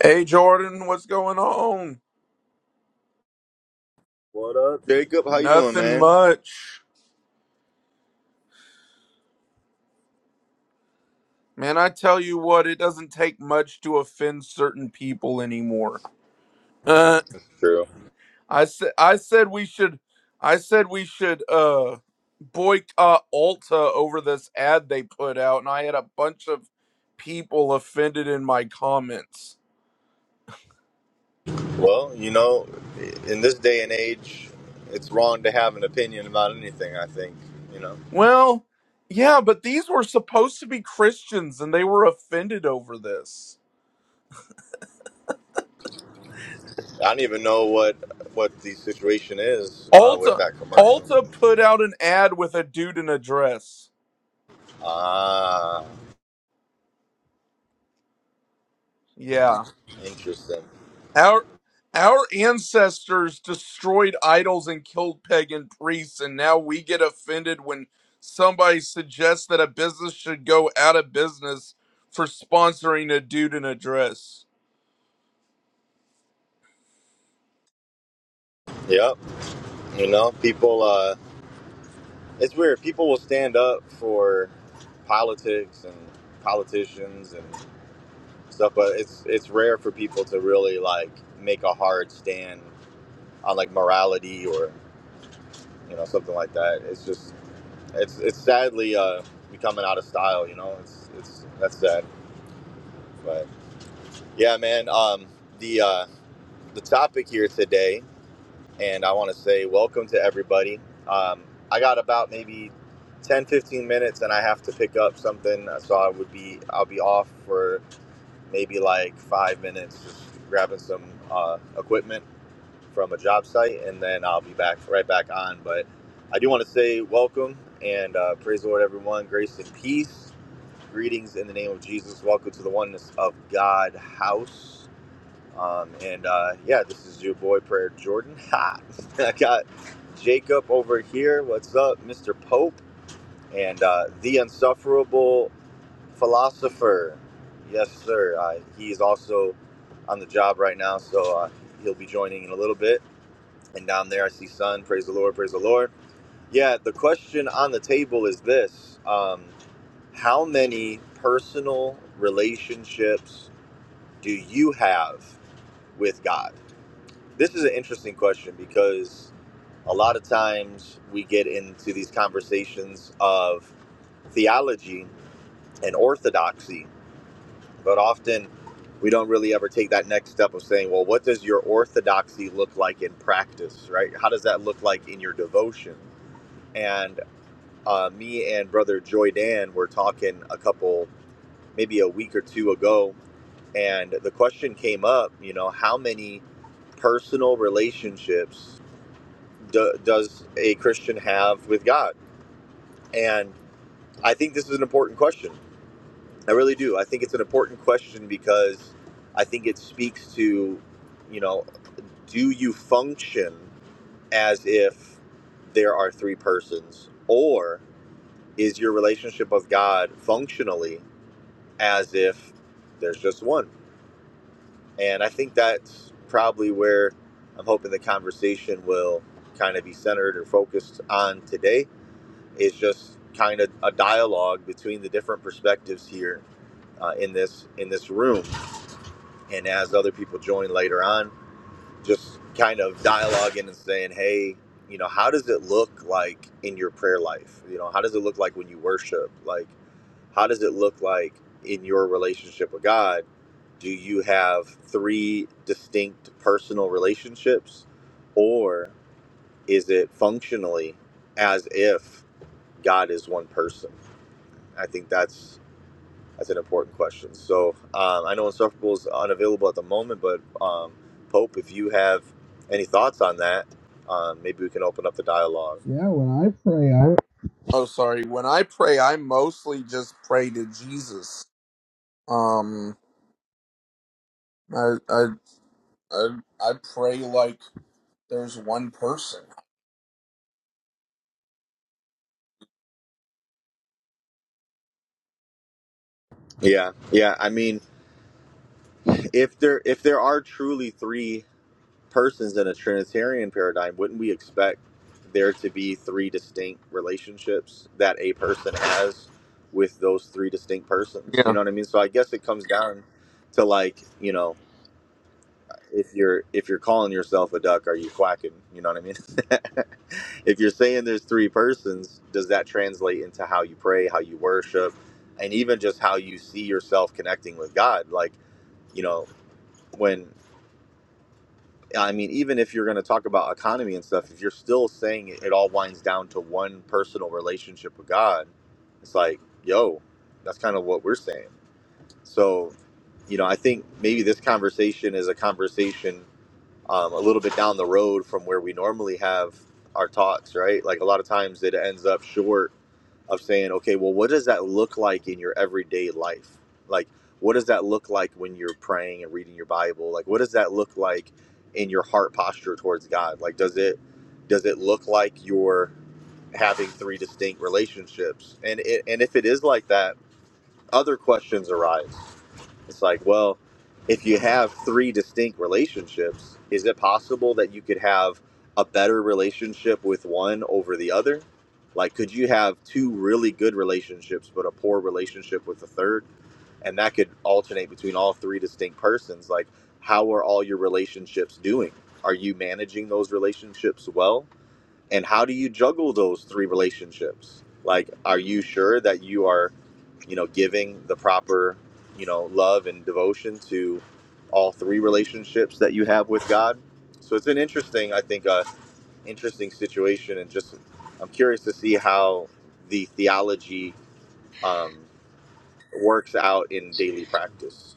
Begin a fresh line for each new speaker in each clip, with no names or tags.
Hey Jordan, what's going on?
What up, Jacob? How you doing,
Nothing
man?
much. Man, I tell you what, it doesn't take much to offend certain people anymore. Uh,
True.
I said I said we should I said we should uh boycott Ulta over this ad they put out and I had a bunch of people offended in my comments.
Well, you know, in this day and age, it's wrong to have an opinion about anything. I think you know.
Well, yeah, but these were supposed to be Christians and they were offended over this.
I don't even know what what the situation is uh, with
Alta
that commercial.
Alta put out an ad with a dude in a dress.
Ah,
Yeah.
interesting.
Our our ancestors destroyed idols and killed pagan priests and now we get offended when somebody suggests that a business should go out of business for sponsoring a dude in a dress.
Yep. You know, people. Uh, it's weird. People will stand up for politics and politicians and stuff, but it's it's rare for people to really like make a hard stand on like morality or you know, something like that. It's just it's it's sadly uh, becoming out of style. You know, it's it's that's sad. But yeah, man. Um, the uh, the topic here today, and I want to say welcome to everybody. Um, I got about maybe 10, 15 minutes, and I have to pick up something, uh, so I would be I'll be off for maybe like five minutes, just grabbing some uh, equipment from a job site, and then I'll be back right back on. But I do want to say welcome and uh, praise the Lord, everyone. Grace and peace. Greetings in the name of Jesus. Welcome to the Oneness of God house. Um, and uh, yeah, this is your boy Prayer Jordan. Ha! I got Jacob over here. What's up, Mr. Pope? And uh, the insufferable philosopher. Yes, sir. Uh, he is also on the job right now, so uh, he'll be joining in a little bit and down there I see sun. Praise the Lord, praise the Lord. Yeah, the question on the table is this: um, How many personal relationships do you have with God? This is an interesting question because a lot of times we get into these conversations of theology and orthodoxy, but often we don't really ever take that next step of saying, well, what does your orthodoxy look like in practice, right? How does that look like in your devotion? and? uh, me and brother Joy Dan were talking a couple, maybe a week or two ago, and the question came up, you know, how many personal relationships do, does a Christian have with God? And I think this is an important question. I really do. I think it's an important question because I think it speaks to, you know, do you function as if there are three persons or is your relationship with God functionally as if there's just one. And I think that's probably where I'm hoping the conversation will kind of be centered or focused on today is just kind of a dialogue between the different perspectives here uh, in this in this room. And as other people join later on, just kind of dialoguing and saying, hey, you know, how does it look like in your prayer life? You know, how does it look like when you worship? Like, how does it look like in your relationship with God? Do you have three distinct personal relationships, or is it functionally as if God is one person? I think that's that's an important question. So um, I know Insufferable is unavailable at the moment, but um, Pope, if you have any thoughts on that, um, maybe we can open up the dialogue.
Yeah, when I pray, I Oh sorry, when I pray I mostly just pray to Jesus. Um I I I, I pray like there's one person.
Yeah, yeah. I mean, if there if there are truly three persons in a Trinitarian paradigm, wouldn't we expect there to be three distinct relationships that a person has with those three distinct persons? You know what I mean? So I guess it comes down to like you know if you're if you're calling yourself a duck, are you quacking? You know what I mean? if you're saying there's three persons, does that translate into how you pray, how you worship, and even just how you see yourself connecting with God? Like, you know, when I mean, even if you're going to talk about economy and stuff, if you're still saying it, it all winds down to one personal relationship with God, it's like, yo, that's kind of what we're saying. So, you know, I think maybe this conversation is a conversation um, a little bit down the road from where we normally have our talks, right? Like a lot of times it ends up short of saying, okay, well, what does that look like in your everyday life? Like, what does that look like when you're praying and reading your Bible? Like, what does that look like in your heart posture towards God? Like, does it does it look like you're having three distinct relationships? And it, and if it is like that, other questions arise it's like, well, if you have three distinct relationships, is it possible that you could have a better relationship with one over the other? Like, could you have two really good relationships, but a poor relationship with the third? And that could alternate between all three distinct persons. Like, how are all your relationships doing? Are you managing those relationships well? and how do you juggle those three relationships like are you sure that you are you know giving the proper you know love and devotion to all three relationships that you have with god so it's an interesting i think uh interesting situation and just i'm curious to see how the theology um, works out in daily practice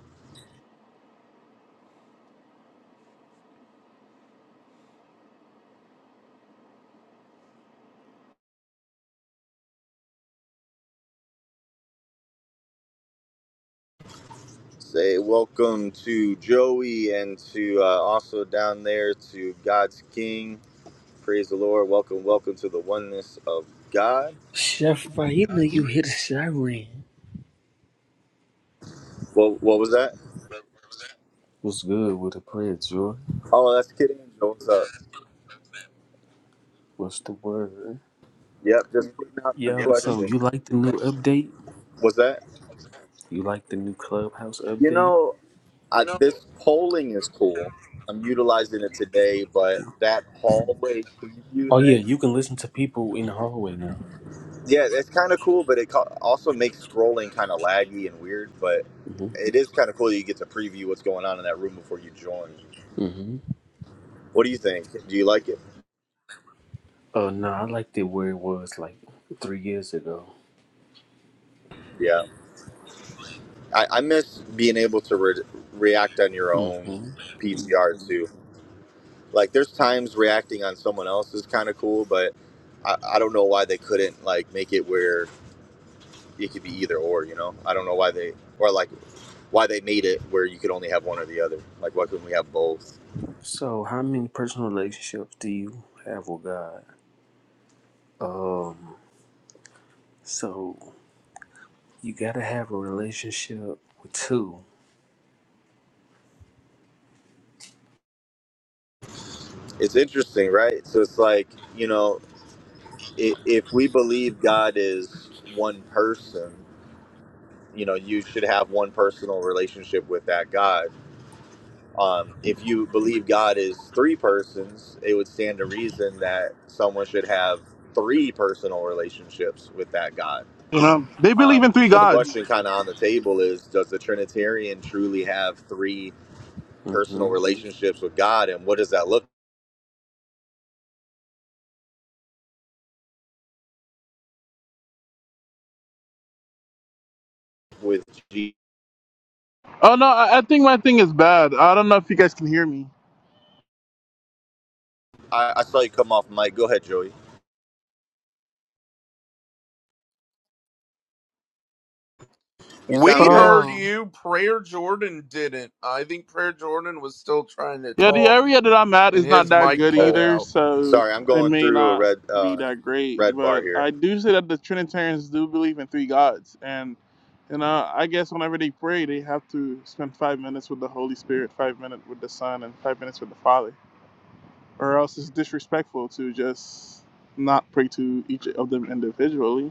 say welcome to joey and to uh, also down there to god's king Praise the Lord. Welcome, welcome to the oneness of God.
Chef, you know you hit a siren.
What, what was that?
What's good with the prayer, Jordan?
Oh, that's Kid Angel. What's up?
What's the word?
Yep, just putting out the
Yeah. so
question.
you like the new update?
Was that?
You like the new clubhouse
You
update?
know, I, this polling is cool. I'm utilizing it today, but that hallway preview
Oh yeah, you
thing,
can listen to people in the hallway now.
yeah, that's kind of cool. But it ca- also makes scrolling kind of laggy and weird. But
hmm
it is kind of cool that you get to preview what's going on in that room before you join.
hmm
What do you think? Do you like it?
Oh no, I liked it where it was like three years ago.
Yeah. I, I miss being able to re- react on your own
hmm
PTR too. Like, there's times reacting on someone else is kind of cool, but I, I don't know why they couldn't like make it where it could be either or. You know, I don't know why they or like why they made it where you could only have one or the other. Like, why couldn't we have both?
So how many personal relationships do you have with God? Um, so you gotta have a relationship with two.
It's interesting, right? So it's like you know, i if we believe God is one person, you know, you should have one personal relationship with that God Um, if you believe God is three persons, it would stand to reason that someone should have three personal relationships with that God.
You know, they believe
Um,
in
and
three
so the
gods.
question kind of on the table is Does the Trinitarian truly have three personal relationships with God? And what does that look with Jesus?
Oh no, I, I think my thing is bad. I don't know if you guys can hear me.
I, I saw you come off mic. Go ahead, Joey. You sound
We
good.
heard
Oh,
you. Prayer Jordan didn't. I think Prayer Jordan was still trying to
Yeah, the
talk
area that I'm at
and
is not
his
that
mic
good
cut
Oh,
either,
out.
so
sorry. I'm
it
going
may
through a
not
red
be
uh,
that great.
red bar
But
here.
I do say that the Trinitarians do believe in three gods, and you know, I guess whenever they pray, they have to spend five minutes with the Holy Spirit, five minutes with the Son, and five minutes with the Father, or else it's disrespectful to just not pray to each of them individually.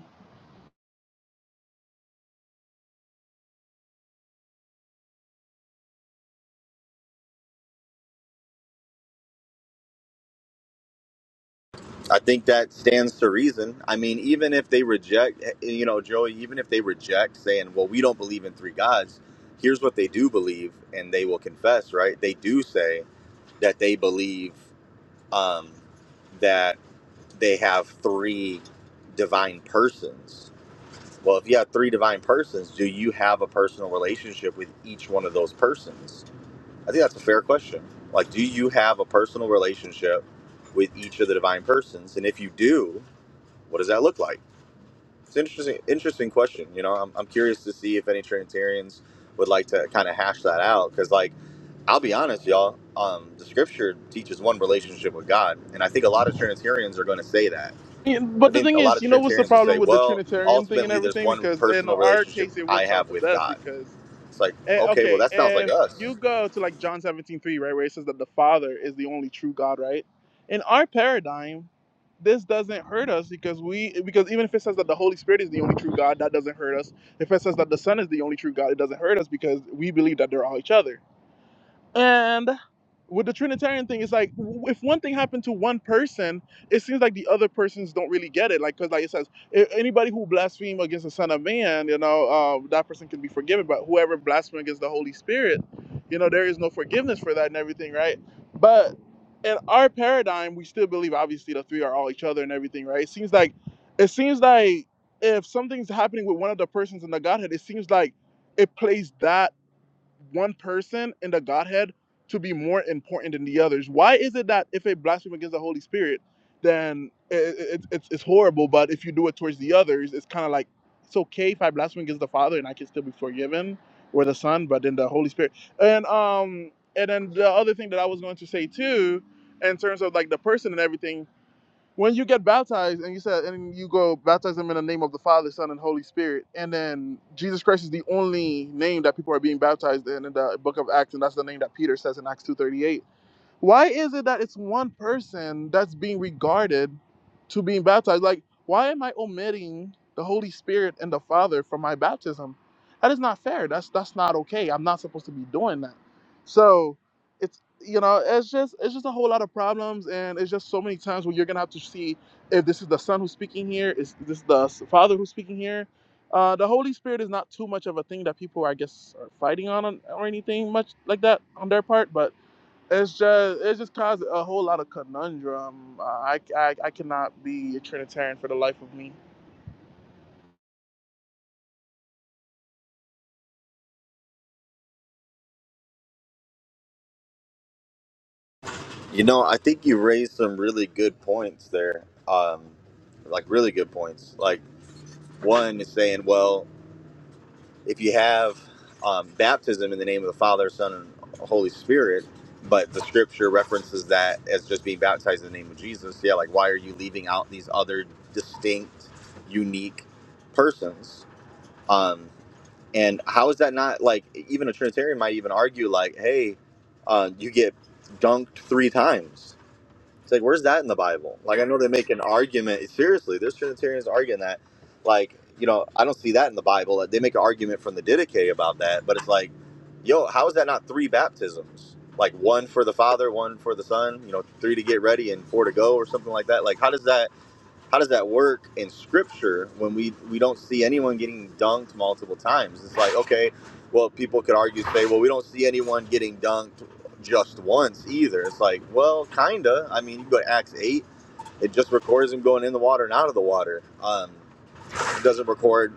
I think that stands to reason. I mean, even if they reject, eh, you know, Joey, even if they reject saying, well, we don't believe in three gods, here's what they do believe, and they will confess, right? They do say that they believe um, that they have three divine persons. Well, if you have three divine persons, do you have a personal relationship with each one of those persons? I think that's a fair question. Like, do you have a personal relationship with each of the divine persons? And if you do, what does that look like? It's an interesting, interesting question. You know, I'm, I'm curious to see if any Trinitarians would like to kind of hash that out because, like, I'll be honest, y'all. Um, the Scripture teaches one relationship with God, and I think a lot of Trinitarians are going to say that.
Yeah,
I
But the
think
thing
a lot
is, you
of
know what's the
Trinitarians will
problem
say,
with the
"Well,
Trinitarian thing and
ultimately, there's
everything?
one
Because in
personal
our
relationship
case, it
I
works out
have
the
with
best
God."
because,
It's like,
eh,
okay, well,
okay,
that sounds like
if you
us.
go to like John seventeen three, right, where it says that the Father is the only true God, right? In our paradigm, this doesn't hurt us because we, because even if it says that the Holy Spirit is the only true God, that doesn't hurt us. If it says that the Son is the only true God, it doesn't hurt us because we believe that they're all each other. And with the Trinitarian thing, it's like w- if one thing happened to one person, it seems like the other persons don't really get it. Like, because like it says, "A- anybody who blaspheme against the Son of Man, you know, uh, that person can be forgiven. But whoever blasphemes against the Holy Spirit, you know, there is no forgiveness for that and everything, right? But in our paradigm, we still believe obviously the three are all each other and everything, right? It seems like it seems like if something's happening with one of the persons in the Godhead, it seems like it plays that one person in the Godhead to be more important than the others? Why is it that if a blasphemy against the Holy Spirit, then it, it, it's, it's horrible, but if you do it towards the others, it's kind of like it's okay if I blaspheme against the Father and I can still be forgiven or the Son, but then the Holy Spirit. And um and then the other thing that I was going to say too, in terms of like the person and everything, when you get baptized and you said and you go baptize them in the name of the father son and holy spirit and then jesus christ is the only name that people are being baptized in in the book of acts and that's the name that peter says in acts 2.38 why is it that it's one person that's being regarded to being baptized? Like, why am I omitting the Holy Spirit and the Father from my baptism? That is not fair. That's that's not okay. I'm not supposed to be doing that. So it's you know, it's just it's just a whole lot of problems and it's just so many times where you're gonna have to see if this is the son who's speaking here, is this the father who's speaking here. Uh, the Holy Spirit is not too much of a thing that people, I guess, are fighting on or anything much like that on their part, but it's just it just caused a whole lot of conundrum. Uh, I, I I cannot be a Trinitarian for the life of me.
You know, I think you raised some really good points there. Um, like really good points. Like one is saying, well, if you have um, baptism in the name of the Father, Son, and Holy Spirit, but the scripture references that as just being baptized in the name of Jesus, yeah, like why are you leaving out these other distinct, unique persons? Um, and how is that not like even a Trinitarian might even argue, like, hey, uh, you get dunked three times. It's like, where's that in the Bible? Like, I know they make an argument. Seriously, there's Trinitarians arguing that. Like, you know, I don't see that in the Bible. Like, They make an argument from the Didache about that, but it's like, yo, how is that not three baptisms? Like one for the Father, one for the Son. You know, three to get ready and four to go, or something like that. Like, how does that? how does that work in scripture when we we don't see anyone getting dunked multiple times it's like okay well people could argue say well we don't see anyone getting dunked just once either it's like well kinda i mean you go to acts 8 it just records him going in the water and out of the water um it doesn't record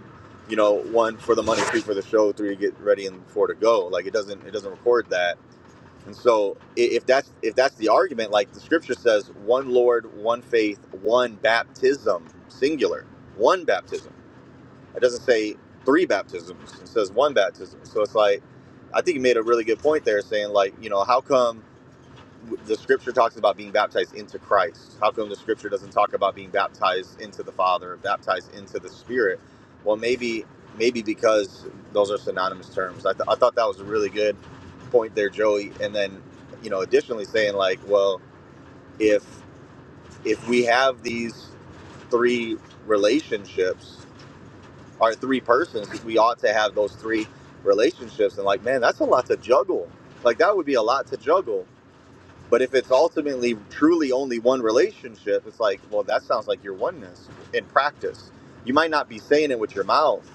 you know one for the money two for the show three to get ready and four to go like it doesn't it doesn't record that and so, i- if that's if that's the argument, like the scripture says, one Lord, one faith, one baptism, singular, one baptism. It doesn't say three baptisms; it says one baptism. So it's like, I think you made a really good point there, saying like, you know, how come? the scripture talks about being baptized into Christ. How come the scripture doesn't talk about being baptized into the Father, or baptized into the Spirit? Well, maybe maybe because those are synonymous terms. I, th- I thought that was a really good point there, Joey. And then, you know, additionally saying like, well, if if we have these three relationships or three persons, we ought to have those three relationships. And like, man, that's a lot to juggle. Like that would be a lot to juggle but if it's ultimately truly only one relationship, it's like, well, that sounds like your oneness in practice. You might not be saying it with your mouth,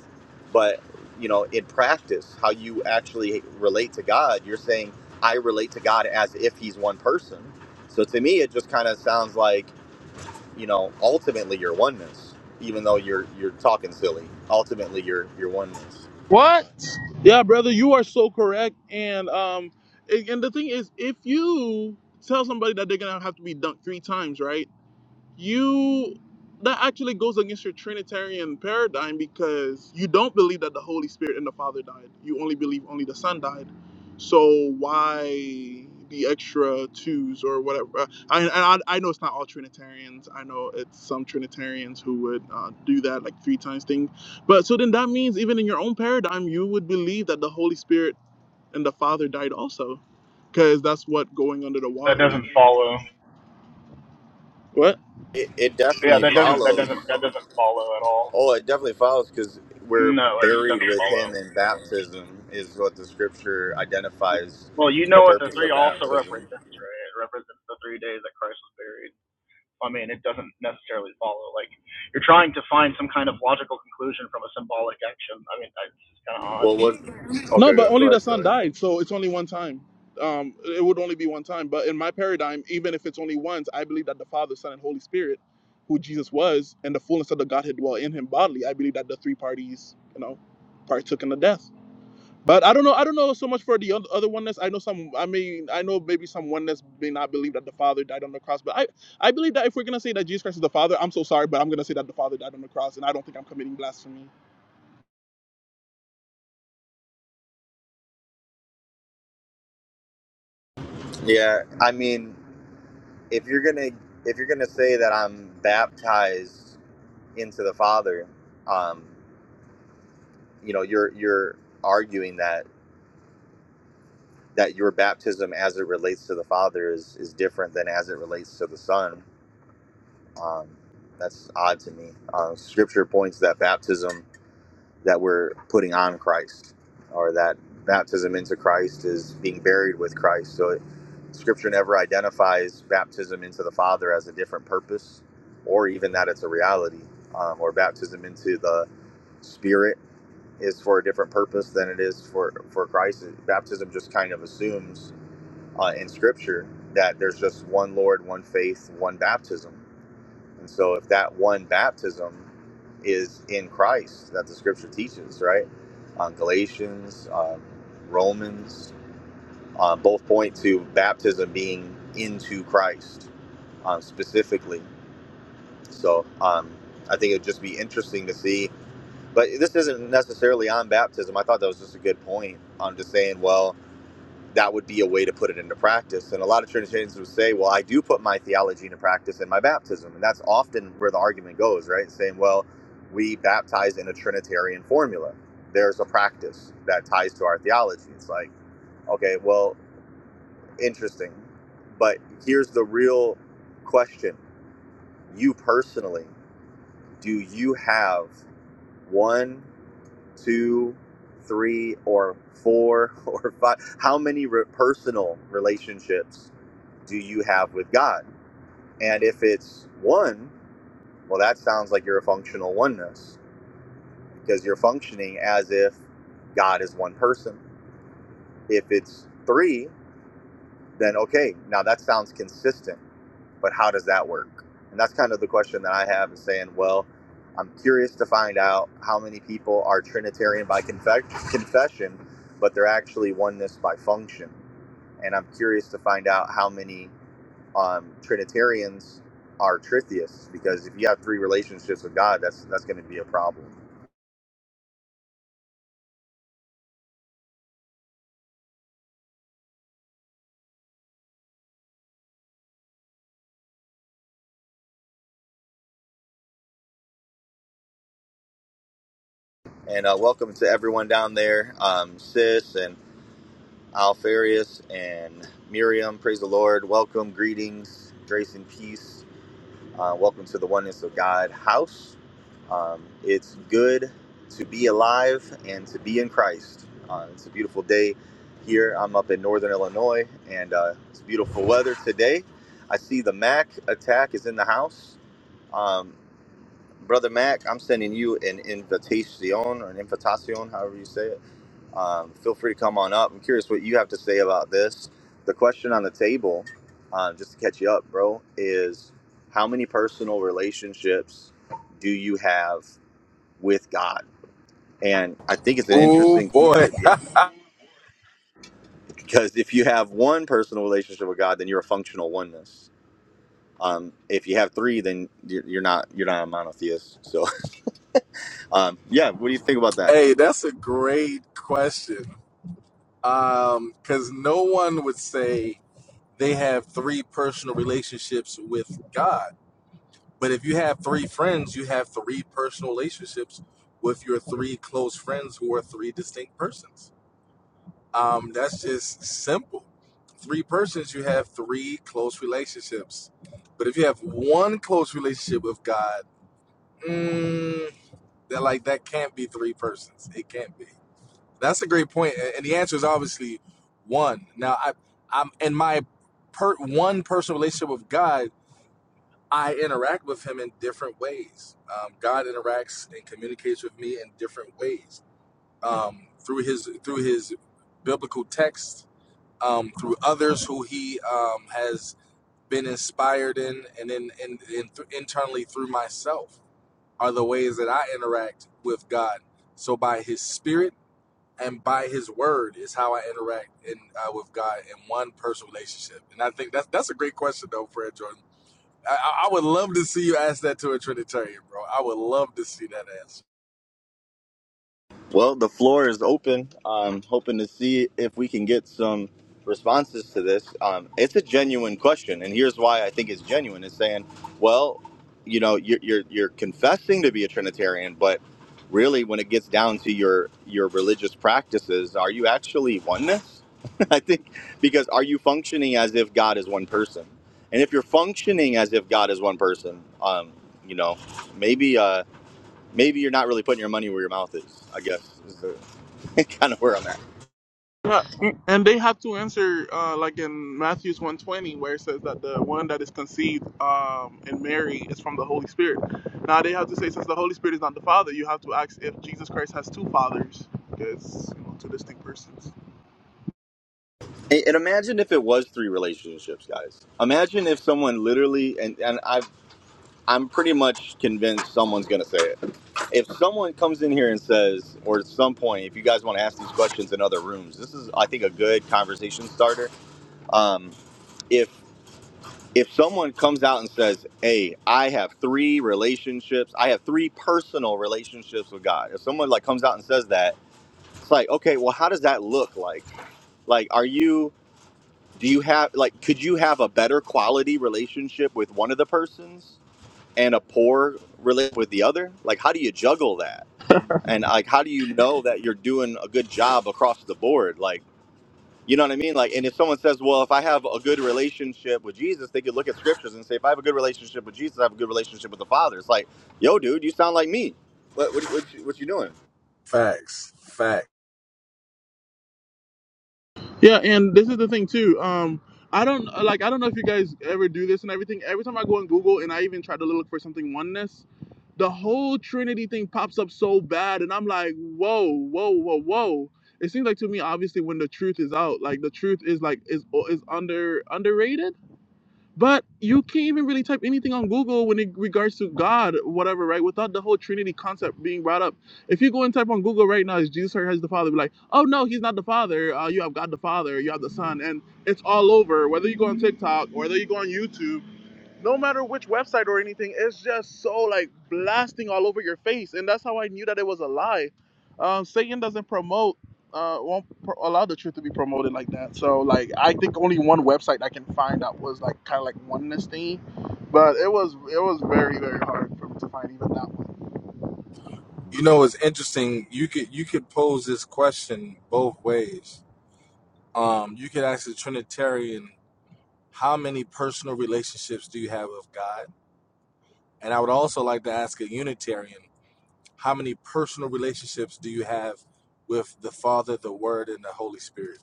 but you know, in practice, how you actually relate to God, you're saying, I relate to God as if He's one person. So to me, it just kind of sounds like, you know, ultimately your oneness, even though you're you're talking silly. Ultimately, your your oneness.
What? Yeah, brother, you are so correct. And um, and and the thing is, if you tell somebody that they're gonna have to be dunked three times, right? you that actually goes against your trinitarian paradigm because you don't believe that the holy spirit and the father died you only believe only the son died so why the extra twos or whatever Uh, i and I, I know it's not all trinitarians i know it's some trinitarians who would uh, do that like three times thing but so then that means even in your own paradigm you would believe that the holy spirit and the father died also because that's what going under the
That
water
doesn't follow.
what
It, it
Yeah,
definitely
that doesn't that
follows.
doesn't that doesn't follow at all.
Oh, it definitely follows because we're
No, it just
buried
doesn't
with
follow.
him in baptism, is what the scripture identifies
Well, you
the
know what the
purpose
three
of
also
baptism.
represents, right? It represents the three days that Christ was buried. I mean, it doesn't necessarily follow. Like, you're trying to find some kind of logical conclusion from a symbolic action. I mean, that's kind of odd.
Well, what? Okay,
No, but
go,
only
go
the
ahead,
son
Joey.
died, so it's only one time. Um, it would only be one time. But in my paradigm, even if it's only once, I believe that the Father, Son, and Holy Spirit, who Jesus was, and the fullness of the Godhead dwell in him bodily. I believe that the three parties, you know, partook in the death. But I don't know. I don't know so much for the oth- other oneness. I know some. I mean, I know maybe some oneness may not believe that the Father died on the cross. But I, I believe that if we're gonna say that Jesus Christ is the Father, I'm so sorry, but I'm gonna say that the Father died on the cross, and I don't think I'm committing blasphemy.
Yeah, I mean, if you're gonna if you're gonna say that I'm baptized into the Father, um, you know, you're you're arguing that that your baptism as it relates to the Father is is different than as it relates to the Son. Um, that's odd to me. Uh, scripture points that baptism that we're putting on Christ, or that baptism into Christ is being buried with Christ. So it, Scripture never identifies baptism into the Father as a different purpose, or even that it's a reality, um, or baptism into the Spirit is for a different purpose than it is for for Christ. Baptism just kind of assumes uh, in Scripture that there's just one Lord, one faith, one baptism and so, if that one baptism is in Christ that the scripture teaches, right? On Galatians, um, Romans, uh, both point to baptism being into Christ um, specifically. So, um, I think it'd just be interesting to see. But this isn't necessarily on baptism. I thought that was just a good point. I'm just saying, well, that would be a way to put it into practice. And a lot of Trinitarians would say, well, I do put my theology into practice in my baptism. And that's often where the argument goes, right? Saying, well, we baptize in a Trinitarian formula. There's a practice that ties to our theology. It's like, okay, well, interesting. But here's the real question You personally, do you have one? two, three, or four, or five? How many re- personal relationships do you have with God? And if it's one, well, that sounds like you're a functional oneness because you're functioning as if God is one person. If it's three, then okay, now that sounds consistent. but how does that work? And that's kind of the question that I have is saying, well, I'm curious to find out how many people are Trinitarian by confe- confession, but they're actually oneness by function. And I'm curious to find out how many um, Trinitarians are Tritheists, because if you have three relationships with God, that's that's going to be a problem. And uh, welcome to everyone down there, um, Sis and Alfarius and Miriam. Praise the Lord. Welcome, greetings, grace and peace. Uh, welcome to the Oneness of God house. Um, it's good to be alive and to be in Christ. Uh, it's a beautiful day here. I'm up in northern Illinois and uh, it's beautiful weather today. I see the Mac attack is in the house. Um, Brother Mac, I'm sending you an invitation or an invitation, however you say it. Um, feel free to come on up. I'm curious what you have to say about this. The question on the table, um, just to catch you up, bro, is how many personal relationships do you have with God? And I think it's an
Oh
interesting thing,
boy.
to be honest, because if you have one personal relationship with God, then you're a functional oneness. Um, if you have three, then you're you're not you're not a monotheist. So, um, yeah, what do you think about that?
Hey, that's a great question. Um, because no one would say they have three personal relationships with God. But if you have three friends, you have three personal relationships with your three close friends who are three distinct persons. Um, that's just simple. Three persons, you have three close relationships. But if you have one close relationship with God, mm, that like that can't be three persons. It can't be. That's a great point, a- and the answer is obviously one. Now, I, I'm in my per one personal relationship with God. I interact with Him in different ways. Um, God interacts and communicates with me in different ways um, through His through His biblical text, um, through others who He um, has been inspired in, and then and, and th- internally through myself are the ways that I interact with God. So by His Spirit and by his word is how I interact in uh, with God in one personal relationship. And I think that's that's a great question though, Fred Jordan. I, I would love to see you ask that to a Trinitarian, bro. I would love to see that answer.
Well, the floor is open. I'm hoping to see if we can get some responses to this. Um, it's a genuine question, and here's why I think it's genuine: is saying, well, you know, you're, you're you're confessing to be a Trinitarian, but really, when it gets down to your your religious practices, are you actually oneness? I think because are you functioning as if God is one person? And if you're functioning as if God is one person, um, you know, maybe. Uh, maybe you're not really putting your money where your mouth is. I guess is the kind of where I'm at.
Yeah, and they have to answer uh, like in Matthew's 120 where it says that the one that is conceived um, in Mary is from the Holy Spirit. Now they have to say since the Holy Spirit is not the Father, you have to ask if Jesus Christ has two fathers because you know, two distinct persons.
And, and imagine if it was three relationships, guys. Imagine if someone literally and and I I'm pretty much convinced someone's gonna say it. If someone comes in here and says, or at some point, if you guys want to ask these questions in other rooms, this is I think a good conversation starter. Um, if if someone comes out and says, "Hey, I have three relationships. I have three personal relationships with God." If someone like comes out and says that, It's like, okay, well, how does that look like? Like, are you, do you have, like, could you have a better quality relationship with one of the persons and a poor relationship with the other? Like, how do you juggle that? And, like, how do you know that you're doing a good job across the board? Like, you know what I mean? Like, and if someone says, well, if I have a good relationship with Jesus, they could look at scriptures and say, if I have a good relationship with Jesus, I have a good relationship with the Father. It's like, yo, dude, you sound like me. What, what, what, you, what you doing?
Facts, fact.
Yeah, and this is the thing too. Um, I don't like I don't know if you guys ever do this and everything. Every time I go on Google and I even try to look for something oneness, the whole Trinity thing pops up so bad, and I'm like, whoa, whoa, whoa, whoa. It seems like to me, obviously, when the truth is out, like the truth is like is uh, is under underrated. But you can't even really type anything on Google when it regards to God, whatever, right? Without the whole Trinity concept being brought up. If you go and type on Google right now, is Jesus or has the Father? Be like, oh no, he's not the Father. Uh, you have God the Father. You have the Son, and it's all over. Whether you go on TikTok, whether you go on YouTube no matter which website or anything, it's just so like blasting all over your face, and that's how I knew that it was a lie. Um, Satan doesn't promote, uh, won't pro- allow the truth to be promoted like that. So like, I think only one website I can find that was like kind of like oneness thing, but it was it was very very hard for me to find even that one.
You know, it's interesting. You could you could pose this question both ways. Um, you could ask a Trinitarian, how many personal relationships do you have with God? And I would also like to ask a Unitarian, How many personal relationships do you have with the Father, the Word, and the Holy Spirit?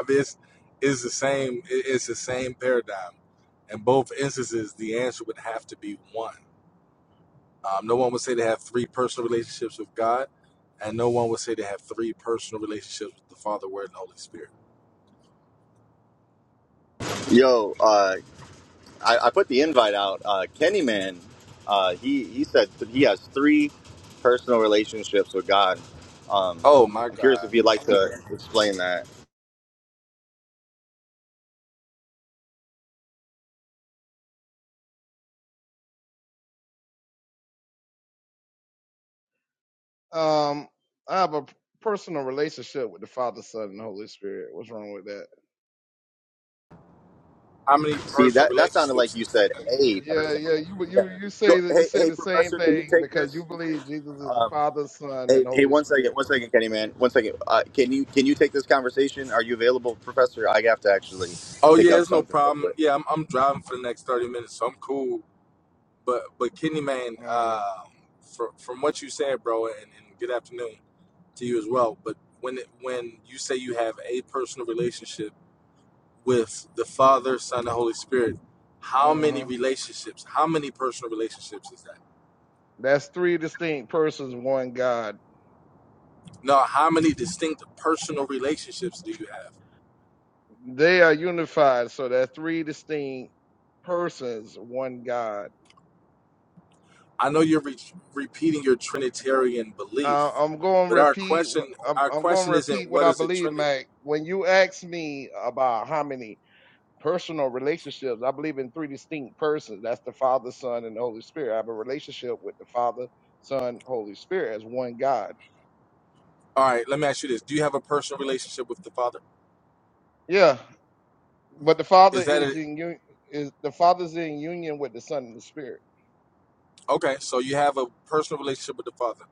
I mean, it's, it's the same. It's the same paradigm. In both instances, the answer would have to be one. Um, no one would say they have three personal relationships with God, and no one would say they have three personal relationships with the Father, Word, and the Holy Spirit.
Yo, uh, I, I put the invite out. Uh, Kenny Man, uh, he he said th- he has three personal relationships with God. Um,
Oh my
I'm curious
God!
if you'd like to explain that.
Um, I have a personal relationship with the Father, Son, and Holy Spirit. What's wrong with that?
How many
See,
personal
that that sounded like
relationships
you
is that?
said a
Yeah,
personal.
yeah. You you you
Go,
say that you
hey,
say
hey,
the same
professor, can you
thing
take
because
this?
you believe Jesus is the Father, Son,
Hey,
and
hey,
Holy
one second,
Spirit.
one second, Kenny Man, one second. Uh, can you can you take this conversation? Are you available, professor? I have to actually
Oh
pick
yeah,
up
it's no
something real
problem.
quick.
Yeah, I'm, I'm driving for the next thirty minutes, so I'm cool. But but Kidney Man,
Uh huh.
um, from from what you said, bro, and, and good afternoon to you as well. But when it, when you say you have a personal relationship with the Father, Son, and Holy Spirit, how
Uh
many
huh.
relationships? How many personal relationships is that?
That's three distinct persons, one God.
No, how many distinct personal relationships do you have?
They are unified, so that's three distinct persons, one God.
I know you're re- repeating your Trinitarian belief,
Uh, I'm going to
but our
repeat.
question
wh- I'm,
our
I'm going to
question isn't
repeat what
what
I
is a
believe,
Trinity.
Mac. When you ask me about how many. personal relationships. I believe in three distinct persons. That's the Father, Son, and the Holy Spirit. I have a relationship with the Father, Son, Holy Spirit as one God.
All right, let me ask you this: Do you have a personal relationship with the Father?
Yeah, but the Father
Is that
is in un- is the Father's in union with the Son and the Spirit.
Okay, so you have a personal relationship with the Father.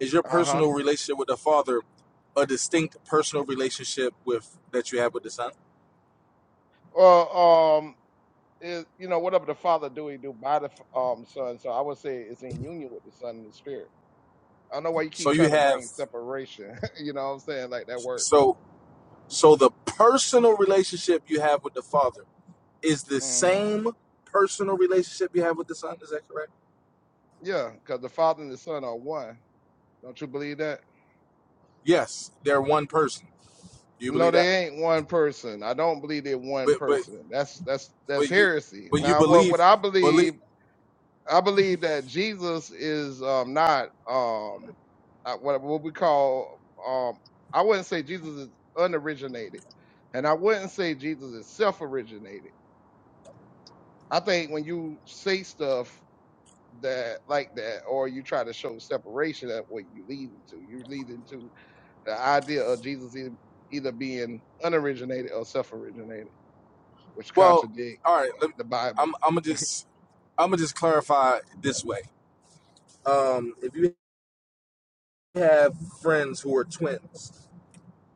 Is your
Uh huh.
personal relationship with the Father a distinct personal relationship with that you have with the Son?
Well, um, is you know whatever the Father do, he do by the f- um Son. So I would say it's in union with the Son and the Spirit. I don't know why you
So
keep
you
trying to
have
bring separation. you know what I'm saying? Like that work.
so so the personal relationship you have with the Father is the
hmm
same personal relationship you have with the Son. Is that correct?
Yeah, because the Father and the Son are one. Don't you believe that?
Yes, they're one person. Do you
No,
believe that?
they ain't one person. I don't believe they're one
But but
person. That's that's that's
but you
heresy.
but you
Now, what what
believe
I
believe
believe, I believe that Jesus is um not um uh, what what we call um I wouldn't say Jesus is unoriginated, and I wouldn't say Jesus is self-originated. I think when you say stuff that like that, or you try to show separation, that what you lead into, you lead into the idea of Jesus e- either being unoriginated or self-originated. which
well.
contradict
All right, let,
the Bible.
I'm I'm gonna just I'm gonna just clarify this way. Um, if you have friends who are twins.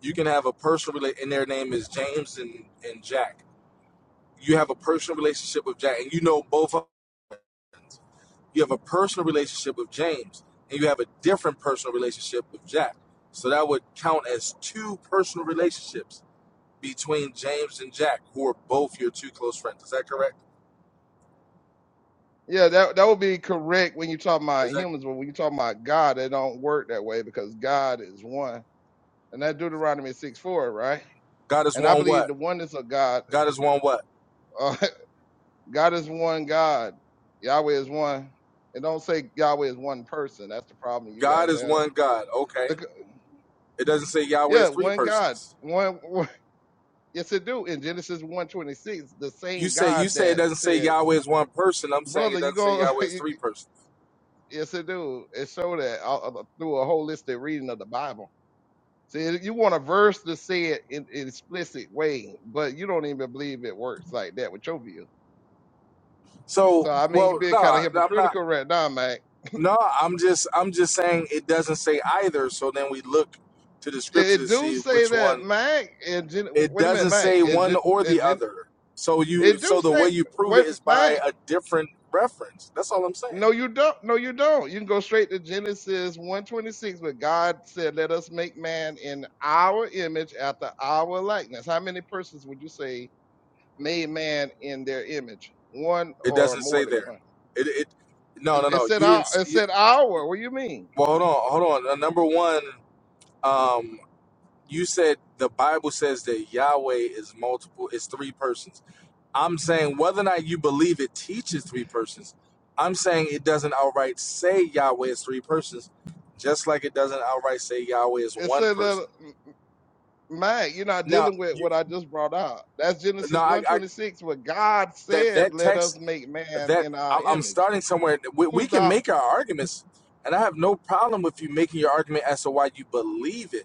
You can have a personal rela- and their name is James and, and Jack. You have a personal relationship with Jack, and you know both. of- them. You have a personal relationship with James, and you have a different personal relationship with Jack. So that would count as two personal relationships between James and Jack, who are both your two close friends. Is that correct?
Yeah, that that would be correct when you talk
Is
about
that
humans, but when you talk about God, it don't work that way because God is one, and that Deuteronomy six four, right?
God is
And I
one
believe
what?
the oneness of God.
God is one what?
Uh, God is one God. Yahweh is one. And don't say Yahweh is one person. That's the problem you
God
guys
is
have.
one God. Okay.
Look,
It doesn't say Yahweh is
yeah,
three
one God,
persons.
one. one yes, it do in Genesis one twenty six. The
You
same
say you
God
say it
that
doesn't say
said,
Yahweh is one person. I'm saying
"Brother,
it
you
doesn't say
go."
Yahweh is three persons.
Yes, it do. It show that uh, uh, through a holistic reading of the Bible. See, if you want a verse to say it in an explicit way, but you don't even believe it works like that with your view.
So,
So I mean, you
well,
being
no,
kind
nah,
of
I'm not.
hypocritical right now, Mike.
No, I'm just I'm just saying it doesn't say either. So then we look to the
It,
scripture
it
to
do
see
say
which
that,
one.
Mike. And Gen-
It
wait a minute,
doesn't
Mike.
say
And
one
Gen-
or
and
the
Gen-
other. So you
it do
so the
say
way you prove it
wait,
is by
Mike.
a different reference. That's all I'm saying.
No, you don't. No, you don't. You can go straight to Genesis one twenty six, where God said, "Let us make man in our image, after our likeness." How many persons would you say? made man in their image, one
It
or
doesn't
more
say
than
there.
one.
It it no no
It, it
no.
said
You
our.
didn't.
It
You,
said our. What do you mean?
well, hold on, hold on. Uh, Number one. um you said the bible says that yahweh is multiple it's three persons i'm saying whether or not you believe it teaches three persons i'm saying it doesn't outright say yahweh is three persons just like it doesn't outright say yahweh is
It
one
said uh,
person
man. You're not
now
dealing with
you
what I just brought out. That's
no
Genesis
i,
one
I
twenty six, where God
that
said,
that
"Let us
text
make man
that
in
I-
our
i'm
image."
starting somewhere we, we
Who's
can
the
make our arguments and i have no problem with you making your argument as to why you believe it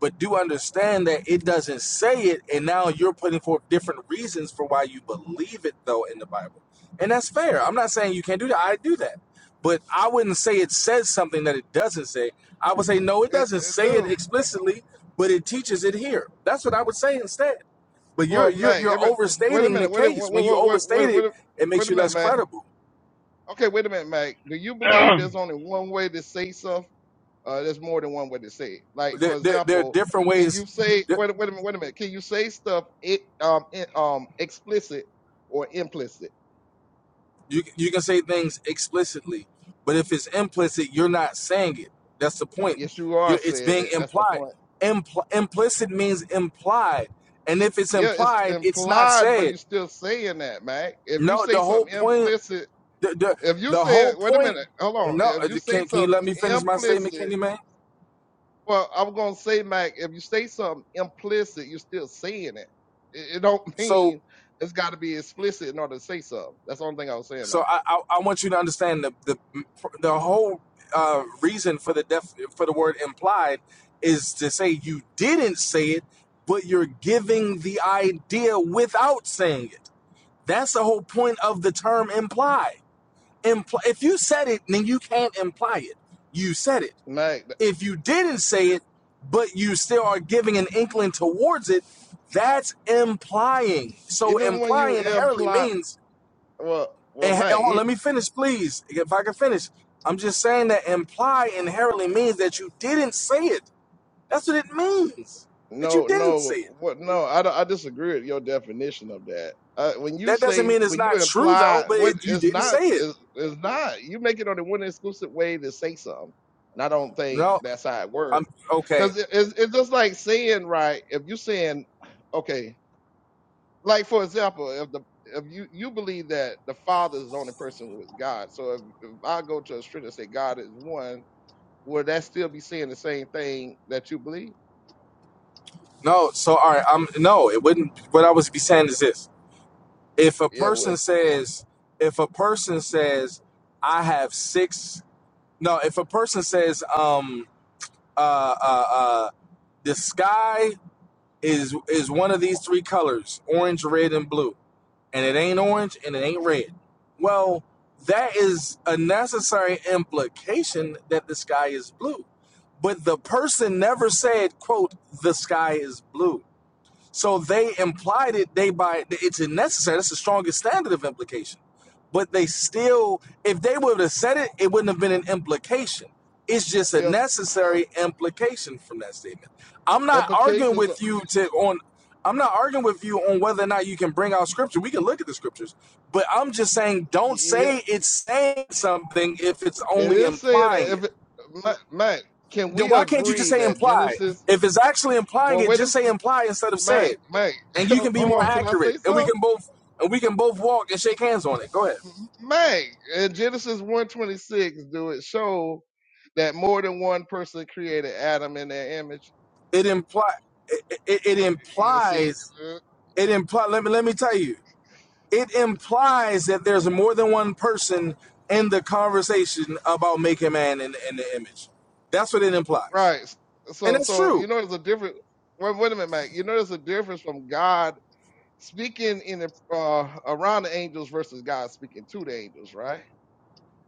but do understand that it doesn't say it and now you're putting forth different reasons for why you believe it though in the bible and that's fair i'm not saying you can't do that i do that but i wouldn't say it says something that it doesn't say i would say no it
it,
doesn't
it,
say it
dude?
explicitly but it teaches it here that's what i would say instead but you're
Well,
you're
Mac.
you're
Every, wait a
overstating the
minute. Wait. a-
case
Wait. Wait.
when you
Wait.
overstate
Wait.
it
Wait,
it
wait
makes
a
you
minute,
less
Mac.
credible
Okay, wait a minute, Mac. Do you believe there's only one way to say something? Uh, there's more than one way to say it. Like
there,
for
there, there are
example,
different
can
ways
you say
There,
wait a- wait a minute wait a minute? Can you say stuff it um it, um explicit or implicit?
You you can say things explicitly, but if it's implicit, you're not saying it. That's the point.
Yes, you are
You're it's
saying
being
it. That's the
implied.
point.
Impl- implicit means implied, and if it's
Yeah, it's
implied, it's not
implied, but
said.
you're still saying that, man. If you
No, the
say
whole
something
point.
implicit,
The the,
if you
the whole
say wait a
point.
minute, hold on.
No,
If you say
can can you let
something
me finish my statement,
implicit.
Kenny man?
Well, I'm gonna say, Mac, if you say something implicit, you're still saying it. It, it don't
So
mean it's got to be explicit in order to say something. That's the only thing I was saying, Mac.
So I, I, I want you to understand the the the whole uh, reason for the def, for the word implied is to say you didn't say it, but you're giving the idea without saying it. That's the whole point of the term imply. Imply if you said it, then you can't imply it. You said it.
Mac,
If you didn't say it, but you still are giving an inkling towards it, that's implying. So
even when
imply
you
inherently
imply,
means
well, well,
and,
Mac,
oh,
it,
let me finish, please. If I can finish, I'm just saying that imply inherently means that you didn't say it. That's what it means. That you
no,
didn't say
no,
it.
what, no, I, don't- I disagree with your definition of that. Uh, when you
That doesn't
say,
mean it's
when you
not true though,
imply,
but
what
it, you
it's
didn't
not,
say it.
it's, it's not. You make it on the one exclusive way to say something, and I don't think
No,
that's how it
I'm
works.
okay.
Because it, it's, it's just like saying, right? If you saying, okay, like for example, if the if you you believe that the Father is the only person with God, so if, if I go to a scripture and say God is one, would that still be saying the same thing that you believe?
No, so all right, I'm no. It wouldn't. What I was be saying is this:
Y-
if a
Yeah,
person
well,
says, if a person says, I have six. No, if a person says, um, uh, uh, uh, the sky is is one of these three colors orange red and blue and it ain't orange and it ain't red well that is a necessary implication that the sky is blue but the person never said quote the sky is blue so they implied it. They by it's necessary. That's the strongest standard of implication. But they still, if they would have said it, it wouldn't have been an implication. It's just a
yeah,
necessary implication from that statement. I'm not arguing
implications. are-
with you to on. I'm not arguing with you on whether or not you can bring out scripture. We can look at the scriptures, but I'm just saying, don't
Yeah,
say it's saying something if it's
it
only
is saying
implying
that
it.
if it, Mike, Mike, can
Then
we
why can't you just
agree
say
that
imply?
Genesis?
If it's actually implying
Well,
it,
wait a
just
minute,
say imply instead of
Mike,
said
Mike,
and you can
hold
be more
on. Can I
accurate
say
and we can
something?
both and we can both walk and shake hands on it go ahead
M- Mike, in Genesis one twenty six, do it show that more than one person created Adam in their image?
it imply it, it, it
You see,
implies
uh,
it imply let me let me tell you it implies that there's more than one person in the conversation about making man in, in the image that's what it implies
right?
and
So,
that's
so
true
you know, there's a difference. Wait, wait a minute, Mike. You know, there's a difference from God speaking in the, uh, around the angels versus God speaking to the angels, right?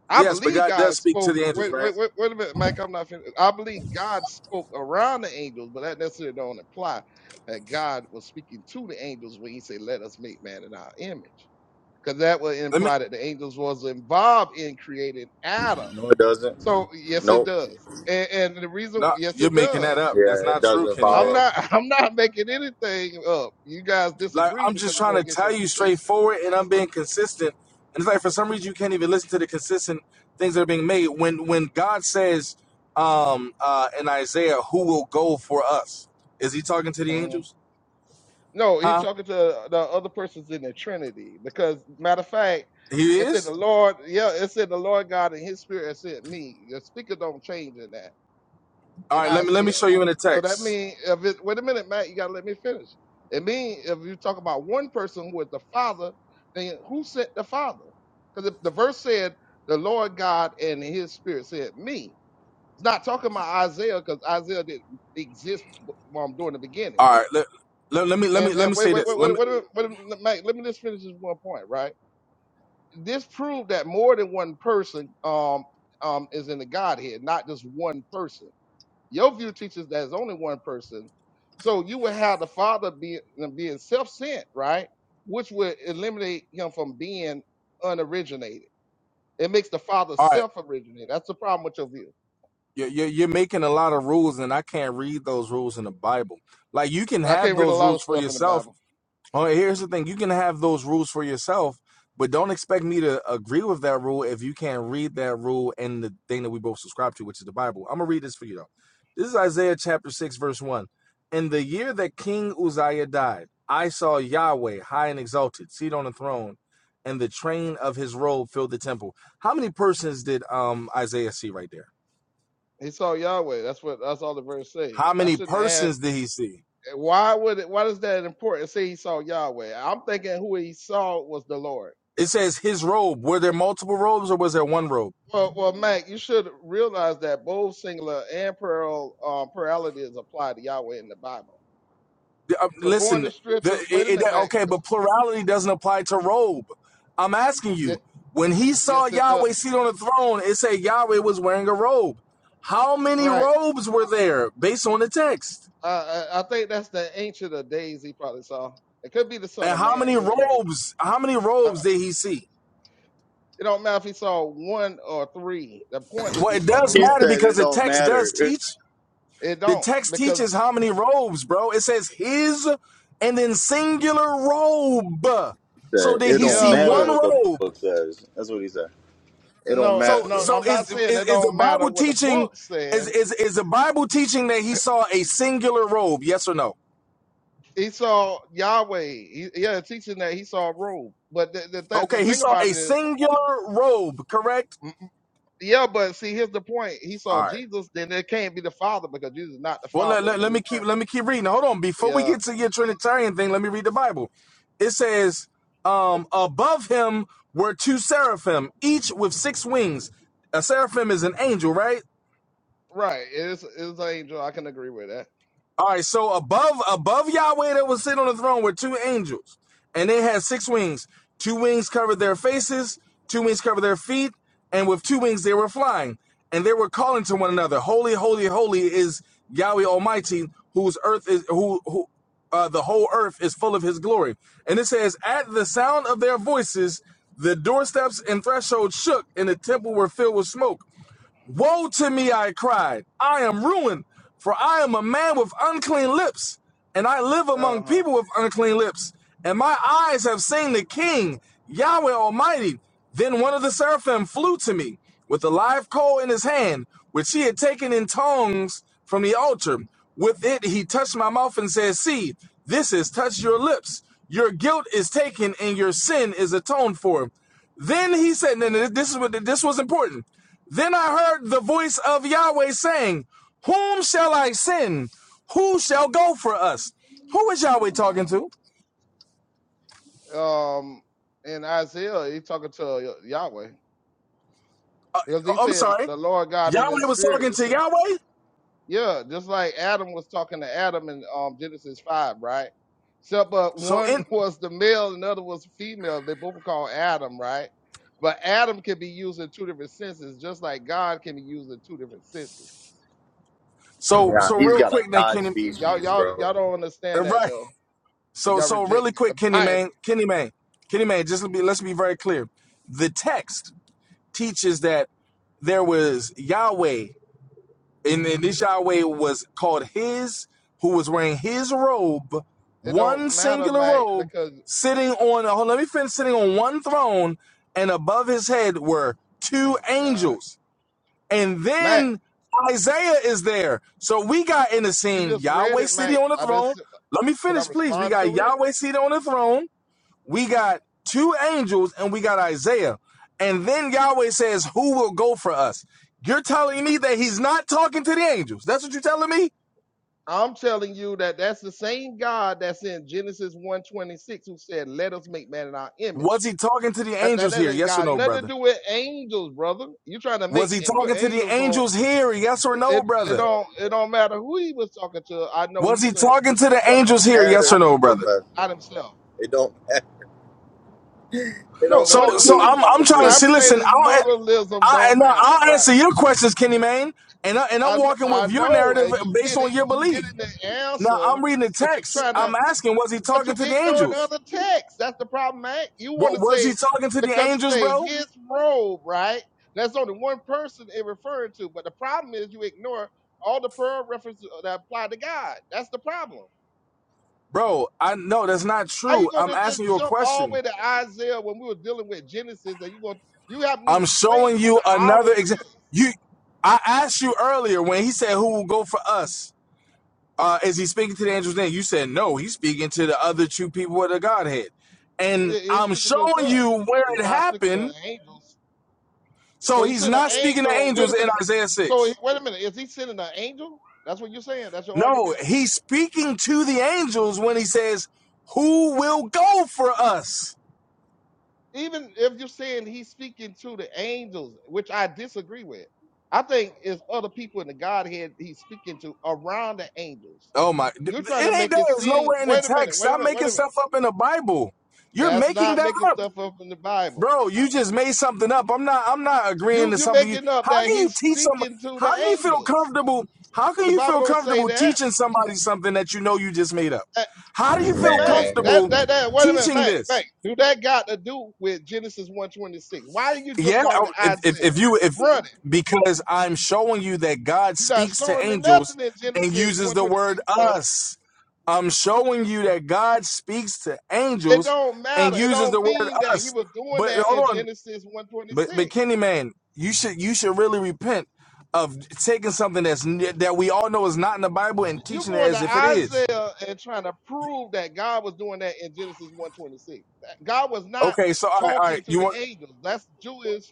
I
yes but
believe
god does
God
speak to
spoke.
the angels
Wait,
right
wait, wait, wait a minute, Mike. I'm not finished. I believe God spoke around the angels, but that necessarily don't imply that God was speaking to the angels when He said, "Let us make man in our image," because that would
let me
imply that the angels was involved in creating Adam.
No, it
So
doesn't.
yes, it
Nope.
does. And, and the reason,
no
yes,
you're
it
making that
does.
up that's
Yeah, it
not true
doesn't
kenny
I'm
man
follow.
not. I'm not making anything up. You guys
Like
disagree
I'm
because
just
it
trying
go
to
against
tell
your
you
position.
straightforward, and I'm being consistent. And it's like for some reason you can't even listen to the consistent things that are being made. When when God says um, uh, in Isaiah, "Who will go for us?" Is He talking to the
Mm.
angels?
No, he's
Huh?
talking to the other persons in the Trinity. Because matter of fact,
He
it said the
is.
Lord, yeah, it said the Lord God and His Spirit sent me. The speaker don't change in that
All
in
right. Let me let me
Isaiah.
show you in the
So that
text.
means if it wait a minute, Matt, you gotta let me finish. It means if you talk about one person who is the Father, then who sent the Father? Because the the verse said the Lord God and His Spirit said me. It's not talking about Isaiah because Isaiah didn't exist w- um, during the beginning.
All right. Let, let, let me let me
And
let
and
me
wait,
say
wait,
this.
wait,
Let
wait,
me.
wait, a wait, a minute, Mike, let me just finish this one point, right? This proved that more than one person um um is in the Godhead, not just one person. Your view teaches that there's only one person. So you would have the Father being being self-sent, right? Which would eliminate him from being unoriginated. It makes the Father
All right.
self-originated. That's the problem with your view.
You're, you're, you're making a lot of rules, and I can't read those rules in the Bible. Like you can
I
have
can't read a
those
lot of
rules for
stuff in the
yourself,
Bible.
Oh, here's the thing. You can have those rules for yourself, but don't expect me to agree with that rule if you can't read that rule and the thing that we both subscribe to, which is the Bible. I'm going to read this for you, though. This is Isaiah chapter 6, verse 1. In the year that King Uzziah died, I saw Yahweh high and exalted, seated on a throne, and the train of his robe filled the temple. How many persons did um Isaiah see right there?
He saw Yahweh. That's what that's all the verse say.
How
I
many
shouldn't add
persons did he see?
why would it why is that important? Say he saw Yahweh. I'm thinking who he saw was the Lord.
It says his robe. Were there multiple robes or was there one robe?
Well well Mac, you should realize that both singular and plural um plurality is applied to Yahweh in the Bible.
The- uh,
So going
listen,
to
the,
scripture wait a
it, it,
minute, Mac.
okay, but plurality doesn't apply to robe. I'm asking
Ye-
you, when he saw
Yes it does.
Yahweh seated on the throne, it said Yahweh was wearing a robe. How many
Right.
robes were there based on the text?
I, I I think that's the ancient of days he probably saw. It could be the son
And
of
how
man,
many
which is it.
robes? How many
Uh,
robes
uh,
did he see?
it don't matter if he saw one or three. The point is
Well,
he
it
saw the
does
He
Lord.
matter
said it
because the
don't
text does
matter.
teach.
It
The
don't
text
because
teaches how many robes, bro. It says his and then singular robe. So
said,
did
it
he
don't
see
Yeah,
matter
one
but
what the
robe?
book says. That's what he said. It don't
no, uh,
matter.
So
no,
so
I'm not
is
saying
is,
it
is the
don't matter
Bible
what the
teaching
book
is,
said.
is is the Bible teaching that he saw a singular robe? Yes or no?
He saw Yahweh. He, yeah, teaching that he saw a robe. But the, the, th- the
Okay, he
thing
saw
about
a
it is,
singular robe, correct?
mm, mm, yeah, but see, here's the point. He
All
saw
right.
Jesus, then it can't be the Father because Jesus is not the
Well, let,
Father in
let,
the
let me
New
keep
Testament.
let me keep reading. Hold on, before we
Yeah,
get to your Trinitarian thing, let me read the Bible. It says, um, above him were two seraphim, each with six wings. A seraphim is an angel, right?
right. It's it's an angel. I can agree with that.
All right, so above above Yahweh that was sitting on the throne were two angels, and they had six wings. Two wings covered their faces, two wings covered their feet, and with two wings they were flying, and they were calling to one another, "Holy, holy, holy is Yahweh Almighty, whose earth is who who uh, the whole earth is full of His glory." And it says, "At the sound of their voices, the doorsteps and threshold shook, and the temple were filled with smoke." Woe to me, I cried. I am ruined, for I am a man with unclean lips, and I live
Uh
among
huh.
people with unclean lips. And my eyes have seen the King, Yahweh Almighty. Then one of the seraphim flew to me with a live coal in his hand, which he had taken in tongs from the altar. With it, he touched my mouth and said, See, this has touched your lips. Your guilt is taken and your sin is atoned for. Then he said, and this is what this was important. Then I heard the voice of Yahweh saying, Whom shall I send? Who shall go for us? Who is Yahweh talking
Mm,
to?
mm. Um, in Isaiah, he talking to Yahweh because he
Oh, I'm
said
sorry.
the Lord God in
Yahweh
His
was talking
Spirit.
to Yahweh?
Yeah, just like Adam was talking to Adam in um, Genesis 5, right? So, but
So
one
in
was the male and the other was female. They both were called Adam, right? But Adam can be used in two different senses, just like God can be used in two different senses.
so
Yeah,
so
he's
real
got a
quick then
God
Kenny
Y- y'all,
species,
y'all,
bro.
y'all don't
uh,
understand that
right.
though, you
So
y'all
so
reject
really
the
quick, Kenny
Bible.
Man, Kenny Man, Kenny Man, just be let's be very clear. The text teaches that there was Yahweh And then this Yahweh was called his, who was wearing his robe,
It
one
don't matter,
singular
Mac,
robe,
because
sitting on, hold on, let me finish, sitting on one throne, and above his head were two
oh God,
angels. And
Mac,
then Isaiah is there. So we got in the
you
scene
just read
Yahweh
it, Mac.
sitting on the
I
throne.
just
Let me
can I
finish, please. We
respond
got
to it?
Yahweh seated on the throne we got two angels and we got Isaiah. And then Yahweh says, Who will go for us? You're telling me that he's not talking to the angels. That's what you're telling me?
I'm telling you that that's the same God that's in Genesis one twenty six who said, "Let us make man in our image."
Was he talking to the
That that,
angels
that
here?
ain't
Yes or
got
no,
nothing to
brother?
do with angels, brother. You are trying to
Was
make
he
and put
talking to the
angels on?
angels here? Yes or
It,
no,
it it
brother?
don't it don't matter who he was talking to. I know
Was
he
he
said
talking
his
to
It
the
don't
son,
angels here? Yes or
not
matter,
no, brother?
professor,
not
bro.
himself.
It don't matter. It don't
No,
So
when
matter
the-
so
when
who
this
he's
I'm I'm
talking
trying to
to,
see, listen,
man.
simultaneous
I'll
modalism
I, and
don't matter,
I'll answer
right?
your questions, Kenny Mayne, and I, and I'm
I kn-
walking with
I
your
know,
narrative
and you
based on
getting
your
you
belief.
getting the
Now
answer,
I'm reading the
but you
text.
trying to
I'm asking, was he
but you
talking to the
ignoring
angels?
other texts. That's the problem, man. You want
What
to
was he
say
talking to the
because it
angels,
say
bro?
his robe, right? That's only one person it referring to, but the problem is you ignore all the prayer references that apply to God. That's the problem.
Bro, I know that's not
How you
true. I'm
gonna just
asking you a
jump all the
question.
way to Isaiah when we were dealing with Genesis and you gonna you haven't even
I'm showing
explained who
you
the Abba
another example.
is?
You, I asked you earlier when he said, "Who will go for us?" Uh, is he speaking to the angels? Then you said, "No, he's speaking to the other two people of the Godhead."
And
And
It- It's
I'm
speaking to the
showing
Son.
you where
It's
it
not speaking to
happened.
angels.
So
So he's
he's
sending an
not speaking to
angel. Wait
angels
a
in
minute.
Isaiah
So
six.
he- wait a minute. Is he sending an angel? That's what you're saying. That's your
No,
argument.
he's speaking to the angels when he says, Who will go for us?
even if you're saying he's speaking to the angels, which I disagree with, I think it's other people in the Godhead he's speaking to around the angels.
Oh my, it
You're trying to
ain't
make
there.
it
It's
seem.
nowhere in the
Wait a minute.
text.
Wait a
Stop
minute. Wait
making
a
stuff
minute.
up in the Bible. You're
That's
making
not
that
making
up.
stuff up in the Bible.
Bro, you just made something up. I'm not I'm not agreeing
You
to
you're
something. You,
making up
how
that
can you
he's
teach some
speaking to
how
the
can you feel
angels.
comfortable? How can
The
you
Bible
feel
don't say
comfortable
that.
teaching somebody something that you know you just made up?
Uh,
How do you feel
Meg,
Man,
that
comfortable
that that. Wait a minute,
teaching
Meg.
this?
Meg, do that got to do with Genesis one twenty six? Why are you
Yeah,
jumping on
I-
with
if, if
Isaiah?
if you if
Run
because I'm showing you that God
You're not
speaks to
showing me
angels
nothing in
and
Genesis
uses the word
126, though.
us. I'm showing you that God speaks to
It
angels
don't
and
matter. It
uses the
don't
word
mean that he
us.
was doing
But
that in
hold on,
Genesis
but but
126.
Kenny man, you should you should really repent of taking something that's n- that we all know is not in the Bible and
You're
teaching it
going
as
to
if it is.
Isaiah and trying to prove that God was doing that in Genesis 126. God was not
Okay, so all right, all right.
talking to
You
the
want
angels. That's Jewish.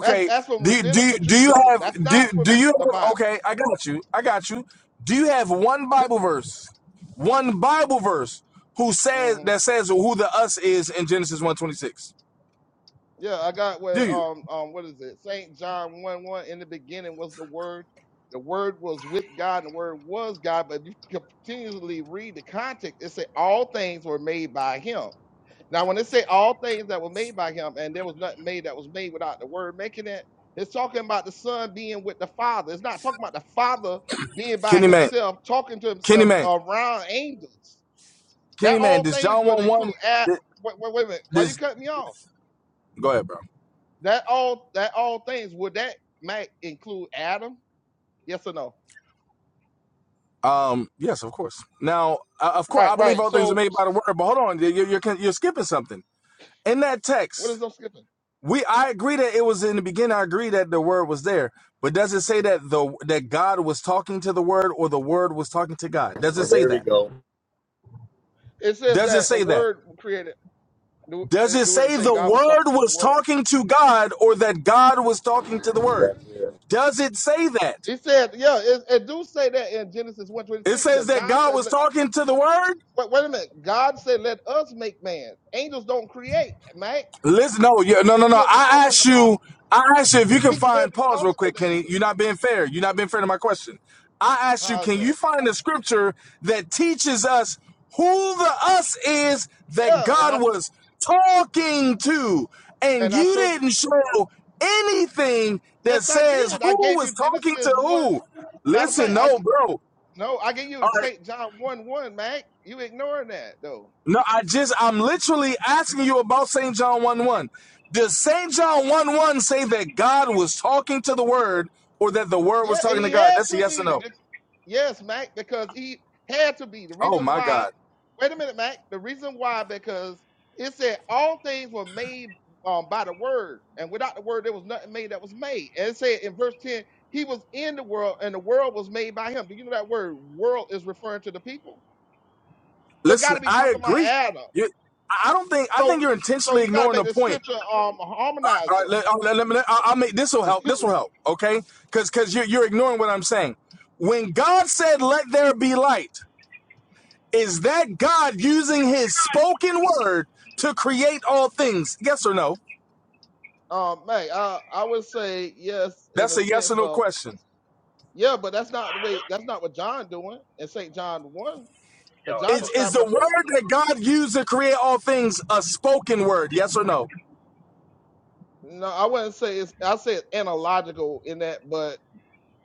That's that's from
Do you, do you,
rabbinical
do you
Judaism.
have
That's not
do
from the,
do you
the
have,
Bible.
okay? I got you. I got you. Do you have one Bible verse, one Bible verse who says
Mm-hmm.
that says who the us is in Genesis one twenty six?
Yeah, I got what
Do you,
um um what is it? Saint John one one. In the beginning was the Word. The Word was with God, and the Word was God. But if you continually read the context, it says all things were made by Him. Now, when it say all things that were made by Him, and there was nothing made that was made without the Word making it, it's talking about the Son being with the Father. It's not talking about the Father being by
Kenny man,
Himself, talking to
Kenny
Himself
man,
around angels. That
Kenny man?
all
Does
things
John
would
one
include.
one?
At wait, wait, wait a minute. Why you
This
cut me off?
go ahead, bro.
That all that all things would that might include Adam? Yes or no?
Um, yes, of course. Now, uh, of course, I
Right,
believe
right.
all things are
So
made by the word, but hold on, you're you're, you're skipping something in that
what
text.
is I'm skipping?
We I agree that it was in the beginning. I agree that the word was there, but does it say that the that God was talking to the word or the word was talking to God? Does it
well,
say
there we
that?
go.
It says
Does it
that the
say that?
word created. Do,
Does
uh,
it
do it
say
say
the
God was talking
word
to the
was
word?
talking to God or that God was talking to the word?
That's it.
Does it say that?
He said, yeah. It, it do say that in Genesis one twenty
It
six
says
that
that
God
God
said.
was
Let,
talking to the word.
wait, wait a minute. God said, "Let us make man." Angels don't create, man.
Listen, no, yeah, no,
So
no,
he
no.
can't be
I
talking
asked
about.
you, I asked you if you can
He can't
find
be
pause
talking
real
to
quick,
the
Kenny.
angels.
You're not being fair. You're not being fair to my question. I asked you,
How's
can you
that?
find a scripture that teaches us who the us is that
Yeah, and I
God
took
was talking to? And
and I
you
showed. it.
didn't show anything that
Yes, I
says
did. I
who
gave you
was talking to
Genesis one.
who.
Matter of
Listen,
fact, I
no, bro. All
No, I give you
right.
St. John 1 1, Mac. You ignoring that, though.
No, I just I'm literally asking you about St. John 1 1. Does St. John 1 1 say that God was talking to the word or that the word was
Yeah,
talking to
he
God?
had
That's a
to
yes or
be.
no.
Be- Yes, Mac, because he had to be. The
Oh
reason
my
why,
God.
wait a minute, Mac. The reason why, because it said all things were made um, by the word, and without the word, there was nothing made that was made. And it said in verse 10, he was in the world, and the world was made by him. Do you know that word world is referring to the people? So it got
Listen,
to be
I
talking about
agree.
Adam.
You I don't think I think
So,
you're
so so
intentionally
you got to
ignoring the
make the
point.
scripture um
All
harmonize
right, let,
though.
all right, let me let- I'll make this will help. This will help, okay? Cuz cuz you're you're ignoring what I'm saying. When God said let there be light, is that God using his spoken word to create all things? Yes or no?
Um, May, I I would say yes in
That's
a
a yes or
sense
no
of
question.
yeah, but that's not the way. That's not what John doing in Saint John one. Because
Y'all are
John
Is
funny.
is
describing
the
a
word
person.
that God used to create all things a spoken word? Yes or no?
No, I wouldn't say it's. I say it's analogical in that, but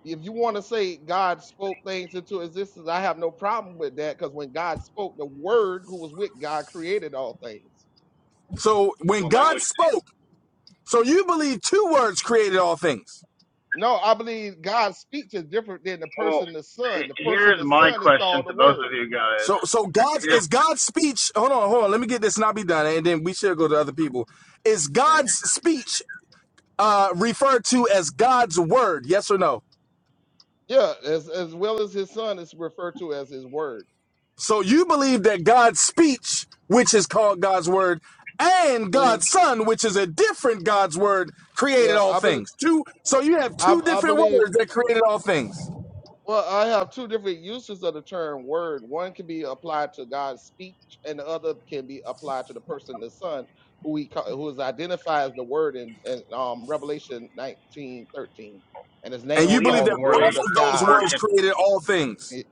if you want to say God spoke things into existence, I have no problem with that. Because when God spoke, the Word who was with God created all things.
So when
Well,
God
language.
spoke, so you believe two words created all things.
No, I believe God's speech is different than the
Well,
person, the Son. The person,
here's
the
my
Son, is
question
called the
to both of
Word.
you guys.
So so God's
Here's,
is God's speech. Hold on, hold on. Let me get this and I'll be done, and then we should go to other people. Is God's
Mm.
speech uh referred to as God's word? Yes or no?
Yeah, as as well as his son is referred to as his word.
So you believe that God's speech, which is called God's word, and
is
God's son, which is a different God's word, created
yeah
all
i bel
things. Two. So you have
I,
two
I
different
believe
words that created all things,
well i have two different uses of the term word one can be applied to god's speech and the other can be applied to the person the son who we ca- who is identified as the word in, in um revelation nineteen thirteen, and his
and
name
well,
you
is
believe
even
called the
that
more than
word
both
of
of those
god
word.
words created all things.
It-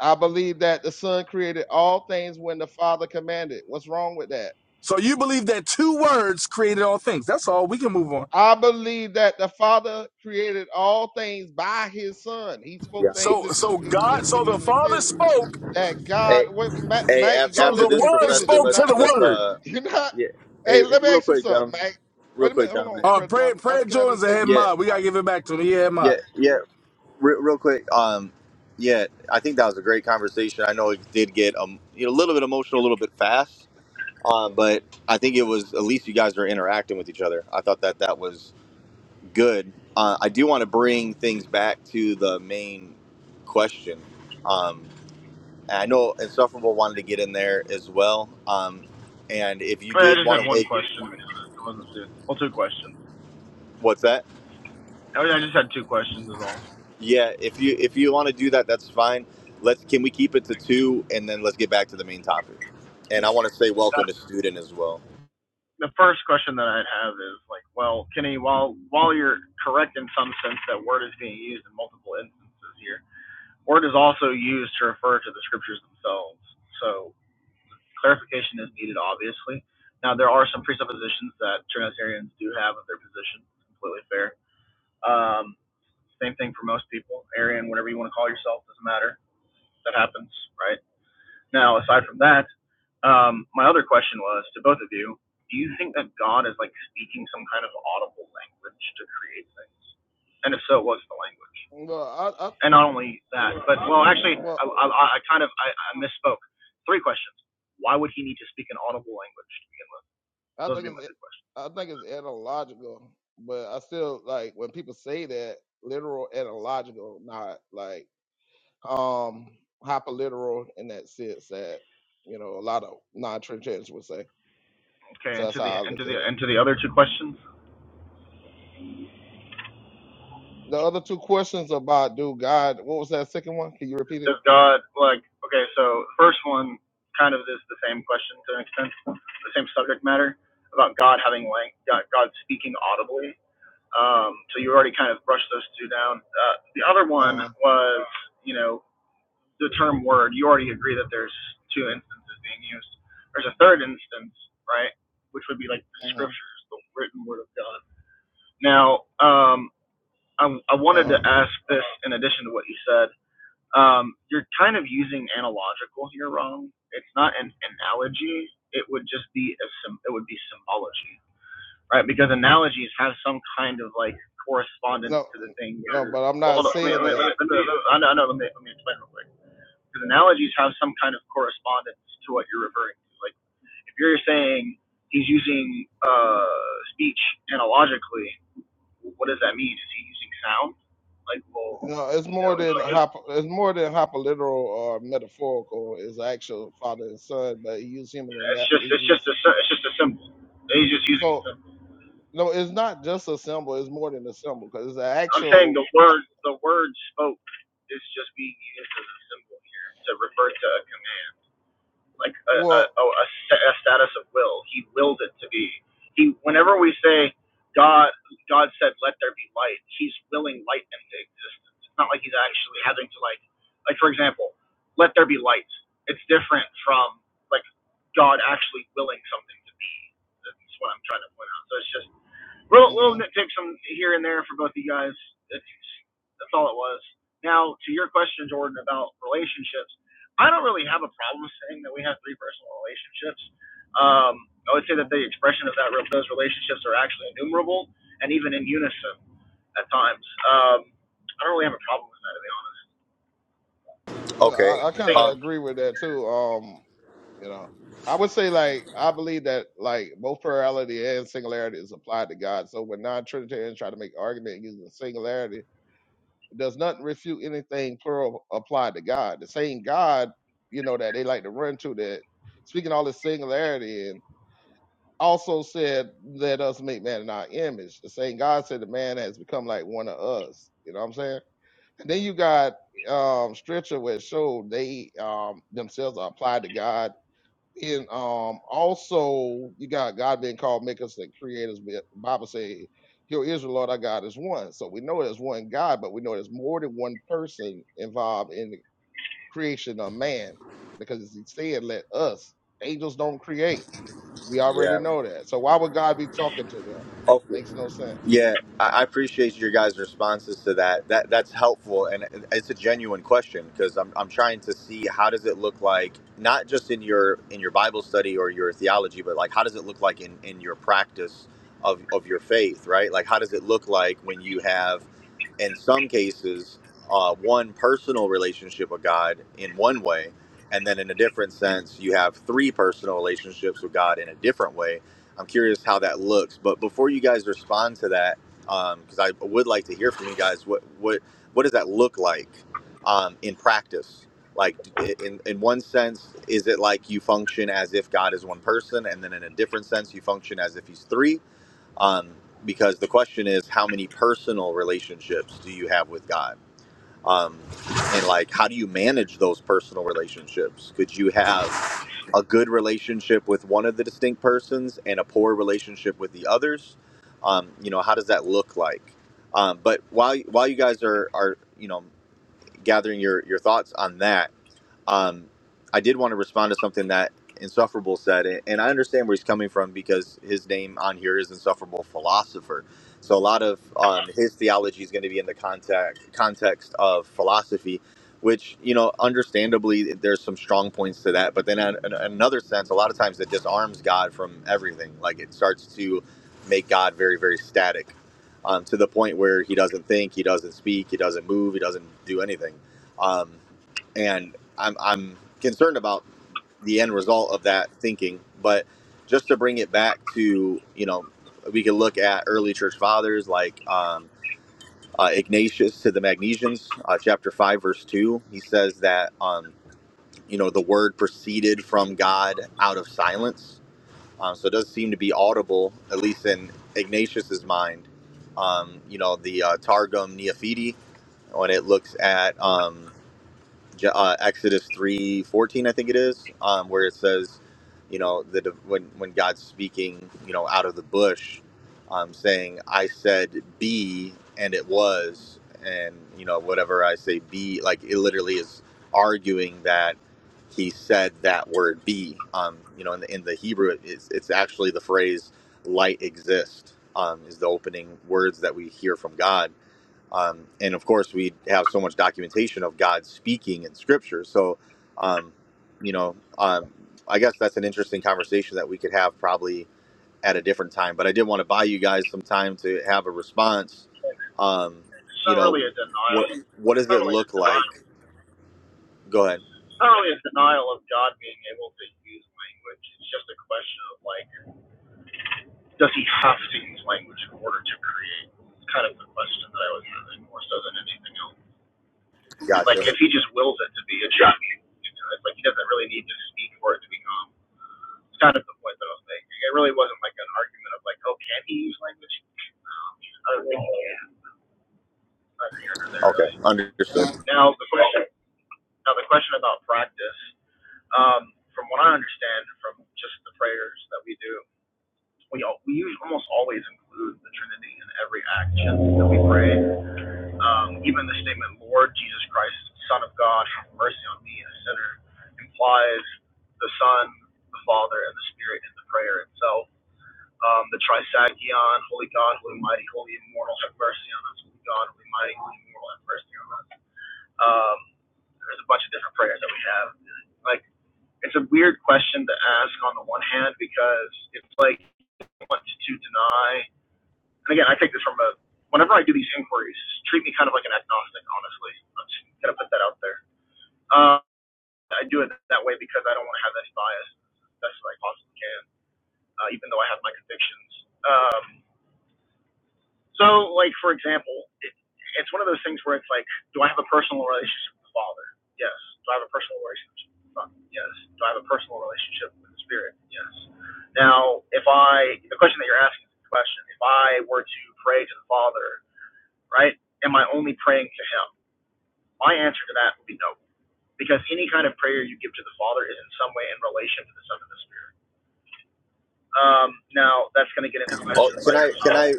i believe that the son created all things when the father commanded what's wrong with that
So you believe that two words created all things. That's all. We can move on.
I believe that the Father created all things by His Son. He spoke things
So so
into
Yikes.
God. So
existed
the
in a
Father
sense
spoke.
that God,
Hey,
wait, Mac,
hey.
Mac, you
af-
So
gotta
After
the
let
this,
me
Word
finish.
professor,
You
spoke
let's
to
not,
the
let's
Word.
uh,
you not.
yeah. Hey,
Hey,
hey,
let me
real
ask you
quick,
something,
gentlemen.
Mac.
Real
Wait a
quick,
minute, hold on,
gentlemen.
Uh,
Brother
prayer
Jordan. I,
prayer
can I
Jordan's
just
a
say this
head
one
Yeah,
mod. We gotta
part?
give it back to him. Yeah, mod.
yeah, yeah. Real, real quick, um, yeah, I think that was a great conversation. I know it did get um, you know, a little bit emotional, a little bit fast, um, but I think it was at least you guys were interacting with each other. I thought that that was good. Uh, I do want to bring things back to the main question. Um, and I know Insufferable wanted to get in there as well, um, and if you
I
did
just had
want to
one
make
question. It wasn't two. Well, two questions.
what's that?
I I just had two questions is all.
Yeah, if you if you want to do that, that's fine. Let's can we keep it to two, and then let's get back to the main topic. And I want to say
Uh,
welcome to student as well.
The first question that I'd have is like, well, Kenny, while while you're correct in some sense that word is being used in multiple instances here, word is also used to refer to the scriptures themselves. So clarification is needed, obviously. Now there are some presuppositions that Trinitarians do have of their position. Completely fair. Um, same thing for most people. Arian, whatever you want to call yourself, doesn't matter. That happens, right? Now, aside from that, um, my other question was to both of you: Do you think that God is like speaking some kind of audible language to create things? And if so, what's the language?
Well, I, I,
And not only that, but well, actually, I,
well,
I, I kind of I, I misspoke. Three questions. Why would he need to speak an audible language to begin with?
I
Those would
think
be my
it's,
three questions.
I think it's etymological, but I still like when people say that literal etymological, not like um hyperliteral in that sense that you know a lot of non-trinitarians would say.
Okay,
So
and
that's
to the
how I
and
look
to the
at it.
and to the other two questions.
The other two questions about do God, what was that second one? Can you repeat it?
does God like okay, so first one kind of is the same question to an extent, the same subject matter about God having language, God, God speaking audibly. Um, so you already kind of brushed those two down. Uh, the other one
Uh-huh.
was, you know, the term word. You already agree that there's two instances being used. There's a third instance, right, which would be like the
hmm
scriptures, the written word of God. Now, um, I, I wanted to
Uh,
ask this in addition to what you said um, you're kind of using analogical here wrong. It's not an analogy. It would just be a sym- it would be symbology, right? Because analogies have some kind of like correspondence
no,
to the thing.
no,
You're,
but I'm
well,
not
hold on. Let me, let
saying
me, let
that.
me, let me, let me, I know- let me, let me explain real quick. Because analogies have some kind of correspondence to what you're referring to. Like if you're saying he's using uh, speech analogically, what does that mean? Is he using sound? Like, well,
No, it's
you know,
more
it's
than
like
hop. It's more than hyperliteral or metaphorical. It's actual father and son, but he used human
It's just it's just
analogies.
a it's just a symbol. He's just using a
So
symbol.
no, it's not just a symbol. It's more than a symbol because it's an
I'm saying
actual.
the
fa-
word the word spoke is just being used as a symbol here to refer to a command, like a a,
Well,
oh, a, a status of will. He willed it to be. He whenever we say God God said let there be light, he's willing light into existence. It's not like he's actually having to like like for example, let there be light. It's different from like God actually willing something to be. That's what I'm trying to point out. So it's just Little little
mm
nitpicks from here and there for both of you guys. That's that's all it was. Now to your question, Jordan, about relationships. I don't really have a problem saying that we have three personal relationships. Um, I would say that
mm.
the expression of that those relationships are actually innumerable and even in unison at times. Um, I don't really have a problem with that, to be honest.
No,
Okay.
I, I
I
kind
think
of
Um.
agree with that too. Um, you know, I would say like I believe that like both plurality and singularity is applied to God. So when non-Trinitarians try to make argument using singularity does not refute anything plural applied to God. The same God, you know, that they like to run to that speaking all this singularity and also said, Let us make man in our image. The same God said the man has become like one of us. You know what I'm saying? And then you got um stretcher where it showed they um themselves are applied to God and um also you got God being called make and the creators. but Bible say, Hear Israel, Lord our God is one. So we know there's one God, but we know there's more than one person involved in the creation of man. Because he said, Let us. Angels don't create. We
Yeah.
already know that. So why would God be talking to them?
Okay.
Makes no sense.
Yeah, I I appreciate your guys' responses to that. That that's helpful, and it's a genuine question because I'm I'm trying to see how does it look like not just in your in your Bible study or your theology, but like how does it look like in in your practice of of your faith, right? Like how does it look like when you have in some cases, uh, one personal relationship with God in one way, and then in a different sense, you have three personal relationships with God in a different way. I'm curious how that looks. But before you guys respond to that, because I would like to hear from you guys, what what what does that look like um, in practice? Like in in one sense, is it like you function as if God is one person, and then in a different sense, you function as if He's three? um, because the question is how many personal relationships do you have with god um, and like how do you manage those personal relationships could you have a good relationship with one of the distinct persons and a poor relationship with the others um, you know how does that look like um, but while while you guys are are you know gathering your your thoughts on that um, I did want to respond to something that Insufferable said, and I understand where he's coming from because his name on here is Insufferable Philosopher. So a lot of um, his theology is going to be in the context context of philosophy, which you know, understandably, there's some strong points to that. But then, in, in another sense, a lot of times it disarms God from everything. Like it starts to make God very, very static, um, to the point where he doesn't think, he doesn't speak, he doesn't move, he doesn't do anything. Um, and I'm I'm concerned about the end result of that thinking. But just to bring it back to you know, we can look at early church fathers like um, uh, Ignatius to the Magnesians, uh, chapter five, verse two. He says that um, you know the word proceeded from God out of silence. Um, so it does seem to be audible, at least in Ignatius's mind. Um, you know the uh, Targum Neophiti when it looks at. um, Je- uh, Exodus three fourteen, I think it is, um, where it says, you know, that when when God's speaking, you know, out of the bush, um, saying, "I said be, and it was," and you know, whatever I say be, like it literally is arguing that he said that word be. Um, you know, in the, in the Hebrew, it's, it's actually the phrase "light exist." Um, is the opening words that we hear from God um, and of course we have so much documentation of god speaking in scripture so um, you know um, i guess that's an interesting conversation that we could have probably at a different time but i did want to buy you guys some time to have a response um,
it's
you
not
know
really a
what
denial.
what
It's
does
not
it
really a
look
denial.
like go ahead
It's Not really a denial of God being able to use language. It's just a question of like does he have to use language in order to create? It's kind of the question that I was having more so than anything else. Like
gotcha
if he just wills it to be a joke, you know, it's like he doesn't really need to speak for it to become. It's kind of the point that I was making. It really wasn't like an argument of like, oh, can he use language? I don't think he can. Neither here nor there
okay
really.
understood
Now the question. Now the question about practice. Um, from what I understand, from just the prayers that we do, we all, we usually almost always include the Trinity in every action that we pray. Um, even the statement, Lord Jesus Christ, Son of God, have mercy on me, a sinner, implies the Son, the Father, and the Spirit in the prayer itself. Um, the Trisagion, Holy God, Holy Mighty, Holy Immortal, have mercy on us. Holy God, Holy Mighty, Holy Immortal, have mercy on us. Um, there's a bunch of different prayers that we have. Like, it's a weird question to ask on the one hand because it's like you want to deny and again, I take this from a, whenever I do these inquiries, treat me kind of like an agnostic, honestly. I'm just going to put that out there. Uh, I do it that way because I don't want to have any bias as best as I possibly can, uh, even though I have my convictions. Um, so, like, for example, it, it's one of those things where it's like, do I have a personal relationship with the Father? Yes. Do I have a personal relationship with the Son? Yes. Do I have a personal relationship with the Spirit? Yes. Now, if I, the question that you're asking is the question, if I were to pray to the Father right? Am I only praying to Him? My answer to that would be no, because any kind of prayer you give to the Father is in some way in relation to the Son of the Spirit. Um, now that's going to get into
oh,
questions like,
can i can
oh,
i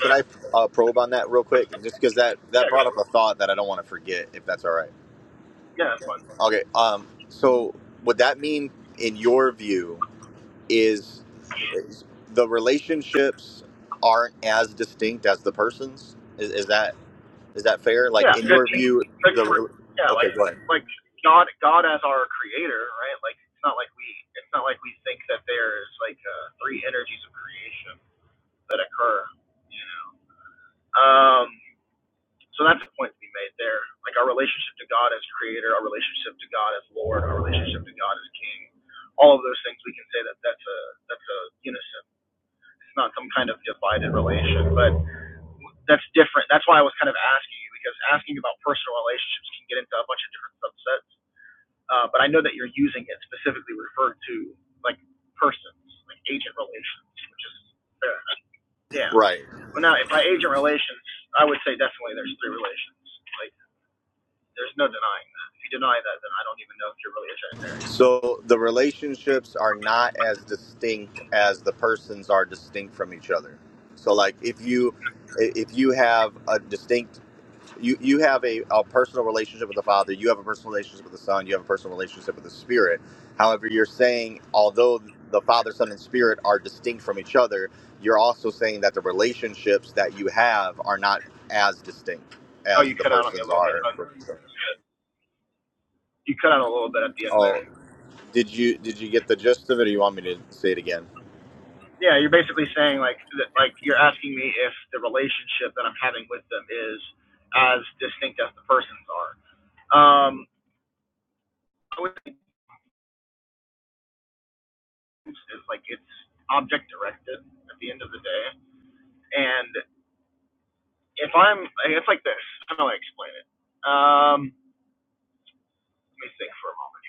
can i uh, probe on that real quick just because that that
yeah, go,
brought up a thought that i don't want to forget if that's all right
yeah, that's fine.
Okay. Um, so would that mean, in your view, is, is the relationships aren't as distinct as the persons? Is, is that is that fair? Like
Yeah,
in
good,
your view,
good
the re-
yeah,
okay,
like,
go ahead.
like God, God as our Creator, right? Like, it's not like we, it's not like we think that there is like uh, three energies of creation that occur. Um, So that's the point to be made there. Like our relationship to God as creator, our relationship to God as Lord, our relationship to God as King, all of those things we can say that that's a that's a unison. It's not some kind of divided relation, but that's different. That's why I was kind of asking you because asking about personal relationships can get into a bunch of different subsets. Uh, but I know that you're using it specifically referred to like persons, like agent relations, which is fair. Yeah.
Right.
Well, now by agent relations, I would say definitely there's three relations. Like there's no denying that. If you deny that, then I don't even know if you're really a Trinitarian.
So the relationships are not as distinct as the persons are distinct from each other. So like if you if you have a distinct you you have a, a personal relationship with the father you have a personal relationship with the son you have a personal relationship with the spirit however you're saying although the father son and spirit are distinct from each other you're also saying that the relationships that you have are not as distinct
Oh,
as
you
the
cut out on me a
persons
little bit.
are
Um, you cut out a little bit at the end there.
oh did you did you get the gist of it or you want me to say it again
Yeah, you're basically saying like that, like you're asking me if the relationship that I'm having with them is as distinct as the persons are. Um, I would think it's, like it's object directed at the end of the day. And if I'm, it's like this. How do I explain it? Um, let me think for a moment.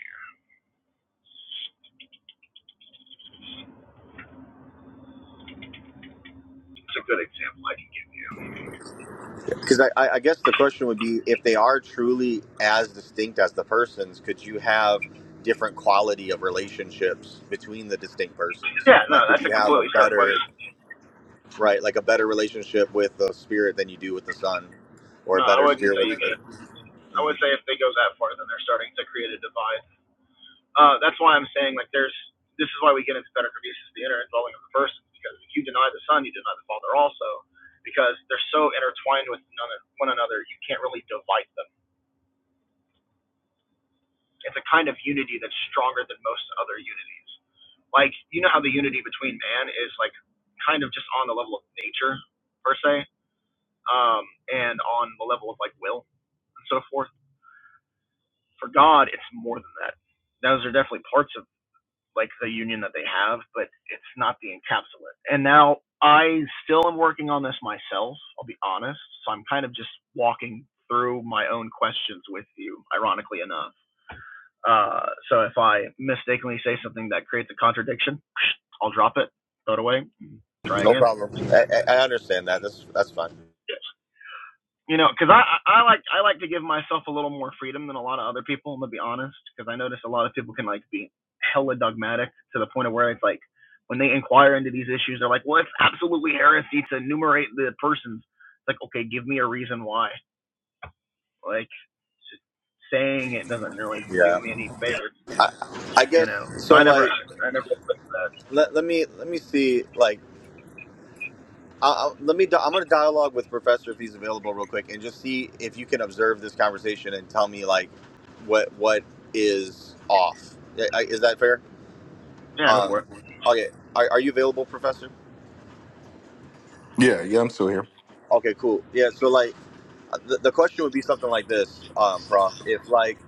It's a good example I can give you.
Because I, I I guess the question would be if they are truly as distinct as the persons, could you have different quality of relationships between the distinct persons?
Yeah,
Like,
no,
could
that's
you
a
have a
completely fair
better,
question.
right, like a better relationship with the spirit than you do with the son, or a
No, I
better
wouldn't
spirit
say you
with the.
could. I would
Mhm.
say if they go that far, then they're starting to create a divide. Uh, that's why I'm saying like there's this is why we get into better producers the inner involving of the person because if you deny the son, you deny the father also because they're so intertwined with one another, you can't really divide them. It's a kind of unity that's stronger than most other unities. Like you know how the unity between man is like kind of just on the level of nature per se, um, and on the level of like will and so forth. For God, it's more than that. Those are definitely parts of like the union that they have, but it's not the encapsulate. And now I still am working on this myself, I'll be honest. So I'm kind of just walking through my own questions with you, ironically enough. Uh, so if I mistakenly say something that creates a contradiction, I'll drop it, throw it away, try
No
again.
problem. I, I I understand that. That's that's fine.
Yes. you know, because I, I like I like to give myself a little more freedom than a lot of other people. I'm gonna be honest, because I notice a lot of people can like be hella dogmatic to the point of where it's like when they inquire into these issues, they're like, well, it's absolutely heresy to enumerate the persons. It's like, okay, give me a reason why. Like just saying it doesn't really do
Yeah.
me any favors,
I, I
you
guess
know. So I
so.
never
Like,
I never put that.
let, let me let me see. Like. I, let me. I'm going to dialogue with Professor if he's available real quick, and just see if you can observe this conversation and tell me like what what is off. Yeah, I- Is that fair?
Yeah, go for
Um,
it.
okay. Are, are you available, Professor?
Yeah, yeah, I'm still here.
Okay. Cool. Yeah. So like, uh, the, the question would be something like this, um, Prof. If like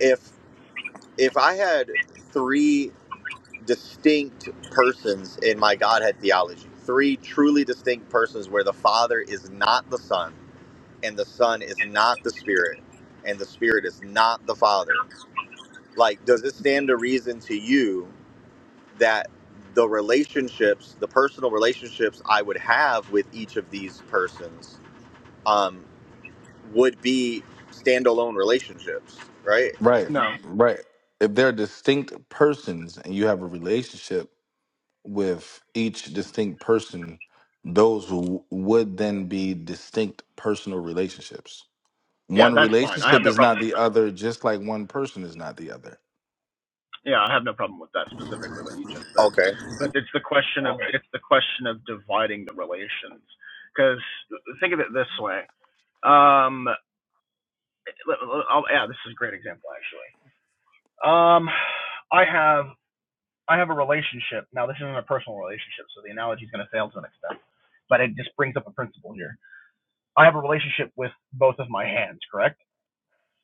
if if I had three distinct persons in my Godhead theology, three truly distinct persons where the Father is not the Son and the Son is not the Spirit, and the Spirit is not the Father. Like, does it stand to reason to you that the relationships, the personal relationships I would have with each of these persons, um, would be standalone relationships, right?
Right,
No,
right. If they're distinct persons and you have a relationship with each distinct person, those w- would then be distinct personal relationships.
yeah,
One
that's fine. I have
relationship
no
is
problem.
not the other, just like one person is not the other.
Yeah, I have no problem with that specifically what you just said,
Okay,
but it's the question of it's the question of dividing the relations. Because think of it this way. Um, l- l- I'll, yeah, this is a great example actually. Um, I have I have a relationship now. This isn't a personal relationship, so the analogy is going to fail to an extent, but it just brings up a principle here. I have a relationship with both of my hands, correct?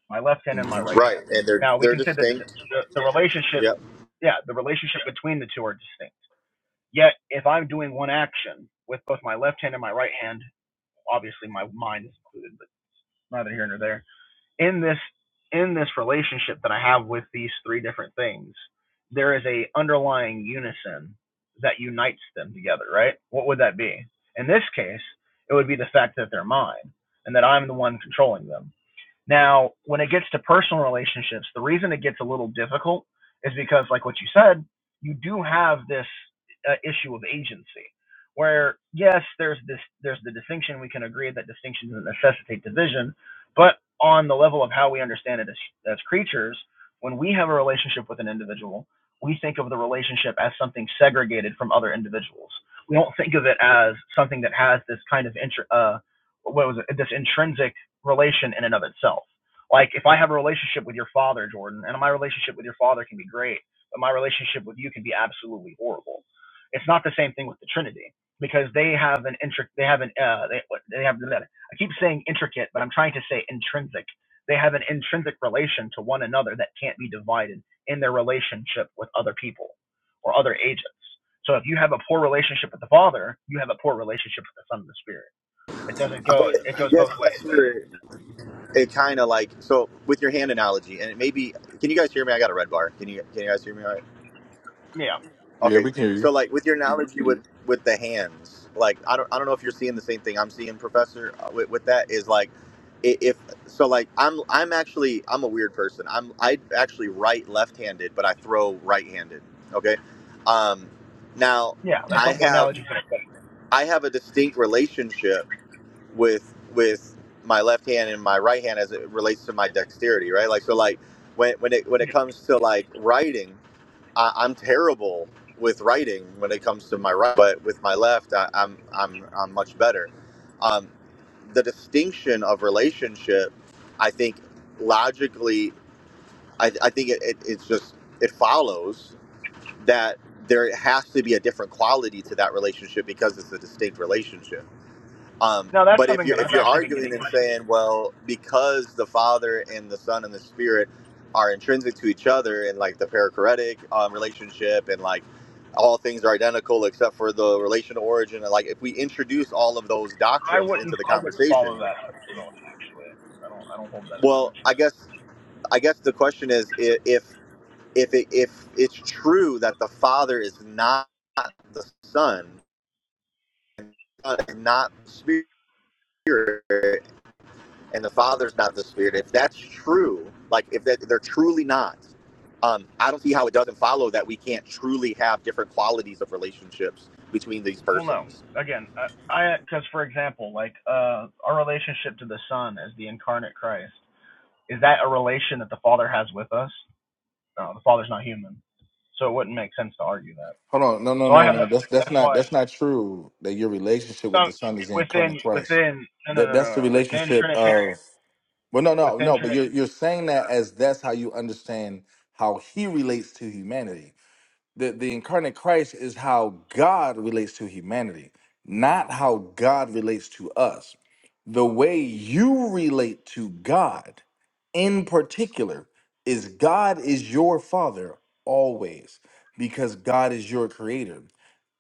My left hand and my
hmm
right
right,
hand.
and they're
Now we
they're
can say that the,
distinct.
the, the relationship,
Yep.
yeah, the relationship between the two are distinct Yet, if I'm doing one action with both my left hand and my right hand, obviously my mind is included, but neither here nor there. In this in this relationship that I have with these three different things, there is a underlying unison that unites them together, right? What would that be? In this case, it would be the fact that they're mine and that I'm the one controlling them now, when it gets to personal relationships, the reason it gets a little difficult is because, like what you said, you do have this uh, issue of agency, where yes, there's this, there's the distinction. We can agree that distinction doesn't necessitate division, but on the level of how we understand it as, as creatures, when we have a relationship with an individual, we think of the relationship as something segregated from other individuals. We don't think of it as something that has this kind of intr uh, what was it, this intrinsic relation in and of itself. Like if I have a relationship with your father, Jordan, and my relationship with your father can be great, but my relationship with you can be absolutely horrible. It's not the same thing with the Trinity because they have an intric they have an uh they what- they have I keep saying intricate, but I'm trying to say intrinsic. They have an intrinsic relation to one another that can't be divided in their relationship with other people or other agents. So if you have a poor relationship with the Father, you have a poor relationship with the Son and the Spirit. It doesn't
But
go it
I
goes both
guess
ways,
that's where
basically.
it, it kind of like so with your hand analogy, and it maybe can you guys hear me? I got a red bar. Can you can you guys hear me? All right.
Yeah.
Yeah,
Okay,
we can hear
so
you.
like with your analogy with with the hands, like I don't I don't know if you're seeing the same thing I'm seeing, Professor. uh, With, with that is like, i- if so, like I'm I'm actually I'm a weird person. I'm I actually write left-handed, but I throw right-handed. Okay, um, now
Yeah, that's
I
what the
have
analogy is. to
I have a distinct relationship with with my left hand and my right hand as it relates to my dexterity, right? Like so, like when when it when it
be.
comes to like writing. I, I'm terrible with writing when it comes to my right, but with my left, I, I'm I'm I'm much better. Um, the distinction of relationship, I think, logically, I, I think it, it, it's just it follows that there has to be a different quality to that relationship because it's a distinct relationship um,
Now, that's
but if
something
you're
that
if
I've
you're
actually been
arguing
getting
and
into.
saying, well, because the Father and the Son and the Spirit are intrinsic to each other and like the perichoretic um, relationship and like all things are identical except for the relational origin and like if we introduce all of those
I
doctrines
wouldn't,
into the
I wouldn't follow
conversation,
that particularly, actually. I don't, I don't hold that as a
well,
position.
I guess I guess the question is i- if if it, if it's true that the Father is not the Son and the Son is not the Spirit and the Father's not the Spirit, if that's true, like if that, they're truly not, um, I don't see how it doesn't follow that we can't truly have different qualities of relationships between these
Well, no.
persons.
Again, I, because for example, like uh, our relationship to the Son as the incarnate Christ, is that a relation that the Father has with us? No, the Father's not human, so it wouldn't make sense to argue that.
Hold on, no, no,
So I
no,
have,
no.
no-
That's that's
that's
not
why
that's not true. That your relationship with
so
the Son is the
within,
incarnate Christ.
within, no, no,
That
no, no,
that's the
no, within
relationship
Trinitarian,
of well, no, no,
within
no. But
Trinity,
you're you're saying that as that's how you understand how He relates to humanity the, the incarnate Christ is how God relates to humanity, not how God relates to us. The way you relate to God in particular is God is your father always because God is your creator.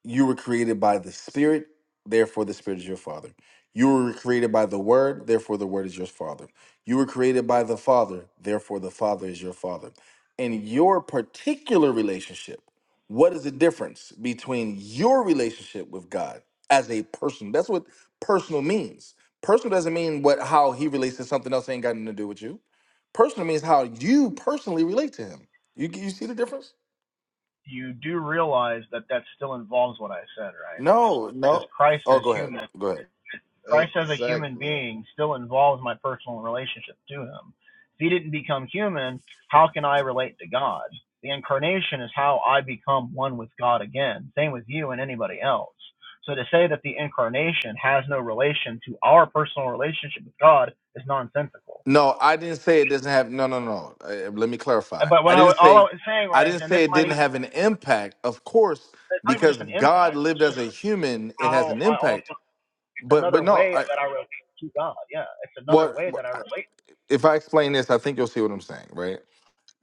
You were created by the Spirit, therefore the Spirit is your Father. You were created by the Word, therefore the Word is your Father. You were created by the Father, therefore the Father is your Father. In your particular relationship, what is the difference between your relationship with God as a person? That's what personal means. Personal doesn't mean what how he relates to something else ain't got nothing to do with you. Personal means how you personally relate to him. You you see the difference?
you do realize that that still involves what I said, right?
No,
says
no.
Christ
Oh,
as
go ahead.
human.
Go ahead.
Christ as a human
Exactly.
being still involves my personal relationship to him. If he didn't become human, how can I relate to God? The incarnation is how I become one with God again. Same with you and anybody else. So to say that the incarnation has no relation to our personal relationship with God is nonsensical.
No, I didn't say it doesn't have. No, no, no. Uh, let me clarify.
But what
I
I
didn't
wa- all I
say.
was saying
I
was,
didn't
and this
say it
might
didn't
even,
have an impact. Of course,
it's not even
because
just an
God
impact.
lived
It's
as
just
a human, it has
how
an
I also
impact.
it's
But
another
but no.
way
I,
that I relate to God. Yeah, it's another
well,
way that I relate.
if I explain this, I think you'll see what I'm saying, right?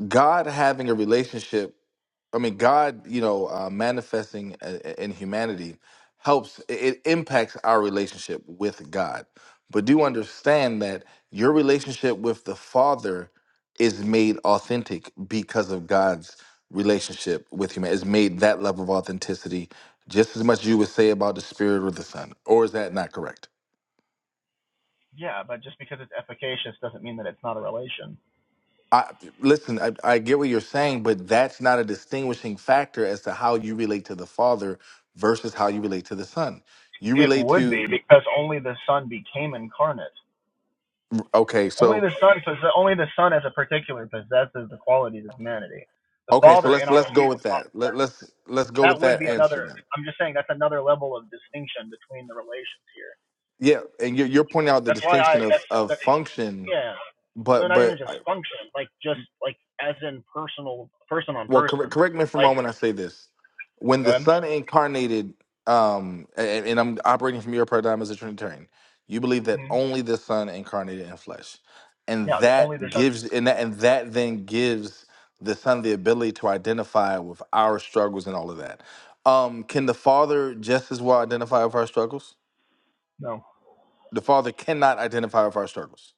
God having a relationship I mean, God, you know, uh, manifesting i- i- in humanity helps, it it impacts our relationship with God. But do understand that your relationship with the Father is made authentic because of God's relationship with humanity. It's made that level of authenticity just as much as you would say about the Spirit or the Son. Or is that not correct?
Yeah, but just because it's efficacious doesn't mean that it's not a relation.
I, listen, I, I get what you're saying, but that's not a distinguishing factor as to how you relate to the father versus how you relate to the son. You
It
relate
would
to
be because only the Son became incarnate.
okay,
Only
so
the Son, possess- only the Son as a particular possesses the qualities of humanity. The
okay, so
Father, in
let's
our
let's go
view,
with that. Let, let's let's go
that
with
would
that
be another.
answer then.
I'm just saying that's another level of distinction between the relations here.
Yeah, and you're, you're pointing out the
That's why
distinction
I.
of
That's
of
that's
function,
yeah. No,
but
not even
but
just function. Like just like as in personal, person on
well correct,
person.
correct me if i'm
Like
wrong when i say this when
go
the
ahead.
son incarnated um and, and i'm operating from your paradigm as a trinitarian you believe that
Mhm.
only the son incarnated in flesh and
Yeah, only the
that
Son.
gives and that, and that then gives the son the ability to identify with our struggles and all of that um can the father just as well identify with our struggles
No,
the father cannot identify with our struggles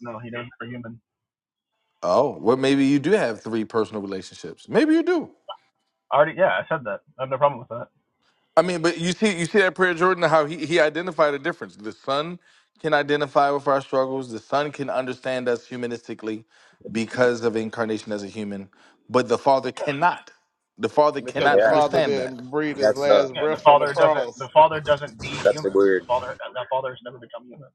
no, he doesn't for human.
oh well maybe you do have three personal relationships maybe you do
I already, yeah, I said that. I have no problem with that.
I mean, but you see, you see that prayer, Jordan, how he, he identified a difference. The son can identify with our struggles. The son can understand us humanistically because of incarnation as a human, but the father
Yeah,
cannot. The father
yeah,
Because the
cannot
Yeah,
Father
understand that.
didn't breathe his
that's uh,
last
yeah. The
breath on the
father doesn't. The
cross.
father doesn't be
that's a
human. The
weird.
father, that father has never become human.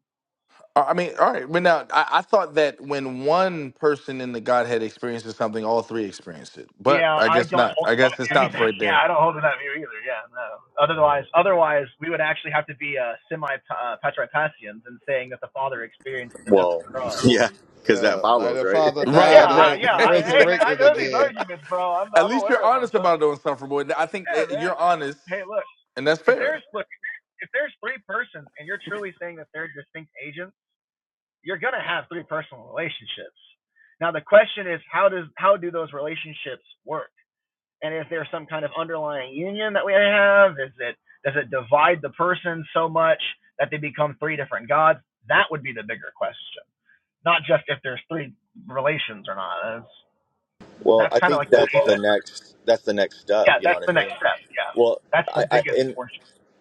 I I mean, all right, but now I, I thought that when one person in the Godhead experiences something, all three experienced it, but
Yeah,
I
I
guess
don't
not.
hold
I guess
that
it
view
stops
either.
right
Yeah,
there.
I don't hold to that view either. Yeah, no. Otherwise, otherwise, we would actually have to be uh, semi uh, patripassians in saying that the father experienced the death of
Well,
the cross.
yeah, because that
Yeah.
follow.
Like the Father
Yeah,
Right,
died
I,
and
right,
yeah. I, hey, man, I
resurrected
know
exactly.
these
again.
arguments, bro. I'm
At
I'm
least you're
aware of them.
honest
Trust
about it
me.
unsufferable. I think eh,
Yeah, man.
you're honest,
Hey, look.
and that's
If
fair.
there's look, if there's three persons and you're truly saying that they're distinct agents you're gonna have three personal relationships. Now the question is how does how do those relationships work? And is there some kind of underlying union that we have? Is it does it divide the person so much that they become three different gods? That would be the bigger question. Not just if there's three relations or not. That's,
Well,
that's
I
kind of
think
like the
that's the next. That's the next step.
yeah,
You know
that's
what I
the next
mean?
step. Yeah.
Well,
That's
I,
the
I
biggest
and
portion.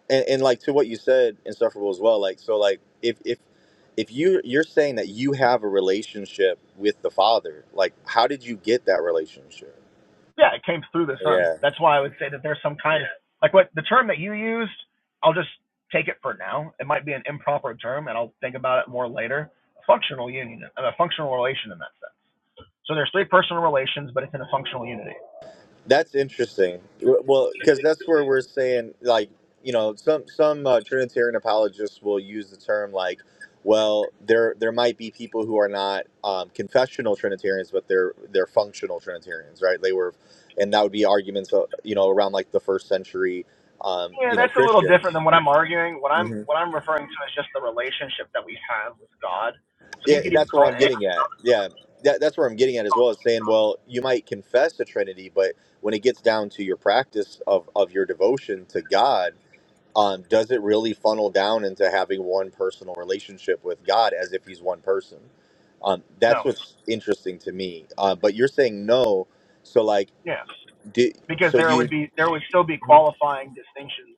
and, and like to what you said insufferable as well like so like if if if you you're saying that you have a relationship with the father like how did you get that relationship
Yeah, it came through the sun.
yeah
That's why I would say that there's some kind of like what the term that you used. I'll just take it for now. It might be an improper term, and I'll think about it more later. A functional union, a functional relation in that sense. So there's three personal relations, but it's in a functional unity.
that's interesting W- well because that's where we're saying like you know some some uh, trinitarian apologists will use the term like well there there might be people who are not um, confessional trinitarians but they're they're functional trinitarians right they were and that would be arguments uh, you know around like the first century um,
Yeah,
you know,
that's a little
Christians
different than what I'm arguing. What I'm
hmm
what I'm referring to is just the relationship that we have with God. So you
Yeah,
could even
that's
call
where I'm
it
getting at. Yeah, that, that's where I'm getting at as well as saying, well, you might confess the Trinity, but when it gets down to your practice of, of your devotion to God, um, does it really funnel down into having one personal relationship with God as if He's one person? Um, that's
no.
what's interesting to me. Uh, but you're saying no, so like,
Yeah.
did
because
so
there
you?
would be there would still be
Mhm.
qualifying distinctions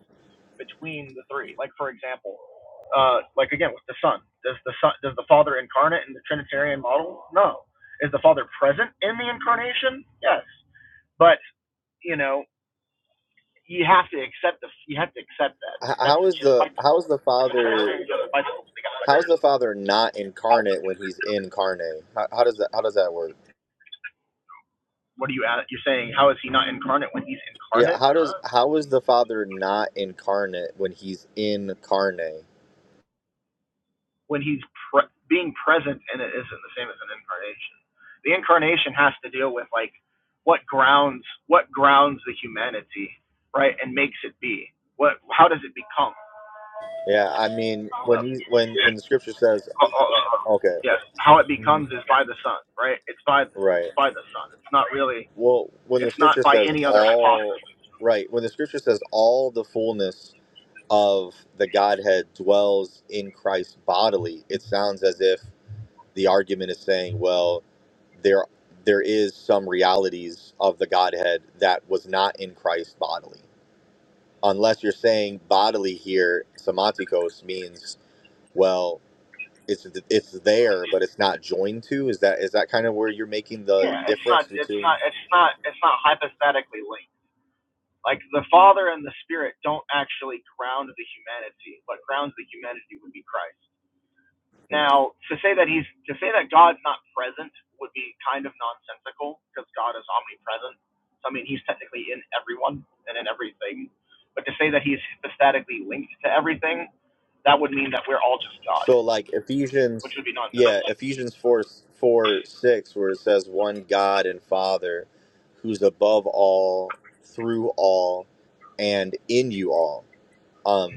between the three. Like for example, uh, like again with the Son, does the Son does the Father incarnate in the Trinitarian model? No. Is the Father present in the incarnation? Yes. But you know you have to accept the you have to accept that.
h-
That's
How is
just
the
bite the
how is
bullet.
the
If a
Father?
Trinitarian doesn't bite the bullet, they got
How is the
to
Father not incarnate when He's incarnate? How, how does that how does that work?
What are you at? You're saying how is he not incarnate when he's
Yeah,
incarnate?
how does how is the Father not incarnate when he's in carne?
when he's pre- being present and it isn't the same as an incarnation. The incarnation has to deal with like what grounds what grounds the humanity, right, and makes it be. What how does it become?
Yeah, I mean
Hold
when
up.
he when when the Scripture says
Oh, oh, oh. oh.
okay,
Yes, how it
hmm
becomes is by the sun, right? It's by
right.
it's by the sun. It's not really
Well, when the
it's not
Scripture
by
says
any other
all
hypothesis.
right, when the Scripture says all the fullness of the Godhead dwells in Christ bodily, it sounds as if the argument is saying, well, there there is some realities of the Godhead that was not in Christ bodily unless you're saying bodily here, somatikos means well, it's it's there, but it's not joined to. Is that is that kind of where you're making the
Yeah, it's not
difference
it's not
between?
it's not it's not hypothetically linked. Like the Father and the Spirit don't actually ground the humanity. What grounds the humanity would be Christ.
Mhm.
Now, to say that he's to say that God's not present would be kind of nonsensical because God is omnipresent. So I mean, he's technically in everyone and in everything. But to say that he's hypostatically linked to everything, that would mean that we're all just God,
So like
which
Ephesians,
would be
yeah,
nonsensical.
Ephesians four four six, where it says one God and Father, who's above all, through all, and in you all. Um,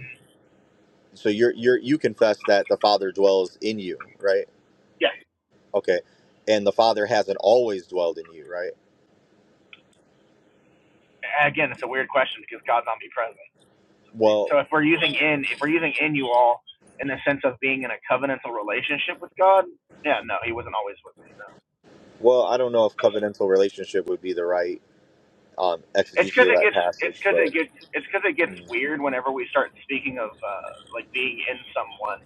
so you're you're you confess that the Father dwells in you, right?
Yeah.
Okay, and the Father hasn't always dwelled in you, right?
Again, it's a weird question because God's omnipresent.
Well,
So if we're using in, if we're using in you all in the sense of being in a covenantal relationship with God, yeah, no, he wasn't always with me. No.
well, I don't know if covenantal relationship would be the right um,
It's
exegesis
because
of
it
that
gets it's
passage,
because
but
it gets it's because it gets
mm,
weird whenever we start speaking of uh, like being in someone.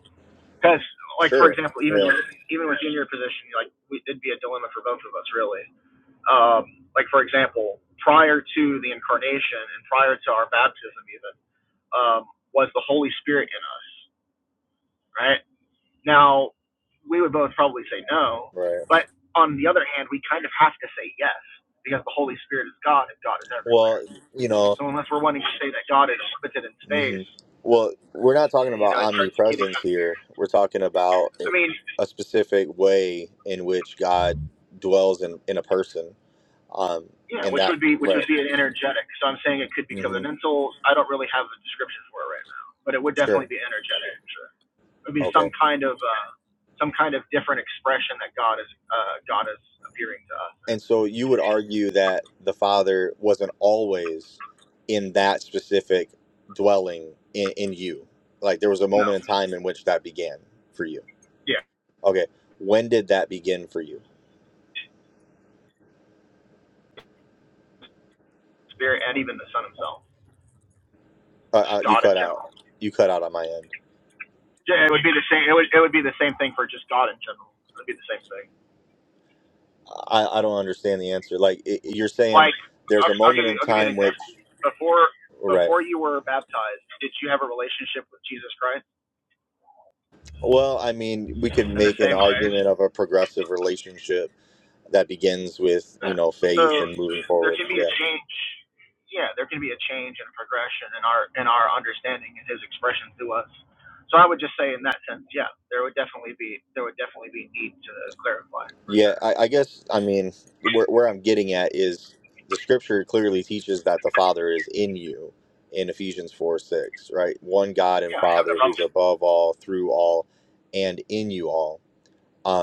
Because like for
sure,
example, even
yeah,
with, even with junior position, like we, it'd be a dilemma for both of us really. Um, like for example, prior to the incarnation and prior to our baptism, even um, was the Holy Spirit in us, right? Now we would both probably say no,
right.
but on the other hand, we kind of have to say yes because the Holy Spirit is God and God is everyone.
Well, you know,
So unless we're wanting to say that God is limited in
hmm
space,
well, we're not talking
you
about
know, it starts to get.
omnipresence
I
here. We're talking about
mean,
a specific way in which God dwells in in a person, um,
yeah,
and
which
that
would be which would
right.
be an energetic. So I'm saying it could be
hmm
covenantal. I don't really have a description for it right now, but it would definitely
Sure.
be energetic. Sure, it would be
Okay.
some kind of uh, some kind of different expression that God is uh, God is appearing to us.
And so you would argue that the Father wasn't always in that specific dwelling in, in you. Like there was a
No,
moment in time in which that began for you.
yeah,
Okay, when did that begin for you?
spirit and even the Son Himself,
Uh,
just
uh, you
God
cut
in
out.
general.
You cut out on my end.
Yeah, it would be the same. It would it would be the same thing for just God in general. It would be the same thing.
I, I don't understand the answer. Like i you're saying,
Like,
there's
I'll,
a
I'll give
moment
you,
in
I'll give you an
time
example.
which
Before,
right.
before you were baptized, did you have a relationship with Jesus Christ
Well, I mean, we could
in the
make an
same way?
argument of a progressive relationship that begins with you
Yeah.
know
So
faith and moving
there
forward.
can be
Yeah.
a change. Yeah, there can be a change and progression in our in our understanding and His expression to us. So I would just say, in that sense, yeah, there would definitely be there would definitely be need to clarify for
Yeah,
sure.
I, I guess I mean where where I'm getting at is the scripture clearly teaches that the Father is in you in Ephesians four six, right? One God and
Yeah, I have no
Father who's
problem.
above all, through all, and in you all.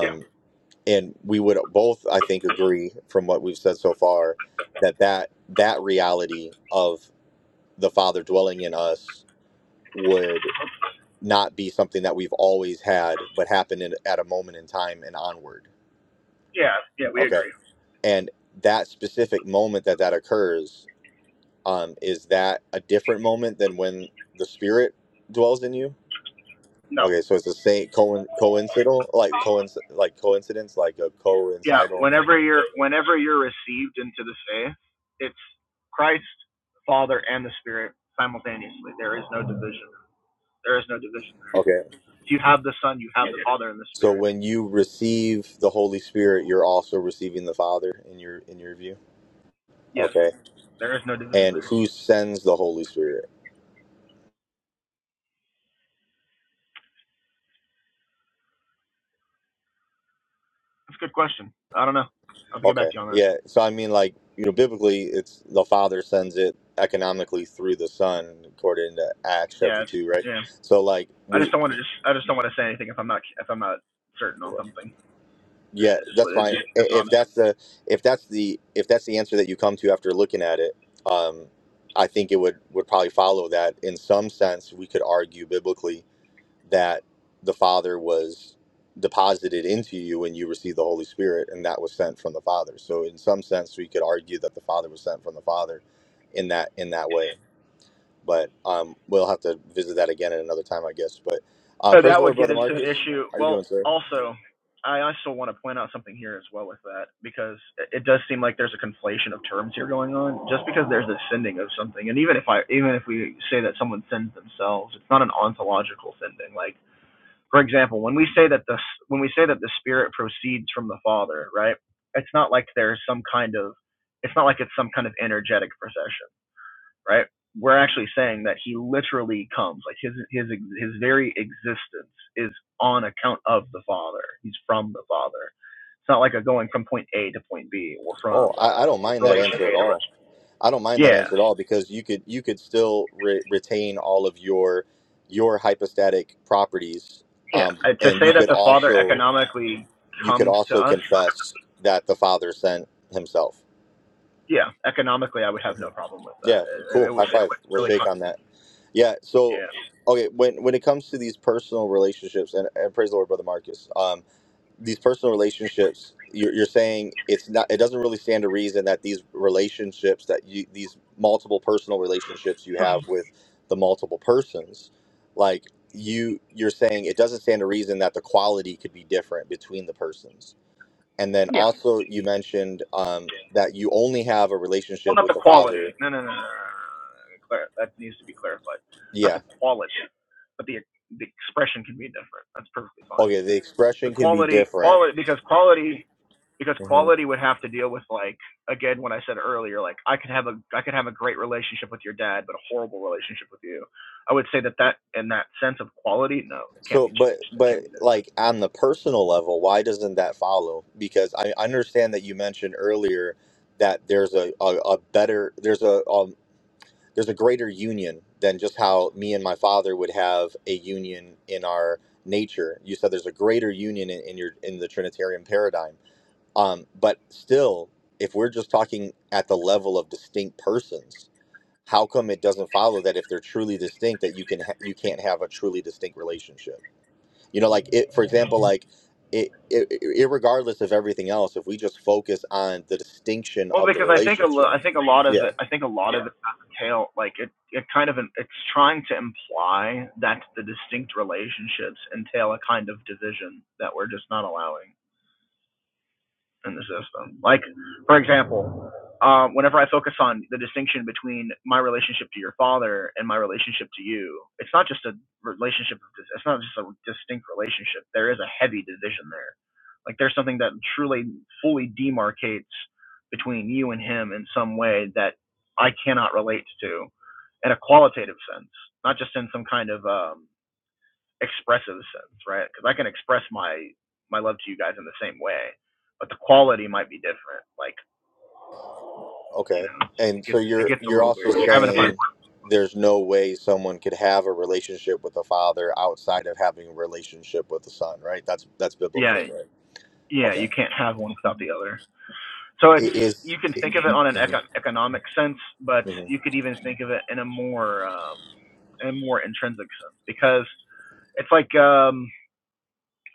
Yeah,
and we would both, I think, agree from what we've said so far that that that reality of the Father dwelling in us would not be something that we've always had, but happened in, at a moment in time and onward.
yeah, yeah. We
Okay
agree.
and that specific moment that that occurs um, is that a different moment than when the spirit dwells in you
No.
okay so it's the same co- coincidental like coinc- like coincidence like a
yeah,
coincidental
whenever you're whenever you're received into the faith, it's Christ, Father, and the Spirit simultaneously. There is no division. There is no division there.
okay
If you have the Son, you have the Father and the
so
Spirit.
when you receive the holy spirit you're also receiving the father in your in your view
Yes,
okay
there is no division
and
there.
who sends the holy spirit
That's a good question. I don't know. I'll have to get back
Okay.
to you on that.
Yeah. So I mean, like you know, biblically, it's the Father sends it economically through the Son, according to Acts
Yeah,
chapter
it's,
two, right?
yeah.
So like
I
we,
just don't want to just I just don't want to say anything if I'm not if I'm not certain on something. Uh,
yeah,
just
that's
what it
fine.
just it's
I- If
honest.
that's the if that's the if that's the answer that you come to after looking at it, um, I think it would would probably follow that in some sense we could argue biblically that the Father was deposited into you when you received the Holy Spirit, and that was sent from the Father. So, in some sense, we could argue that the Father was sent from the Father in that in that way. But um, we'll have to visit that again at another time, I guess. But uh,
But
praise
that
the Lord,
would get
brother
into an
Marcus.
issue.
How you
Well,
doing, sir?
also, I also want to point out something here as well with that because it does seem like there's a conflation of terms here going on. Just because there's a sending of something, and even if I even if we say that someone sends themselves, it's not an ontological sending. Like for example, when we say that the when we say that the Spirit proceeds from the Father, right? It's not like there's some kind of it's not like it's some kind of energetic procession right? We're actually saying that he literally comes, like his his his very existence is on account of the Father. He's from the Father. It's not like a going from point A to point B or
Oh,
from
I, I don't
uh,
mind that
relation
answer at
A to
all.
relation.
I don't mind that
Yes,
answer at all because you could you could still re- retain all of your your hypostatic properties,
yeah.
um,
Uh, To
and
say
you
that
could
the Father
also
economically
you could
comes to
also
us,
confess that the Father sent Himself.
yeah, economically, I would have no
Mhm.
problem with
Yeah,
that. It,
cool.
it would
High
it
five.
would
We'll
really,
shake
con-
on that. Yeah. So,
yeah,
okay, when when it comes to these personal relationships, and, and praise the Lord, brother Marcus. Um, these personal relationships, you're, you're saying it's not. It doesn't really stand to reason that these relationships that you these multiple personal relationships you have with the multiple persons, like you you're saying it doesn't stand to reason that the quality could be different between the persons And then
yeah.
also you mentioned um, that you only have a
Well,
relationship
not the
with the
quality.
father.
No, no, no, no. no, no, no. that needs to be clarified. Not
Yeah.
the quality, but the the expression can be different. That's perfectly fine.
Okay. The
The
expression can be
quality,
different.
quality, because quality, because
hmm
quality would have to deal with like again when I said earlier, like I could have a I could have a great relationship with your dad, but a horrible relationship with you. I would say that that in that sense of quality, no, it can't
So,
be
but
changed. It can't
but
be different.
like on the personal level, why doesn't that follow? Because I understand that you mentioned earlier that there's a a, a better there's a um, there's a greater union than just how me and my father would have a union in our nature. You said there's a greater union in, in your in the Trinitarian paradigm Um, but still, if we're just talking at the level of distinct persons, how come it doesn't follow that if they're truly distinct that you can ha- you can't have a truly distinct relationship? You know, like it, for example, like it, it, it, regardless of everything else, if we just focus on the distinction
Well,
of the
because I think a lo- I
relationship,
think a lot of
yeah,
it I think a lot yeah. of it tail like it it kind of an, it's trying to imply that the distinct relationships entail a kind of division that we're just not allowing in the system. Like, for example, um, whenever I focus on the distinction between my relationship to your father and my relationship to you, it's not just a relationship. It's not just a distinct relationship. There is a heavy division there. Like, there's something that truly, fully demarcates between you and him in some way that I cannot relate to, in a qualitative sense, not just in some kind of um, expressive sense, right? Because I can express my my love to you guys in the same way, but the quality might be different. Like you
okay.
know, it
And so
gets it
you're
gets a
you're
little weird.
also
You're having to find
saying
one.
there's no way someone could have a relationship with the father outside of having a relationship with the son, right? That's that's
yeah
biblical, right?
yeah
Okay.
you can't have one without the other. So it's
it is-
you can think of it on an
mhm,
eco- economic sense, but
mhm.
you could even think of it in a more um, in a more intrinsic sense because it's like um,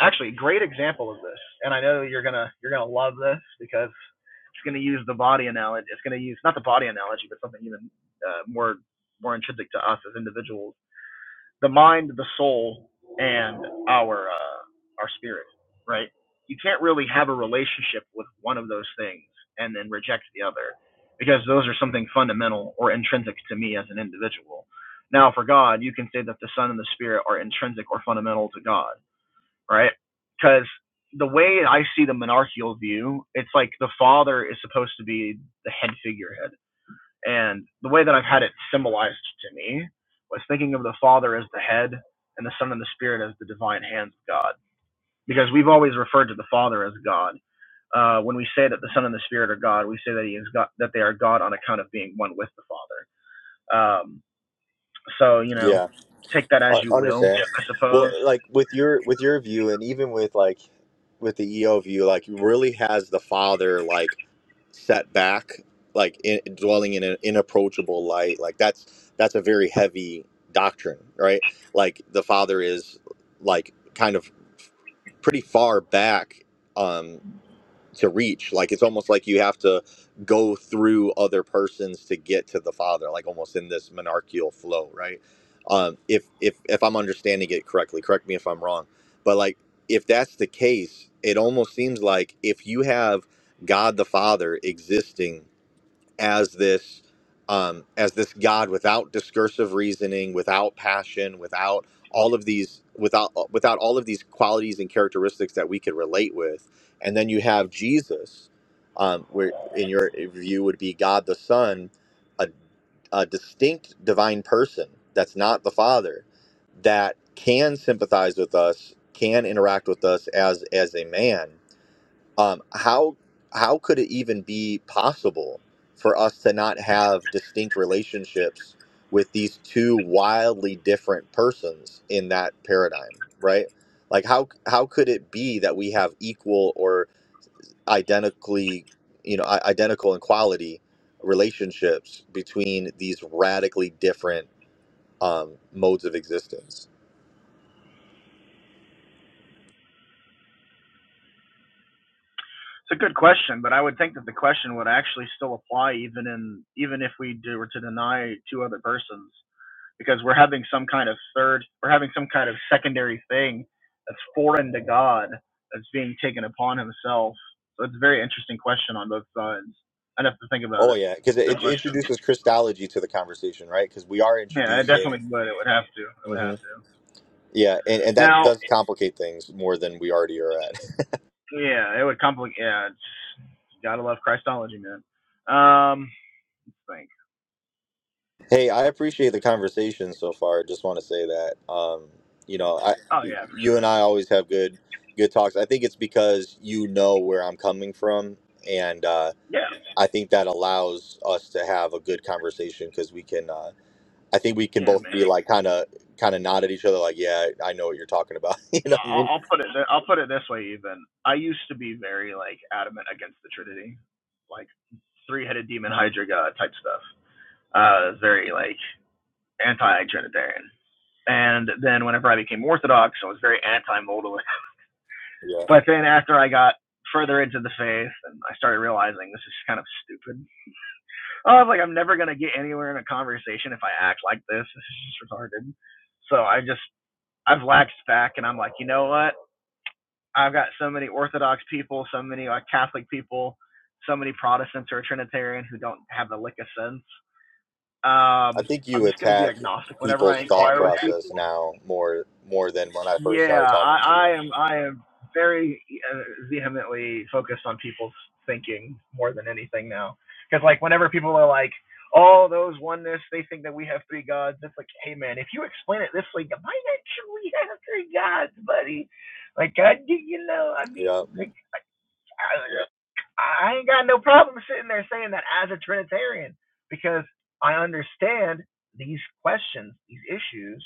actually great example of this and i know you're gonna you're gonna love this because it's gonna use the body analogy it's gonna use not the body analogy but something even uh, more more intrinsic to us as individuals the mind the soul and our uh, our spirit right you can't really have a relationship with one of those things and then reject the other because those are something fundamental or intrinsic to me as an individual now for god you can say that the son and the spirit are intrinsic or fundamental to god right? Because the way I see the monarchical view, it's like the father is supposed to be the head figurehead. And the way that I've had it symbolized to me was thinking of the father as the head and the son and the spirit as the divine hands of God. Because we've always referred to the father as God. Uh, when we say that the son and the spirit are God, we say that he is God, that they are God on account of being one with the father. Um, so, you know,
yeah
take that
I
as you will,
understand
Yeah. I
well
suppose.
like with your with your view and even with like with the eo view like really has the father like set back like in, dwelling in an inapproachable light like that's that's a very heavy doctrine right like the father is like kind of pretty far back Um. to reach like it's almost like you have to go through other persons to get to the father like almost in this monarchical flow right um if if if i'm understanding it correctly correct me if i'm wrong but like if that's the case it almost seems like if you have god the father existing as this um, as this God without discursive reasoning, without passion, without all of these without without all of these qualities and characteristics that we could relate with, and then you have Jesus, um, where in your view would be God the Son, a, a distinct divine person that's not the Father, that can sympathize with us, can interact with us as as a man, um, how how could it even be possible for us to not have distinct relationships with these two wildly different persons in that paradigm right like how how could it be that we have equal or identically you know i- identical in quality relationships between these radically different um, modes of existence
It's a good question, but I would think that the question would actually still apply even in even if we do, were to deny two other persons because we're having some kind of third, we're having some kind of secondary thing that's foreign to God that's being taken upon Himself. So it's a very interesting question on both sides. I'd have to think about
oh
it.
yeah because
It's a good
it, it
question.
introduces christology to the conversation right because we are
Yeah, it
introducing
definitely would. It would have to. It would have to.
Yeah, and, and that
Now,
does complicate things more than we already are at.
yeah, it would complicate. Yeah, it's, you gotta love Christology, man. Um, think.
hey, I appreciate the conversation so far. Just want to say that. Um, you know, I
Oh yeah, for
you and
sure.
I always have good good talks. I think it's because you know where I'm coming from and uh
Yeah.
I think that allows us to have a good conversation because we can uh I think we can
Yeah,
both
man. I-
be like kind of kind of nod at each other like, yeah, I know what you're talking about. you know what I
will
mean?
I'll put it. Th- I'll put it this way. Even I used to be very like adamant against the Trinity, like three-headed demon Hydra god type stuff. Uh, very like anti-Trinitarian. And then whenever I became Orthodox, I was very anti-modalist.
Yeah.
But then after I got further into the faith, and I started realizing this is kind of stupid. I was like, I'm never gonna get anywhere in a conversation if I act like this. This is just retarded. So I just I've laxed back, and I'm like, you know what? I've got so many Orthodox people, so many like Catholic people, so many Protestants or Trinitarian who don't have the lick of sense.
I
Um,
think
I'm
you
just going to be
attack
agnostic whenever I
people's thought
inquire with people.
process now more more than when I first
Yeah,
started
I,
talking to
I
you.
am. I am very uh, vehemently focused on people's thinking more than anything now. Because like whenever people are like, "Oh, those oneness," they think that we have three gods. It's like, hey man, if you explain it this way, why not you we have three gods, buddy? Like, I do you know? I mean,
Yeah,
like, I ain't got no problem sitting there saying that as a Trinitarian because I understand these questions, these issues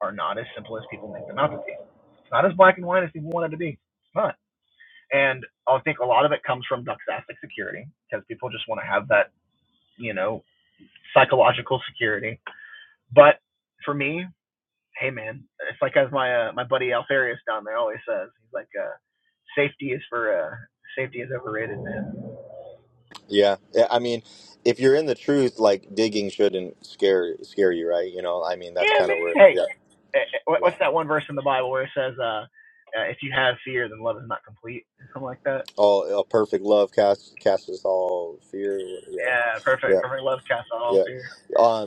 are not as simple as people make them out to be. It's not as black and white as people want it to be. It's not. And I think a lot of it comes from doxastic security because people just want to have that, you know, psychological security. But for me, hey man, it's like as my uh, my buddy Alfarius down there always says, he's like, uh, safety is for uh, safety is overrated, man.
yeah. Yeah, I mean, if you're in the truth, like digging shouldn't scare scare you, right? You know, I mean, that's
Yeah,
kind
man.
of where.
Hey.
Yeah,
eh, eh,
yeah.
what's that one verse in the Bible where it says, uh, uh, "If you have fear, then love is not complete," something like that.
Oh, a perfect love casts casts all fear. Yeah,
Yeah, perfect.
yeah,
Perfect love casts out all
yeah.
fear.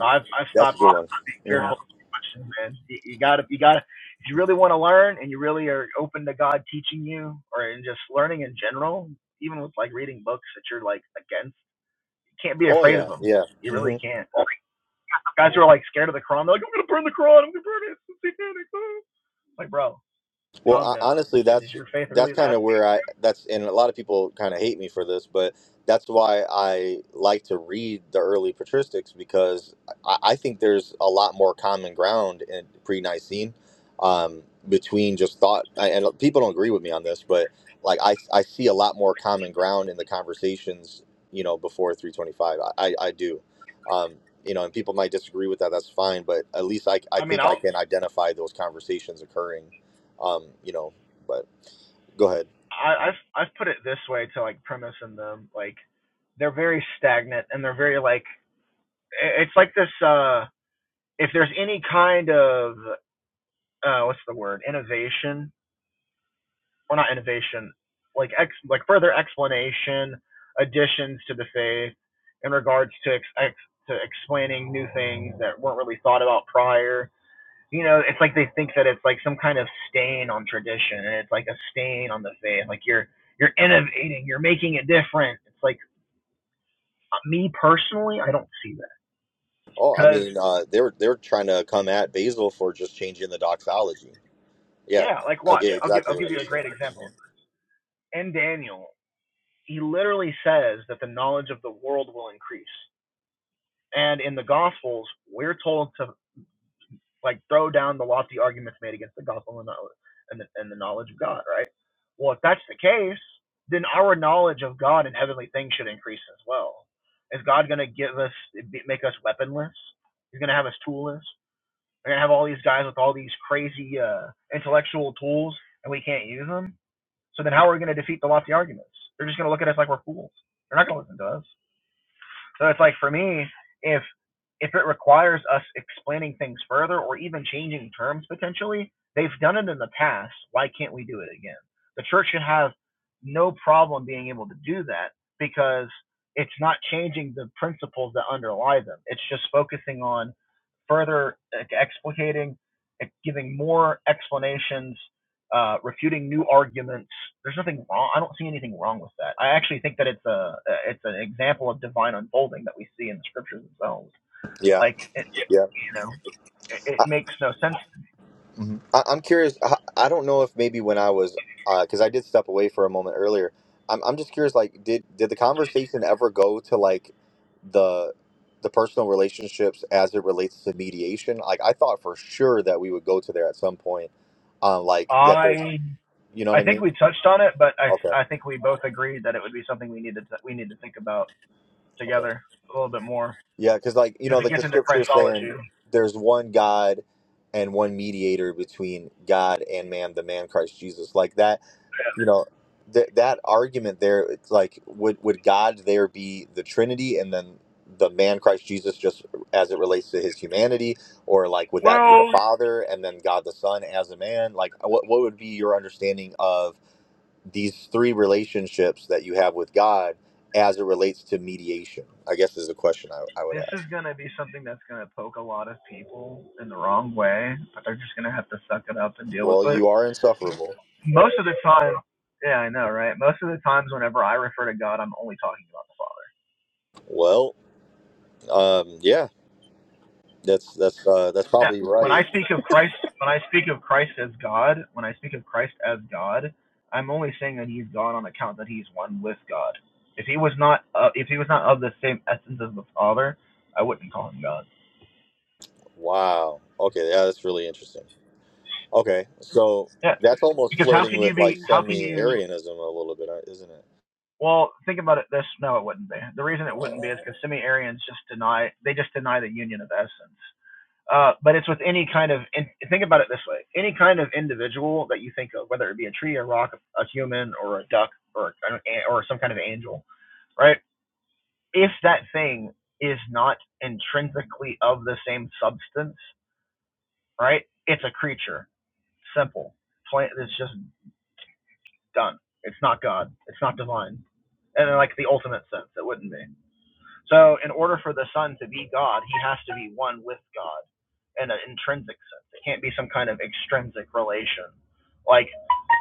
So I've I've
that's
stopped
a good one.
being
hmm
fearful. Man, you, you gotta, you gotta. If you really want to learn, and you really are open to God teaching you, or in just learning in general, even with like reading books that you're like against, you can't be
Oh
afraid of
yeah,
them.
yeah.
You
Mm-hmm.
really can't. Guys who are like scared of the Quran, they're like, "I'm gonna burn the Quran. I'm gonna burn it. It's satanic." ah." Like, bro,
Well,
calm
ho-
down.
honestly,
Is
that's
your faith really
that's kind
that?
of where I that's and a lot of people kind of hate me for this, but that's why I like to read the early patristics because I, I think there's a lot more common ground in pre-Nicene um, between just thought I, and people don't agree with me on this, but like I I see a lot more common ground in the conversations you know before 325. I I, I do. Um, you know, and people might disagree with that. That's fine, but at least I, I
I mean,
think I
I'll.
can identify those conversations occurring um, you know, but go ahead.
I, I've I've put it this way to like premise and them like they're very stagnant and they're very like it's like this uh if there's any kind of uh what's the word innovation or not innovation like ex like further explanation additions to the faith in regards to ex, ex to explaining new things that weren't really thought about prior you know, it's like they think that it's like some kind of stain on tradition, and it's like a stain on the faith. Like you're you're innovating, you're making it different. It's like uh, me personally, I don't see that
Oh, I
because
mean, uh, they're they're trying to come at Basil for just changing the doxology. Yeah,
yeah, like
I
watch,
get
Yeah. I'll give I'll
exactly what
give
you're
you a great
saying.
example.
hmm
In Daniel, he literally says that the knowledge of the world will increase, and in the Gospels, we're told to like throw down the lofty arguments made against the gospel and the, and the, and the knowledge of God, right? Well, if that's the case, then our knowledge of God and heavenly things should increase as well. Is God going to give us, make us weaponless? He's going to have us toolless. We're going to have all these guys with all these crazy uh, intellectual tools, and we can't use them. So then, how are we going to defeat the lofty arguments? They're just going to look at us like we're fools. They're not going to listen to us. So it's like for me, if if it requires us explaining things further or even changing terms potentially, they've done it in the past. Why can't we do it again? The church should have no problem being able to do that because it's not changing the principles that underlie them. It's just focusing on further like, explicating, like, giving more explanations, uh, refuting new arguments. There's nothing wrong. I don't see anything wrong with that. I actually think that it's a it's an example of divine unfolding that we see in the scriptures themselves.
Yeah,
Like it, Yeah.
yeah.
you know, it, it
I,
makes no sense. to me.
mhm. I, I'm curious. I, I don't know if maybe when I was, because I did step away for a moment earlier. I'm I'm just curious. Like, did did the conversation ever go to like the the personal relationships as it relates to mediation? Like, I thought for sure that we would go to there at some point. Um, like that. There's,
I
you know what
I
I
think
mean?
we touched on it, but I
Okay.
I think we both agreed that it would be something we needed to, we need to think about
Okay.
together a little bit more
Yeah, because like you
because
know,
it
like the
gets into
scripture is saying,
Christology.
there's one God and one mediator between God and man, the man Christ Jesus. Like that, you know, that that argument there, it's like would would God there be the Trinity and then the man Christ Jesus just as it relates to his humanity, or like would that be the
Well,
Father and then God the Son as a man? Like, uh, what what would be your understanding of these three relationships that you have with God as it relates to mediation? I guess is a question I, I would
this
have.
is gonna be something that's gonna poke a lot of people in the wrong way, but they're just gonna have to suck it up and deal with
Well,
it.
you are insufferable.
Most of the time, yeah, I know, right? Most of the times, whenever I refer to God, I'm only talking about the Father.
Well, um, yeah, that's that's uh, that's
Yeah.
probably
When
right.
I speak of Christ, when I speak of Christ as God, when I speak of Christ as God, I'm only saying that He's God on account that He's one with God. If He was not, uh, if He was not of the same essence as the Father, I wouldn't call Him God.
Wow. Okay, yeah, that's really interesting. Okay, so
Yeah.
that's almost
Because how
flirting
can you
with like
be? How can you?
semi-Arianism a little bit, uh, isn't it?
Well, think about it this no, it wouldn't be. The reason it wouldn't be
Uh,
is because semi Aryans just deny they just deny the union of essence. Uh, but it's with any kind of in, think about it this way: any kind of individual that you think of, whether it be a tree, a rock, a human, or a duck, or an or some kind of angel, right? If that thing is not intrinsically of the same substance, right? It's a creature. Simple. Plain. It's just done. It's not God. It's not divine. And in like the ultimate sense, it wouldn't be. So, in order for the Son to be God, he has to be one with God in an intrinsic sense. It can't be some kind of extrinsic relation. Like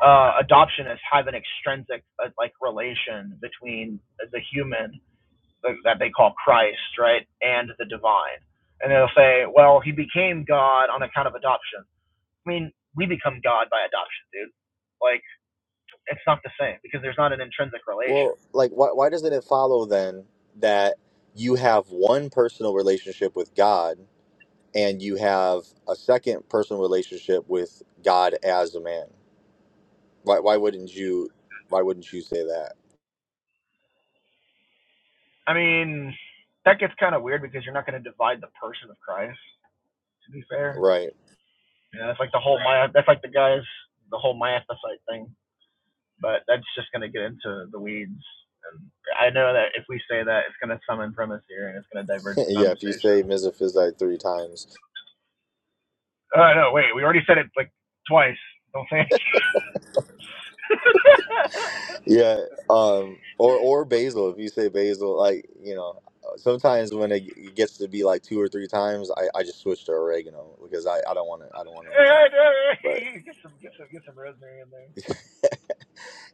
uh, adoptionists have an extrinsic uh, like relation between the human that they call Christ, right, and the divine. And they'll say, well, he became God on account of adoption. I mean, we become God by adoption, dude. Like, it's not the same because there's not an intrinsic relation.
well, like, why why doesn't it follow then that you have one personal relationship with God and you have a second personal relationship with God as a man? Why why wouldn't you why wouldn't you say that?
I mean, that gets kind of weird because you're not going to divide the person of Christ. To be fair,
Right.
yeah, that's like the whole my that's like the guys the whole myathecite thing. But that's just going to get into the weeds. And I know that if we say that, it's going to summon premise here and it's going to diverge the
yeah, if you
conversation.
say Misophysite three times,
Oh no, wait, we already said it like twice. Don't say it.
yeah, um, or or basil. If you say basil, like you know, sometimes when it g- gets to be like two or three times, I, I just switch to oregano because I, I don't want to I don't want to become.
Yeah, no,
But
get some, get some, get some rosemary in there.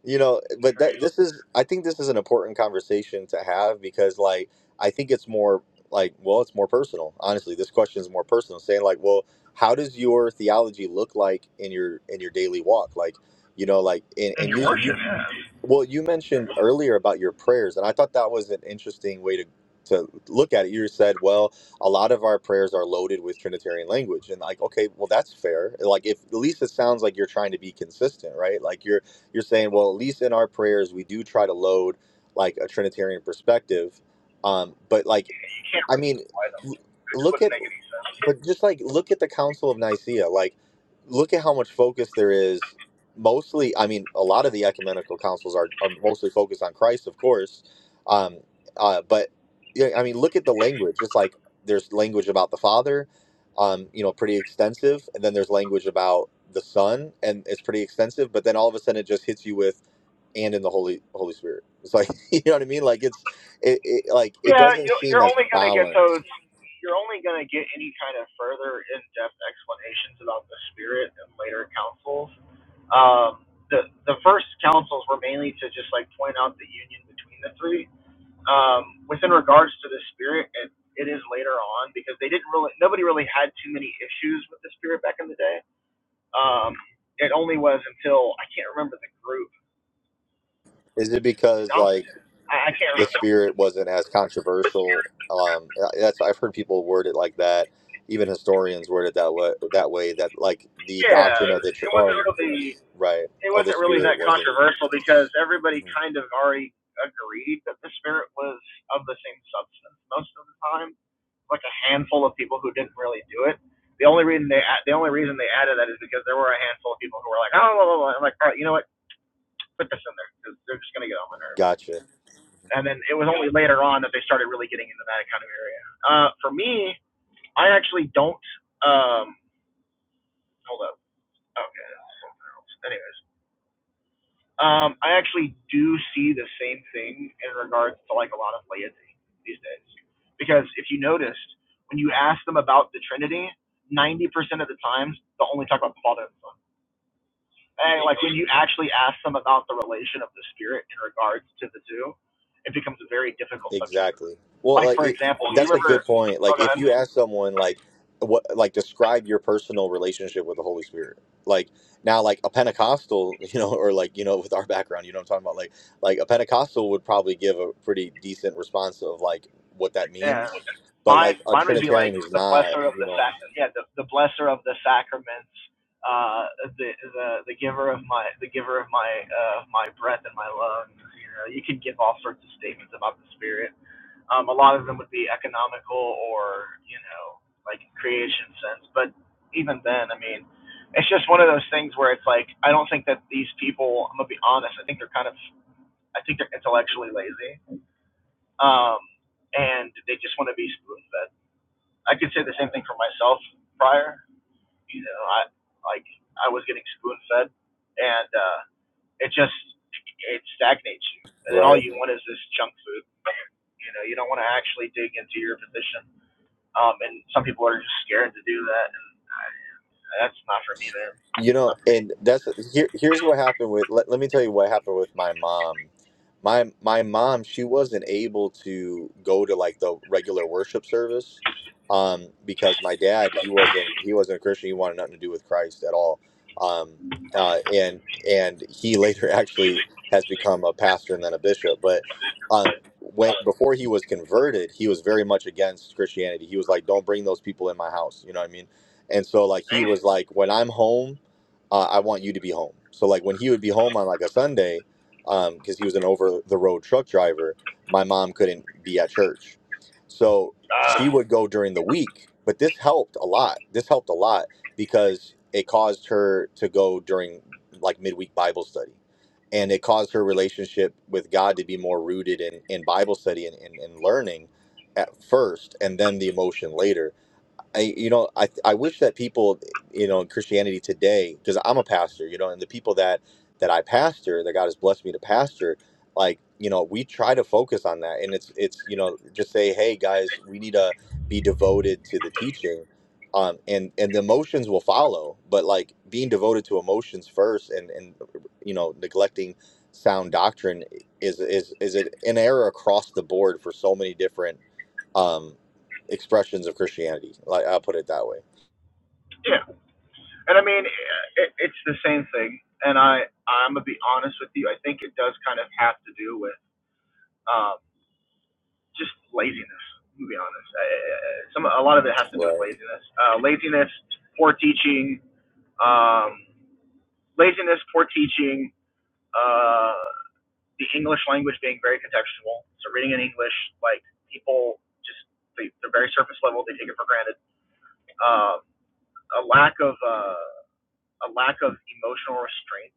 you know, but that
Great.
this is I think this is an important conversation to have because like I think it's more like well, it's more personal. Honestly, this question is more personal. Saying like, well, how does your theology look like in your in your daily walk? Like you know, like and,
And
and
your
you
worship
you.
has.
Well, you mentioned earlier about your prayers, and I thought that was an interesting way to to look at it. You said, "Well, a lot of our prayers are loaded with Trinitarian language," and like, okay, well, that's fair. Like, if at least it sounds like you're trying to be consistent, right? Like you're you're saying, well, at least in our prayers, we do try to load like a Trinitarian perspective. Um, but like
You can't
I mean,
buy them.
l-
It just
look
wouldn't
at,
make any sense.
but just like look at the Council of Nicaea. Like, look at how much focus there is. Mostly, I mean, a lot of the ecumenical councils are, are mostly focused on Christ, of course. Um, uh, but yeah, I mean, look at the language. Just like there's language about the Father, um, you know, pretty extensive, and then there's language about the Son, and it's pretty extensive. But then all of a sudden, it just hits you with and in the Holy Holy Spirit. It's like you know what I mean. Like it's it, it like it
Yeah,
doesn't
you're,
seem
you're
as
only going to get those.
balanced.
You're only going to get any kind of further in-depth explanations about the spirit in later councils. Um, the the first councils were mainly to just like point out the union between the three. Um, within regards to the spirit, it, it is later on because they didn't really nobody really had too many issues with the spirit back in the day. Um, it only was until I can't remember the group.
Is it because
Donaldson.
like
I, I can't
the
remember.
spirit wasn't as controversial? Um, that's I've heard people word it like that. Even historians word it that way. That way that like the
Yeah,
doctrine of the
it
church,
wasn't
of
really.
right
it
of the
wasn't really that
spirit wasn't.
controversial because everybody
Mhm.
kind of already agreed that the spirit was of the same substance most of the time. Like a handful of people who didn't really do it. The only reason they the only reason they added that is because there were a handful of people who were like, oh, blah, blah, blah. I'm like, all right, you know what? Put this in there because they're just gonna get on my nerves.
Gotcha.
And then it was only later on that they started really getting into that kind of area. Uh, for me, I actually don't. Um, hold up. Okay. Anyways, Um, I actually do see the same thing in regards to like a lot of laity these days, because if you noticed, when you ask them about the Trinity, ninety percent of the times they'll only talk about the Father and the Son. And like when you actually ask them about the relation of the Spirit in regards to the two, it becomes a very difficult subject for them.
Exactly. Well,
Like
like
for
it,
example, you
that's a good
remember?
point.
Oh,
Like
go
if
ahead.
you ask someone like what like describe your personal relationship with the Holy Spirit. Like now like a Pentecostal, you know, or like, you know, with our background, you know what I'm talking about? Like like a Pentecostal would probably give a pretty decent response of like what that
yeah,
means. But
mine
like a
mine would be like
Trinitarian who's
the
not,
blesser of
you
the
know.
sac yeah the, the blesser of the sacraments uh the the the giver of my the giver of my uh my breath and my lungs you know you could give all sorts of statements about the spirit um a lot of them would be economical or you know like creation sense but even then i mean it's just one of those things where it's like i don't think that these people i'm gonna be honest i think they're kind of i think they're intellectually lazy um and they just want to be spoon fed I could say the same thing for myself prior. You know, I like I was getting spoon fed, and uh, it just it stagnates you. And then all
right?
you want is this junk food. You know, you don't want to actually dig into your position. Um, and some people are just scared to do that, and I, that's not for me, man.
You
It's
know,
not for me.
and that's here. Here's what happened with. Let, let me tell you what happened with my mom. My my mom, she wasn't able to go to like the regular worship service, um, because my dad, he wasn't he wasn't a Christian. He wanted nothing to do with Christ at all. Um, uh, and and he later actually has become a pastor and then a bishop. But um, when before he was converted, he was very much against Christianity. He was like, "Don't bring those people in my house." You know what I mean? And so like he was like, "When I'm home." uh, I want you to be home. So like when he would be home on like a Sunday, um, because he was an over the road truck driver, my mom couldn't be at church. So she would go during the week, but this helped a lot. This helped a lot because it caused her to go during like midweek Bible study. And it caused her relationship with God to be more rooted in, in Bible study and, and, and learning at first, and then the emotion later I, you know, I, I wish that people, you know, in Christianity today, because I'm a pastor, you know, and the people that that I pastor, that God has blessed me to pastor, like, you know, we try to focus on that, and it's it's you know, just say, hey guys, we need to be devoted to the teaching, um, and and the emotions will follow, but like being devoted to emotions first, and and you know, neglecting sound doctrine is is is an error across the board for so many different um, expressions of Christianity. Like I'll put it that way.
yeah, and I mean, it, it's the same thing. And I I'm gonna be honest with you. I think it does kind of have to do with. um, just laziness. To be honest, uh, some a lot of it has to do with
Right.
laziness. Uh, laziness, poor teaching, um, laziness, poor teaching. Uh, the English language being very contextual. So reading in English, like people just they, they're very surface level. They take it for granted. Um, a lack of uh, a lack of emotional restraint,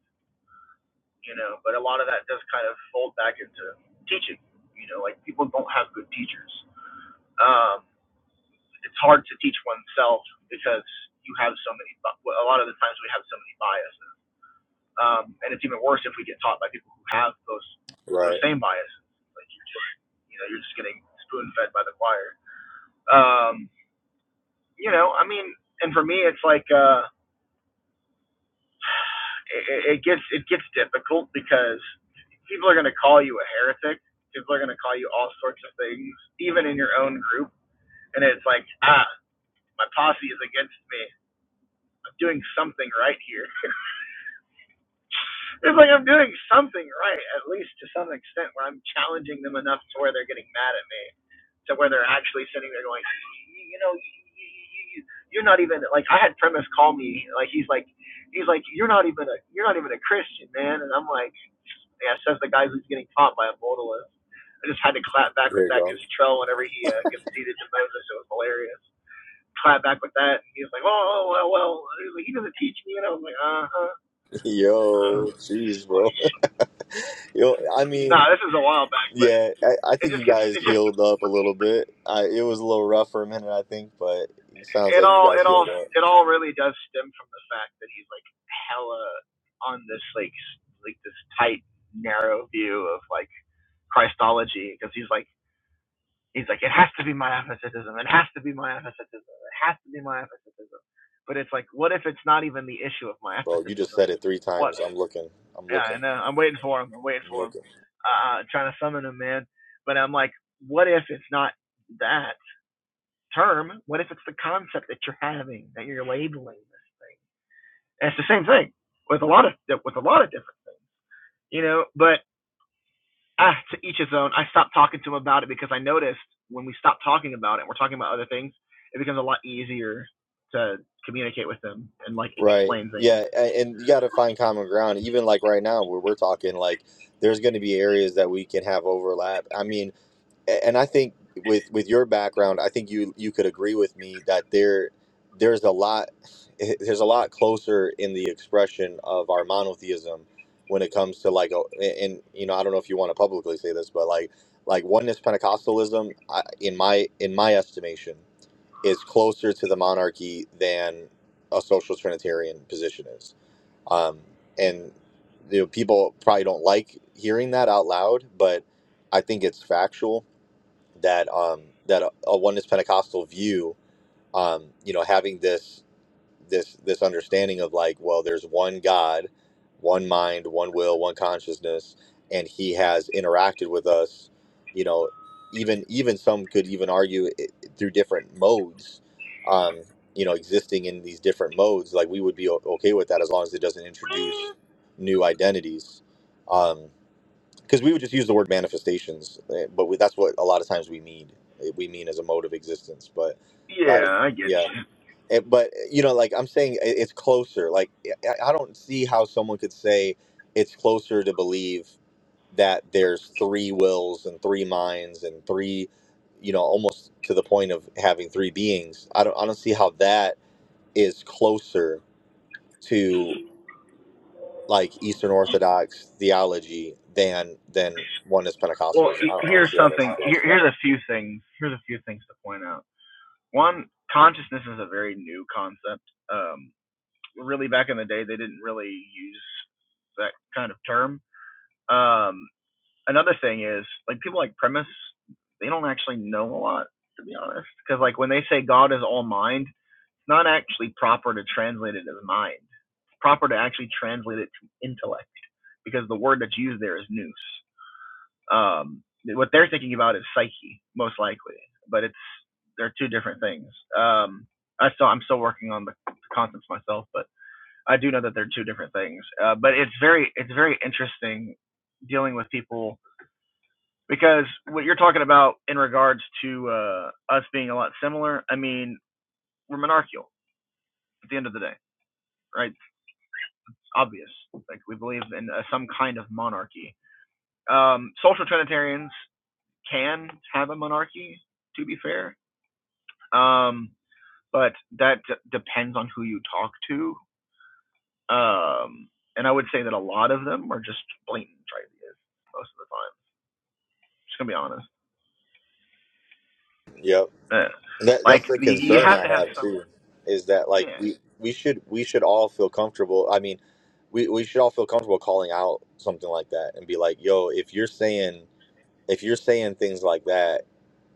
you know. But a lot of that does kind of fold back into teaching. You know, like people don't have good teachers. Um, it's hard to teach oneself because you have so many. A lot of the times we have so many biases, um, and it's even worse if we get taught by people who have those those
Right.
same biases. Like you're just, you know, you're just getting spoon fed by the choir. Um, you know, I mean, and for me, it's like uh, it, it gets it gets difficult because people are going to call you a heretic. People are going to call you all sorts of things, even in your own group. And it's like, ah, my posse is against me. I'm doing something right here It's like I'm doing something right, at least to some extent, where I'm challenging them enough to where they're getting mad at me, to where they're actually sitting there going, you know, y- y- y- you're not even like I had premise call me like he's like he's like you're not even a you're not even a Christian man, and I'm like yeah says the guy who's getting taught by a modalist. I just had to clap back with
There you
that
go.
because Trell, whenever he uh, conceded to Moses, it was hilarious. Clap back with that. and He was like, oh, oh, well, well. He, was like, he doesn't teach me. And I was like, uh-huh. Uh,
Yo, jeez, bro.
funny.
Yo, I
No,
mean,
this is a while back, but
yeah, I, I
it
think you
just gets
guys
it just
healed up a little bit. I, it was a little rough for a minute, I think, but it sounds
it
like you
all
guys
it all
healed up,
it all really does stem from the fact that he's like hella on this like s- like this tight narrow view of like Christology because he's like he's like it has to be my apathetism, it has to be my apathetism, it has to be my apathetism. But it's like, what if it's not even the issue of my
bro. You just
apathetism?
said it three
What?
times. I'm looking. I'm
Yeah, I
looking.
know. I'm waiting for him. I'm waiting
I'm
for him.
looking.
Uh, trying to summon him, man. But I'm like, what if it's not that? term? What if it's the concept that you're having that you're labeling this thing? And it's the same thing with a lot of with a lot of different, you know. But ah, to each his own. I stopped talking to him about it because I noticed when we stopped talking about it, we're talking about other things. It becomes a lot easier to communicate with them and like
Right.
explain things.
Yeah, a- and you got to find common ground. Even like right now, where we're talking, like there's going to be areas that we can have overlap. I mean, A- and I think with with your background, I think you you could agree with me that there there's a lot there's a lot closer in the expression of our monotheism when it comes to like oh, a- and you know I don't know if you want to publicly say this, but like like oneness Pentecostalism, I, in my in my estimation, is closer to the monarchy than a social trinitarian position is. Um, and you know, people probably don't like hearing that out loud, but I think it's factual that um, that a, a oneness Pentecostal view, um, you know, having this this this understanding of like, well, there's one God, one mind, one will, one consciousness, and He has interacted with us, you know, even even some could even argue it, through different modes, um, you know, existing in these different modes, like we would be o- okay with that as long as it doesn't introduce new identities. um, because we would just use the word manifestations, eh, but we, that's what a lot of times we mean. eh, We mean as a mode of existence, but like,
Yeah, I get
yeah,
you.
Eh, but eh, you know, like I'm saying, it- it's closer. Like, eh, I I don't see how someone could say it's closer to believe that there's three wills and three minds and three, you know, almost to the point of having three beings. I don't, I don't see how that is closer like Eastern Orthodox theology than than one is
Well,
Pentecostalism. I don't, I don't
here's
see how that's the
something. Here,
case.
here's a few things. Here's a few things to point out. One, consciousness is a very new concept. Um, really back in the day they didn't really use that kind of term. Um, another thing is like people like premise, they don't actually know a lot to be honest, because like when they say God is all mind, it's not actually proper to translate it as mind. It's proper to actually translate it to intellect because the word that's used there is nous. Um, what they're thinking about is psyche most likely, but it's they're two different things. Um, I still I'm still working on the concepts myself, but I do know that they're two different things, uh, but it's very it's very interesting dealing with people because what you're talking about in regards to uh, us being a lot similar. I mean, we're monarchical at the end of the day, right? It's obvious. Like we believe in uh, some kind of monarchy. Um, social trinitarians can have a monarchy, to be fair, um, but that d- depends on who you talk to. Um, and I would say that a lot of them are just blatant tritheists most of the time Just gonna be honest.
Yep,
Yeah.
that
Like
that's the
you, you
concern
have
I
to have
have
some.
too, is that like
Yeah.
we we should we should all feel comfortable. I mean, we we should all feel comfortable calling out something like that and be like, yo, if you're saying if you're saying things like that,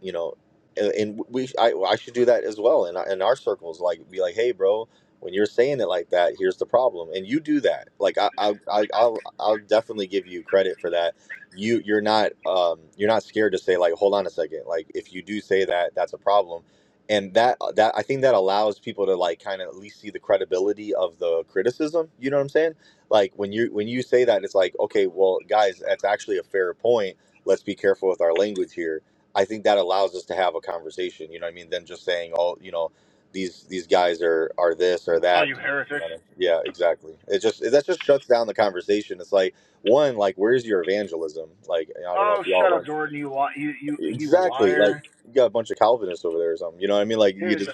you know, and, and we I, I should do that as well in our, in our circles. Like be like, hey, bro, when you're saying it like that, here's the problem, and you do that. Like I I I- I'll I'll definitely give you credit for that. You you're not um you're not scared to say like, hold on a second, like if you do say that, that's a problem. And that that I think that allows people to like kind of at least see the credibility of the criticism. You know what I'm saying? Like when you when you say that, it's like okay, well, guys, that's actually a fair point let's be careful with our language here. I think that allows us to have a conversation. You know what I mean? Than just saying, oh, you know, these these guys are are this or
Oh,
that.
you
You know
heretics!
what I mean? Yeah, exactly. It just that just shuts down the conversation. It's like one, like where's your evangelism? Like I don't know
Oh,
if you all
shut up,
run
Jordan! You li- you you you
exactly like
liar!
you got a bunch of Calvinists over there or something. You know what I mean? Like you
Dude,
just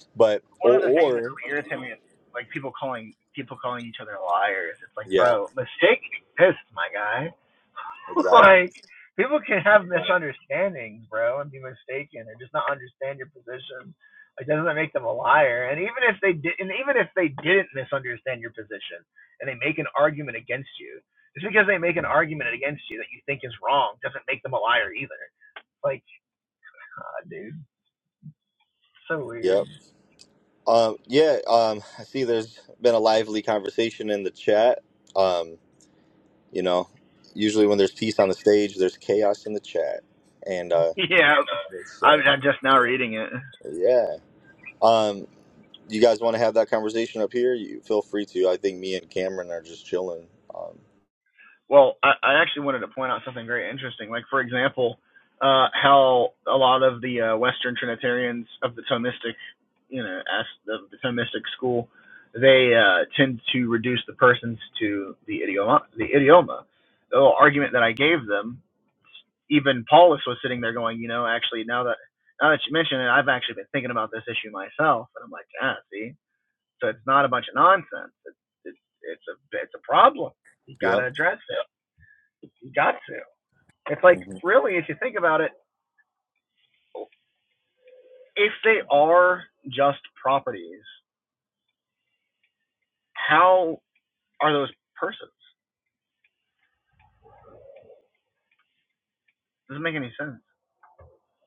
but
one
or,
of the things that
or
really irritates me is like people calling people calling each other liars. It's like,
yeah,
bro, mistake exists, my guy.
exactly.
like people can have misunderstandings, bro, and be mistaken or just not understand your position. It doesn't make them a liar. And even if they did, and even if they didn't misunderstand your position, and they make an argument against you, just because they make an argument against you that you think is wrong doesn't make them a liar either. Like, God, dude, so weird.
Yep. Um, yeah. Um, I see. There's been a lively conversation in the chat. Um, You know, usually when there's peace on the stage, there's chaos in the chat, and uh,
Yeah,
it's,
I'm,
uh,
I'm just now reading it.
yeah. Um, you guys want to have that conversation up here? You feel free to. I think me and Cameron are just chilling. Um,
Well, I, I actually wanted to point out something very interesting. Like, for example, uh, how a lot of the uh, Western Trinitarians of the Thomistic, you know, as of the Thomistic school, they uh, tend to reduce the persons to the idioma. The idioma. The little argument that I gave them, even Paulus was sitting there going, you know, actually now that now that you mention it, I've actually been thinking about this issue myself, and I'm like, ah, see, so it's not a bunch of nonsense. It's it's it's a it's a problem. You
yep.
gotta address it got to. It's like
hmm
really, if you think about it, if they are just properties, how are those persons? It Doesn't make any sense.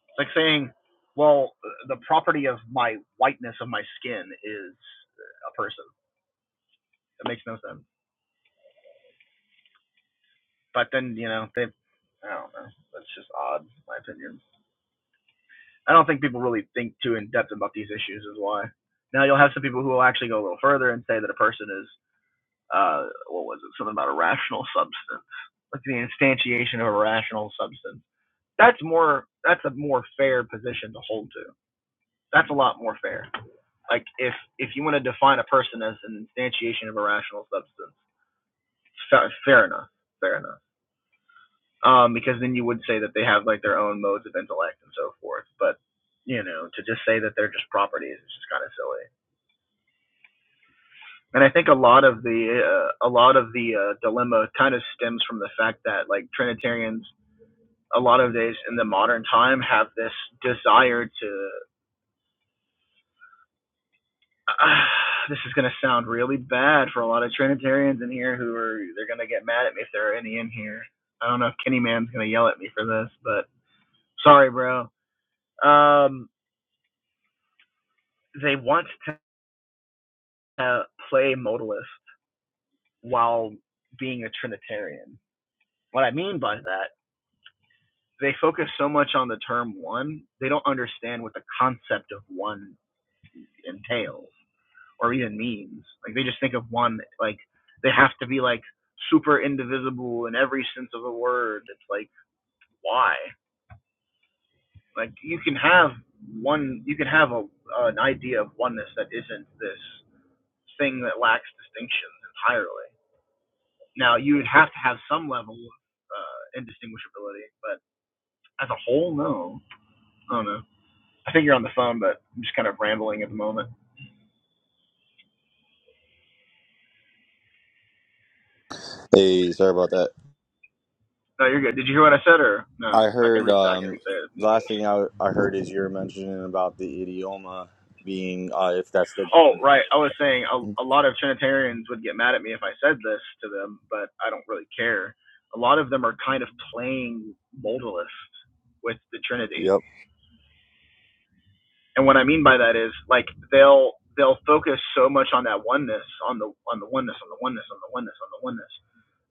It's like saying, well, the property of my whiteness of my skin is a person. It makes no sense. But then you know they, I don't know. That's just odd, in my opinion. I don't think people really think too in depth about these issues. Is why. Now you'll have some people who will actually go a little further and say that a person is uh, what was it? Something about a rational substance, like the instantiation of a rational substance. That's more. That's a more fair position to hold to. That's a lot more fair. Like if if you want to define a person as an instantiation of a rational substance, fa- fair enough. Fair enough. Um, because then you would say that they have like their own modes of intellect and so forth. But you know, to just say that they're just properties is just kind of silly. And I think a lot of the uh, a lot of the uh, dilemma kind of stems from the fact that like Trinitarians a lot of days in the modern time have this desire to. uh, this is going to sound really bad for a lot of Trinitarians in here who are they're going to get mad at me if there are any in here. I don't know if Kenny Man's going to yell at me for this, but sorry, bro. Um, they want to uh, play modalist while being a Trinitarian. What I mean by that, they focus so much on the term one, they don't understand what the concept of one entails. or even means. Like they just think of one. Like they have to be like super indivisible in every sense of the word. It's like why? Like you can have one. You can have a uh, an idea of oneness that isn't this thing that lacks distinctions entirely. Now you would have to have some level of uh, indistinguishability, but as a whole, no. I don't know. I think you're on the phone, but I'm just kind of rambling at the moment.
Hey, sorry about that.
No, you're good. Did you hear what I said, or no?
I
I can
heard
re I can
um,
re-say it if
the
need
last
be.
thing I, I heard is you're mentioning about the idioma being uh, if that's the
Oh, right. I was saying
ground.
a, a lot of Trinitarians would get mad at me if I said this to them, but I don't really care. A lot of them are kind of playing modalist with the Trinity. And what I mean by that is like they'll they'll focus so much on that oneness, on the on the oneness, on the oneness, on the oneness, on the oneness,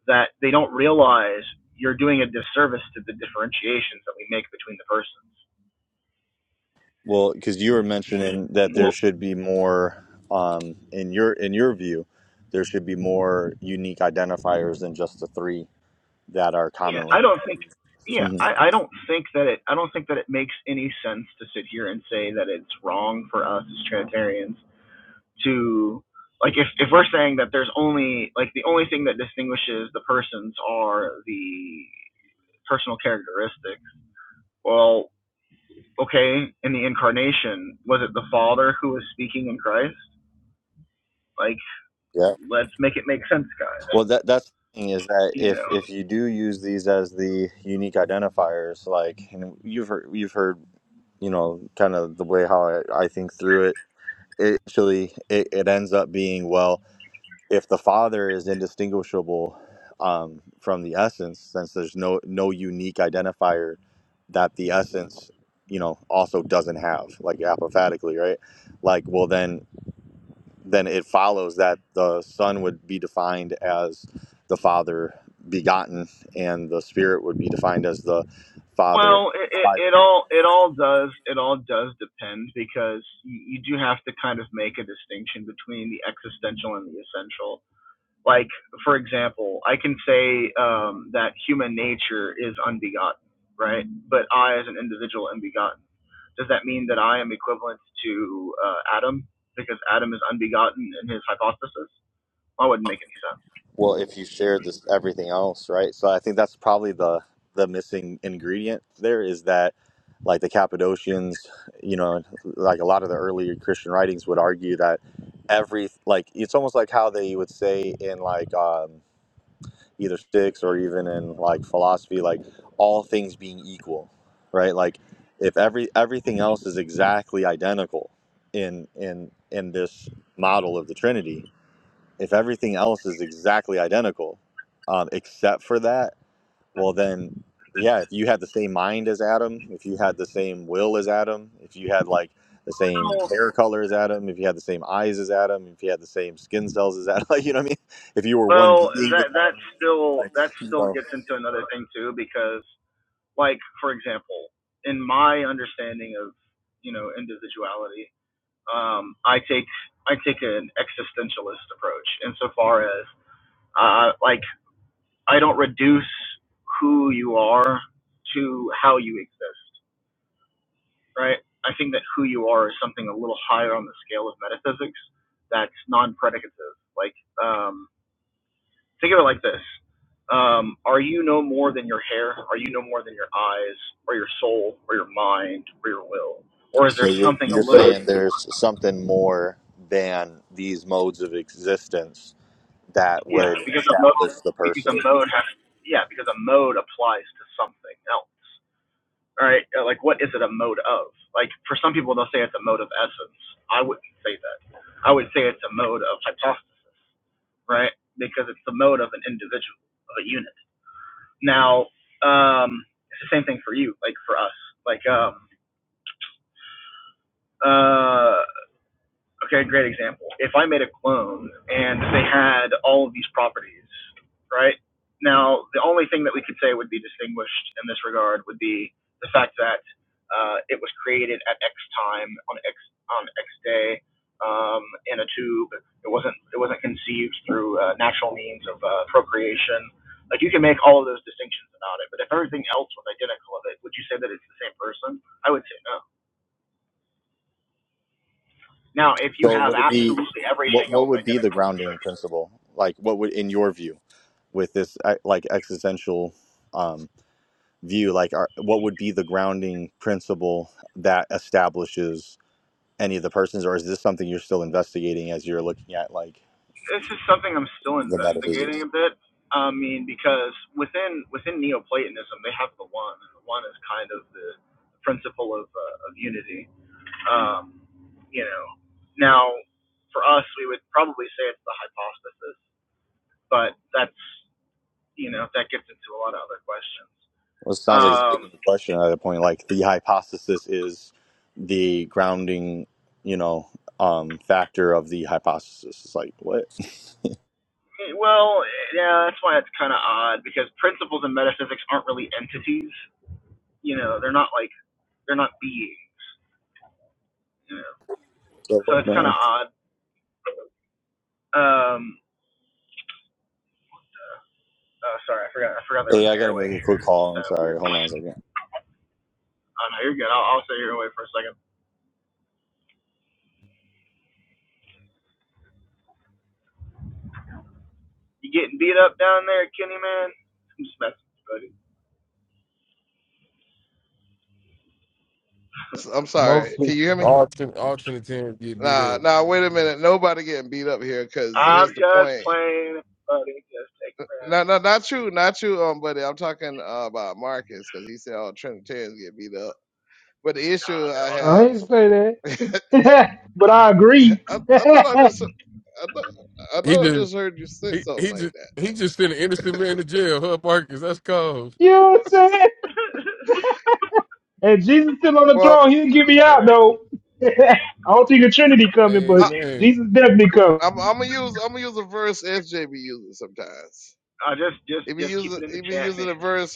that they don't realize you're doing a disservice to the differentiations that we make between the persons.
Well, because you were mentioning that
Well,
there should be more, um, in your in your view, there should be more unique identifiers than just the three that are
Yeah,
commonly.
I don't think. Yeah,
hmm
I, I don't think that it. I don't think that it makes any sense to sit here and say that it's wrong for us as Trinitarians to like if if we're saying that there's only like the only thing that distinguishes the persons are the personal characteristics. Well, okay, in the incarnation, was it the Father who was speaking in Christ? Like,
Yeah.
let's make it make sense, guys.
Well, that that's the thing is that
You know.
if if you do use these as the unique identifiers, like and you've heard you've heard you know kind of the way how I, I think through it, it actually it, it ends up being well. if the father is indistinguishable um, from the essence since there's no no unique identifier that the essence you know also doesn't have like apophatically right like well then then it follows that the son would be defined as the father begotten and the spirit would be defined as the father
Well, it, it, it all it all does it all does depend because you, you do have to kind of make a distinction between the existential and the essential. Like for example, I can say um, that human nature is unbegotten, right? But I, as an individual, am begotten. Does that mean that I am equivalent to uh, Adam because Adam is unbegotten in his hypothesis? That wouldn't make any sense.
Well, if you share this everything else, right? So I think that's probably the the missing ingredient there is that like the Cappadocians, you know, like a lot of the early Christian writings would argue that every like it's almost like how they would say in like um either sticks or even in like philosophy like all things being equal, right? Like if every everything else is exactly identical in in in this model of the Trinity, if everything else is exactly identical, um, except for that, well then, yeah, if you had the same mind as Adam, if you had the same will as Adam, if you had like the same
Well,
hair color as Adam, if you had the same eyes as Adam, if you had the same skin cells as Adam, like, you know what I mean? If you were one
well,
being with
that that
Adam,
still
like
that
you
still
know,
gets into another thing too because like for example, in my understanding of you know individuality, um, I take I take an existentialist approach insofar as uh, like I don't reduce who you are to how you exist, right? I think that who you are is something a little higher on the scale of metaphysics that's non-predicative. Like, um, Think of it like this. Um, are you no more than your hair? Are you no more than your eyes or your soul or your mind or your will? Or is there
so you're
something a
you're
little
saying there's something more than these modes of existence that
yeah,
would
because a mode
establish the
because a
person.
mode has yeah, because a mode applies to something else. All right. uh, Like what is it a mode of? Like for some people they'll say it's a mode of essence. I wouldn't say that. I would say it's a mode of hypostasis, right? Because it's the mode of an individual, of a unit. Now, um, it's the same thing for you, like for us. Like, um, uh, okay, great example. If I made a clone and they had all of these properties, right? Now, the only thing that we could say would be distinguished in this regard would be the fact that uh, it was created at X time on X on X day um, in a tube. It wasn't it wasn't conceived through uh, natural means of uh, procreation. Like you can make all of those distinctions about it, but if everything else was identical of it, would you say that it's the same person? I would say no. Now, if you
So
have
would it be
absolutely
what
everything
what
else
would be the
identical,
grounding principle? Like what would in your view with this e- like existential um view like are, what would be the grounding principle that establishes any of the persons or is this something you're still investigating as you're looking at like
this is something I'm still
the
investigating
metaphysics?
a bit. I mean, because within within Neoplatonism, they have the one, and the one is kind of the principle of uh, of unity. Um, you know, now for us, we would probably say it's the hypostasis, but that's you know that gets into a lot of other questions.
Well, it sounds like it's
Um,
making the question at a point like the hypothesis is the grounding, you know, um factor of the hypothesis. It's like what?
well, yeah, that's why it's kind of odd because principles and metaphysics aren't really entities. you know, they're not like they're not beings, you know. So
So,
it's kind of
man.
odd. Um, oh, sorry, I forgot. I forgot there
Hey,
was
I
an
gotta
airway
make a quick
here. It's just
call. I'm
kind of
sorry.
weird.
Hold on a
Oh
second.
no, you're good. I'll, I'll stay here and wait for a second. You getting beat up down there, Kenny man? I'm just messing, with you, buddy.
i I'm sorry. Can
Mostly.
you hear me?
All Trin- all Trinitarians get beat
Nah,
up.
nah. Wait a minute. Nobody getting beat up here. Cause
I'm
here's the
just
point.
playing, buddy. Just take a breath.
No, no, not you, not you, um, buddy. I'm talking uh, about Marcus because he said all Trinitarians get beat up. But the
Nah,
issue I
they're all
I
have,
ain't say that. but I agree.
I,
you
I thought I just, I thought, I
He
thought I
just
just heard you say
he
something
he
like
just
that.
he just sent an innocent man to jail. Huh, Marcus? That's cold.
know what I'm saying? And Jesus still on the
Well,
throne. He didn't get me
all
out
right.
though. I don't think the Trinity coming,
I,
but
Amen.
Jesus definitely coming.
I'm, I'm gonna use, I'm gonna use a verse SJ be using sometimes.
I just, just,
He be
just keep
using,
it in
he
the
be
chat,
using
man.
a verse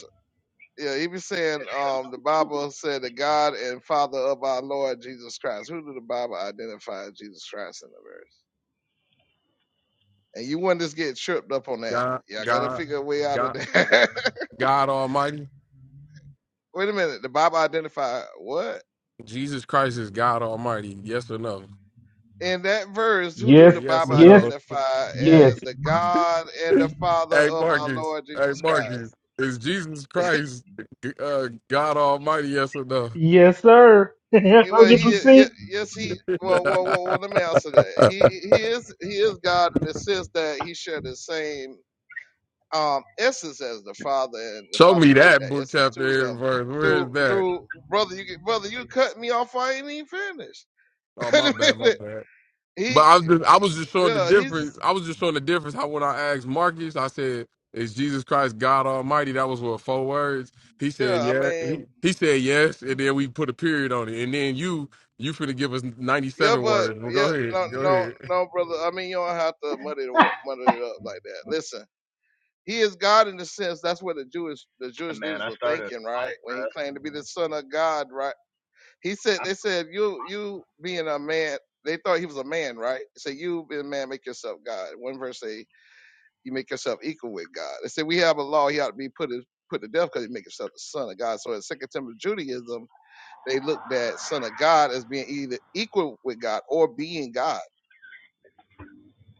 Yeah, he be saying um, the Bible said the God and Father of our Lord Jesus Christ. Who do the Bible identify as Jesus Christ in the verse? And you wouldn't just get tripped up on that.
God,
Yeah, I gotta
God,
figure a way out of
God,
that.
God Almighty.
Wait a minute, the Bible identify what?
Jesus Christ is God Almighty. Yes or no?
In that verse, who do
Yes,
the
Yes
Bible
or
yes,
no?
identify as
yes.
the God and the Father
hey,
of our
Marcus.
Lord
Hey,
Jesus
Marcus.
Christ?
Is Jesus Christ uh, God Almighty? Yes or no?
Yes, sir. one
Eh, Well,
Hundred
he is-
percent.
ye- yes he well well well, well let me answer that. He he is he is God in the sense that he shared the same. um, essence as the father, and the
Show
father
me
relate
that
that
book
essence to
chapter and
him
verse. Where is
through
that?
through brother. You get- brother, you cut me off. I ain't even finished.
Oh,
Wait
my
a
bad. My
minute.
bad. But
He
I was just, I was just showing the
yeah, he's
difference.
just,
I was just showing the difference. How when I asked Marcus, I said, "Is Jesus Christ God Almighty?" That was what four words. He said,
yeah. I
"Yeah."
mean
He, he said yes, and then we put a period on it. And then you you finna give us ninety
yeah,
seven
but
words. Well, go
yeah,
ahead,
no
go
no
ahead.
no, brother. I mean you don't have to muddy the wa- muddy it up like that. Listen. He is God in the sense that's what the Jewish the Jewish
Man,
leaders
I
were
started.
thinking, right? When he claimed to be the Son of God, right? He said,
Y'all
they said, you you being a man, they thought he was a man, right? They said, you being a man, make yourself God. One verse say, you make yourself equal with God. They said, we have a law, he ought to be put put to death because he make himself the son of God. So in Second Temple Judaism, they looked at son of God as being either equal with God or being God.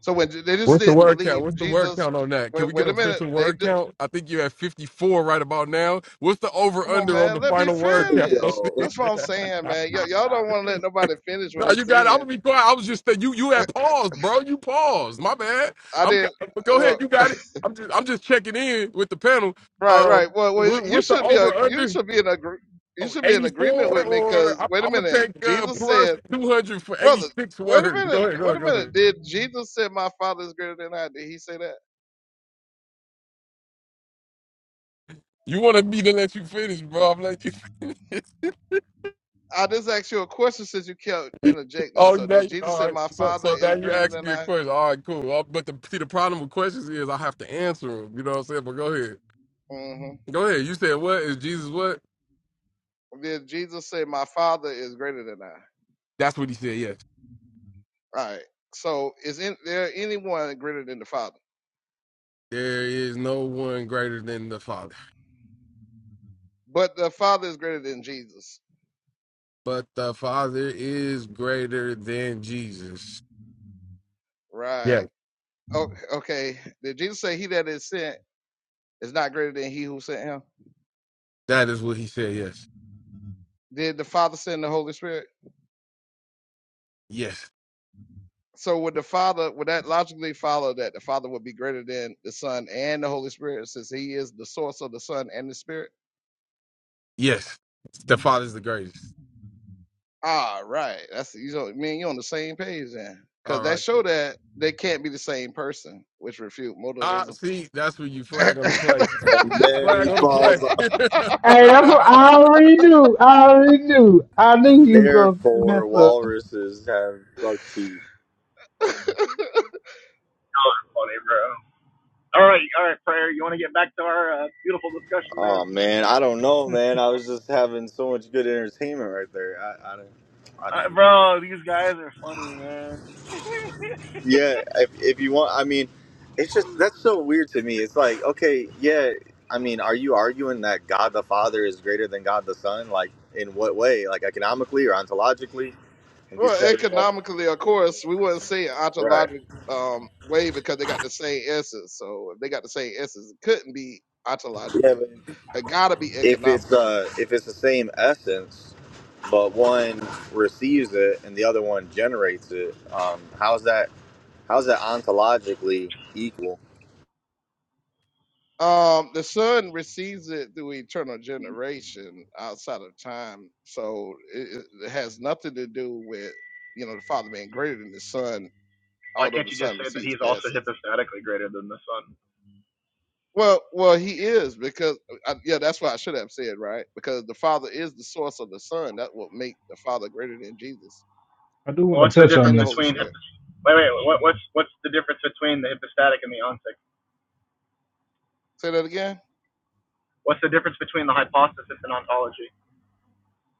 So when they just
What's the
didn't
word count?
believe
What's the word
Jesus,
count on that? Can
wait,
we get
wait
an
a minute,
official
they
word
d-
count? I think you have fifty four right about now. What's the over
come on,
under on
man,
the
let me
final word count?
finish.
Yo,
That's what I'm saying, man. Y- y'all don't want to let nobody finish what
No,
they
you got. It. I'm gonna
saying.
be quiet. I was just that you. You had paused, bro. You paused. My bad.
I
I'm.
didn't.
But go
well,
ahead. You got it. I'm just. I'm just checking in with the panel.
Right,
Uh,
right. Well, well,
what,
you
what's the
should be a
over
you
under?
should be in a you
Oh,
should be in agreement
84
with me
or
because
I'm,
wait a
I'm gonna
minute,
take uh,
Jesus
plus
said,
200 for
brother.
86
Wait a
words.
minute.
Go ahead. Go
Wait a
ahead. Go
minute.
ahead.
Did Jesus say my Father is greater than I? Did he say that?
You wanted me to let you finish, bro. I'm let you finish.
I just asked you a question since you kept interjecting.
Oh,
So
now
did
you,
Jesus
all
say
right.
my
So,
Father
so now
is
you
greater
asking
than
me a
I?
question. All right, cool. Uh, but the, see, the problem with questions is I have to answer them. You know what I'm saying? But go ahead.
hmm
Go ahead. You said what is Jesus what?
Did Jesus say my Father is greater than I? Right.
That's what he said. Yes.
So is in, there anyone greater than the Father?
There is no one greater than the Father,
But the Father is greater than Jesus.
but the Father is greater than Jesus.
Right.
Yeah.
Oh, okay. Did Jesus say he that is sent? is not greater than he who sent him?
That is what he said. Yes.
Did the Father send the Holy Spirit?
Yes.
So would the Father would that logically follow that the Father would be greater than the Son and the Holy Spirit since he is the source of the Son and the Spirit?
Yes. The Father's the greatest.
Ah, right. That's you know, man, you're on the same page then. Cause
All
that
right.
show that they can't be the same person, which refute
Ah,
modalism.
see, that's where you flag on the play.
and then he
Flag on the
falls
play.
off.
Hey, that's what I already knew. I already knew. I knew you was gonna mess
Therefore,
up.
walruses have buck teeth.
funny, bro. All right, all right, prayer. You want to get back to our uh, beautiful discussion, man?
Oh man, I don't know, man. I was just having so much good entertainment right there. I, I don't. I
Uh,
don't.
bro, these guys are funny, man.
yeah. If if you want, I mean, it's just that's so weird to me. It's like, okay, yeah. I mean, are you arguing that God the Father is greater than God the Son? Like, in what way? Like economically or ontologically? If you
Well,
say, well,
economically, of course, we wouldn't say
right.
ontologic um, way because they got the same essence. So if they got the same essence, it couldn't be
Yeah,
ontologically.
but
It got to be
if it's
economical.
uh if it's the same essence but one receives it and the other one generates it um how's that how's that ontologically equal
Um, the sun receives it through eternal generation outside of time, so it, it it has nothing to do with you know the Father being greater than the Son,
Why
although
can't
the
you just
Son
say that
receives
he's
the
also
essence.
hypostatically greater than the sun?
Well, well, he is because I, yeah, that's what I should have said, right? Because the Father is the source of the Son. That will make the Father greater than Jesus
I do want to
What's the
touch on
difference
and the
this.
Holy
between
Spirit.
hypos? Wait, wait. What, what's what's the difference between the hypostatic and the ontic?
Say that again.
What's the difference between the hypostasis and ontology?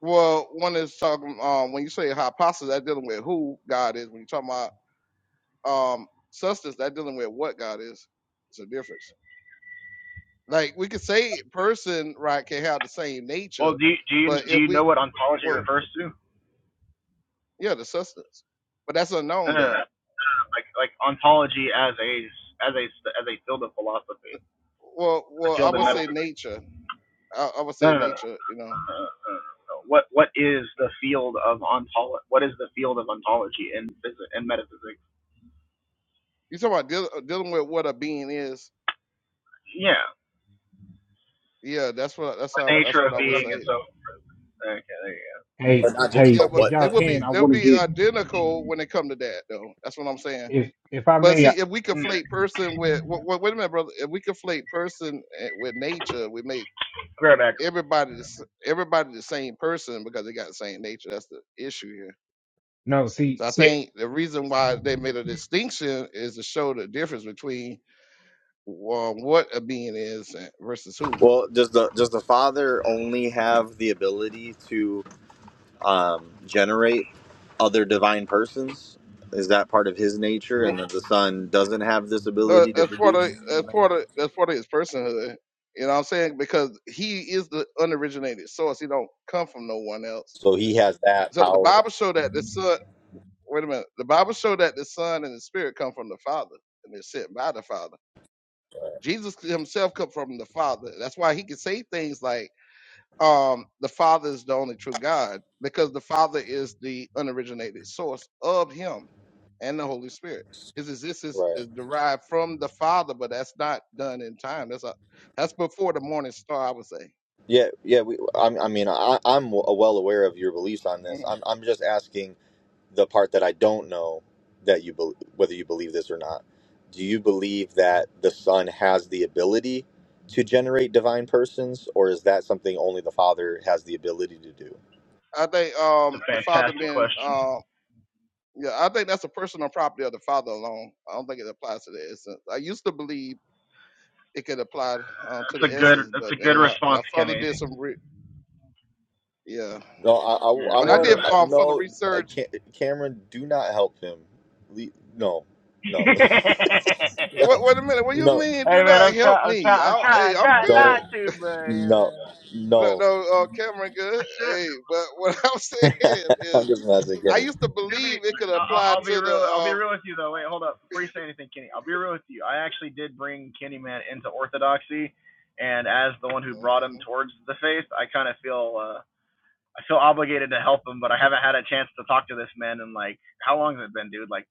Well, one is talking um when you say hypostasis, that's dealing with who God is. When you talking about um substance, that's dealing with what God is. It's a difference. Like we could say person, right, can have the same
Well,
nature,
do you, do you
but
do
if
you know
we
what ontology
well
refers to?
yeah, the substance. But that's
No,
unknown
no,
though.
no. Like like ontology as a as a as a field of philosophy,
Well
the
well I
field of
would say
medicine.
nature. I, I would
No,
say
no, no. no,
nature. You know,
Uh, no, no, no. What what is the field of ontolo- What is the field of ontology in physics and metaphysics?
you talking about deal, uh, dealing with what a being is.
Yeah,
Yeah, that's what that's
the
how that's
nature of
what I would
being and
say.
so. Okay, there you go.
Hey,
but not just
hey,
Yeah,
the
but
if y'all
they would
whatness
be
can, I
they'll
want to
be
get
identical when they come to that though. That's what I'm saying.
if if I
But
may.
see,
I,
if we
Yeah.
conflate person with wait, wait a minute, brother. If we conflate person eh, with nature, we make
Great act.
everybody the, s- everybody the same person because they got the same nature. That's the issue here.
no, see,
So I
see.
think the reason why they made a distinction is to show the difference between uh, what a being is and- versus
well does the does the father only have the ability to um generate other divine persons is that part of his nature and
who.
that the son doesn't have this
Uh,
ability to
that's part
produce
of that's part of that's part of his personhood. You know what I'm saying? Because he is the unoriginated source. He don't come from no one else.
so he has that
So but the
power
Bible show that the son wait a minute. The Bible show that the Son and the Spirit come from the Father and they're sent by the Father. Jesus himself come from the Father. That's why he can say things like um, the Father is the only true God because the Father is the unoriginated source of Him and the Holy Spirit. His existence
right
is derived from the Father, but that's not done in time. That's a, that's before the morning star, I would say.
Yeah, yeah. We, I'm, I mean, I, I'm well aware of your beliefs on this.
Mhm.
I'm, I'm just asking the part that I don't know that you bel whether you believe this or not. Do you believe that the Son has the ability to generate divine persons, or is that something only the Father has the ability to do?
I think
It's
um,
a
the Father
fantastic
being,
question.
uh, yeah, I think that's a personal property of the Father alone. I don't think it applies to the essence. I used to believe it could apply uh, to
It's a
the
good.
essence,
It's a
but
good
and when, I, when I
response,
further
Kenny.
did some, re- yeah,
No, I, I,
Yeah,
I
it's
when
a
I
good
want
did
response.
to.
um, further
No, uh,
research
Ca- Cameron, do not help him. Le- no, no,
hey
no,
Wait, wait a minute. What do you
no.
mean? Do
man,
not
I'm trying.
help
I'm
me.
trying. I'm
I, hey,
trying.
I'm
trying not
good.
Don't.
to, but
No,
uh,
No,
no.
no uh, Cameron, good.
I should.
Hey, but what I'm saying
I'm
is,
just messing,
I
Kenny.
used to
To be,
believe it could
I'll,
apply
I'll be
to the.
real. I'll be
Um,
real with you though. Wait, hold up. Before you say anything, Kenny, I'll be real with you. I actually did bring Kenny Man into orthodoxy, and as the one who brought him
mm,
towards the faith, I kind of feel. uh I feel obligated to help him, but I haven't had a chance to talk to this man in like how long has it been, dude? Like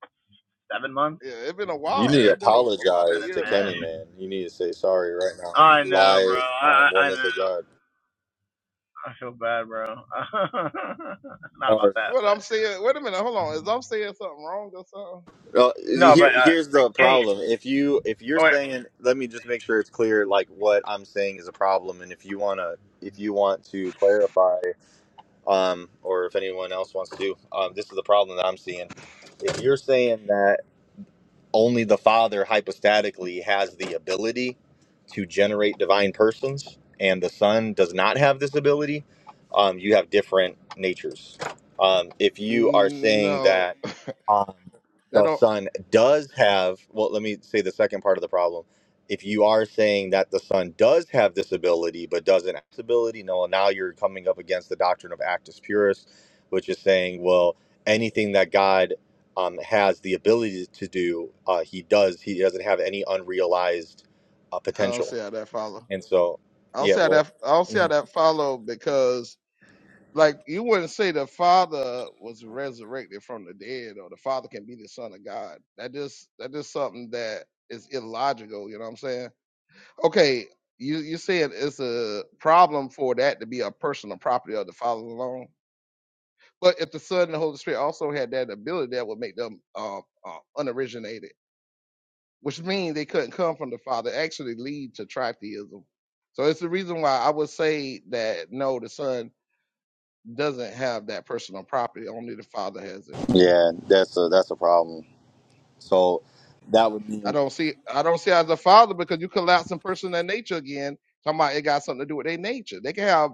seven months?
yeah, it's been a
You
while.
need
Damn,
to
It's
it's
been a, about a
been a
apologize to
year
Kenny,
now.
minute.
man. You need to say sorry right now.
I know, bro.
Live
I
on
I
oneness of
know.
God.
I feel bad, bro. Not about
Sorry.
that,
What
but
I'm saying. Wait a minute. Hold on. Is I'm saying something wrong or something?
Uh,
no,
here,
but uh,
here's the
any
problem. If you if you're
Oh, wait.
saying, let me just make sure it's clear. Like what I'm saying is a problem, and if you wanna if you want to clarify, um, or if anyone else wants to, um, this is the problem that I'm seeing. If you're saying that only the Father hypostatically has the ability to generate divine persons, and the Son does not have this ability. Um, you have different natures. Um, if you are saying
No,
that um,
that
the
don't.
son does have well let me say the second part of the problem if you are saying that the son does have this ability but doesn't have this ability no now you're coming up against the doctrine of actus purus which is saying well anything that god um, has the ability to do uh, he does he doesn't have any unrealized uh,
I don't
potential
see how that follow.
and so
I don't
yeah
see how
well
that. I don't see how
Mhm.
that follow because Like you wouldn't say the Father was resurrected from the dead, or the Father can be the Son of God. That just that just something that is illogical. You know what I'm saying? Okay, you you said it's a problem for that to be a personal property of the Father alone. But if the Son and the Holy Spirit also had that ability, that would make them uh, uh, unoriginated, which means they couldn't come from the Father. It Actually, lead to tritheism. So it's the reason why I would say that no, the Son doesn't have that personal property. Only the father has it.
yeah that's a that's a problem so that would
I
mean
don't see. I don't see as a father because you collapse in person and nature again. Talking about it got something to do with their nature. They can have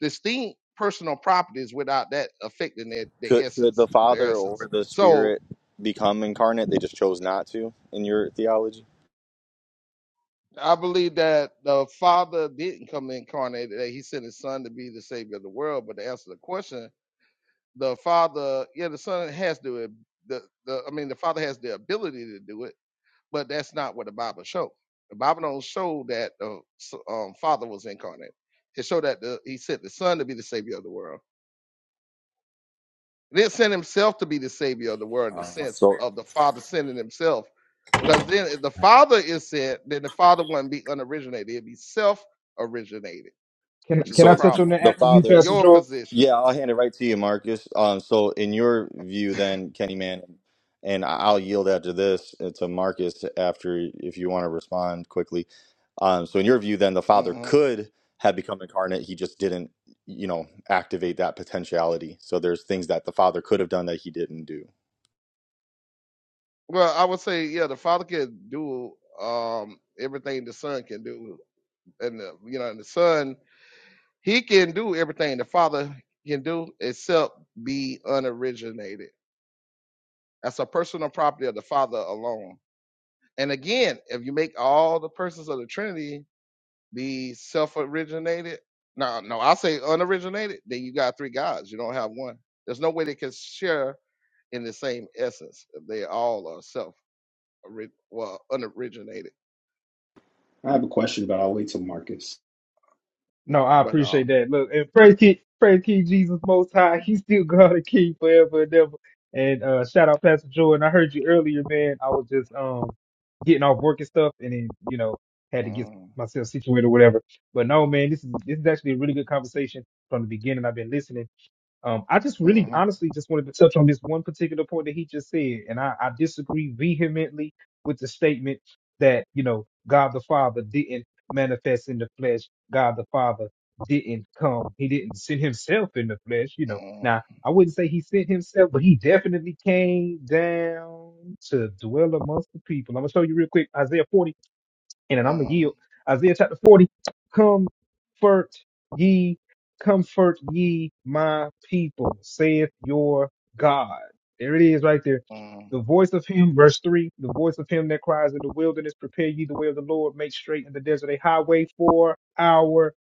distinct personal properties without that affecting their, their
Could could the
essence. Their
Father or
essence.
the
So
Spirit become incarnate? They just chose not to in your theology.
I believe that the father didn't come incarnated. That he sent his son to be the savior of the world. But to answer the question, the father, yeah, the son has to. The, the I mean, the father has the ability to do it but that's not what the Bible showed. The Bible don't show that the um, Father was incarnate. It showed that the, He sent the Son to be the Savior of the world. He didn't send Himself to be the Savior of the world in the
Uh,
sense
so
of the Father sending Himself, because then if the Father is sent, then the Father wouldn't be unoriginated; it'd be self-originated,
Can
which is
can
a
I
so
touch on
problem.
that
the
after you,
But
Pastor
Father,
your
Joel?
position,
yeah, I'll hand it right to you, Marcus. Um, so in your view, then Kenny Man, and I- I'll yield after this uh, to Marcus after if you want to respond quickly. Um, so in your view, then the Father
mhm.
could have become incarnate. He just didn't, you know, activate that potentiality. So there's things that the Father could have done that he didn't do.
well, I would say, yeah, the Father can do um, everything the Son can do, and the, you know, and the Son He can do everything the Father can do except be unoriginated. That's a personal property of the Father alone. And again, if you make all the persons of the Trinity be self originated, no, no, I say unoriginated, then you got three gods. You don't have one. There's no way they can share in the same essence. if They all are self well unoriginated.
I have a question, but I'll wait till Marcus.
No, I
But
appreciate
um,
that. Look, and praise King, praise King Jesus Most High. He's still God and King forever and ever. And uh, shout out Pastor Joel. And I heard you earlier, man. I was just um getting off work and stuff, and then you know had to get
mm,
myself situated or whatever. But no, man, this is this is actually a really good conversation from the beginning. I've been listening. Um, I just really
mm,
honestly just wanted to touch on this one particular point that he just said, and I, I disagree vehemently with the statement that, you know, God the Father didn't manifest in the flesh. God the Father didn't come. He didn't send himself in the flesh, you know.
mm,
Now, I wouldn't say he sent himself, but he definitely came down to dwell amongst the people. I'm gonna show you real quick Isaiah 40 and I'm gonna
mm,
yield. Isaiah chapter 40. Comfort ye, comfort ye my people, saith your God. There it is right there.
mm.
The voice of him, verse 3, the voice of him that cries in the wilderness, prepare ye the way of the Lord, make straight in the desert a highway for our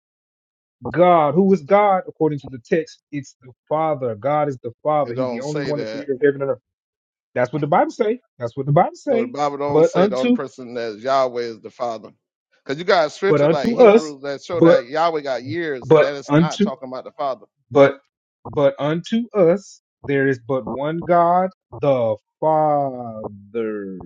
God. Who is God? According to the text, it's the Father. God is the
it
Father. He's the
don't
only
say
one, the
that
creator of heaven and earth. That's what the Bible say. That's what the Bible
No, the
say.
Bible don't
But
say the only
unto,
person that's Yahweh is the Father. Because you got a
but
scripture like
unto us,
Hebrews that show
but.
that Yahweh got years, and
But
that is not
unto
talking about the Father.
but but unto us there is but one God, the Father.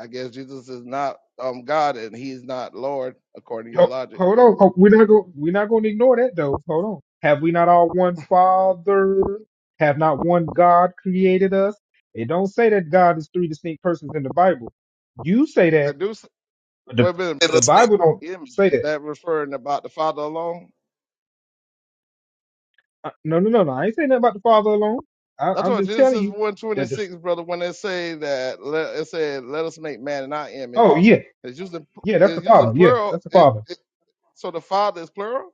I guess Jesus is not um God and he's not Lord, according to your
Ho-
logic.
Hold on, ho- we're not going we're not going to ignore that though. Hold on. Have we not all one Father? Have not one God created us? It don't say that God is three distinct persons in the Bible. You say that,
Reduce
but the
wait a minute,
the Bible don't
image,
say
is
that.
that referring about the Father alone?
Uh, No, no, no, no. I ain't saying nothing about the Father alone. I,
That's
I'm
what
just telling
Genesis
you that the.
126, brother, when they say that let it said, let us make man in our
Oh
image.
yeah,
It's using
yeah. That's the
it's using
Father. Yeah,
plural.
that's the
It,
Father.
it, so the father is plural?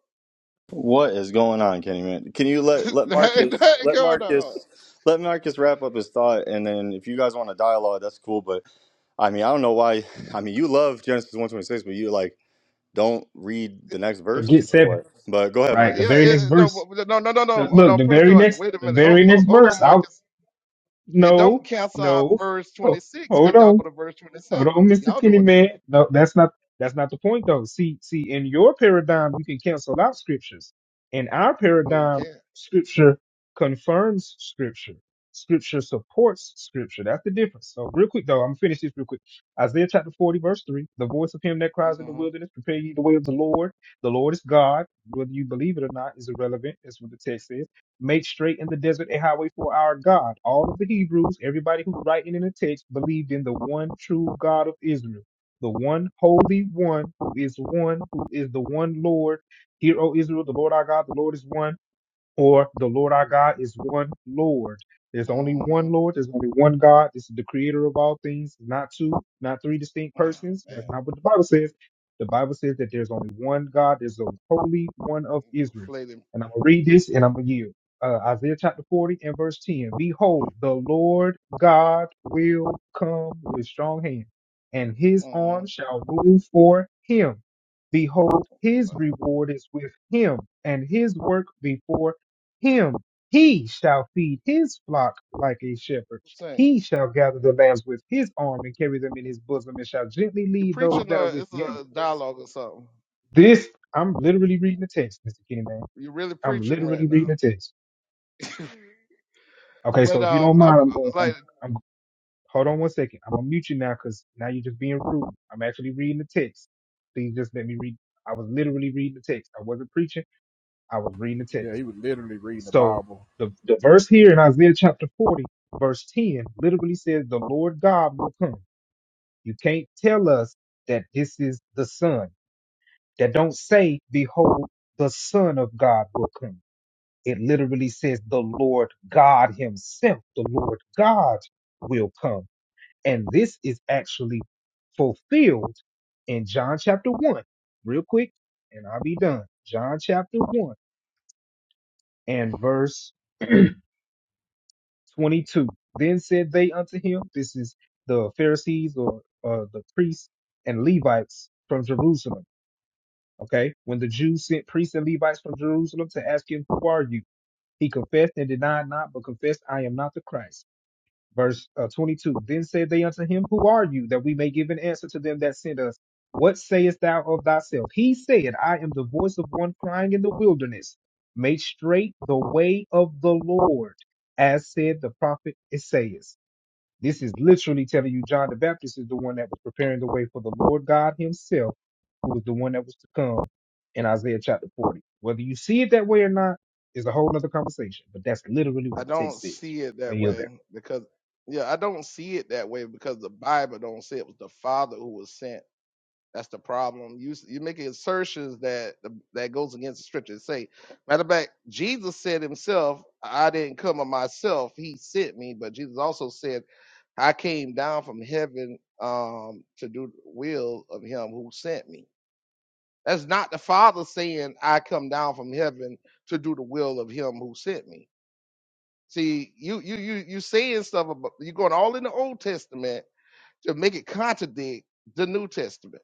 What is going on, Kenny man? Can you let let
That ain't
Marcus
nothing
let
going on.
Marcus let Marcus wrap up his thought and then if you guys want a dialogue, that's cool. But I mean I don't know why I mean you love Genesis one twenty six, but you like don't read the next verse
Forget
or
seven,
what? But go ahead,
Uh,
right? The
Marcus.
yeah,
very next
it, no, but-
verse.
no, no, no,
The-
no, oh,
look,
no,
the
Prayer
very
Jordan.
next,
Wait a
the
minute. Hold,
very
hold
next
on,
verse. I'll
Marcus. It don't
no,
cancel out
no.
verse
Oh,
26
hold
because y'all
on.
go to verse
Oh,
27.
no, Mr.
Y'all
Kenny
doing that.
man. No, that's not that's not the point though. See, see, in your paradigm, you can cancel out scriptures. In our
No, you
paradigm,
can't.
scripture confirms scripture. Scripture supports scripture. That's the difference. So real quick though, I'm gonna finish this real quick. Isaiah chapter 40, verse 3. The voice of him that cries in
Uh
the
huh.
wilderness, prepare ye the way of the Lord. The Lord is God. Whether you believe it or not is irrelevant. That's what the text says made straight in the desert a highway for our God. All of the Hebrews, everybody who's writing in the text, believed in the one true God of Israel, the one holy one who is one, who is the one Lord. Hear, O Israel, the Lord our God, the Lord is one or the Lord our God is one Lord. There's only
Uh huh.
one Lord. There's only one God. This is the creator of all things, not two, not three distinct
Oh,
persons.
man.
That's not what the Bible says. The Bible says that there's only one God. There's the Holy One of
You
Israel.
flating.
And I'm going to read this and I'm going to yield. Uh, Isaiah chapter 40 and verse 10. Behold, the Lord God will come with strong hand, and his
Mm-hmm.
arm shall rule for him. Behold, his reward is with him, and his work before him he shall feed his flock like a shepherd.
Saying,
He shall gather the lambs with his arm and carry them in his bosom and shall gently
you're
lead those
preaching,
that are
uh,
with
it's
young.
a dialogue or something.
This, I'm literally reading the text, Mr. Kenny Man.
You're really
I'm
preaching right
literally reading
now.
the text. Okay, so
But
if you
um,
don't
I
mind, I'm going, I'm,
like
I'm, hold on one second. I'm going to mute you now because now you're just being rude. I'm actually reading the text. Please just let me read. I was literally reading the text. I wasn't preaching. I was reading the text.
Yeah, he was literally reading the
So
Bible.
the, the verse here in Isaiah chapter 40, verse 10, literally says, The Lord God will come. You can't tell us that this is the Son. That don't say, Behold, the Son of God will come. It literally says, The Lord God Himself, the Lord God will come. And this is actually fulfilled in John chapter 1. Real quick, and I'll be done. John chapter 1 and verse 22. Then said they unto him, This is the Pharisees or uh, the priests and Levites from Jerusalem. Okay. When the Jews sent priests and Levites from Jerusalem to ask him, Who are you? He confessed and denied not, but confessed, I am not the Christ verse uh, 22 then said they unto him who are you that we may give an answer to them that sent us what sayest thou of thyself he said i am the voice of one crying in the wilderness make straight the way of the lord as said the prophet isaiah this is literally telling you john the baptist is the one that was preparing the way for the lord god himself who was the one that was to come in isaiah chapter 40 whether you see it that way or not is a whole other conversation but that's literally what
I
the
don't
text says
see it
i
that
yield
way
there
because yeah, I don't see it that way because the Bible don't say it was the Father who was sent. That's the problem. You you making assertions that that goes against the scriptures. Say, matter of fact, Jesus said himself, "I didn't come of myself; He sent me." But Jesus also said, "I came down from heaven um, to do the will of Him who sent me." That's not the Father saying, "I come down from heaven to do the will of Him who sent me." See, you you you you saying stuff about you are going all in the Old Testament to make it contradict the New Testament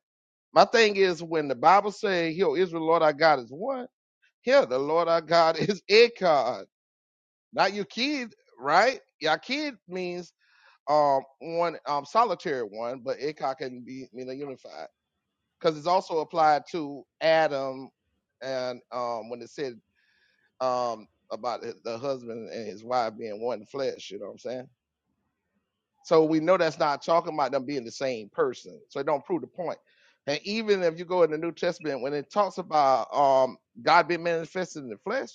my thing is when the Bible says, "Yo, Israel, Lord our God is one." Here, the Lord our God is Echad, not your kid, right? Yakid means um one um solitary one, but Echad can be mean a unified because it's also applied to Adam, and um when it said um about the husband and his wife being one flesh, you know what I'm saying? So we know that's not talking about them being the same person. So it don't prove the point. And even if you go in the New Testament, when it talks about um God being manifested in the flesh,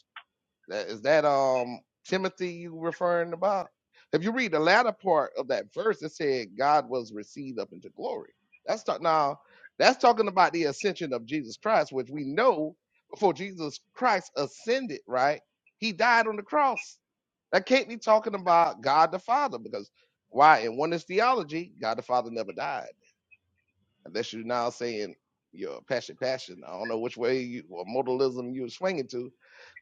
that is that um Timothy you referring about? If you read the latter part of that verse, it said God was received up into glory. That's talk now that's talking about the ascension of Jesus Christ, which we know before Jesus Christ ascended, right? He died on the cross that can't be talking about God the Father because why? In oneness theology, God the Father never died. Unless you're now saying your passion, passion. I don't know which way you or modalism you're swinging to,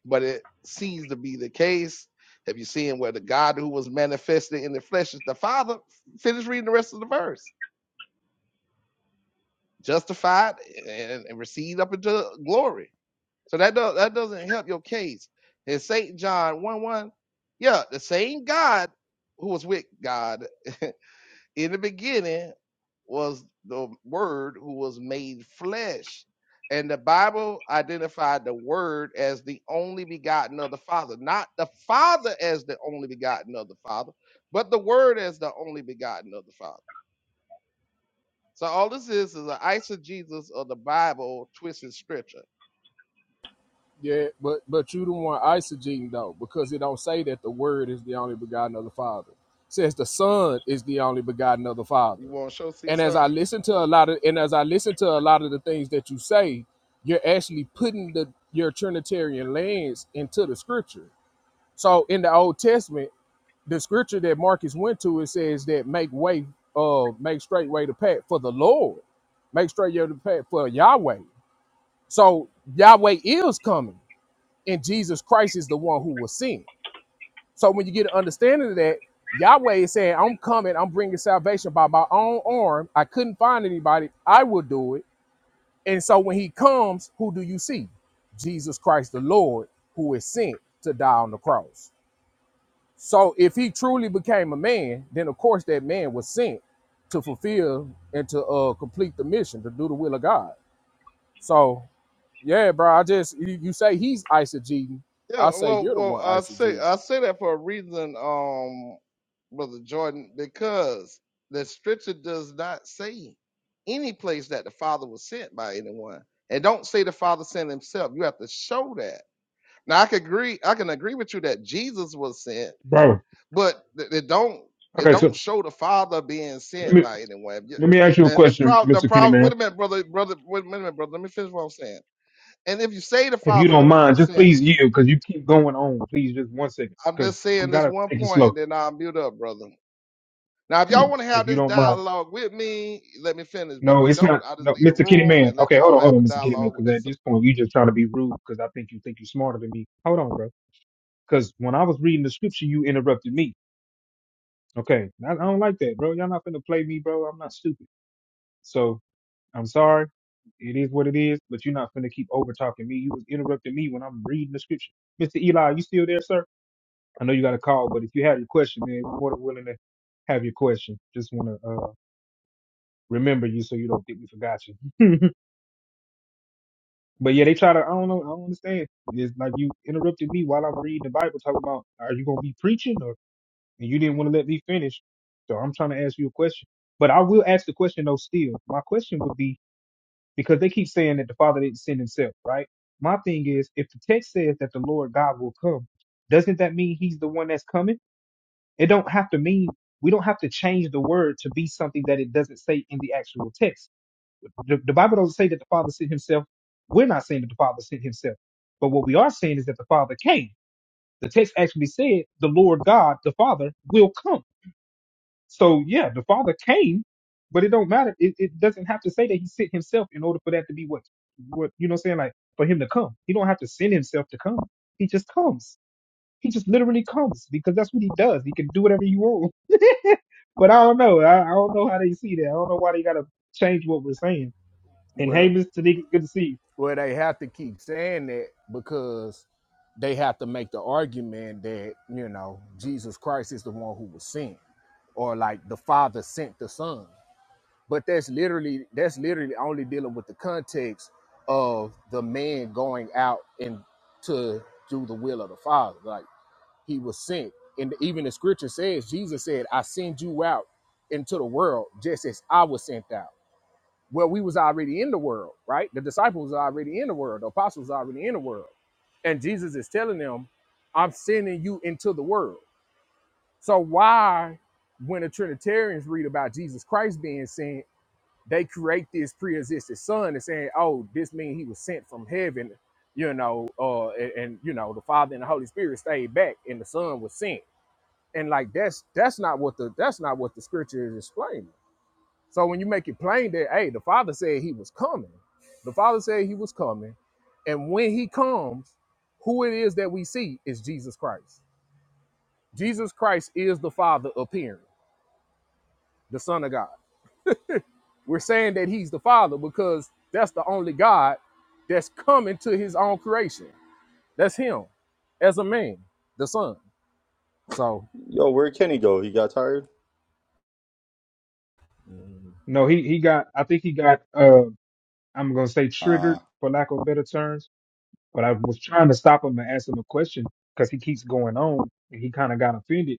but it seems to be the case. Have you seen where the God who was manifested in the flesh is the Father? Finish reading the rest of the verse. Justified and, and received up into glory. So that does, that doesn't help your case. In Saint John one one, yeah, the same God who was with God in the beginning was the word who was made flesh and the bible identified the word as the only begotten of the father not the father as the only begotten of the father but the word as the only begotten of the father so all this is is an eisegesis of the bible twisted scripture
Yeah, but but you the one eisegeting though, because it don't say that the Word is the only begotten of the Father. It says the Son is the only begotten of the Father.
you want to show see
And as
son
I listen to a lot of and as I listen to a lot of the things that you say, you're actually putting the your Trinitarian lens into the Scripture. So in the Old Testament, the Scripture that Marcus went to it says that make way, uh, make straight way to path for the Lord, make straight your path for Yahweh. So Yahweh is coming, and Jesus Christ is the one who will sin. So when you get an understanding of that, Yahweh is saying, I'm coming, I'm bringing salvation by my own arm. I couldn't find anybody, I will do it. And so when he comes, who do you see? Jesus Christ, the Lord, who is sent to die on the cross. So if he truly became a man, then of course that man was sent to fulfill and to uh, complete the mission, to do the will of God. So Yeah, bro. I just you, you say he's eisegeting.
Yeah,
I say
well,
you're the
well,
one
I say
eisegeting.
I say that for a reason, um, brother Jordan, because the scripture does not say any place that the Father was sent by anyone, and don't say the Father sent Himself. You have to show that. Now, I could agree, I can agree with you that Jesus was sent,
bro?
but th- it don't it
Okay,
don't
so
show the Father being
let
sent
me
by anyone. you-
let me ask you a
And the
question,
problem, the
Mr. Kenny
problem.
Man.
Wait a minute, brother, brother. Wait a minute, brother. Let me finish what I'm saying. And if you say the
If you don't
Father
mind,
was
just
sent
please you, because you keep going on. Please, just one second,
I'm
because
just
we
saying this
gotta
one
take it
point, and
slow.
then I'll mute up, brother. Now, if y'all want to have
If you
this
don't mind,
dialogue with me, let me finish. But if
no,
you
it's
don't,
not.
I just
No,
leave the
Mr. Kenny
room
Man.
and let
Okay, hold
y'all
on, hold
have a
on, Mr. Kenny Man,
dialogue with
because
yourself.
at this point you just trying to be rude, because I think you think you're smarter than me. Hold on, bro, because when I was reading the scripture, you interrupted me. Okay, I, I don't like that, bro. Y'all not finna play me, bro. I'm not stupid. So I'm sorry. It is what it is, but you're not finna keep over talking me. You was interrupting me when I'm reading the scripture. Mr. Eli, you still there, sir? I know you got a call, but if you have your question, man, we're more than willing to have your question. Just wanna uh remember you so you don't think we forgot you. but yeah, they try to I don't know, I don't understand. It's like you interrupted me while I'm reading the Bible talking about are you gonna be preaching or and you didn't want to let me finish. So I'm trying to ask you a question. But I will ask the question though still. My question would be because they keep saying that the Father didn't send himself, right? My thing is, if the text says that the Lord God will come, doesn't that mean he's the one that's coming? It don't have to mean we don't have to change the word to be something that it doesn't say in the actual text. The, the Bible doesn't say that the Father sent himself. We're not saying that the Father sent himself. But what we are saying is that the Father came. The text actually said the Lord God, the Father, will come. So yeah, the Father came, but it don't matter. It, it doesn't have to say that He sent Himself in order for that to be what what you know what I'm saying like for Him to come. He don't have to send Himself to come. He just comes. He just literally comes because that's what He does. He can do whatever He wants. But I don't know. I, I don't know how they see that. I don't know why they gotta change what we're saying. And
Well,
hey, Mister Tanika, good to see you.
well, they have to keep saying that because they have to make the argument that you know Jesus Christ is the one who was sent, or like the Father sent the Son. But that's literally that's literally only dealing with the context of the man going out and to do the will of the Father. Like he was sent. And even the scripture says, Jesus said, I send you out into the world just as I was sent out. Well, we was already in the world, right? The disciples are already in the world. The apostles are already in the world. And Jesus is telling them, I'm sending you into the world. So why, when the Trinitarians read about Jesus Christ being sent, they create this pre-existing son and saying, oh, this means he was sent from heaven, you know, uh, and, and, you know, the Father and the Holy Spirit stayed back and the son was sent and like that's that's not what the that's not what the scripture is explaining so when you make it plain that hey the father said he was coming the father said he was coming and when he comes who it is that we see is jesus christ jesus christ is the father appearing the son of god we're saying that he's the father because that's the only god that's coming to his own creation that's him as a man the son so
Yo, where'd Kenny go? He got tired?
No, he he got. I think he got. Uh, I'm gonna say triggered
Uh
for lack of a better term But I was trying to stop him and ask him a question because he keeps going on and he kind of got offended.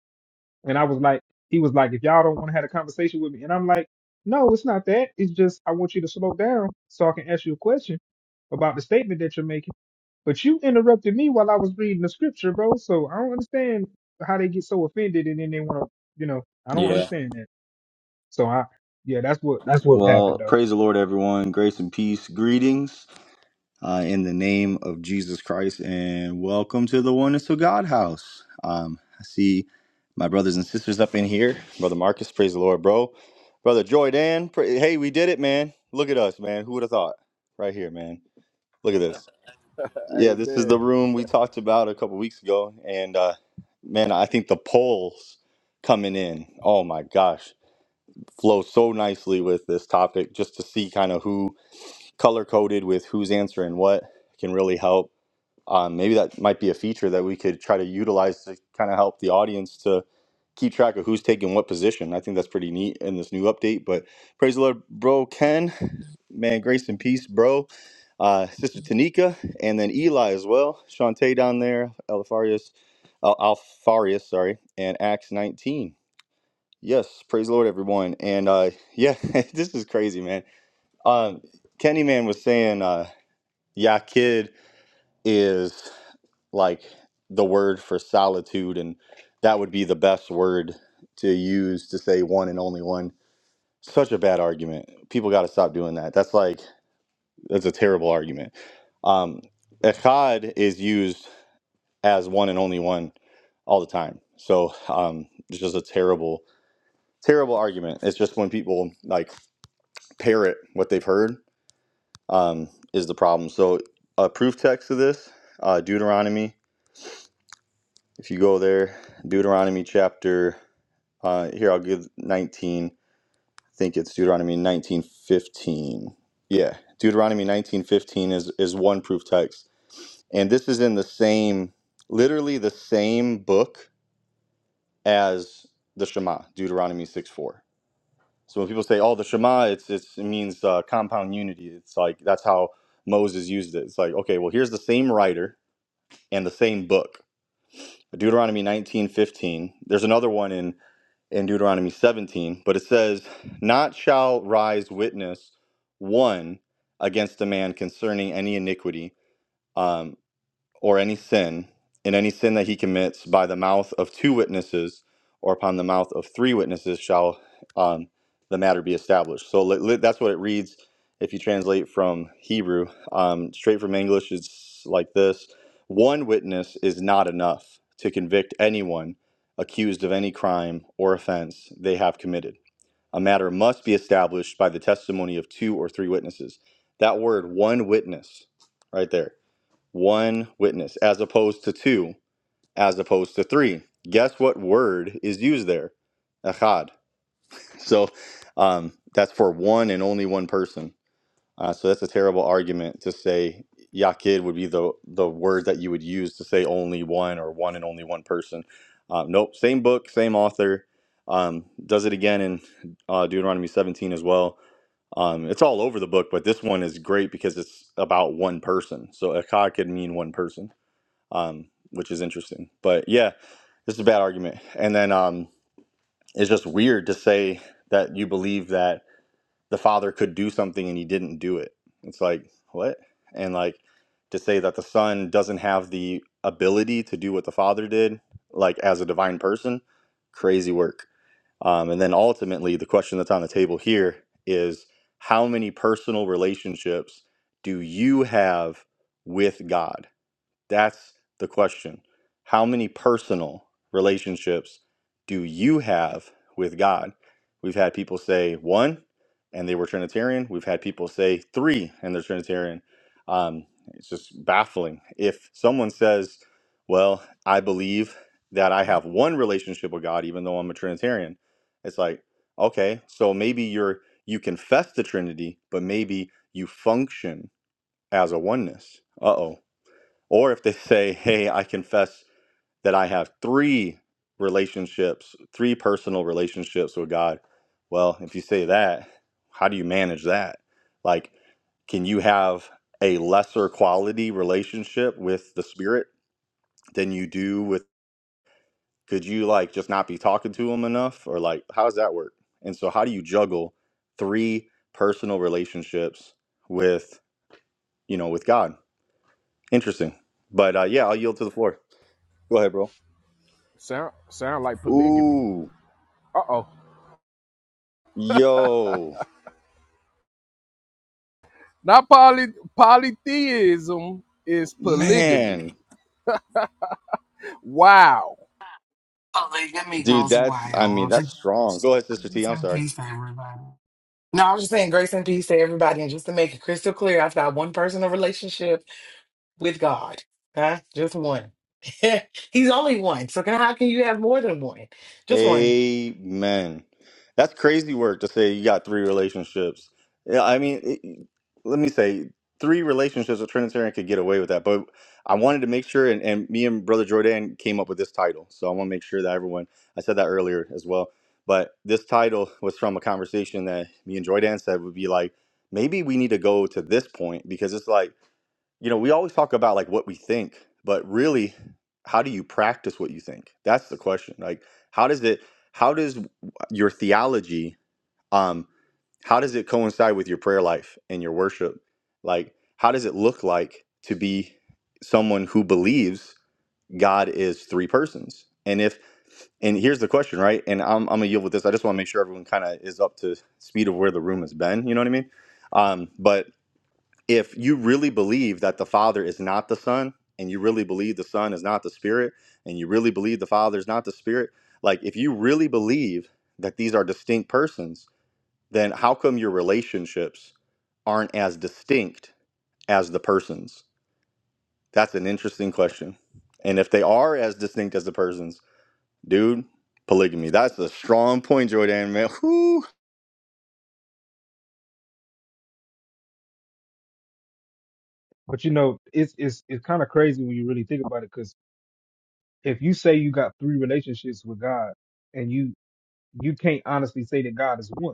And I was like, he was like, if y'all don't want to have a conversation with me. And I'm like, no, it's not that. It's just I want you to slow down so I can ask you a question about the statement that you're making. But you interrupted me while I was reading the scripture, bro. So I don't understand how they get so offended and then they want to, you know, I don't
yeah.
understand that. So I, yeah, that's what that's what happened
Well,
though.
praise the Lord everyone. Grace and peace. Greetings. uh, in the name of Jesus Christ and welcome to the Oneness to God house. Um, I see my brothers and sisters up in here. Brother Marcus, praise the Lord, bro. Brother Joy Dan, pra- hey, we did it, man. Look at us, man. Who would have thought? Right here, man. Look at this. Yeah, this is the
amen
room we talked about a couple weeks ago. And uh, man, I think the polls coming in, oh my gosh, flow so nicely with this topic just to see kind of who color coded with who's answering what can really help um, maybe that might be a feature that we could try to utilize to kind of help the audience to keep track of who's taking what position. I think that's pretty neat in this new update. But praise the Lord, bro, Ken, man, grace and peace, bro. Uh, Sister Tanika, and then Eli as well. Shantae down there, Alfarius, Al- Alfarius, sorry, and Acts 19. Yes, praise the Lord, everyone. And uh, yeah, this is crazy, man. Um, Kenny Man was saying, uh, yeah, kid is like the word for solitude, and that would be the best word to use to say one and only one. Such a bad argument. People got to stop doing that. That's like that's a terrible argument. Um, echad is used as one and only one all the time. So um, it's just a terrible, terrible argument. It's just when people like parrot what theyve heard um, is the problem. So a proof text of this, uh, Deuteronomy If you go there, Deuteronomy chapter, uh, here I'll give 19. I think it's Deuteronomy 19:15. Yeah, Deuteronomy 19:15 is is one proof text, and this is in the same, literally the same book as the Shema, Deuteronomy six four. So when people say, "Oh, the Shema," it's, it's it means uh, compound unity. It's like that's how Moses used it. It's like, okay, well, here's the same writer and the same book. Deuteronomy 19:15. There's another one in in Deuteronomy 17, but it says, Not shall rise witness one against a man concerning any iniquity. um, or any sin, and any sin that he commits by the mouth of two witnesses or upon the mouth of three witnesses shall um, the matter be established. So li- li- that's what it reads if you translate from Hebrew. Um, straight from English, it's like this One witness is not enough to convict anyone accused of any crime or offense they have committed. A matter must be established by the testimony of two or three witnesses. That word, one witness, right there one witness as opposed to two as opposed to three guess what word is used there echad so um, that's for one and only one person uh, so that's a terrible argument to say yakid would be the the word that you would use to say only one or one and only one person uh, nope same book same author um, does it again in uh, deuteronomy 17 as well um, it's all over the book but this one is great because it's about one person so echad could mean one person um, which is interesting. But yeah, this is a bad argument. And then um, it's just weird to say that you believe that the father could do something and he didn't do it. It's like, what? And like to say that the son doesn't have the ability to do what the father did, like as a divine person, crazy work. Um, and then ultimately, the question that's on the table here is how many personal relationships do you have with God? That's the question. How many personal relationships do you have with God? We've had people say one and they were Trinitarian. We've had people say three and they're Trinitarian. Um, it's just baffling. If someone says, Well, I believe that I have one relationship with God, even though I'm a Trinitarian, it's like, okay, so maybe you're you confess the Trinity, but maybe you function as a oneness. Uh oh or if they say, hey, I confess that I have three relationships, three personal relationships with God. Well, if you say that, how do you manage that? Like, can you have a lesser quality relationship with the spirit than you do with could you like just not be talking to him enough or like how does that work and so how do you juggle three personal relationships with you know with god interesting but uh yeah i'll yield to the floor go ahead bro
sound sound like polygamy
Ooh,
uh-oh
yo,
Not poly polytheism is polygamy.
man,
Wow.
Polygamy
dude,
goes
that's I mean
wild.
that's strong. Go ahead, Sister T.
Grace
I'm
and
sorry.
peace to everybody. No, I was just saying grace and peace to everybody. And just to make it crystal clear, I've got one personal relationship with God. Okay? Just one. He's only one. So can, how can you have more than one? Just one.
Amen. That's crazy work to say you got three relationships. Yeah, I mean, it, let me say three relationships a Trinitarian could get away with that. But I wanted to make sure, and, and me and Brother Jordan came up with this title. So I want to make sure that everyone, I said that earlier as well. But this title was from a conversation that me and Jordan said would be like, maybe we need to go to this point because it's like, you know, we always talk about like what we think, but really, how do you practice what you think? That's the question. Like, how does it? How does your theology? Um, how does it coincide with your prayer life and your worship? Like, how does it look like to be someone who believes God is three persons? And if and here's the question, right? And I'm, I'm gonna yield with this. I just want to make sure everyone kind of is up to speed of where the room has been. You know what I mean? Um, but if you really believe that the Father is not the Son, and you really believe the Son is not the Spirit, and you really believe the Father is not the Spirit, like if you really believe that these are distinct persons, then how come your relationships aren't as distinct as the persons? That's an interesting question. And if they are as distinct as the persons, dude, polygamy. That's a strong point, Jordan, man. Whew.
But you know, it's it's it's kind of crazy when you really think about it 'cause if you say you got three relationships with God and you you can't honestly say that God is one.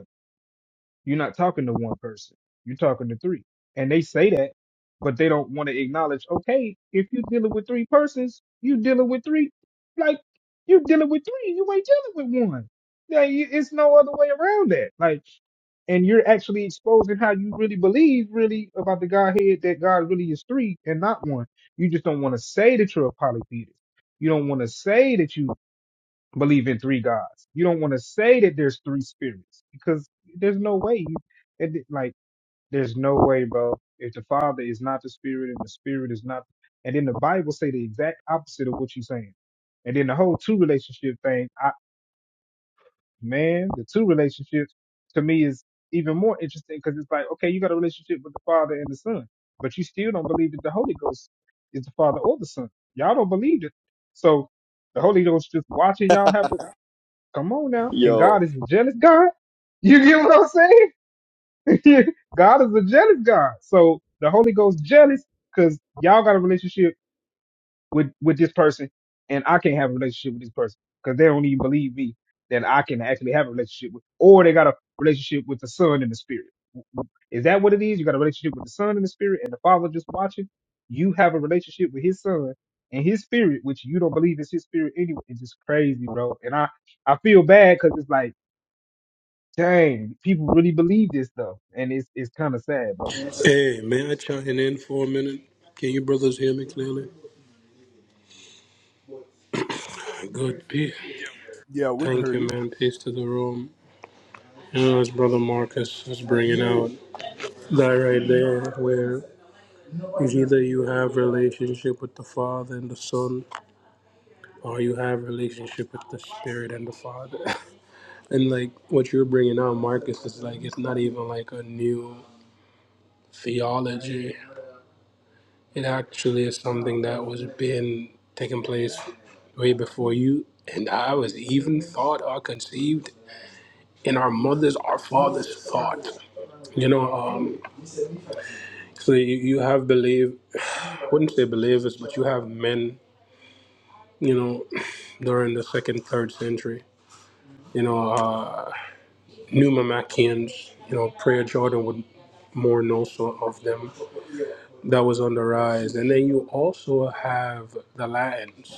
You're not talking to one person. You're talking to three. And they say that, but they don't want to acknowledge, okay, if you're dealing with three persons, you dealing with three. Like, you dealing with three. You ain't dealing with one. Yeah, you- it's no other way around that. Like, and you're actually exposing how you really believe really about the Godhead that God really is three and not one. You just don't want to say that you're a polytheist. You don't want to say that you believe in three gods. You don't want to say that there's three spirits because there's no way. You, it, like, there's no way, bro. If the Father is not the Spirit and the Spirit is not, and then the Bible say the exact opposite of what you're saying, and then the whole two relationship thing, I man, the two relationships to me is even more interesting because it's like, okay, you got a relationship with the Father and the Son, but you still don't believe that the Holy Ghost is the Father or the Son. Y'all don't believe it, so the Holy Ghost just watching y'all have a Come on now. And
Yo,
God is a jealous God. You get what I'm saying? God is a jealous God. So the Holy Ghost jealous because y'all got a relationship with, with this person and I can't have a relationship with this person because they don't even believe me that I can actually have a relationship with, or they got a relationship with the son and the spirit. Is that what it is? You got a relationship with the son and the spirit and the father just watching. You have a relationship with his son and his spirit, which you don't believe is his spirit anyway. It's just crazy, bro. And I, I feel bad because it's like, Dang, people really believe this stuff, and it's it's kind of sad, bro.
Hey, may I chime in for a minute? Can you brothers hear me clearly? Good, peace.
Yeah, we can
Thank
hear
you,
you.
man. Peace to the room. You know, as Brother Marcus was bringing out, that right there, where it's either you have relationship with the Father and the Son, or you have relationship with the Spirit and the Father. and like what you're bringing out, Marcus, is like it's not even like a new theology It actually is something that was being taking place way before you and I was even thought or conceived in our mother's, our father's thought. You know, um, so you, you have believe, I wouldn't say believers, but you have men, you know, during the second, third century, you know, uh, Numismatians, you know, Prayer Jordan would more know so of them. That was on the rise. And then you also have the Latins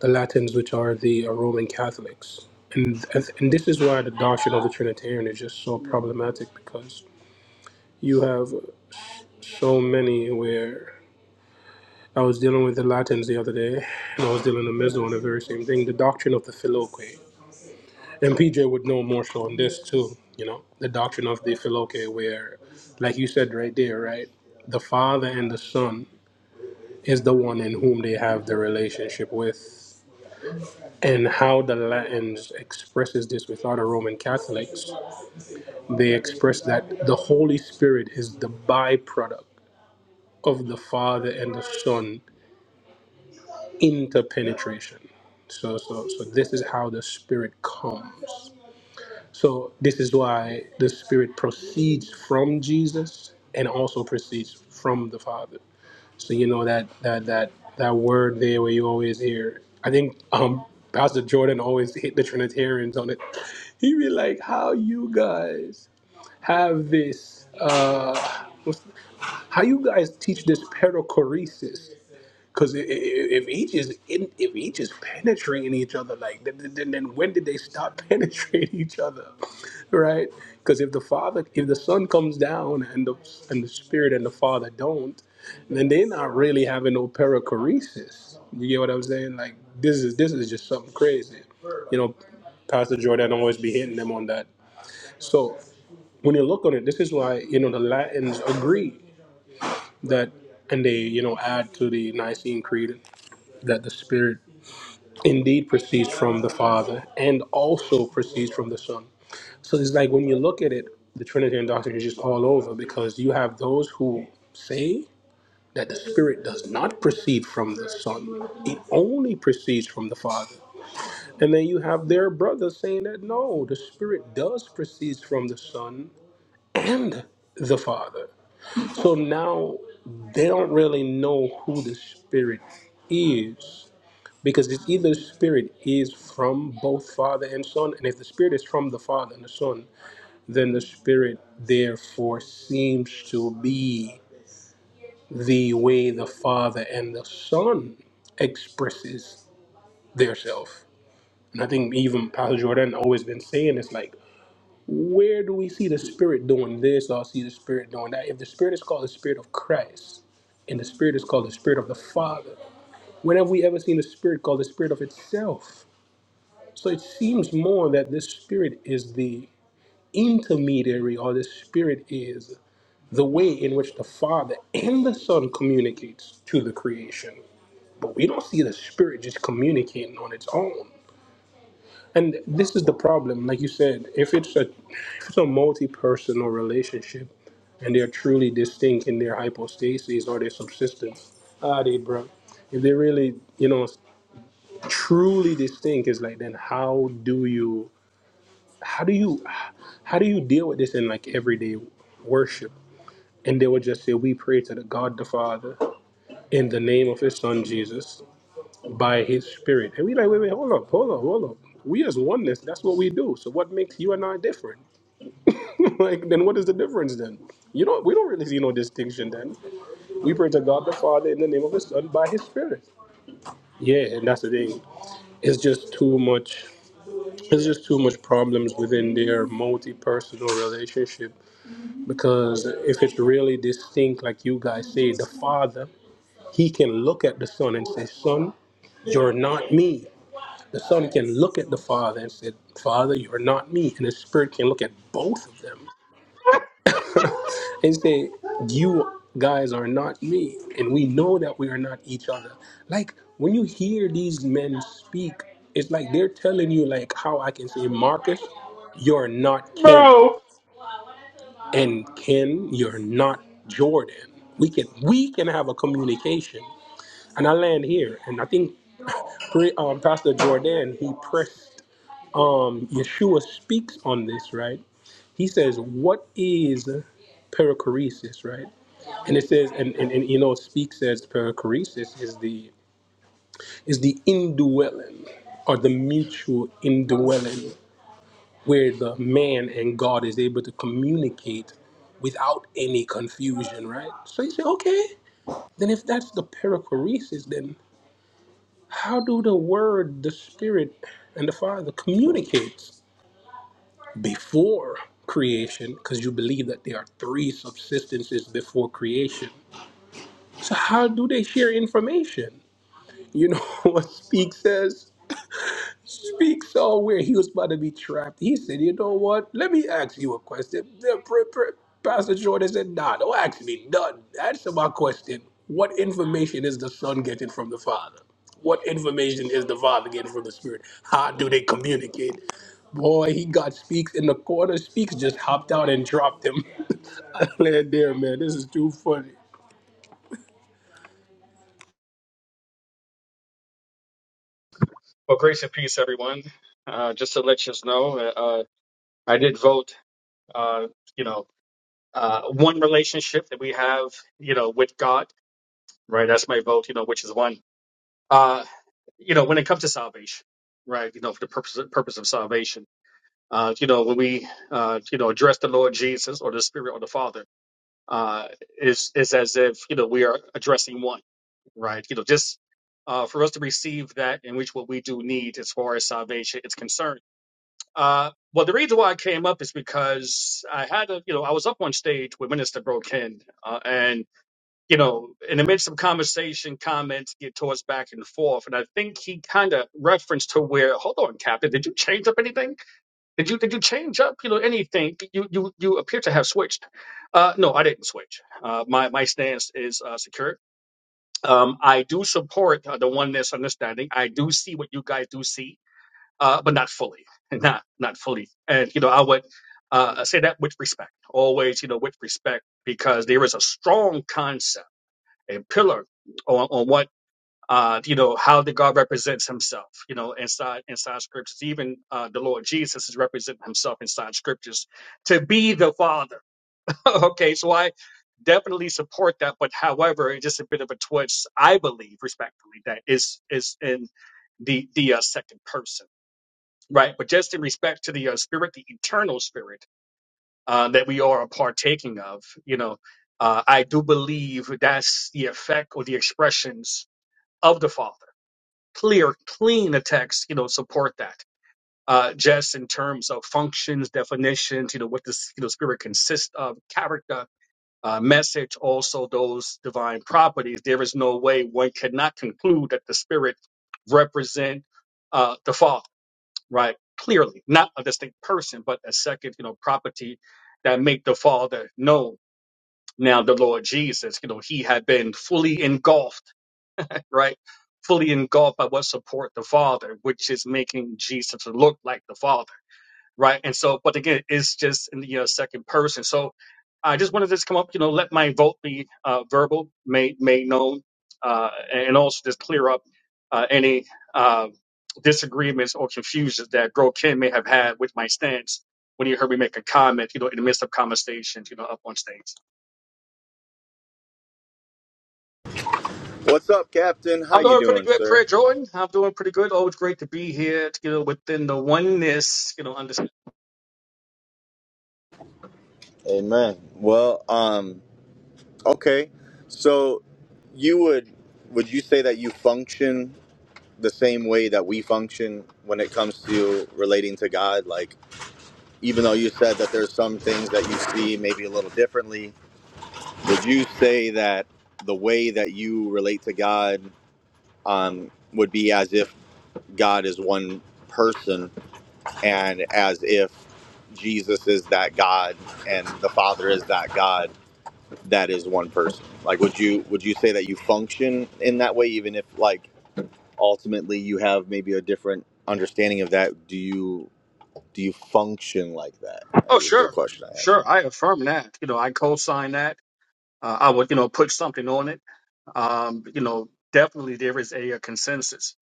the Latins, which are the uh, Roman Catholics. And, and this is why the doctrine of the Trinitarian is just so problematic because you have so many where I was dealing with the Latins the other day and I was dealing with the Mezzo on the very same thing the doctrine of the Filoque. And PJ would know more so on this too, you know, the doctrine of the Filoque, where, like you said right there, right, the Father and the Son is the one in whom they have the relationship with and how the Latins expresses this with other Roman Catholics, they express that the Holy Spirit is the byproduct of the Father and the Son interpenetration. So, so, so this is how the Spirit comes. So this is why the Spirit proceeds from Jesus and also proceeds from the Father. So you know that that that that word there where you always hear. I think um Pastor Jordan always hit the Trinitarians on it. He be like, "How you guys have this? uh what's- How you guys teach this perichoresis?" Because if each is in, if each is penetrating each other, like then, then, then when did they stop penetrating each other, right? Because if the father, if the son comes down and the and the spirit and the father don't, then they're not really having no perichoresis. You get what I'm saying? Like this is this is just something crazy. You know, Pastor Jordan always be hitting them on that. So when you look on it, this is why you know the Latins agree that, and they you know add to the Nicene Creed that the Spirit indeed proceeds from the Father and also proceeds from the Son. So it's like when you look at it, the Trinitarian doctrine is just all over because you have those who say that the Spirit does not proceed from the Son, it only proceeds from the Father. And then you have their brothers saying that no, the Spirit does proceed from the Son and the Father. So now they don't really know who the Spirit is Because it's either the Spirit is from both Father and Son, and if the Spirit is from the Father and the Son, then the Spirit therefore seems to be the way the Father and the Son expresses their self. And I think even Pastor Jordan always been saying it's like, where do we see the Spirit doing this or see the Spirit doing that? If the Spirit is called the Spirit of Christ, and the Spirit is called the Spirit of the Father, when have we ever seen the Spirit called the Spirit of itself? So it seems more that this Spirit is the intermediary, or the Spirit is the way in which the Father and the Son communicates to the creation. But we don't see the Spirit just communicating on its own. And this is the problem. Like you said, if it's a if it's a multi-personal relationship and they're truly distinct in their hypostases or their subsistence, ah, they bro. If they're really, you know, truly distinct, it's like then how do you? how do you how do you deal with this in like everyday worship and they would just say we pray to the god the father in the name of his son jesus by his spirit and we like wait wait hold up hold up hold up we as oneness that's what we do so what makes you and i different like then what is the difference then you don't we don't really see no distinction then we pray to god the father in the name of his son by his spirit yeah and that's the thing it's just too much it's just too much problems within their multi-personal relationship Because if it's really distinct, like you guys say, the Father, He can look at the Son and say, Son, you're not me. The Son can look at the Father and say, Father, you're not me. And the Spirit can look at both of them and say, You guys are not me. And we know that we are not each other. Like when you hear these men speak, it's like they're telling you, like, how I can say, Marcus, you're not Ken.
Bro.
And Ken, you're not Jordan. We can we can have a communication. And I land here. And I think pre- um, Pastor Jordan he pressed um, Yeshua speaks on this right. He says, "What is perichoresis?" Right. And it says, and, and, and you know, speak says perichoresis is the is the indwelling or the mutual indwelling where the man and God is able to communicate without any confusion, right? So you say, okay, then if that's the perichoresis, then how do the Word, the Spirit, and the Father communicate before creation? Because you believe that there are three subsistences before creation. So how do they share information? You know what Speak says? speaks on where he was about to be trapped. He said, You know what? Let me ask you a question. The pr- pr- Pastor Jordan said, Nah, don't ask me none. Answer my question. What information is the son getting from the father? What information is the father getting from the spirit? How do they communicate? Boy, he got speaks in the corner. Speaks just hopped out and dropped him. I land there, man. This is too funny.
Well, grace and peace, everyone. Uh, just to let you know, uh, I did vote. Uh, you know, uh, one relationship that we have, you know, with God, right? That's my vote. You know, which is one. Uh, you know, when it comes to salvation, right? You know, for the purpose purpose of salvation. Uh, you know, when we, uh, you know, address the Lord Jesus or the Spirit or the Father, uh, is is as if you know we are addressing one, right? You know, just uh, for us to receive that in which what we do need as far as salvation is concerned Uh, well, the reason why I came up is because I had a, you know, I was up on stage with Minister Brokin, uh, and you know, in the midst of conversation, comments get tossed back and forth, and I think he kind of referenced to where, hold on, Captain, did you change up anything? Did you did you change up, you know, anything? You you you appear to have switched. Uh, no, I didn't switch. Uh, my my stance is uh, secure. Um, I do support uh, the oneness understanding. I do see what you guys do see uh, but not fully, not not fully. And you know, I would uh, say that with respect, always, you know, with respect, because there is a strong concept, a pillar on, on what uh, you know how the God represents Himself, you know, inside inside scriptures. Even uh, the Lord Jesus is representing Himself inside scriptures to be the Father. okay, so I definitely support that, but however, it's just a bit of a twist. I believe, respectfully, that is is in the the uh, second person Right, but just in respect to the uh, spirit, the eternal spirit uh, that we are a partaking of, you know, uh, I do believe that's the effect or the expressions of the Father. Clear, clean the text, you know, support that. Uh, just in terms of functions, definitions, you know, what this, you know, spirit consists of, character, uh, message, also those divine properties. There is no way one cannot conclude that the spirit represent uh, the Father right? Clearly, not a distinct person, but a second, you know, property that make the Father known. Now, the Lord Jesus, you know, he had been fully engulfed, right? Fully engulfed by what support the Father, which is making Jesus look like the Father right? And so, but again, it's just in the you know, second person. So I just wanted this to come up, you know, let my vote be uh, verbal, made made known, uh, and also just clear up uh, any uh, disagreements or confusions that Bro Ken may have had with my stance when he heard me make a comment, you know, in the midst of conversations, you know, up on stage.
what's up, Captain? How
I'm
you
doing pretty
doing,
good,
sir?
Prayer Jordan. I'm doing pretty good. Always great to be here, you know, within the oneness, you know, understand.
Amen. Well, um, Okay, so you would would you say that you function the same way that we function when it comes to relating to God? Like, even though you said that there's some things that you see maybe a little differently, would you say that the way that you relate to God um, would be as if God is one person and as if Jesus is that God and the Father is that God? that is one person like would you would you say that you function in that way even if like ultimately you have maybe a different understanding of that do you do you function like that
Oh,
is the
sure.
question i have
Sure. I affirm that. You know, I co-sign that uh, I would, you know, put something on it. Um, you know, definitely there is a, a consensus,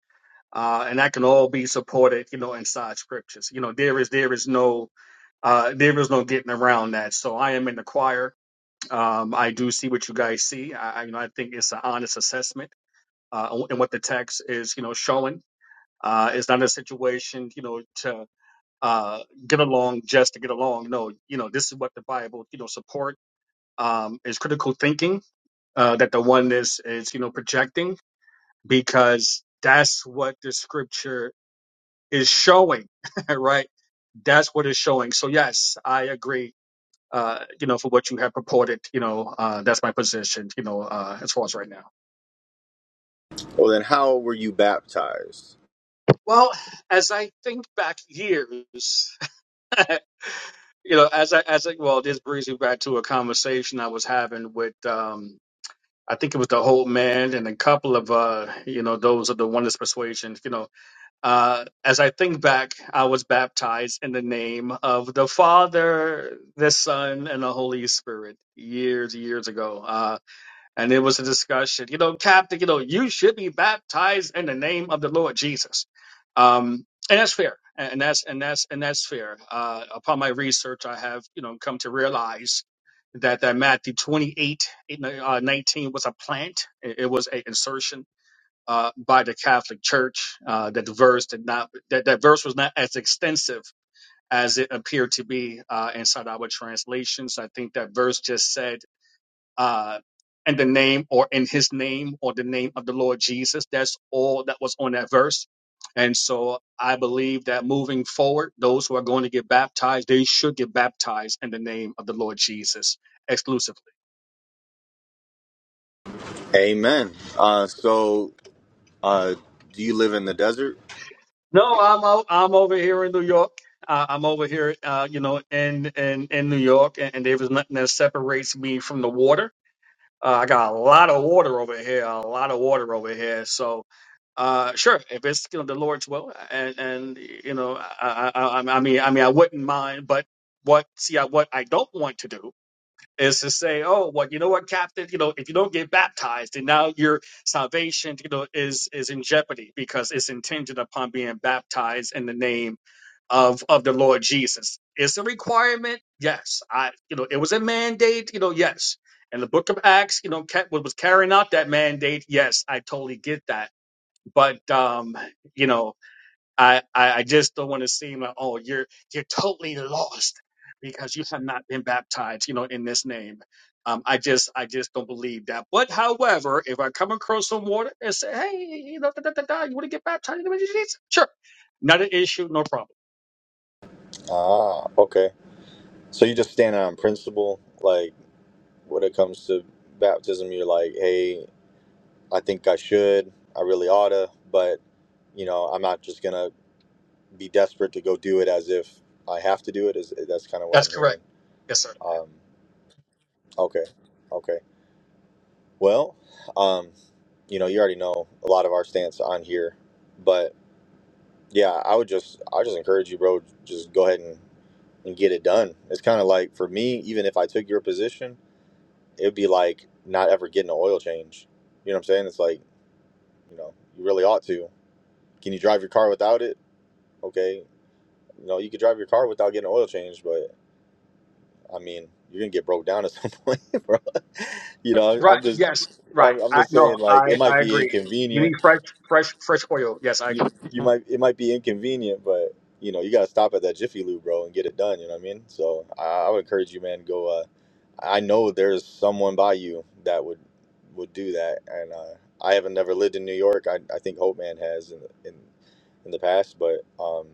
uh, and that can all be supported, you know, inside scriptures. You know, there is there is no uh, there is no getting around that. So I am in the choir. Um, I do see what you guys see. I, I you know I think it's an honest assessment uh, and what the text is, you know, showing. Uh, it's not a situation, you know, to uh, get along just to get along. No, you know, this is what the Bible, you know, support um, is critical thinking uh, that the oneness is, you know, projecting because that's what the scripture is showing, right? That's what it's showing. So yes, I agree. Uh, you know, for what you have purported, you know, uh, that's my position, you know, uh, as far as right now.
well then how were you baptized
Well, as I think back years, you know, as I, as I, well, this brings me back to a conversation I was having with, um, I think it was the whole man and a couple of, uh, you know, those of the oneness persuasion, you know, Uh, as I think back, I was baptized in the name of the Father, the Son, and the Holy Spirit years, years ago. Uh, and it was a discussion, you know, Captain, you know, you should be baptized in the name of the Lord Jesus. Um, and that's fair. And that's, and that's, and that's fair. Uh, upon my research, I have, you know, come to realize that, that Matthew 28, eight, uh, 19 was a plant. It, it was an insertion uh, by the Catholic Church. Uh, that the verse did not that, that verse was not as extensive as it appeared to be uh, inside our translations. I think that verse just said, uh, "In the name or in His name or the name of the Lord Jesus." That's all that was on that verse. And so I believe that moving forward, those who are going to get baptized, they should get baptized in the name of the Lord Jesus exclusively.
amen uh so uh do you live in the desert
No, I'm out, I'm over here in New York. Uh, I'm over here, uh, you know, in in in New York, and, and there was nothing that separates me from the water. Uh, I got a lot of water over here, a lot of water over here. So, uh, sure, if it's you know the Lord's will, and and you know, I I, I I mean, I mean, I wouldn't mind, but what see, I, what I don't want to do is to say, oh, well, you know what, Captain, you know, if you don't get baptized, then now your salvation, you know, is is in jeopardy because it's contingent upon being baptized in the name of of the Lord Jesus. It's a requirement, yes. I, you know, it was a mandate, you know, yes. And the Book of Acts, you know, kept, was carrying out that mandate, yes. I totally get that, but um, you know. I, I, I just don't want to seem like, oh, you're you're totally lost because you have not been baptized, you know, in this name. Um, I just I just don't believe that. But however, if I come across some water and say, hey, you know, da, da, da, da, you want to get baptized in the name of Jesus? Sure. Not an issue, no problem.
ah okay so you just stand on principle like when it comes to baptism you're like hey i think i should i really oughta but you know i'm not just gonna be desperate to go do it as if I have to do it. Is that's kind of what
That's
I'm hearing?
correct. Yes, sir.
Um, okay, okay. Well, um, you know, you already know a lot of our stance on here, but yeah, I would just, I just encourage you, bro. Just go ahead and, and get it done. It's kind of like for me, even if I took your position, it'd be like not ever getting an oil change. You know what I'm saying? It's like, you know, you really ought to. Can you drive your car without it? Okay, you know, you could drive your car without getting an oil change, but I mean, you're gonna get broke down at some point, bro. You know, I'm
Right,
just,
yes, right.
I'm, I'm
I
just saying,
no,
like, it
I,
might
I
be
agree. You need
inconvenient.
fresh fresh fresh oil. Yes, I
You,
agree.
you might, it might be inconvenient, but you know, you gotta stop at that Jiffy Lube, bro, and get it done. You know what I mean? So, I, I would encourage you, man, go. Uh, I know there's someone by you that would, would do that, and uh, I haven't never lived in New York. I, I think Hope Man has in, in, in the past, but um,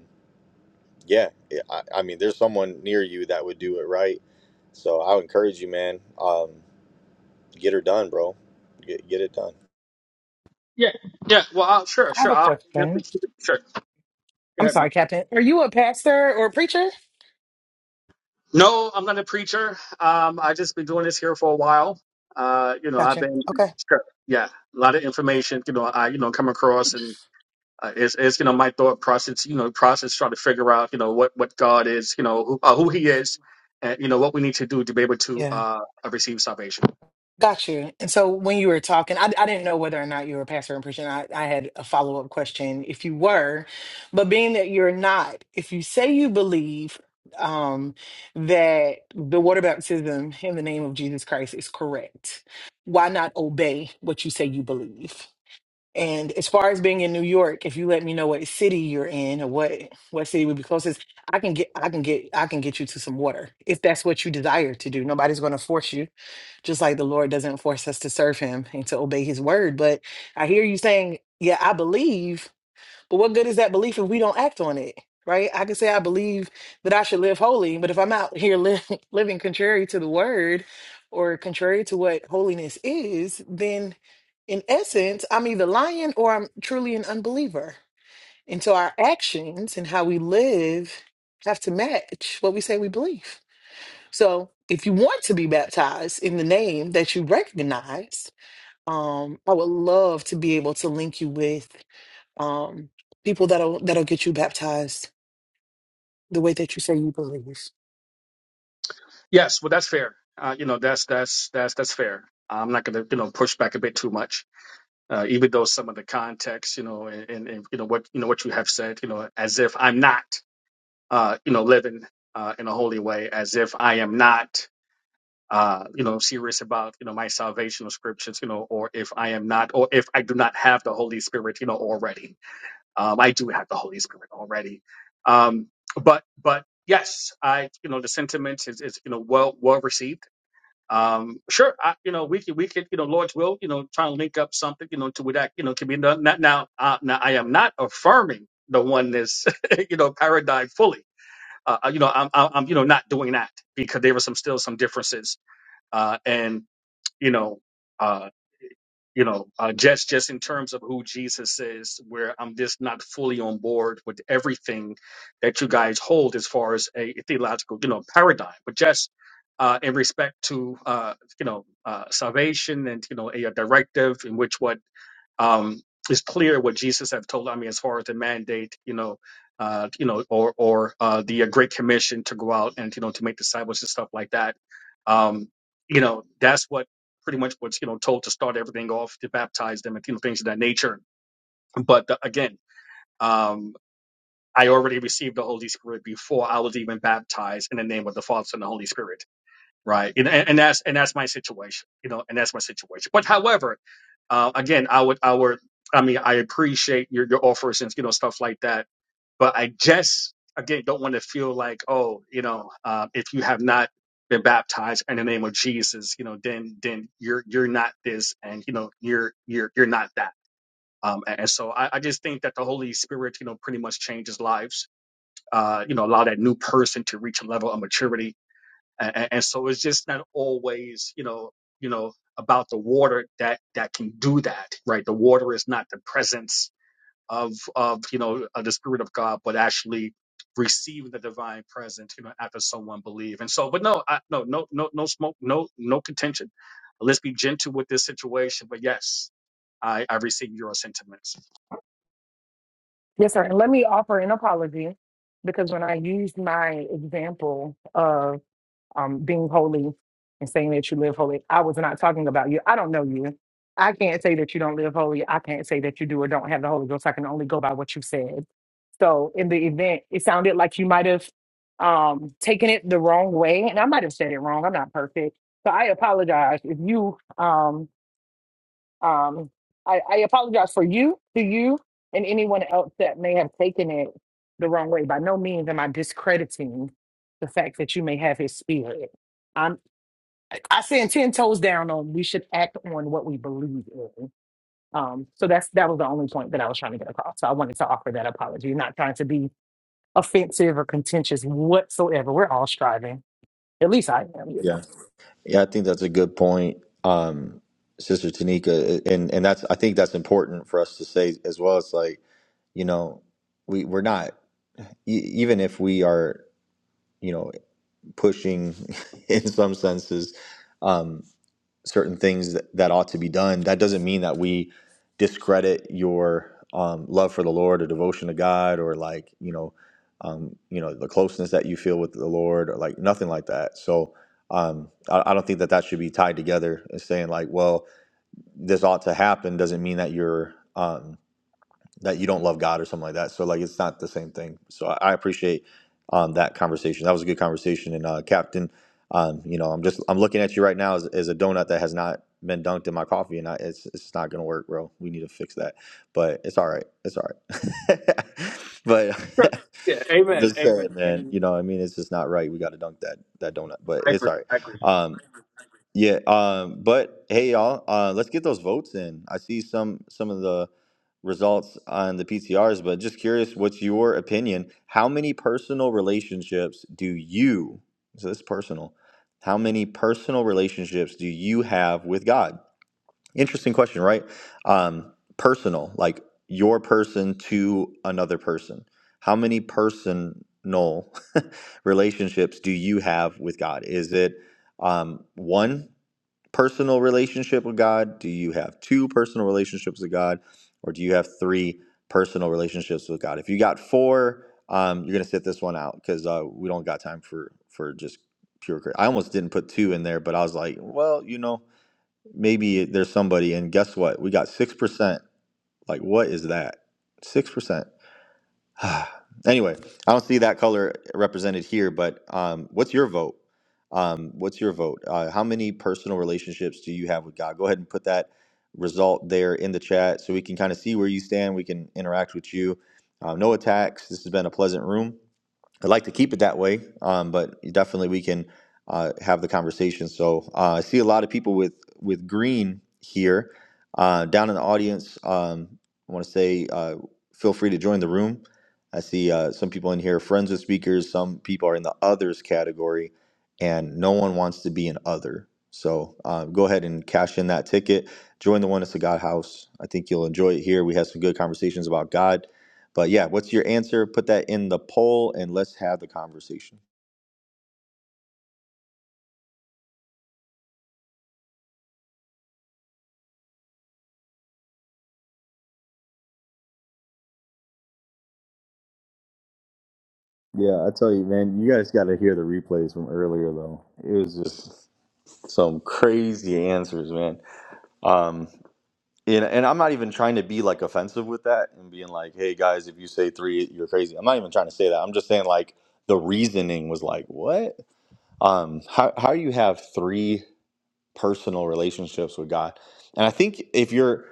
yeah, I, I mean, there's someone near you that would do it right. So, I would encourage you, man. Um, Get her done, bro. Get get it done.
Yeah, yeah. Well, I'll, sure,
I have
sure.
a
I'll definitely
question.
keep it. Sure. Go
I'm
ahead,
sorry, Captain. Are you a pastor or a preacher?
No, I'm not a preacher. Um, I just been doing this here for a while. Uh, you know, I've
Gotcha.
been,
Okay.
sure. yeah, a lot of information. You know, I you know come across and uh, it's, it's you know my thought process. You know, process trying to figure out you know what what God is. You know who uh, who He is, and you know what we need to do to be able to
Yeah.
uh receive salvation.
Got you. And so when you were talking, I, I didn't know whether or not you were a pastor or preacher. I, I had a follow up question if you were, but being that you're not, if you say you believe um, that the water baptism in the name of Jesus Christ is correct, why not obey what you say you believe? And as far as being in New York, if you let me know what city you're in or what what city would be closest, I can get I can get I can get you to some water if that's what you desire to do. Nobody's going to force you just like the Lord doesn't force us to serve him and to obey his word. But I hear you saying, yeah, I believe, but what good is that belief if we don't act on it? Right? I can say I believe that I should live holy, but if I'm out here li- living contrary to the word or contrary to what holiness is, then in essence, I'm either lying or I'm truly an unbeliever. And so our actions and how we live have to match what we say we believe. So if you want to be baptized in the name that you recognize, um, I would love to be able to link you with um, people that'll that'll get you baptized the way that you say you believe.
Yes, well that's fair. Uh, you know that's that's that's that's fair. I'm not gonna you know push back a bit too much. Uh, even though some of the context, you know, and, and, and you know what you know what you have said, you know, as if I'm not. uh, you know, living uh, in a holy way as if I am not, uh, you know, serious about, you know, my salvational scriptures, you know, or if I am not, or if I do not have the Holy Spirit, you know, already. Um, I do have the Holy Spirit already. Um, but, but yes, I, you know, the sentiment is, is you know, well, well received. Um, sure, I, you know, we could, we could, you know, Lord's will, you know, try and link up something, you know, to where that, you know, can be done. Now, now, uh, now I am not affirming the oneness, you know, paradigm fully uh, uh, you know, I'm, I'm, you know, not doing that because there were some still some differences, uh, and you know, uh, you know, uh, just just in terms of who Jesus is, where I'm just not fully on board with everything that you guys hold as far as a theological, you know, paradigm, but just. Uh, in respect to uh, you know uh, salvation and you know a, a directive in which what um, it's clear what Jesus have told. I mean, as far as the mandate, you know, uh, you know, or or uh, the uh, Great Commission to go out and you know to make disciples and stuff like that. Um, you know, that's what pretty much what's you know told to start everything off to baptize them and you know things of that nature. But uh, again, um, I already received the Holy Spirit before I was even baptized in the name of the Father and the Holy Spirit right? And, and and that's and that's my situation, you know, and that's my situation. But however, uh, again, I would I would I mean I appreciate your your offers and you know stuff like that, but I just again don't want to feel like oh you know uh, if you have not been baptized in the name of Jesus, you know, then then you're you're not this and you know you're you're you're not that. Um, and and so I, I just think that the Holy Spirit, you know, pretty much changes lives. Uh, you know, allow that new person to reach a level of maturity and, and so it's just not always you know you know about the water that that can do that right the water is not the presence of of you know of the spirit of god but actually receiving the divine presence you know after someone believe and so but no I, no no no no smoke no no contention let's be gentle with this situation but yes i i receive your sentiments
Yes, sir. And let me offer an apology because when I used my example um, being holy and saying that you live holy. I was not talking about you. I don't know you. I can't say that you don't live holy. I can't say that you do or don't have the Holy Ghost. I can only go by what you said. So in the event, it sounded like you might have um, taken it the wrong way, and I might have said it wrong. I'm not perfect, so I apologize if you. Um, um, I, I apologize for you, to you, and anyone else that may have taken it the wrong way. By no means am I discrediting the fact that you may have his spirit. I'm I stand ten toes down on we should act on what we believe in. Um, so that's that was the only point that I was trying to get across. So I wanted to offer that apology, not trying to be offensive or contentious whatsoever. We're all striving. At least I am, you know.
Yeah, yeah, I think that's a good point, um, Sister Tanika, and and that's I think that's important for us to say as well. It's like you know we we're not e- even if we are you know pushing in some senses. um, certain things that, that ought to be done. That doesn't mean that we discredit your um, love for the Lord or devotion to God or like you know, um, you know the closeness that you feel with the Lord or like nothing like that. So um, I, I don't think that that should be tied together and saying like, well, this ought to happen doesn't mean that you're. um, that you don't love God or something like that. So like it's not the same thing. So I, I appreciate um, that conversation. That was a good conversation. And uh, Captain, um, you know, I'm just I'm looking at you right now as, as a donut that has not been dunked in my coffee, and I, it's it's not gonna work, bro. We need to fix that. But it's all right. It's all right. but I'm just saying, man. You know, I mean, it's just not right. We got to dunk that that donut, but it's all right. Um, yeah, um, but hey, y'all, uh, let's get those votes in. I see some some of the results on the PTRs, but just curious, what's your opinion? How many personal relationships do you? So this is personal. How many personal relationships do you have with God? Interesting question, right? Um, personal, like your person to another person. How many personal relationships do you have with God? Is it um, one? personal relationship with God? Do you have two personal relationships with God, or do you have three personal relationships with God? If you got four, um, you're gonna sit this one out because uh, we don't got time for for just pure. crit- I almost didn't put two in there, but I was like, well, you know, maybe there's somebody. And guess what? We got six percent. Like, what is that? Six percent. anyway, I don't see that color represented here, but um, what's your vote? Um, what's your vote? Uh, how many personal relationships do you have with God? Go ahead and put that result there in the chat so we can kind of see where you stand. We can interact with you. Uh, no attacks. This has been a pleasant room. I'd like to keep it that way, um, but definitely we can uh, have the conversation. So uh, I see a lot of people with with green here uh, down in the audience. Um, I want to say uh, feel free to join the room. I see uh, some people in here, are friends of speakers. Some people are in the others category, and no one wants to be an other. So uh, go ahead and cash in that ticket. Join the Oneness of God House. I think you'll enjoy it here. We had some good conversations about God but yeah, what's your answer? Put that in the poll and let's have the conversation. Yeah, I tell you, man, you guys got to hear the replays from earlier, though. It was just some crazy answers, man. Um, and, and I'm not even trying to be like offensive with that and being like, hey guys, if you say three, you're crazy. I'm not even trying to say that. I'm just saying like the reasoning was like, what? Um, how, how you have three personal relationships with God. And I think if you're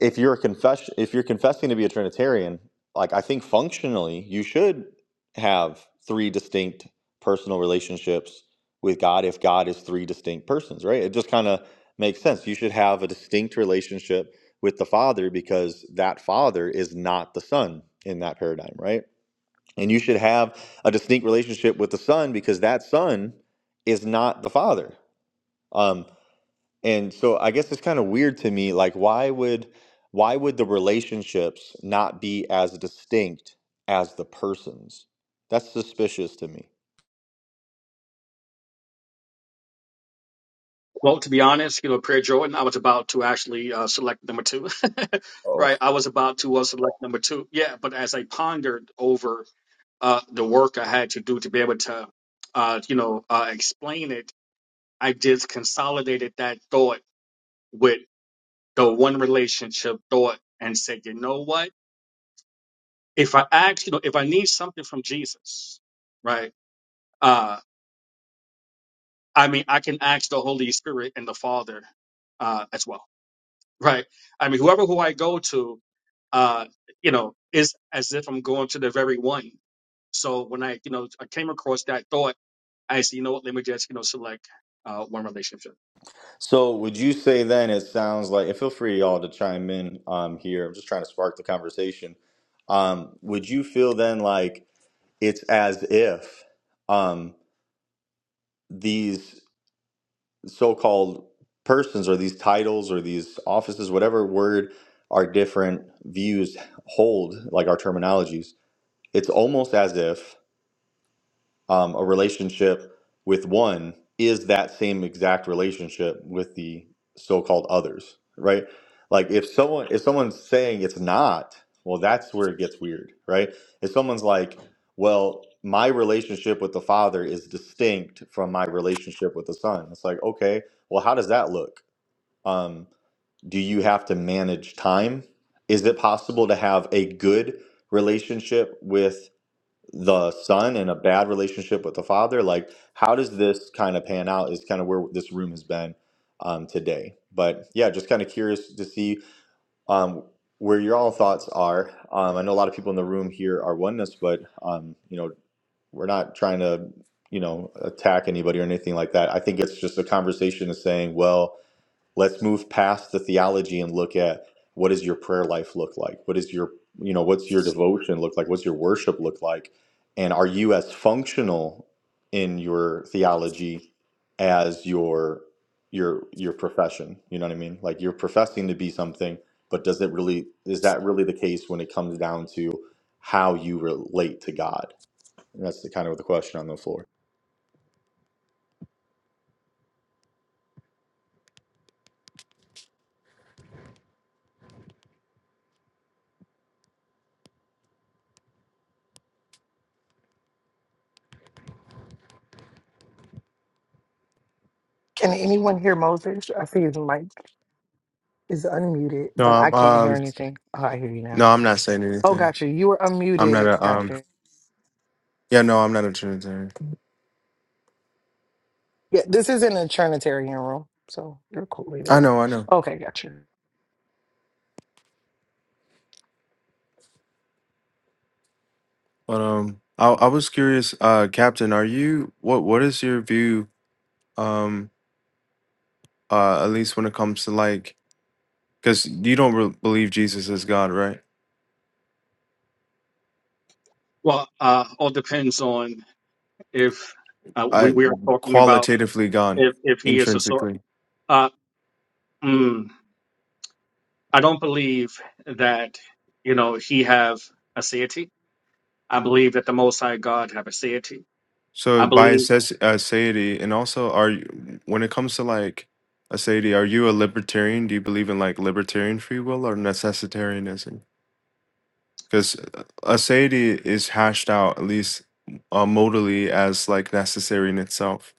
if you're a confession if you're confessing to be a Trinitarian, like I think functionally you should have three distinct personal relationships with God if God is three distinct persons, right? It just kind of makes sense. You should have a distinct relationship with the Father because that Father is not the Son in that paradigm, right? And you should have a distinct relationship with the Son because that Son is not the Father. Um, and so I guess it's kind of weird to me, like why would why would the relationships not be as distinct as the persons? That's suspicious to me.
Well, to be honest, you know, Prayer Jordan, I was about to actually uh, select number two,
Oh,
right? I was about to uh, select number two. Yeah, but as I pondered over uh, the work I had to do to be able to, uh, you know, uh, explain it, I just consolidated that thought with the one relationship thought and said, you know what? If I ask, you know, if I need something from Jesus, right? Uh, I mean, I can ask the Holy Spirit and the Father uh, as well. right? I mean, whoever who I go to, uh, you know, is as if I'm going to the very one. So when I, you know, I came across that thought, I said, you know what, let me just, you know, select uh, one relationship.
So would you say then it sounds like, and feel free y'all to chime in um, here. I'm just trying to spark the conversation. Um, would you feel then like it's as if um, these so-called persons or these titles or these offices whatever word our different views hold like our terminologies it's almost as if um, a relationship with one is that same exact relationship with the so-called others right like if someone if someone's saying it's not well that's where it gets weird right if someone's like well my relationship with the father is distinct from my relationship with the son it's like okay well how does that look um, do you have to manage time is it possible to have a good relationship with? the son and a bad relationship with the father like how does this kind of pan out is kind of where this room has been um, today but yeah just kind of curious to see um, where your all thoughts are um, i know a lot of people in the room here are oneness but um, you know we're not trying to you know attack anybody or anything like that i think it's just a conversation of saying well let's move past the theology and look at what does your prayer life look like what is your you know what's your devotion look like what's your worship look like and are you as functional in your theology as your your your profession you know what i mean like you're professing to be something but does it really is that really the case when it comes down to how you relate to god and that's the kind of the question on the floor
Can anyone hear Moses? I see his mic. is unmuted,
No,
but I
I'm,
can't hear
um,
anything. Oh, I hear you now.
no, I'm not saying
Oh,
anything.
gotcha. You were
I'm not
unmuted.
a, um,
Gotcha.
yeah, no, I'm not a Trinitarian.
Yeah, this isn't a Trinitarian room, so you're cool either
I
way.
know, I know.
Okay, gotcha.
But, um, I, I was curious, uh, Captain, are you, what, what is your view, um, uh, at least when it comes to like, because you don't re- believe Jesus is God, right?
Well, uh, all depends on if uh, we
I,
we are talking about
qualitatively God,
if if he is a sort.
intrinsically.
Uh, mm, I don't believe that you know he have a deity. I believe that the Most High God have a deity.
So
I
by
believe.
asses- uh, aseity, and also, are you, when it comes to like aseity, are you a libertarian? Do you believe in like libertarian free will or necessitarianism? because a sadi is hashed out at least uh, modally as like necessary in itself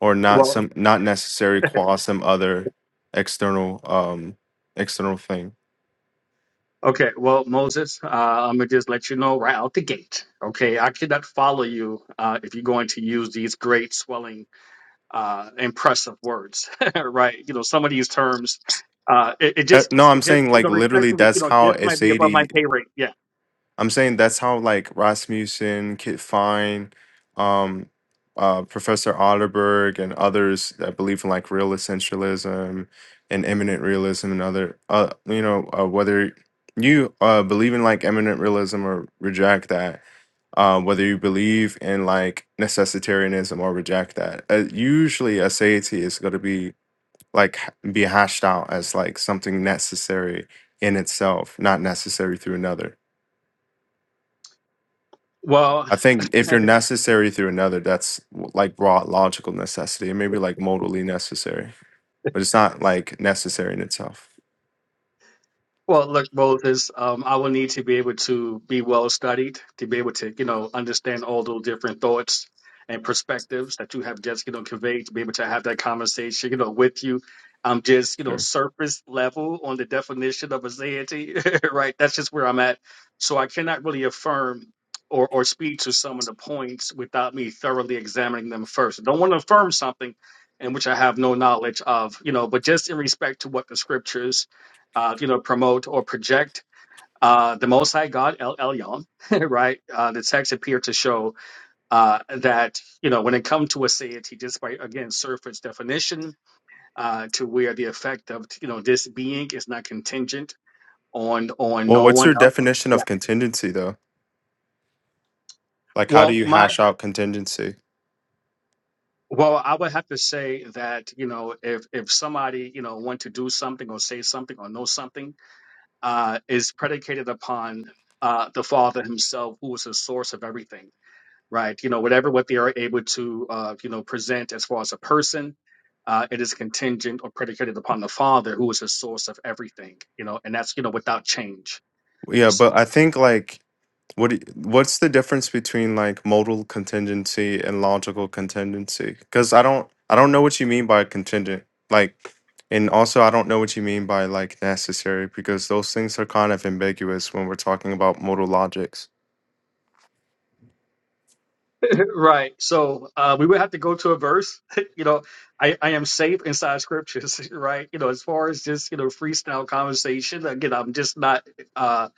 or not
Well.
some not necessary qua some other external um external thing
Okay, well, Moses, uh, I'm gonna just let you know right out the gate. Okay, I cannot follow you uh, if you're going to use these great, swelling, uh, impressive words, right? You know, some of these terms, uh, it, it
Uh,
just,
no i'm
it just,
saying
you
like
know,
literally
respectfully, you
that's
know,
how
this
a
might be above
sati
my pay rate. Yeah.
I'm saying that's how like Rasmussen, Kit Fine, um, uh, Professor Otterberg, and others that believe in like real essentialism and imminent realism and other, uh, you know, uh, whether you uh, believe in like imminent realism or reject that, uh, whether you believe in like necessitarianism or reject that, uh, usually a satiety is going to be like h- be hashed out as like something necessary in itself, not necessary through another
Well,
I think if you're necessary through another, that's w- like raw logical necessity, and maybe like modally necessary, but it's not like necessary in itself.
Well, look, Moses, um, I will need to be able to be well studied, to be able to, you know, understand all those different thoughts and perspectives that you have just, you know, conveyed, to be able to have that conversation, you know, with you. I'm just, you know,
Sure.
surface level on the definition of aseity, right? That's just where I'm at. So I cannot really affirm or, or speak to some of the points without me thoroughly examining them first. I don't want to affirm something in which I have no knowledge of, you know, but just in respect to what the scriptures uh, you know, promote or project uh, the Most High God El Elyon, right? Uh, the text appear to show uh, that you know when it comes to a deity, despite again surface definition, uh, to where the effect of you know this being is not contingent on on
Well,
no
what's
one
your
else.
definition
Yeah.
of contingency though? Like, how do
Well,
you
my
hash out contingency?
well, I would have to say that you know if if somebody you know want to do something or say something or know something uh, is predicated upon uh, the Father Himself, who is the source of everything right? You know, whatever what they are able to, uh, you know, present as far as a person, uh, it is contingent or predicated upon the Father, who is the source of everything, you know, and that's you know without change.
Well, Yeah, but I
So
think like What do you- what's the difference between like modal contingency and logical contingency? Because I don't I don't know what you mean by contingent. Like, and also I don't know what you mean by like necessary because those things are kind of ambiguous when we're talking about modal logics.
Right. So uh, we would have to go to a verse. you know, I, I am safe inside scriptures, right? You know, as far as just, you know, freestyle conversation, again, I'm just not uh,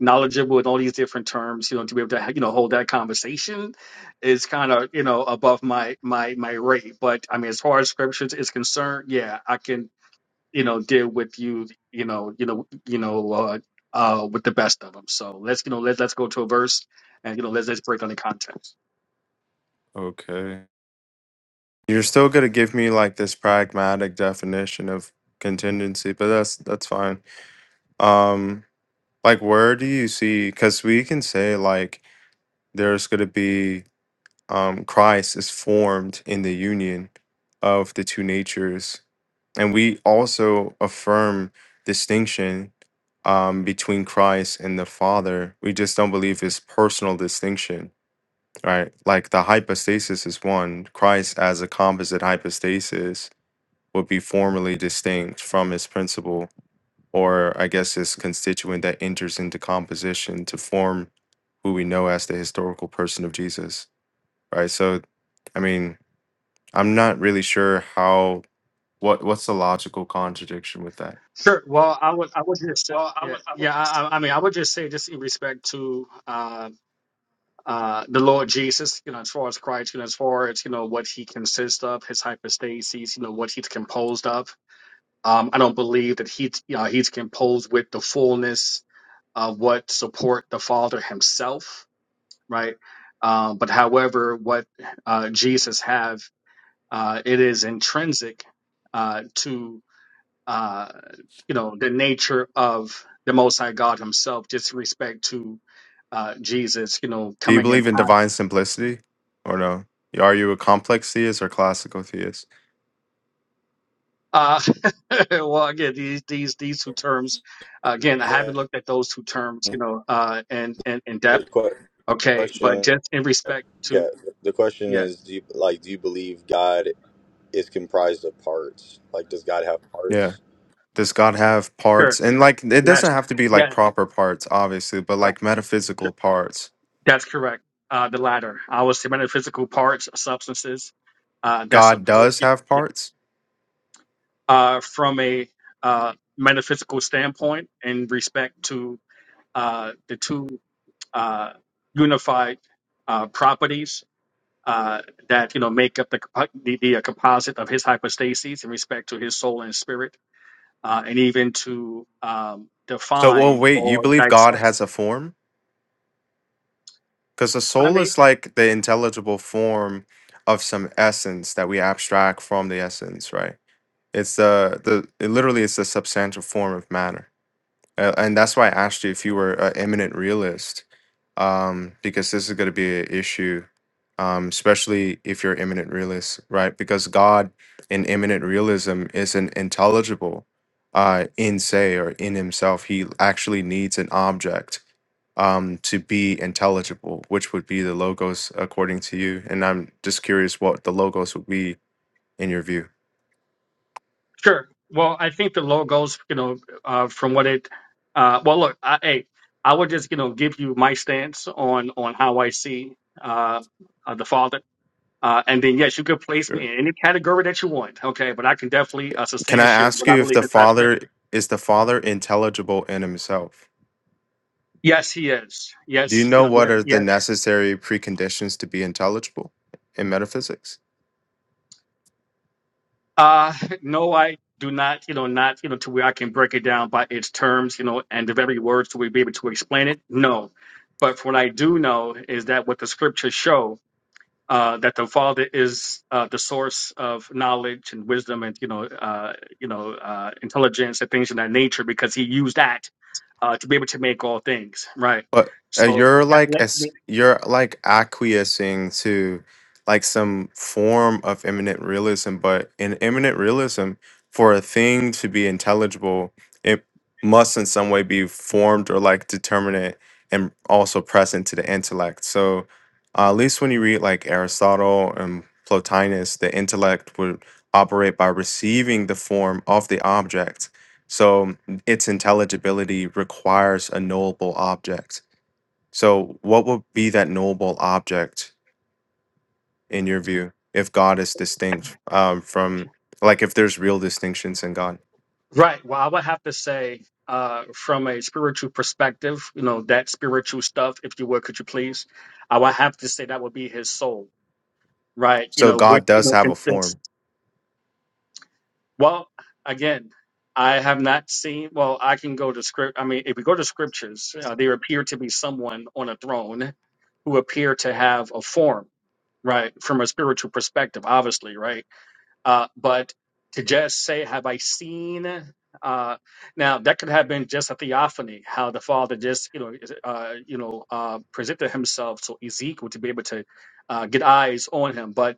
knowledgeable with all these different terms, you know, to be able to, you know, hold that conversation is kind of, you know, above my, my, my rate. But I mean, as far as scriptures is concerned, yeah, I can, you know, deal with you, you know, you know, you know, uh, uh, with the best of them. So let's, you know, let, let's go to a verse and, you know, let's, let's break down the context.
Okay. You're still gonna give me like this pragmatic definition of contingency, but that's that's fine. Um, like where do you see? Because we can say like there's gonna be um, Christ is formed in the union of the two natures. And we also affirm distinction um, between Christ and the Father. We just don't believe his personal distinction, right? Like the hypostasis is one, Christ as a composite hypostasis would be formally distinct from his principle, or I guess his constituent that enters into composition to form who we know as the historical person of Jesus, right? So, I mean, I'm not really sure how what what's the logical contradiction with that.
Sure. Well, I would, I would just, say- yeah, yeah. I, I I mean, I would just say, just in respect to uh, uh, the Lord Jesus, you know, as far as Christ, you know, as far as you know what he consists of, his hypostases, you know, what he's composed of. Um, I don't believe that he's, you know, he's composed with the fullness of what support the Father himself, right? Um, but however, what uh, Jesus have, uh, it is intrinsic uh, uh, you know, the nature of the Most High God Himself, just respect to uh, Jesus, you know,
Do you
coming in.
believe in divine simplicity or no? Are you a complex theist or classical theist?
Uh, well, again, these these these two terms, uh, again, I haven't looked at those two terms, you
The
know, uh, in, in in depth. Okay,
question.
but just in respect to,
Yeah, the question
yeah,
is, do you like do you believe God is comprised of parts? Like, does God have
Yeah.
parts?
Does God have
sure,
parts? And like it doesn't
yes,
have to be like
yes,
proper parts obviously, but
right,
like metaphysical
sure.
parts.
that's correct. Uh, the latter, I was the metaphysical parts, substances uh, that
God
support.
does have parts?
uh, from a uh, metaphysical standpoint in respect to uh, the two uh, unified uh, properties uh, that you know make up the compo- the, the uh, composite of his hypostases in respect to his soul and spirit, uh, and even to um,
So well
define
wait, you
or
believe God
dissect.
has a form? Cuz the
I
soul
mean.
is like the intelligible form of some essence that we abstract from the essence, right? It's uh the it literally it's a substantial form of matter, uh, and that's why I asked you if you were an eminent realist, um, because this is going to be an issue, um, especially if you're imminent realist, right? Because God in imminent realism isn't intelligible, uh, in say or in himself. He actually needs an object, um, to be intelligible, which would be the logos, according to you. And I'm just curious what the logos would be in your view.
Sure. Well, I think the logos, you know, uh, from what it, uh, well, look, I, hey, I would just, you know, give you my stance on on how I see uh, uh, the Father, uh, and then yes, you could place
Sure.
me in any category that you want, okay? But I can definitely uh,
Can I
substantiate
ask
what I
you if
believe
the
inside Scripture.
Father is the Father intelligible in himself?
Yes, he is.
Do you
Yes, you
know
know,
what
yes,
are the
yes.
necessary preconditions to be intelligible in metaphysics?
Uh, no, I do not, you know, not, you know, to where I can break it down by its terms, you know, and the very words to be able to explain it. No, but what I do know is that what the Scriptures show uh, that the Father is uh, the source of knowledge and wisdom and you know uh, you know uh, intelligence and things of that nature because He used that uh, to be able to make all things right.
But uh,
So
you're
that
like
lets
as
me
you're like acquiescing to like some form of imminent realism, but in imminent realism, for a thing to be intelligible, it must in some way be formed or like determinate and also present to the intellect. So uh, at least when you read like Aristotle and Plotinus, the intellect would operate by receiving the form of the object. So its intelligibility requires a knowable object. So, what would be that knowable object in your view if God is distinct um, from, like, if there's real distinctions in God?
right. Well, I would have to say uh, from a spiritual perspective, you know that spiritual stuff, if you would, could you please? I would have to say that would be His soul, right? You
So,
know, which
God
you
does
know
have a
consists
form,
Well, again, I have not seen. Well, I can go to script. I mean, if we go to scriptures, uh, there appear to be someone on a throne who appear to have a form, right, from a spiritual perspective, obviously, right. Uh, but to just say, "Have I seen?" Uh, now that could have been just a theophany, how the Father just, you know, uh, you know, uh, presented Himself to Ezekiel to be able to uh, get eyes on Him, but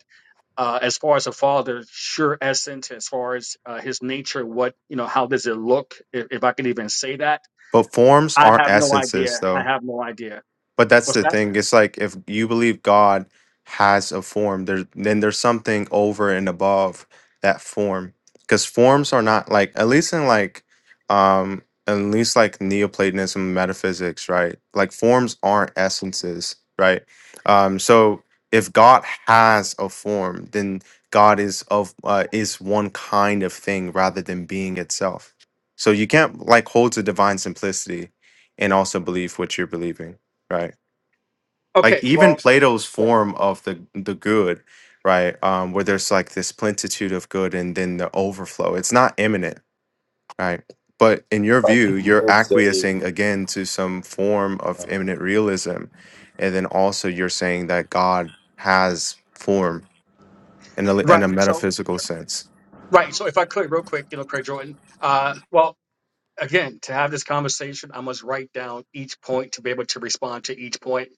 uh, as far as a father, sure essence, as far as uh, his nature, what you know, how does it look? If, if I could even say that,
but forms
I
aren't
have no idea.
essences, though.
I have no idea.
But that's
What's
the
that?
thing. It's like if you believe God has a form, there then there's something over and above that form. Because forms are not like at least in like um at least like Neoplatonism metaphysics, right? Like forms aren't essences, right? Um so if God has a form, then God is of uh, is one kind of thing rather than being itself. So you can't like hold to divine simplicity and also believe what you're believing right like
Okay,
even
well,
plato's form of the the good right um where there's like this plentitude of good and then the overflow it's not imminent right but in your
I
view
think he
you're
did say,
acquiescing again to some form of imminent realism and then also you're saying that god has form in a,
right.
in a
So,
metaphysical sense
right. So, if I could, real quick, you know, Craig Jordan. Uh, well. again, to have this conversation, I must write down each point to be able to respond to each point.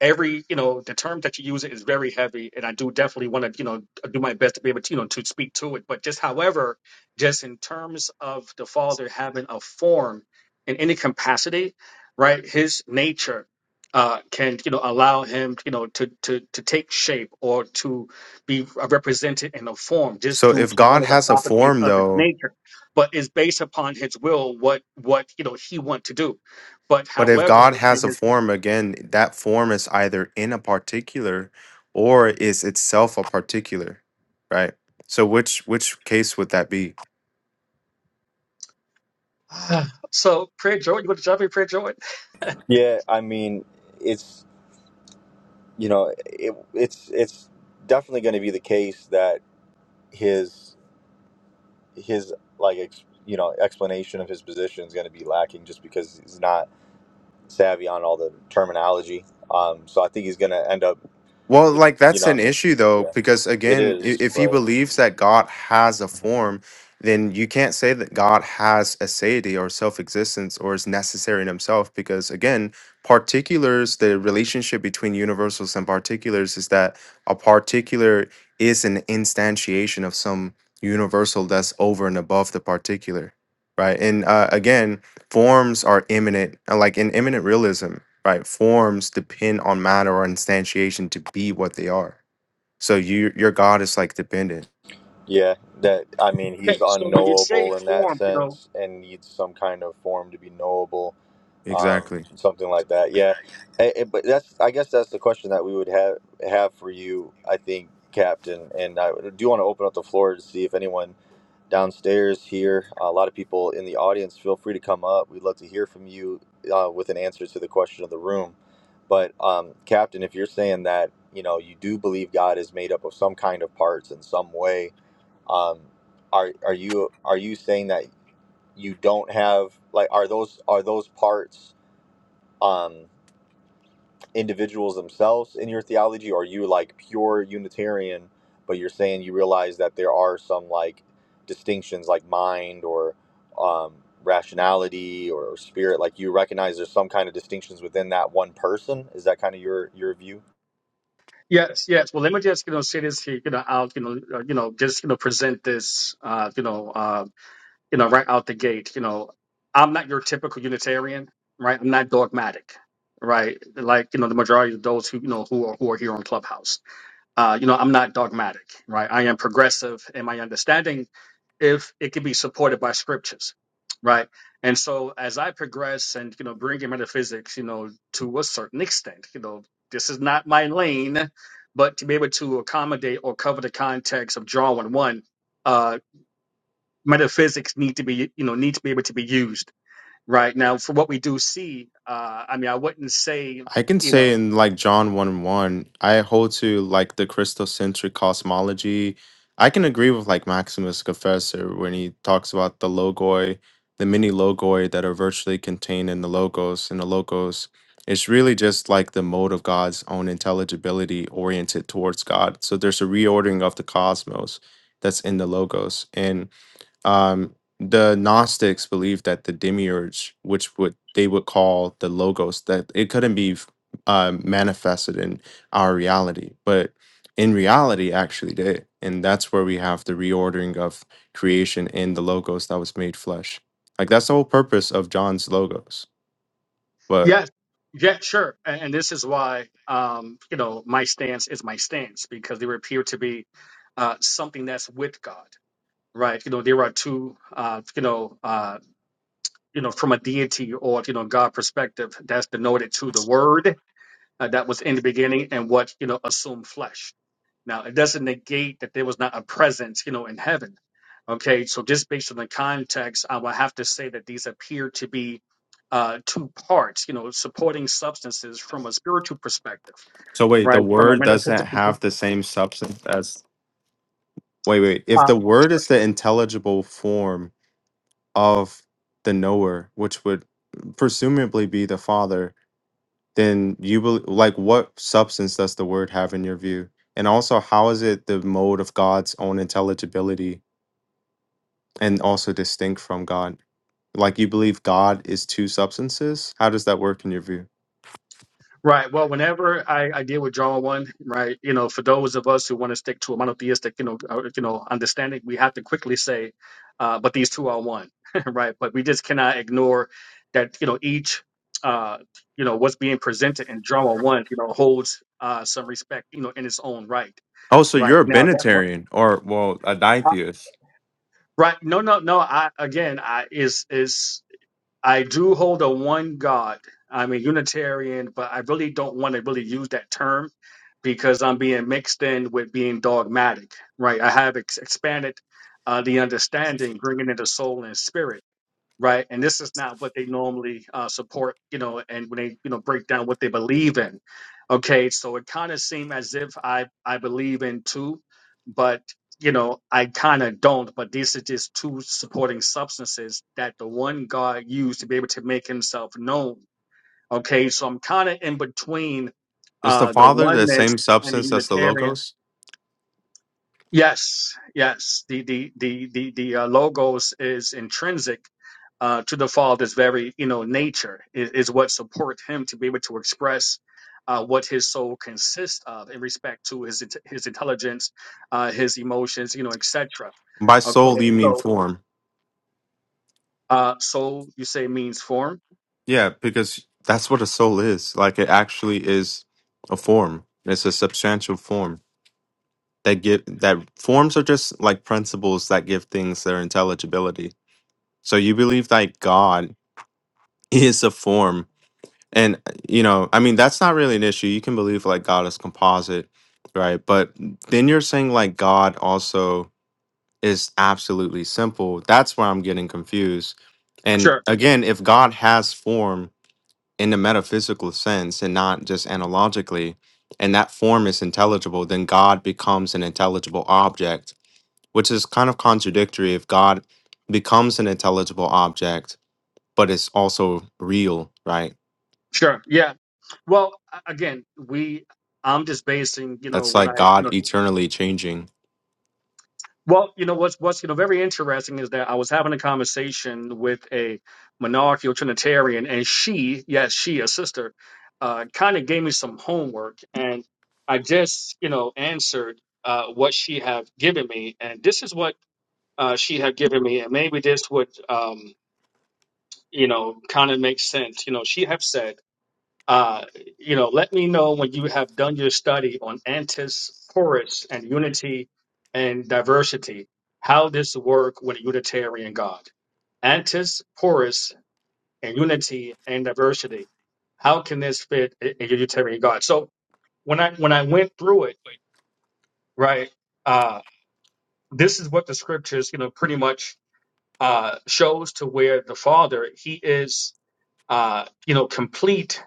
Every, you know, the term that you use is very heavy, and I do definitely want to, you know, do my best to be able to, you know, to speak to it. But just, however, just in terms of the Father having a form in any capacity, right? His nature uh, can, you know, allow him, you know, to to to take shape or to be represented in a form just
so
due
if
to one
god
of the
has a
properties
form
of his
though
nature but is based upon his will what what you know he want to do. But
But if
however,
God has
in
a
his,
form, again, that form is either in a particular or is itself a particular, right? So which which case would that be?
Ah. so prayer Jordan, you want to jump in prayer Jordan?
yeah. I mean, it's you know, it, it's it's definitely going to be the case that his his like ex, you know explanation of his position is going to be lacking just because he's not savvy on all the terminology. Um, so I think he's going to end up,
Well, like
you
that's
know, what
an
I mean,
issue though,
yeah,
because
it
again, i-
is,
if he
but.
believes that God has a form, then you can't say that God has a deity or self existence or is necessary in himself, because again, particulars, the relationship between universals and particulars is that a particular is an instantiation of some universal that's over and above the particular, right? And uh, again, forms are immanent, uh, like in immanent realism right? Forms depend on matter or instantiation to be what they are. So you your God is like dependent.
Yeah, that I mean, he's
So when you say
unknowable in that
form, you know,
sense, and needs some kind of form to be knowable, um,
Exactly.
something like that. Yeah, Eh, eh, but that's I guess that's the question that we would have have for you, I think, Captain. And I do want to open up the floor to see if anyone downstairs here, a lot of people in the audience, feel free to come up. We'd love to hear from you uh, with an answer to the question of the room. But um, Captain, if you're saying that you know you do believe God is made up of some kind of parts in some way um, are are you are you saying that you don't have like are those are those parts um, individuals themselves in your theology, or are you like pure Unitarian, but you're saying you realize that there are some like distinctions like mind or um, rationality or, spirit, like you recognize there's some kind of distinctions within that one person. Is that kind of your your view?
yes, yes. Well, let me just you know say this here, you know, out, you know, uh, you know, just you know present this, uh, you know, uh, you know, right out the gate. You know, I'm not your typical Unitarian, right? I'm not dogmatic, right? Like you know, the majority of those who you know who are who are here on Clubhouse. Uh, you know, I'm not dogmatic, right? I am progressive in my understanding if it can be supported by scriptures, right? And so as I progress and, you know, bringing metaphysics, you know, to a certain extent, you know, this is not my lane, but to be able to accommodate or cover the context of John 1 1, uh, metaphysics need to be, you know, need to be able to be used, right? Now, for what we do see, uh, I mean, I wouldn't say,
I can
you know,
say in like John 1 1, I hold to like the Christocentric cosmology. I can agree with like Maximus Confessor when he talks about the logoi, the many logoi that are virtually contained in the logos. And the logos, it's really just like the mode of God's own intelligibility oriented towards God. So there's a reordering of the cosmos that's in the logos. And um, the Gnostics believed that the demiurge, which would they would call the logos, that it couldn't be f- uh, manifested in our reality, but in reality, actually did, and that's where we have the reordering of creation in the logos that was made flesh. Like that's the whole purpose of John's logos. But
Yes, yeah, sure. And, and this is why, um, you know, my stance is my stance because there appear to be uh, something that's with God, right? You know, there are two, uh, you know, uh, you know, from a deity or you know God perspective, that's denoted to the Word uh, that was in the beginning and what you know assumed flesh now, it doesn't negate that there was not a presence, you know, in heaven. Okay, so just based on the context, I would have to say that these appear to be uh, two parts, you know, supporting substances from a spiritual perspective,
so wait,
right?
the
From a
word doesn't
metaphysical,
have the same substance as wait, wait. If
uh,
the
sure.
word is the intelligible form of the knower, which would presumably be the Father, then you bel like what substance does the Word have in your view? And also, how is it the mode of God's own intelligibility and also distinct from God? Like you believe God is two substances? How does that work in your view?
Right. Well, whenever I, I deal with John one, right, you know, for those of us who want to stick to a monotheistic, you know, uh, you know, understanding, we have to quickly say, uh, but these two are one, right? But we just cannot ignore that, you know, each, uh, you know, what's being presented in John one, you know, holds uh, some respect, you know, in its own right,
Oh, so
right?
you're a
Now that what,
Benitarian or well, a
I,
Dietheist.
right? No, no, no. I again, I is is I do hold a one God. I'm a Unitarian, but I really don't want to really use that term because I'm being mixed in with being dogmatic, right? I have ex- expanded uh, the understanding, bringing in the soul and spirit right? And this is not what they normally uh, support, you know, and when they, you know, break down what they believe in. Okay, so it kind of seemed as if I I believe in two, but you know, I kind of don't. But these are just two supporting substances that the one God used to be able to make Himself known. Okay, so I'm kind of in between
Is the
uh, the
Father the
oneness
same
and the
substance as the
Unitarian.
Logos?
Yes, yes. The the the the the uh, logos is intrinsic uh, to the Father's very you know nature is, is what support him to be able to express uh, what his soul consists of in respect to his int- his intelligence, uh, his emotions, you know, etc.
By soul,
Okay,
you mean
so
form.
uh, soul you say means form.
Yeah, because that's what a soul is. Like it actually is a form. It's a substantial form that give that forms are just like principles that give things their intelligibility. So you believe that God is a form, and you know, I mean, that's not really an issue. You can believe like God is composite, right? But then you're saying like God also is absolutely simple. That's where I'm getting confused. And
Sure,
again, if God has form in the metaphysical sense and not just analogically, and that form is intelligible, then God becomes an intelligible object, which is kind of contradictory if God becomes an intelligible object, but it's also real, right?
sure, yeah. Well, a- again, we I'm just basing you know
That's
what
like
I you
God
know.
eternally changing.
Well, you know what's what's you know very interesting is that I was having a conversation with a monarchical Trinitarian, and she, yes, she, a sister, uh, kind of gave me some homework, and I just you know answered uh, what she had given me, and this is what uh, she had given me, and maybe this would um, you know kind of make sense. You know, she had said. Uh, you know, let me know when you have done your study on antis porous and unity and diversity, how this work with a Unitarian God. Antis porous and unity and diversity. How can this fit a a Unitarian God? So when I when I went through it, right, uh, this is what the scriptures, you know, pretty much uh, shows to where the Father He is, uh, you know, complete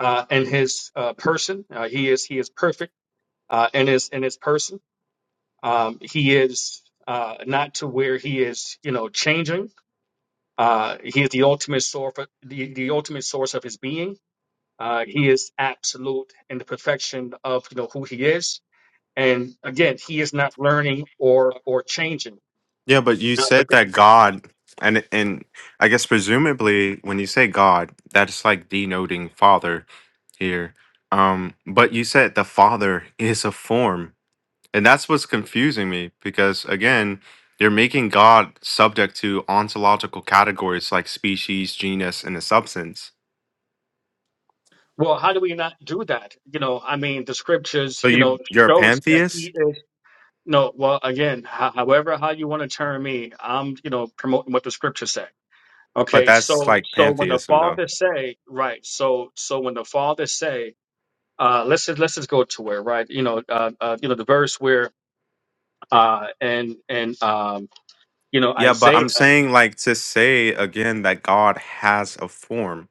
uh, in His uh, person. Uh, he is He is perfect uh, in his in his person. Um, he is uh, not to where he is, you know, changing. Uh, he is the ultimate source, the, the ultimate source of his being. Uh, he is absolute in the perfection of you know who he is. And again, he is not learning or or changing.
Yeah, but you
Now, but-
said that God and and I guess presumably when you say God, that's like denoting father here. Um, but you said the father is a form And that's what's confusing me because, again, you're making God subject to ontological categories like species, genus, and a substance.
Well, how do we not do that? You know, I mean, the scriptures,
So
you know,
you you're a
shows that
pantheist,
he is. No, well, again, ho- however, how you want to term me, I'm, you know, promoting what the scripture says
but
Okay,
that's
so
like
so when the
pantheism, though.
father say, right, so so when the father say, uh let's just let's just go to it, right? You know, uh, uh you know the verse where uh and and um you know
Yeah, but
Isaiah,
I'm saying like to say again that God has a form,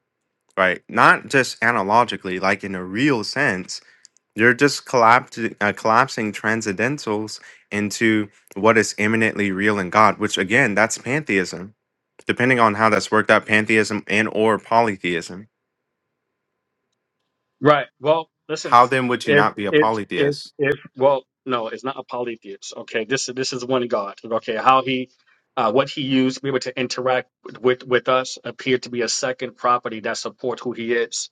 right? Not just analogically, like in a real sense You're just collapsing, uh, collapsing transcendentals into what is eminently real in God, which again, that's pantheism. Depending on how that's worked out, pantheism and or polytheism.
right? Well, listen,
How then would you
if
not be a
if if
polytheist?
if well, no, it's not a polytheist. Okay, this is this is one God. Okay, how he uh, what he used to be able to interact with with us appeared to be a second property that supports who he is,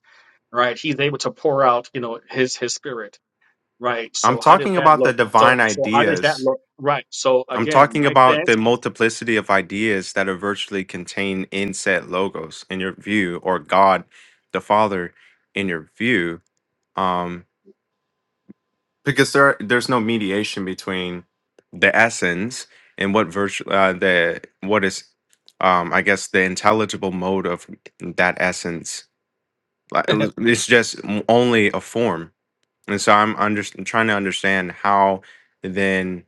right? He's able to pour out, you know, his his spirit Right.
I'm
So how does
talking
that
about the
look?
divine
So so how does that
ideas.
look? Right. So
I'm
again,
talking
my
about
stance.
the multiplicity of ideas that are virtually contained in said logos in your view, or God, the Father, in your view. Um, because there there's no mediation between the essence and what virtue uh, the what is um i guess the intelligible mode of that essence like l- it's just m- only a form and so i'm under, trying to understand how then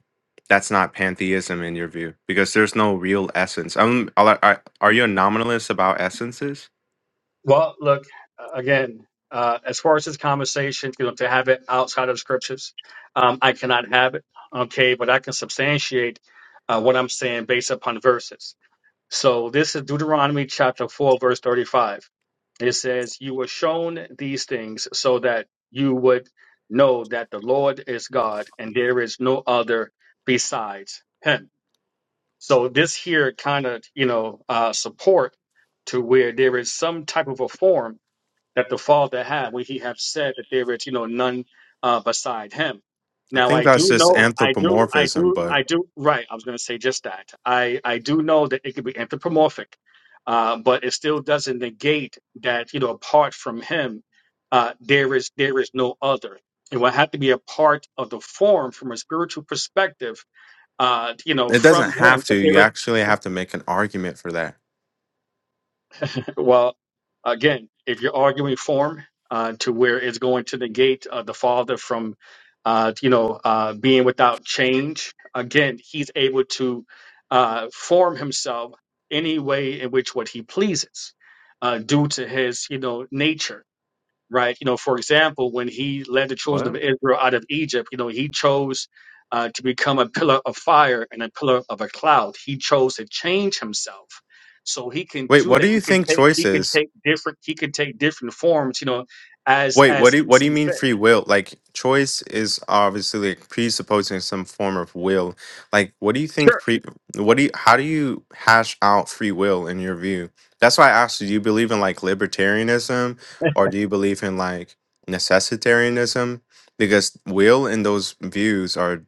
that's not pantheism in your view because there's no real essence i'm I, I, are you a nominalist about essences
Well, look uh, again. Uh, as far as this conversation, you know, to have it outside of scriptures, um, I cannot have it. Okay, but I can substantiate uh, what I'm saying based upon verses. So this is Deuteronomy chapter four, verse thirty-five. It says, "You were shown these things so that you would know that the Lord is God, and there is no other besides Him." So this here kind of, you know, uh, support to where there is some type of a form that the Father had when He have said that there is, you know, none uh, beside Him.
i
Now
think
I
that's
do
just
know, I do, I
anthropomorphism
do,
but
I do. Right, I was going to say just that. I I do know that it could be anthropomorphic, uh, but it still doesn't negate that, you know, apart from Him, uh, there is there is no other. It will have to be a part of the form from a spiritual perspective uh, you know,
it doesn't
from him.
have to
But
you
there is,
actually have to make an argument for that
well, again, if you're arguing form uh, to where it's going to negate uh, the Father from, uh, you know, uh, being without change, again, he's able to uh, form himself any way in which what he pleases uh, due to his, you know, nature right? You know, for example, when he led the children of Israel out of Egypt, you know, he chose uh, to become a pillar of fire and a pillar of a cloud. He chose to change himself. So he can
Wait,
do
what do
that. He
you
can
think
take he
choice
can
is?
take different he can take different forms, you know, as
Wait, what
as
do you,
he
what do you
sees
mean
fit.
free will? Like choice is obviously like presupposing some form of will. Like what do you think
Sure.
pre what do you how do you hash out free will in your view? That's why I asked you, do you believe in like libertarianism or do you believe in like necessitarianism? Because will and those views are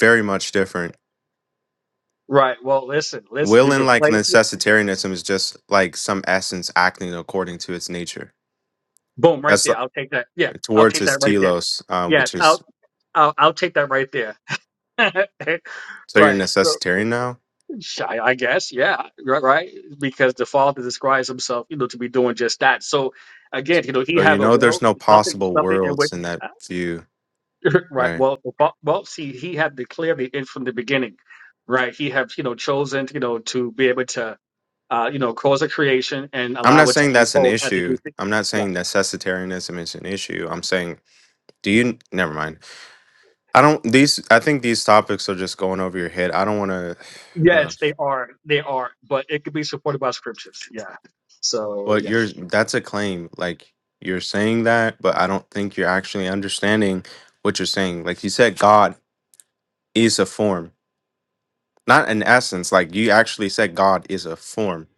very much different.
Right. Well listen, listen,
Will
you
and
can
like
place it.
necessitarianism is just like some essence acting according to its nature.
Boom, right
That's
there. I'll take that. Yeah, I'll
towards
take
his
that right there.
telos, um,
Yeah,
which is
I'll I'll, I'll take that right there.
so you're
right. So
necessitarian now.
I, I guess, yeah, right, right, because the Father describes Himself, you know, to be doing just that. So again, you know, He
So you
have a
know
will,
there's no
something,
possible
something in which,
worlds in that view,
right?
right?
Well, the fa- well, see, He had declared the end from the beginning, right? He have, you know, chosen, you know, to be able to, uh, you know, cause a creation and
I'm
allow
not
it to
saying that's an
unfold as He do
issue.
things.
I'm not
Yeah.
saying necessitarianism is an issue. I'm saying do you never mind. I don't these I think these topics are just going over your head. I don't want to uh,
Yes, they are, they are, but it could be supported by scriptures. Yeah. So
but
yeah.
you're that's a claim like you're saying that, but I don't think you're actually understanding what you're saying. Like you said God is a form, not an essence. Like you actually said God is a form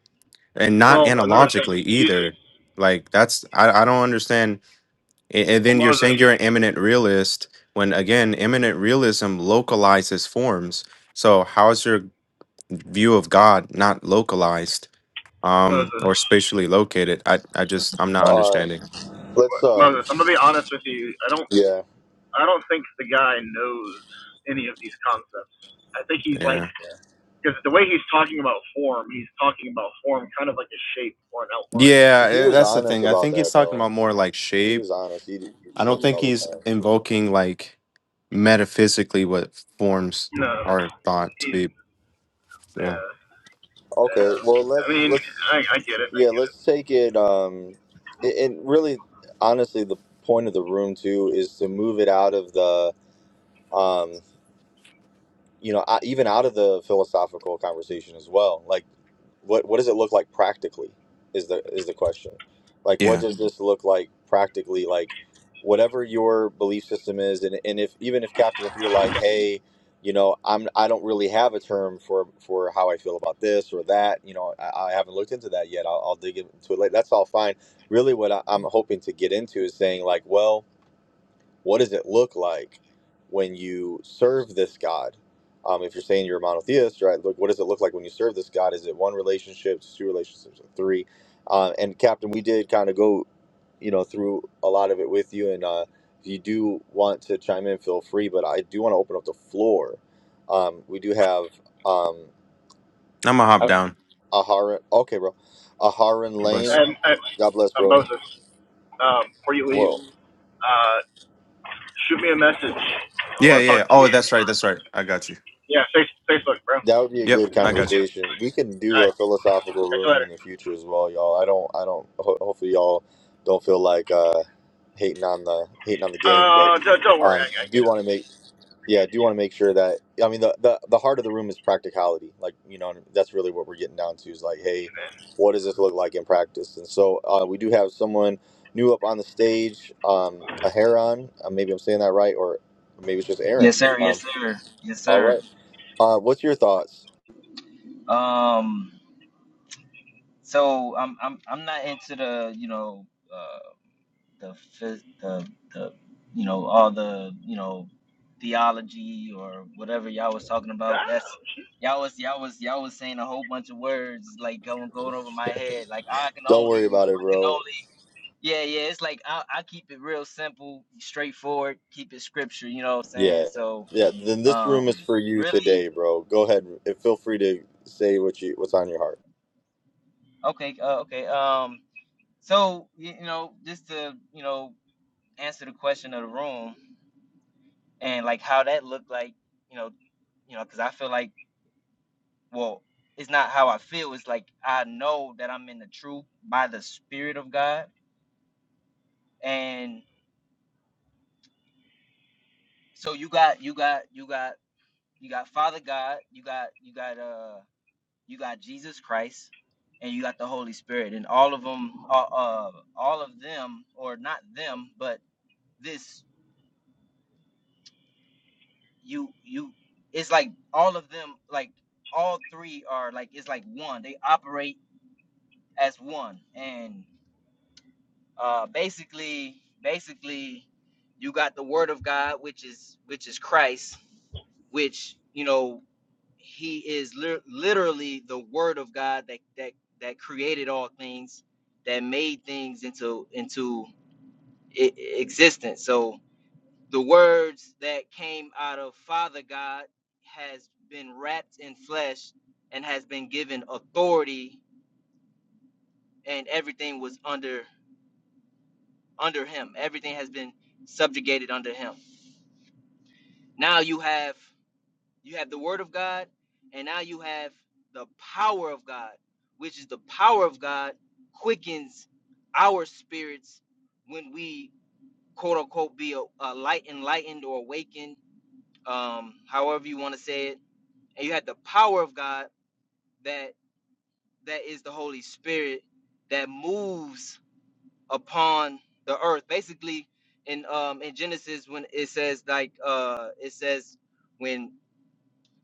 and not
Well, another thing.
analogically either.
Usually,
Like that's I, I don't understand. A- And then
well,
you're
Moses,
saying you're an eminent realist when again eminent realism localizes forms. So how is your view of God not localized um
Moses,
or spatially located? I I just I'm not
Uh,
understanding.
let's
what-
um,
Moses. I'm gonna be honest with you. I don't
yeah.
I don't think the guy knows any of these concepts. I think he's like
Yeah.
because the way he's talking about form, he's talking about form kind of like a shape or an outline.
Yeah,
He
eh,
was
that's the
honest
thing. I
about
think
that
he's talking
though.
about more like
He
shape.
was honest. He, he
I don't
does it
think
all the
he's
time.
invoking like metaphysically what forms
No,
are thought to
he's
be. Yeah.
Yeah,
Okay,
yeah.
well
I
let's
mean,
let's
I, I get it, I
yeah
get it.
let's take it. Um, a- and really, honestly, the point of the room too is to move it out of the um, you know, o- even out of the philosophical conversation as well. Like what what does it look like practically is the is the question like what
Yeah.
does this look like practically like whatever your belief system is and, and if even if captain if you're like hey you know i'm i don't really have a term for for how i feel about this or that you know i, I haven't looked into that yet i'll, I'll dig into it later that's all fine really what I, i'm hoping to get into is saying like well what does it look like when you serve this God? Um, if you're saying you're a monotheist, right? Look, what does it look like when you serve this God? Is it one relationship, two relationships, or three? Uh, and Captain, we did kind of go, you know, through a lot of it with you. And uh, if you do want to chime in, feel free. But I do want to open up the floor. Um, we do have um,
I'm gonna hop down.
Aharon. Okay, bro. Aharon
God bless.
Lane.
And I,
God bless,
uh,
bro.
Moses, um, before you leave,
Whoa.
uh, shoot me a message. I
Yeah,
want to talk
yeah.
to
Oh,
you.
that's right. That's right. I got you.
Yeah, face, Facebook, bro. All
That would be a
Yep,
good
I got you.
conversation. We can do
right,
a philosophical
catch you
room
later.
in the future as well, y'all. I don't, I don't. Ho- hopefully, y'all don't feel like uh, hating on the hating on the game, but
Uh, don't, don't worry,
um,
I, I get
do
it.
want to make yeah, do want to make sure that I mean the, the the heart of the room is practicality. Like you know, that's really what we're getting down to is like, hey, what does this look like in practice? And so uh, we do have someone new up on the stage, um, a Heron. Uh, maybe I'm saying that right, or maybe it's just Aaron.
Yes, sir. Yes,
Um,
sir. Yes,
all
sir.
right, uh, what's your thoughts?
Um, so I'm I'm I'm not into the you know uh, the phys- the the you know all the you know theology or whatever y'all was talking about. That's
God,
y'all was y'all was y'all was saying a whole bunch of words like going going over my head. Like I can
Don't
only
worry about it,
I can
bro.
only yeah yeah. It's like I I keep it real simple, straightforward. Keep it scripture. You know what I'm saying?
Yeah.
So
Yeah. Then this room is
um,
for you
really
today, bro. Go ahead and feel free to say what you what's on your heart.
okay uh, okay um. So you, you know, just to you know answer the question of the room and like how that looked like, you know, you know, because I feel like, well, it's not how I feel. It's like I know that I'm in the truth by the Spirit of God, and so you got, you got, you got, you got Father God, you got, you got, uh, you got Jesus Christ, and you got the Holy Spirit, and all of them, uh, uh all of them, or not them, but this. you you it's like all of them like all three are like it's like one they operate as one and uh basically basically you got the word of god which is which is christ which you know he is lit- literally the word of god that that that created all things that made things into into e- e, existence so the words that came out of Father God has been wrapped in flesh and has been given authority and everything was under under him everything has been subjugated under him now you have you have the word of God and now you have the power of God which is the power of God quickens our spirits when we quote unquote be a, a light enlightened or awakened um however you want to say it and you had the power of God that that is the Holy Spirit that moves upon the earth. Basically, in um in Genesis when it says like uh it says when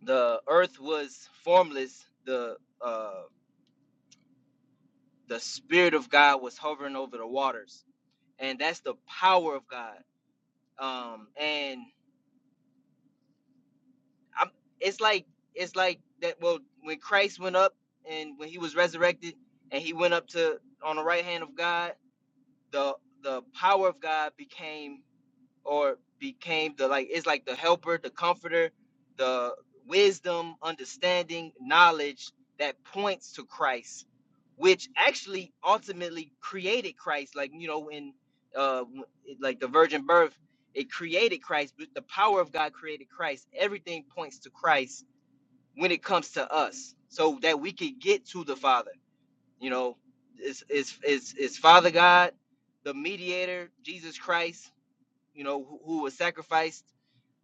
the earth was formless, the uh the spirit of God was hovering over the waters, and that's the power of God. Um, and I'm, it's like it's like that. Well, when Christ went up and when he was resurrected, and he went up to on the right hand of God the the power of God became or became the like it's like the helper, the comforter, the wisdom, understanding, knowledge that points to Christ, which actually ultimately created Christ. Like you know, in uh, like the virgin birth, it created Christ. But the power of God created Christ. Everything points to Christ when it comes to us, so that we could get to the Father you know, it's it's it's it's Father God, the mediator, Jesus Christ, you know, who, who was sacrificed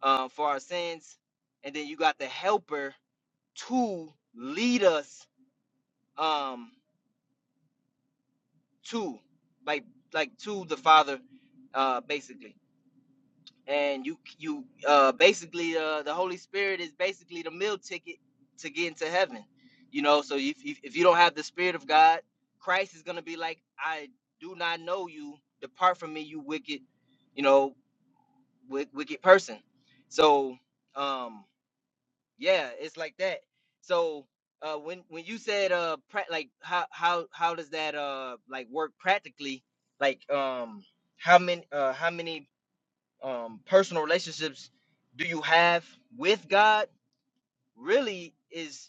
um, for our sins, and then you got the helper to lead us um to like like to the Father, uh basically. and you you uh basically uh the holy spirit is basically the meal ticket to get into heaven you know so if, if if you don't have the spirit of god christ is going to be like i do not know you depart from me you wicked you know wick, wicked person so um yeah it's like that so uh when when you said uh pra- like how how how does that uh like work practically like um how many uh how many um, personal relationships do you have with God really is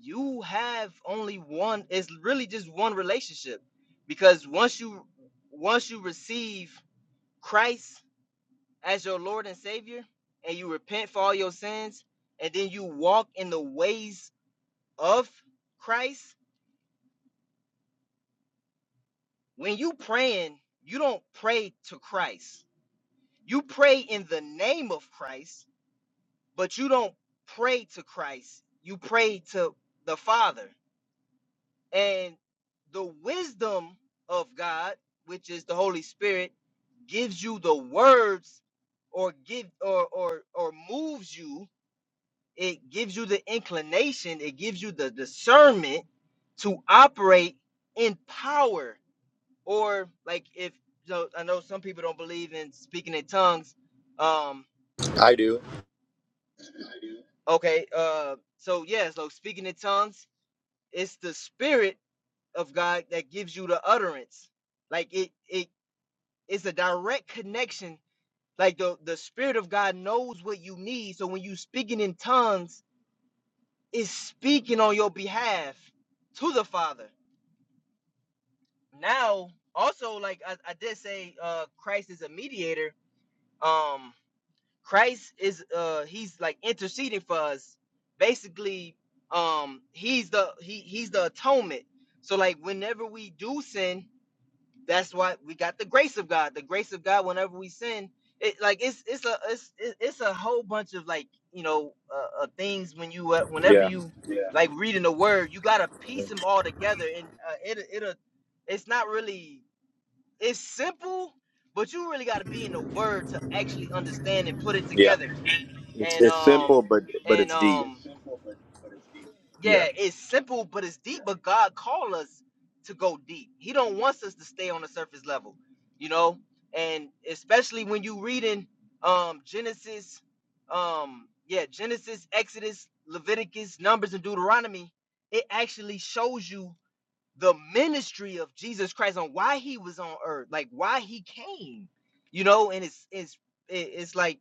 you have only one it's really just one relationship because once you once you receive Christ as your Lord and Savior and you repent for all your sins and then you walk in the ways of Christ when you praying you don't pray to Christ you pray in the name of Christ but you don't pray to Christ. You pray to the Father. And the wisdom of God, which is the Holy Spirit, gives you the words or give or or or moves you. It gives you the inclination, it gives you the discernment to operate in power. Or like if you know, I know some people don't believe in speaking in tongues. Um
I do.
okay, uh so yeah, so speaking in tongues It's the spirit of God that gives you the utterance. Like it it is a direct connection. Like the, the spirit of God knows what you need. So when you speaking in tongues, it's speaking on your behalf to the Father. Now, also like I, I did say uh Christ is a mediator. Um Christ is uh he's like interceding for us. Basically, um he's the he he's the atonement. So like whenever we do sin, that's why we got the grace of God. The grace of God, whenever we sin, it like it's it's a it's it- it's a whole bunch of like you know uh, uh, things when you uh, whenever
Yeah.
you like reading the word, you gotta piece them all together, and uh, it it will it's not really it's simple, but you really gotta be in the word to actually understand and put it
Yeah.
together,
It's
and
it's
um
simple but but
and
it's deep. Yeah.
Yeah, it's simple, but it's deep. But God called us to go deep. He don't wants us to stay on the surface level, you know. And especially when you reading um, Genesis, um, yeah, Genesis, Exodus, Leviticus, Numbers, and Deuteronomy, it actually shows you the ministry of Jesus Christ on why he was on earth, like why he came, you know. And it's it's it- it's like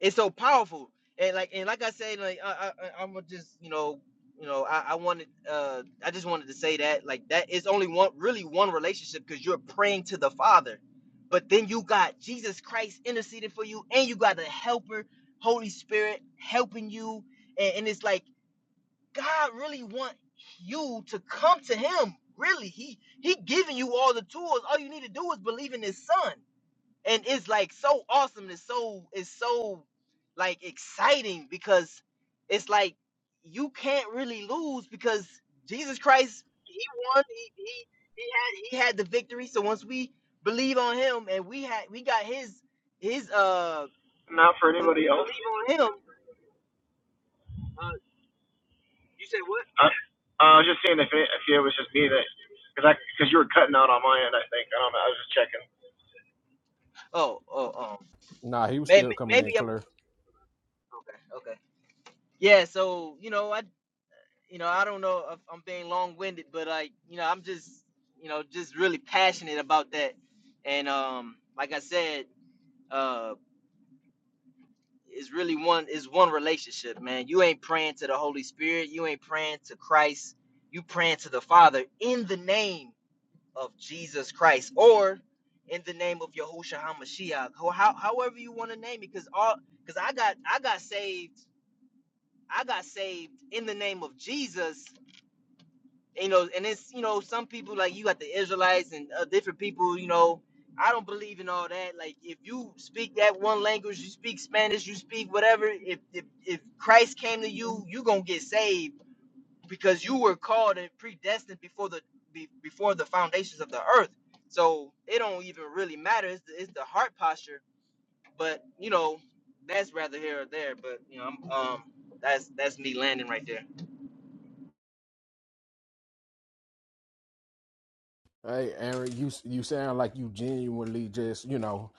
it's so powerful and like and like i say like i i i'm gonna just you know you know i i wanted uh i just wanted to say that like that is only one really one relationship because you're praying to the father but then you got jesus christ interceding for you and you got the helper holy spirit helping you and, and it's like god really want you to come to him really he he giving you all the tools all you need to do is believe in his son and it's like so awesome it's so it's so like exciting because it's like you can't really lose because jesus christ he won he he, he had he had the victory so once we believe on him and we had we got his his uh
not for
when we
anybody else.
believe on him uh you said what
I, I was just saying if it, if it was just me that, because I because you were cutting out on my end, I think. I don't know. I was just checking.
oh oh um
Nah, he was
maybe
still coming
maybe
in
i'm
clear.
okay okay yeah so you know I. you know, I don't know if I'm being long-winded, but like, you know, I'm just, you know, just really passionate about that. And um, like I said, uh, it's really one is one relationship, man. You ain't praying to the Holy Spirit, you ain't praying to Christ, you praying to the Father in the name of Jesus Christ or in the name of Yahushua HaMashiach, ho- how, however you want to name it, because all because I got I got saved, I got saved in the name of Jesus you know, and it's you know some people like you got the Israelites and uh, different people. You know, I don't believe in all that. Like if you speak that one language, you speak Spanish, you speak whatever. If if, if Christ came to you, you gonna get saved because you were called and predestined before the be, before the foundations of the earth. So it don't even really matter. It's the, it's the heart posture. But you know, that's rather here or there. But you know, I'm, um, that's that's me landing right there.
Hey, Aaron, you you sound like you genuinely just you know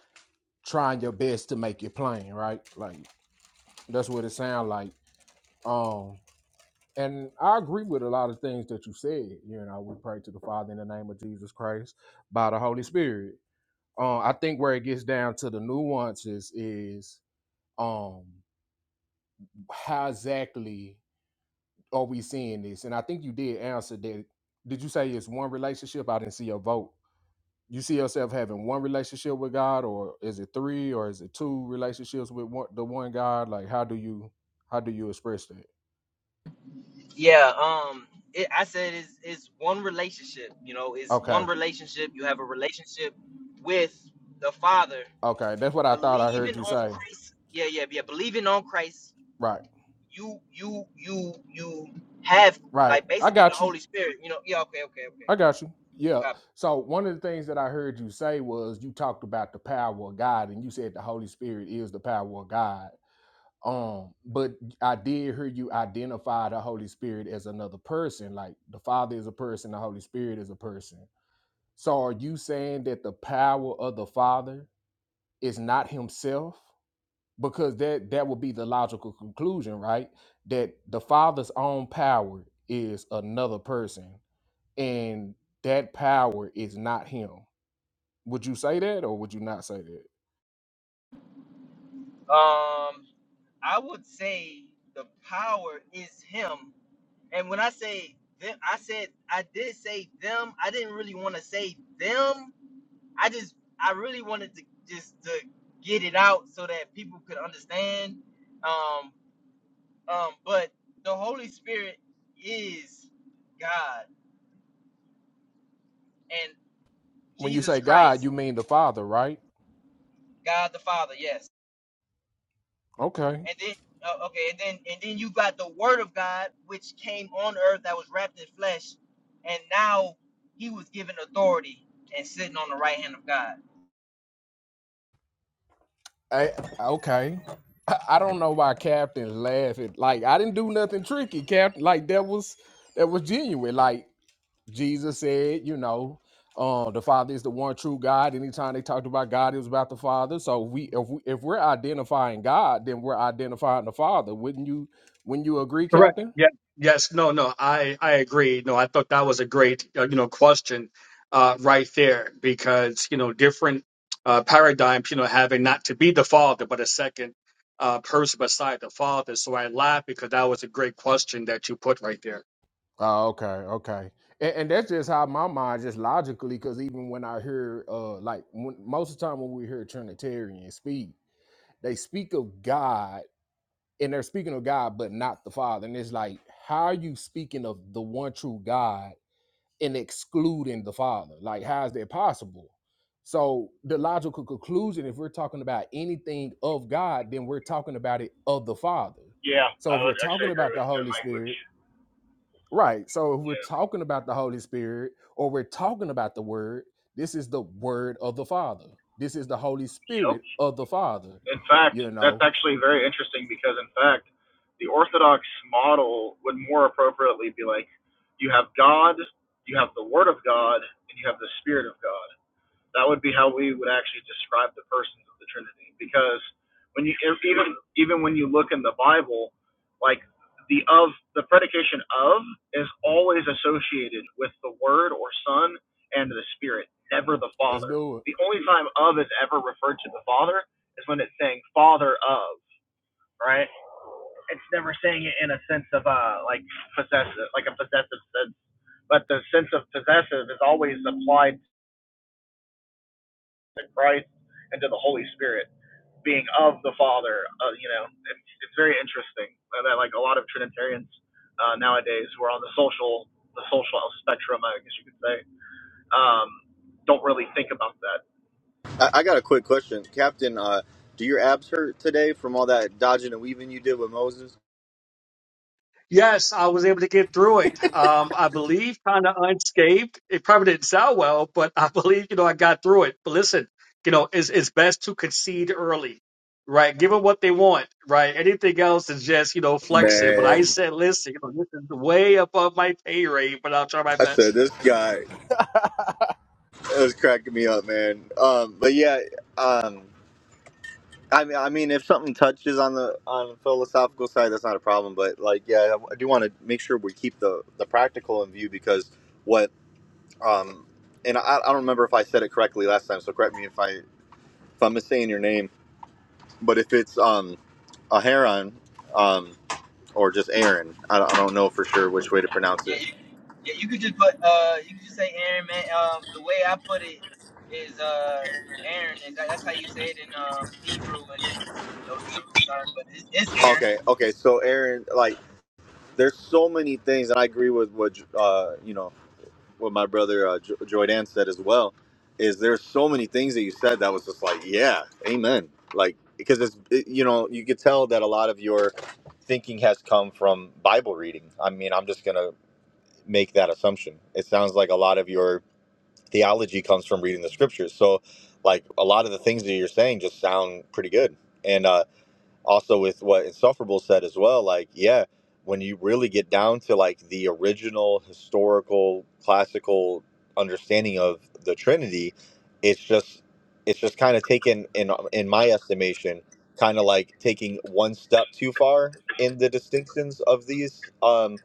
trying your best to make it plain, right? Like that's what it sounds like. Um, and I agree with a lot of things that you said. You know, we pray to the Father in the name of Jesus Christ by the Holy Spirit. Um, I think where it gets down to the nuances is um how exactly are we seeing this? And I think you did answer that. Did you say it's one relationship? I didn't see a vote. You see yourself having one relationship with God, or is it three, or is it two relationships with one, the one God? Like, how do you how do you express that?
Yeah, um, it, I said it's, it's one relationship. You know, it's one
Okay,
relationship. You have a relationship with the Father,
okay, that's what I thought I heard
believing
you
on
say.
Christ. Yeah, yeah, yeah. Believing on Christ,
Right,
you, you, you, you have
right.
like
I
basically the
got you.
Holy Spirit. You know, yeah. Okay, okay, okay.
I got you. Yeah.
Copy.
So one of the things that I heard you say was you talked about the power of God, and you said the Holy Spirit is the power of God Um, but I did hear you identify the Holy Spirit as another person. Like the Father is a person, the Holy Spirit is a person. So are you saying that the power of the Father is not himself? Because that that would be the logical conclusion, right? That the Father's own power is another person, and that power is not him. Would you say that or would you not say that?
Um, I would say the power is Him, and when I say them, I said I did say them. I didn't really want to say them I just I really wanted to just to get it out so that people could understand. Um, um, but the Holy Spirit is God and
When you
Jesus
say God,
Christ,
you mean the Father, right?
God the Father. Yes,
Okay.
and then uh, okay, and then and then you got the Word of God, which came on earth that was wrapped in flesh, and now He was given authority and sitting on the right hand of God.
I, okay. I, I don't know why Captain laughing. like I didn't do nothing tricky, Captain. Like that was that was genuine. Like Jesus said, you know, uh, the Father is the one true God. Anytime they talked about God, it was about the Father. So we if we if we're identifying God, then we're identifying the Father. Wouldn't you wouldn't you agree,
Correct.
Captain?
Yeah. Yes. No. No. I I agree. No. I thought that was a great uh, you know question uh, right there because you know different uh, paradigms you know having not to be the father but a second uh, person beside the father. So I laughed because that was a great question that you put right there.
Oh, okay, okay, and, and that's just how my mind just logically, because even when I hear, uh, like when, most of the time when we hear Trinitarian speak, they speak of God, and they're speaking of God, but not the Father, and it's like, how are you speaking of the one true God and excluding the Father? Like, how is that possible? So the logical conclusion, if we're talking about anything of God, then we're talking about it of the Father.
Yeah, I
So if we're
would actually
talking
agree
about
with
the
that
Holy
language.
Spirit Right. So if we're
Yeah.
talking about the Holy Spirit or we're talking about the Word, this is the Word of the Father. This is the Holy
Yep.
Spirit of the Father.
In fact,
You
that's
know,
actually very interesting because, in fact, the Orthodox model would more appropriately be like you have God, you have the Word of God, and you have the Spirit of God. That would be how we would actually describe the persons of the Trinity. Because when you even even when you look in the Bible, like the of the predication of is always associated with the Word or Son and the Spirit, never the
let's
Father.
do it.
The only time of is ever referred to the Father is when it's saying Father of, right? It's never saying it in a sense of uh like possessive, like a possessive sense. But the sense of possessive is always applied to Christ and to the Holy Spirit. being of the Father. Uh, you know, it's, it's very interesting uh, that like a lot of Trinitarians uh, nowadays who are on the social the social spectrum, I guess you could say, um, don't really think about that.
I, I got a quick question. Captain, uh, do your abs hurt today from all that dodging and weaving you did with Moses?
Yes, I was able to get through it. Um, I believe kind of unscathed. It probably didn't sound well, but I believe, you know, I got through it. But listen, you know, it's, it's best to concede early, right? Give them what they want, right? Anything else is just, you know, flexing. But I
Man.
said, listen, you know, this is way above my pay rate, but I'll try my
I said
best.
this guy it was cracking me up, man. Um, but yeah, um I mean, I mean, if something touches on the on the philosophical side, that's not a problem. But like, yeah, I do want to make sure we keep the the practical in view because what um, and I, I don't remember if I said it correctly last time, so correct me if I if I'm missaying your name. But if it's um a heron, um or just Aaron, I don't, I don't know for sure which way to pronounce
Yeah,
it.
you, yeah, you could just put, uh, you could just say Aaron, man. Um, the way I put it is, uh, Aaron is that, that's how you say it in um Hebrew and no Hebrew term, but it's, it's Aaron.
Okay, okay, so Aaron, like, there's so many things, and I agree with what uh you know. what my brother uh, jo- Joy said as well is there's so many things that you said that was just like yeah amen like because it's it, you know you could tell that a lot of your thinking has come from Bible reading I mean I'm just gonna make that assumption it sounds like a lot of your theology comes from reading the scriptures so like a lot of the things that you're saying just sound pretty good and uh also with what insufferable said as well like yeah when you really get down to like the original historical classical understanding of the trinity it's just it's just kind of taken in in my estimation kind of like taking one step too far in the distinctions of these um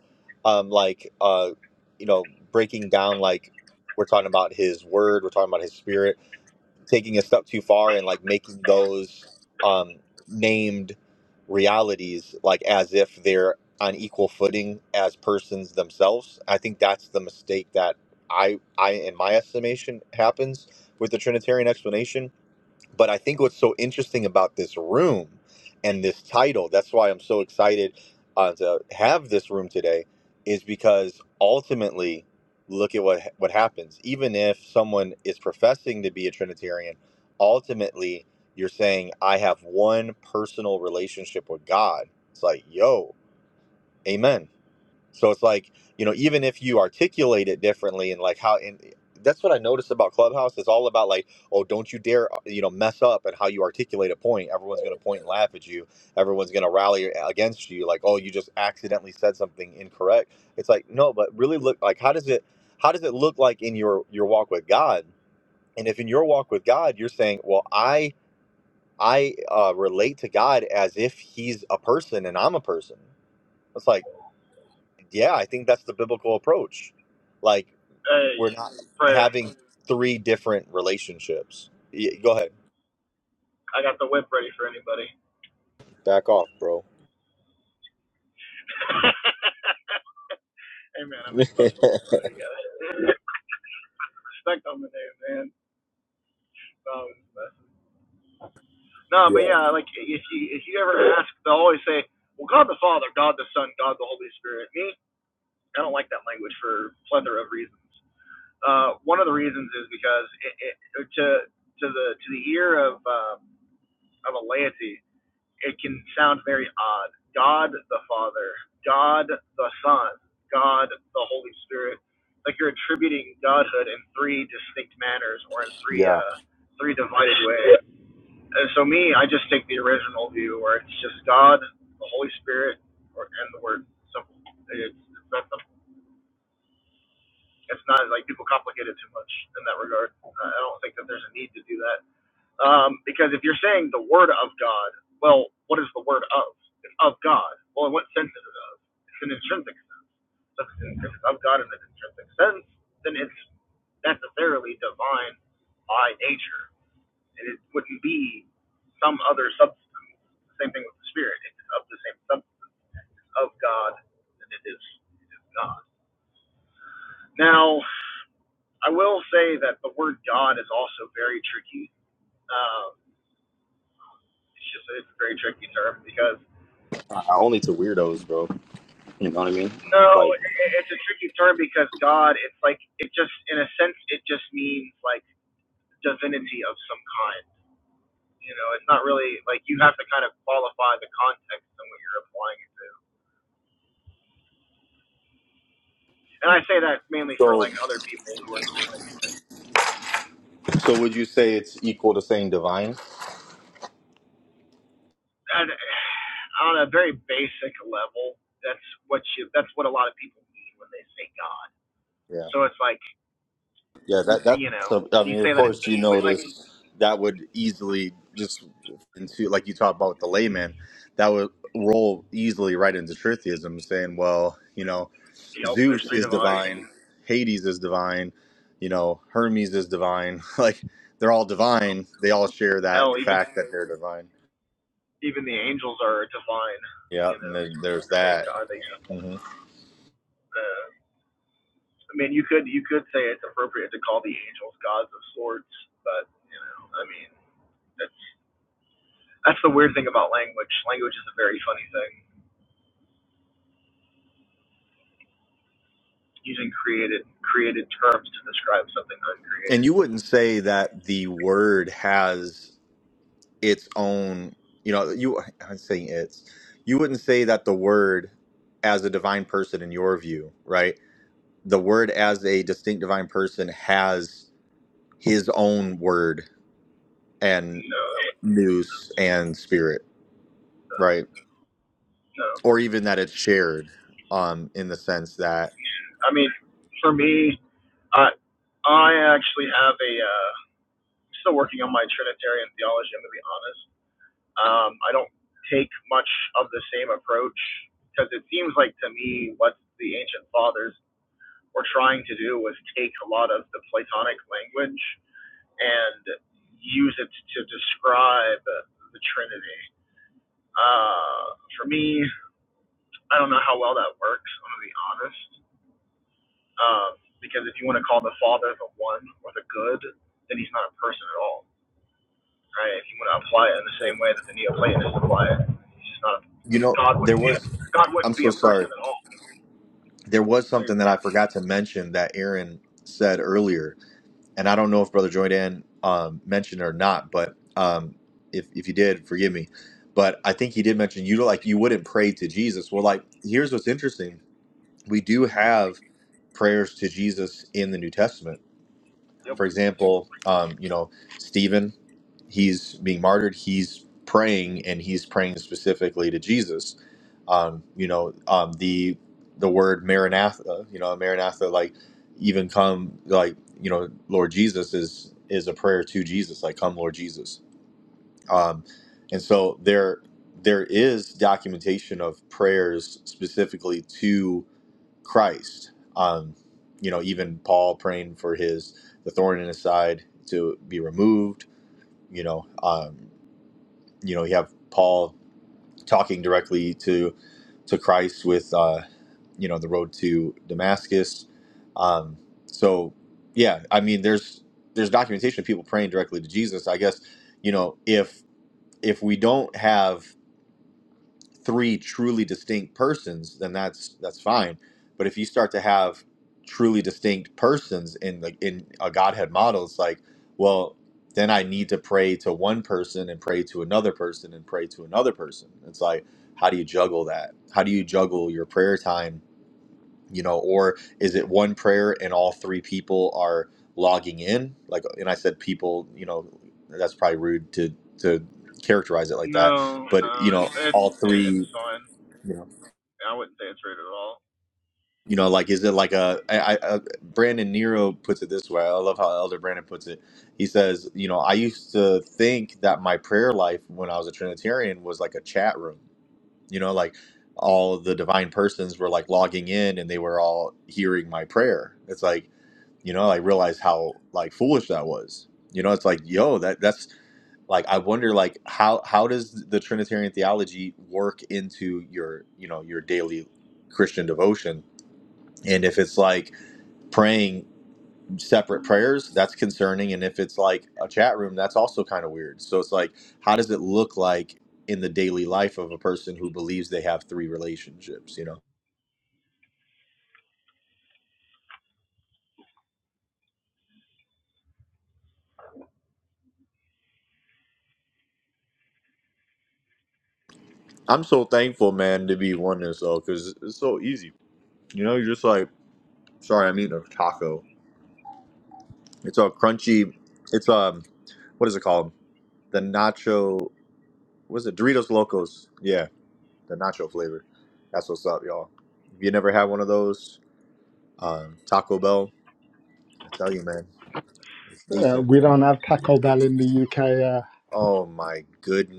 um like uh you know breaking down like we're talking about his word we're talking about his spirit taking a step too far and like making those um, named realities like as if they're on equal footing as persons themselves. I think that's the mistake that I, I in my estimation, happens with the Trinitarian explanation but I think what's so interesting about this room and this title, that's why I'm so excited uh, to have this room today, is because ultimately, look at what what happens. Even if someone is professing to be a Trinitarian, ultimately you're saying I have one personal relationship with God. It's like, yo, amen. So it's like, you know, even if you articulate it differently and like how, and that's what I noticed about Clubhouse. It's all about like, oh, don't you dare, uh, you know, mess up and how you articulate a point. Everyone's going to point and laugh at you. Everyone's going to rally against you. Like, oh, you just accidentally said something incorrect. It's like, no, but really look like, how does it, how does it look like in your, your walk with God? And if in your walk with God, you're saying, well, I, I uh, relate to God as if he's a person and I'm a person. It's like, yeah, I think that's the biblical approach. Like
Hey,
we're not
prayer.
having three different relationships. Y- Go ahead,
I got the whip ready for anybody.
back off, bro.
hey man, I'm insufferable, bro. You gotta respect on the name, man. Um, No, but
yeah,
yeah, like if you if you ever ask, they'll always say, "Well, God the Father, God the Son, God the Holy Spirit." Me, I don't like that language for a plethora of reasons. Uh, one of the reasons is because it, it, to to the to the ear of uh, of a laity, it can sound very odd. God the Father, God the Son, God the Holy Spirit. Like you're attributing godhood in three distinct manners or in three
yeah.
uh, three divided ways. And so me, I just take the original view where it's just God, the Holy Spirit, or and the Word. Simple. It's, that's the it's not like people complicate it too much in that regard. Uh, I don't think that there's a need to do that. Um, because if you're saying the word of God, well, what is the word of? It's of God. Well, in what sense is it of? It's an intrinsic sense. So if it's- of God in an intrinsic sense, then it's necessarily divine by nature. And it wouldn't be some other substance. Same thing with the spirit. it's of the same substance of God, and it is, it is God. Now, I will say that the word God is also very tricky. Um, it's just it's a very tricky term because
Uh, only to weirdos, bro. You know what I mean?
no,
Like,
i- it's a tricky term because God, it's like it just in a sense it just means like divinity of some kind. You know, it's not really like you have to kind of qualify the context and what you're applying it to. And I say that mainly for
so,
like other people who are just like
so would you say it's equal to saying divine?
and, uh, on a very basic level. That's what you. That's what a lot of people mean when they say God.
Yeah,
So it's like
yeah. That
you
that's.
know,
A, I
when you
mean,
say
of
that in
course, you
English,
know
like,
this. That would easily just into like you talk about with the layman. That would roll easily right into tritheism, saying, well, you know.
yep, there's
Zeus
three
is
divine.
divine, Hades is divine, you know, Hermes is divine. Like they're all divine. They all share that
Hell,
the
even
fact that they're divine.
even the angels are divine.
Yeah,
You
and
know, so
then
it's like,
there's
are they
that.
Are they?
hmm
Uh, I mean, you could you could say it's appropriate to call the angels gods of sorts, but I mean, that's that's the weird thing about language. Language is a very funny thing. Using created created terms to describe something
And
uncreated.
you wouldn't say that the word has its own, you know, you I'm saying it's. You wouldn't say that the word as a divine person in your view, right? The word as a distinct divine person has his own word and
You know,
nous and spirit,
so
right?
no.
or even that it's shared um in the sense that
I mean, for me, I I actually have a. Uh, I'm still working on my Trinitarian theology. I'm gonna be honest. Um, I don't take much of the same approach because it seems like to me what the ancient fathers were trying to do was take a lot of the Platonic language and use it to describe the Trinity. Uh, for me, I don't know how well that works. I'm gonna be honest. Um, because if you want to call the Father the One or the Good, then he's not a person at all right? If you want to apply it in the same way that the Neoplatonists apply it, it's just not.
you know
God
there
wouldn't be.
was
God
i'm
wouldn't be
so
a
sorry
person at all.
there was
There you
something that
go.
i forgot to mention that aaron said earlier and i don't know if brother joydan um mentioned it or not but um if, if you did forgive me but i think he did mention you like you wouldn't pray to jesus well like here's what's interesting we do have prayers to jesus in the new testament
Yep.
For example, um, you know, Stephen, he's being martyred. He's praying, and he's praying specifically to Jesus. Um, you know, um, the the word Maranatha. You know, Maranatha, like even come, like you know, Lord Jesus is is a prayer to Jesus, like come, Lord Jesus. Um, and so there there is documentation of prayers specifically Christ. Um, you know, even Paul praying for his the thorn in his side to be removed. You know, um, you know, you have Paul talking directly to to Christ with uh, you know the road to Damascus. Um, so yeah, I mean, there's there's documentation of people praying directly to Jesus. I guess you know if if we don't have three truly distinct persons, then that's that's fine. But if you start to have truly distinct persons in the in a Godhead model, it's like, well, then I need to pray to one person and pray to another person and pray to another person. It's like, how do you juggle that? How do you juggle your prayer time? You know, or is it one prayer and all three people are logging in? Like, and I said people, you know, that's probably rude to to characterize it like that
No,
but
uh,
you know
it's, it's
all three
it's fine.
yeah.
I wouldn't say it's rude at all.
You know, like, is it like a, I, I, I- Brandon Nero puts it this way. I love how Elder Brandon puts it. He says, you know, I used to think that my prayer life when I was a Trinitarian was like a chat room. You know, like all of the divine persons were like logging in and they were all hearing my prayer. It's like, you know, I realized how like foolish that was. You know, it's like, yo, that that's like I wonder like how how does the Trinitarian theology work into your, you know, your daily Christian devotion? And if it's like praying separate prayers, that's concerning. And if it's like a chat room, that's also kind of weird. So it's like, how does it look like in the daily life of a person who believes they have three relationships? You know, I'm so thankful, man, to be oneness though, because it's so easy. You know, you're just like, sorry, I'm eating a taco. It's a crunchy. It's um, what is it called? The nacho. What is it? Doritos Locos. Yeah, the nacho flavor. That's what's up, y'all. If you never had one of those. Um, Taco Bell, I tell you, man, it's
Uh,
decent.
we don't have Taco Bell in the UK. Uh,
Oh my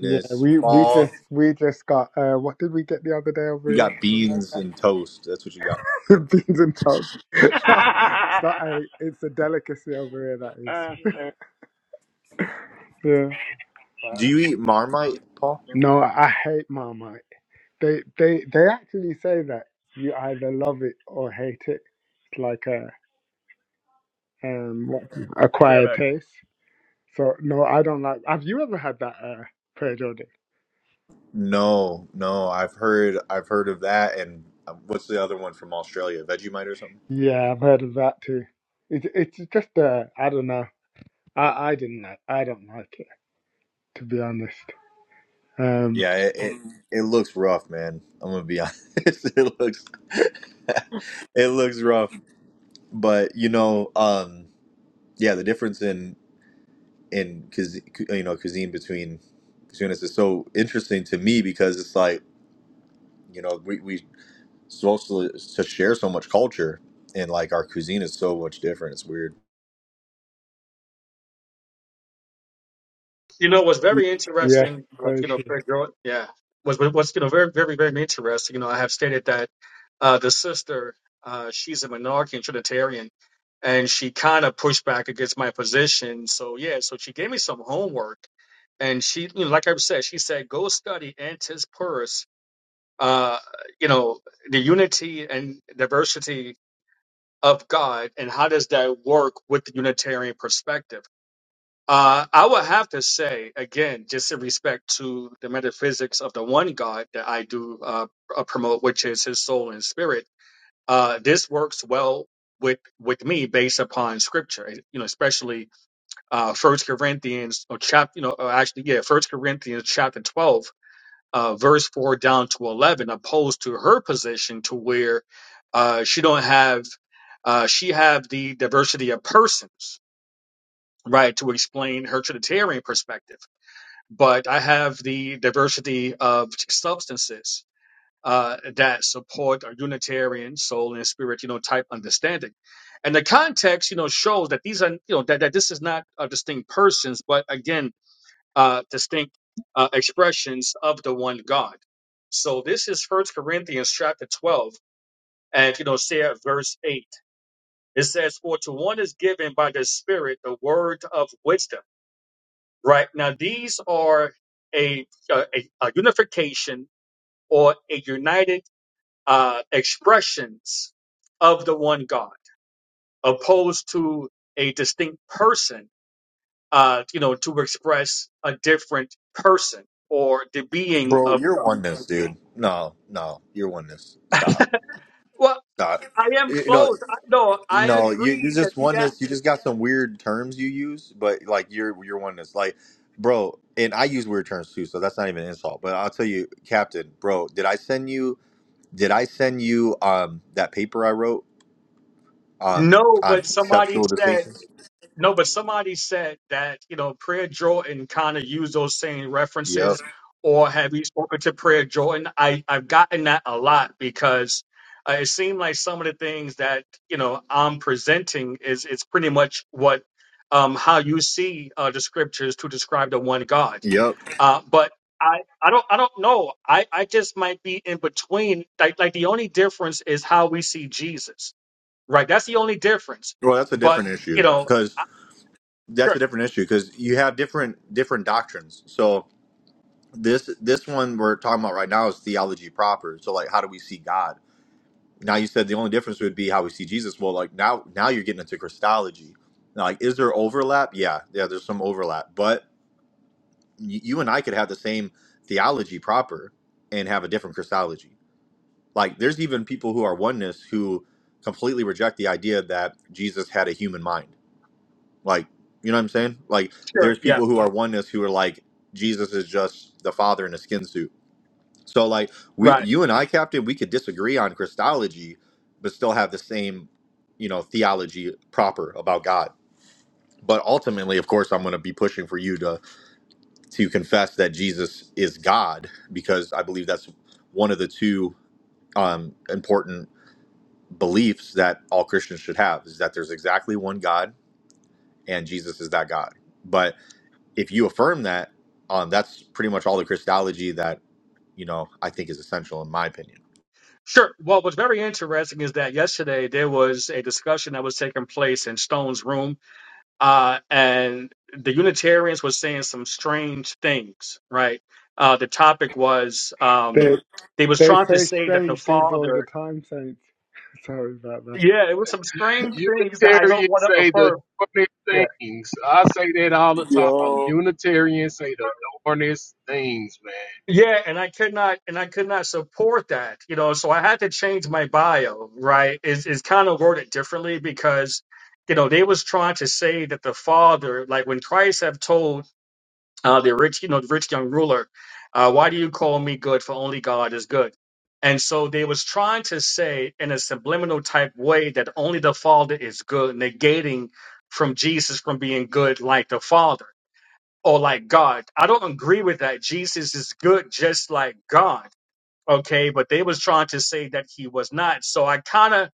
yeah, we we
Paul,
just we just got uh, what did we get the other day over
you
here
got
from
beans
America?
and toast. That's what you got.
Beans and toast. it's not a it's a delicacy over here. That is. Yeah.
uh,
Do you eat Marmite, Paul?
No, I hate Marmite. They they they actually say that you either love it or hate it. It's like a um what-
Be right
acquired
back.
taste. So no, I don't like. Have you ever had that, uh, Pedro?
No, no. I've heard, I've heard of that. And um, what's the other one from Australia? Vegemite or something?
Yeah, I've heard of that too. It, it's just uh, I don't know. I, I didn't like I don't like it to be honest. Um,
Yeah, it it, it looks rough, man. I'm gonna be honest. It looks, it looks rough. But you know, um, yeah, the difference in and Kaz- you know Kazim between between us is so interesting to me because it's like you know we we supposed to, to share so much culture and like our cuisine is so much different. It's weird,
You know, what's very
yeah,
interesting, like,
very
you know,
true.
very girl, yeah, was was- what's, you know, very, very, very interesting. You know, I have stated that uh, the sister, uh, she's a monarchian Trinitarian, and she kind of pushed back against my position. So, yeah, so she gave me some homework, and she, you know, like I said, she said, go study Antis Purus, uh, you know, the unity and diversity of God, and how does that work with the Unitarian perspective? Uh, I would have to say again, just in respect to the metaphysics of the one God that I do uh, uh, promote, which is His soul and spirit. Uh, this works well with with me based upon Scripture. You know, especially uh, First Corinthians or chapter. You know, or actually, yeah, First Corinthians chapter twelve, uh, verse four down to eleven, opposed to her position to where uh, she don't have uh, she have the diversity of persons, right, to explain her Trinitarian perspective but I have the diversity of substances uh, that support a Unitarian soul and spirit, you know, type understanding. And the context, you know, shows that these are, you know, that, that this is not uh, distinct persons, but again, uh, distinct uh, expressions of the one God. So this is First Corinthians chapter 12, and, you know, say at verse 8. It says, For to one is given by the Spirit the word of wisdom right? Now, these are a, a, a unification or a united uh, expressions of the one God, opposed to a distinct person, uh, you know, to express a different person or the being
bro.
of
You're
God.
oneness, dude. No, no, you're oneness. Stop,
Well,
stop.
I am
You you know,
close. I, no, I
no, you you
agree that,
just
yeah.
oneness. You just got some weird terms you use, but like you're you're oneness, like. Bro, and I use weird terms too, so that's not even an insult. But I'll tell you, Captain, bro, did I send you? Did I send you um that paper I wrote um
No,
on
but somebody
conceptual
said.
distinctions?
No, but somebody said that, you know, Prayer Jordan kind of used those same
Yep.
references, or have you spoken to Prayer Jordan? I, I've gotten that a lot because uh, it seemed like some of the things that, you know, I'm presenting is it's pretty much what um how you see uh, the scriptures to describe the one God.
Yep.
Uh, but I, I don't I don't know. I, I just might be in between. Like like the only difference is how we see Jesus. Right. That's the only difference.
Well, that's a
But
different
you
issue
know.
because that's
Sure,
a different issue because you have different different doctrines. So this this one we're talking about right now is theology proper. So like, how do we see God? Now you said the only difference would be how we see Jesus. Well, like now now you're getting into Christology. Now, like, is there overlap? Yeah, yeah. There's some overlap, but y- you and I could have the same theology proper and have a different Christology Like there's even people who are oneness who completely reject the idea that Jesus had a human mind. Like, you know what I'm saying? Like
sure,
there's
yeah,
people who are oneness who are like Jesus is just the father in a skin suit. So like we
right.
you and I captain we could disagree on Christology but still have the same, you know, theology proper about God. But ultimately, of course, I'm going to be pushing for you to to confess that Jesus is God because I believe that's one of the two um, important beliefs that all Christians should have is that there's exactly one God and Jesus is that God. But if you affirm that, um, that's pretty much all the Christology that you know I think is essential in my opinion.
Sure. Well, what's very interesting is that yesterday there was a discussion that was taking place in Stone's room, uh, and the Unitarians were saying some strange things, right? Uh, the topic was um,
They
they was
they
trying to
say
say that the
strange things all the
father,
time, Saints. Sorry about that.
yeah, it was some strange things that I don't
Unitarians
want to
say the
affirm.
darnest things. I say that all the time. Unitarians say the darnest things, man.
Yeah, and I could not and I could not support that, you know, so I had to change my bio, right? Is is kind of worded differently because you know, they was trying to say that the father, like when Christ have told uh the rich, you know, the rich young ruler, uh, why do you call me good for only God is good? And so they was trying to say in a subliminal type way that only the father is good, negating from Jesus from being good like the father or like God. I don't agree with that. Jesus is good just like God. Okay, but they was trying to say that he was not. So I kind of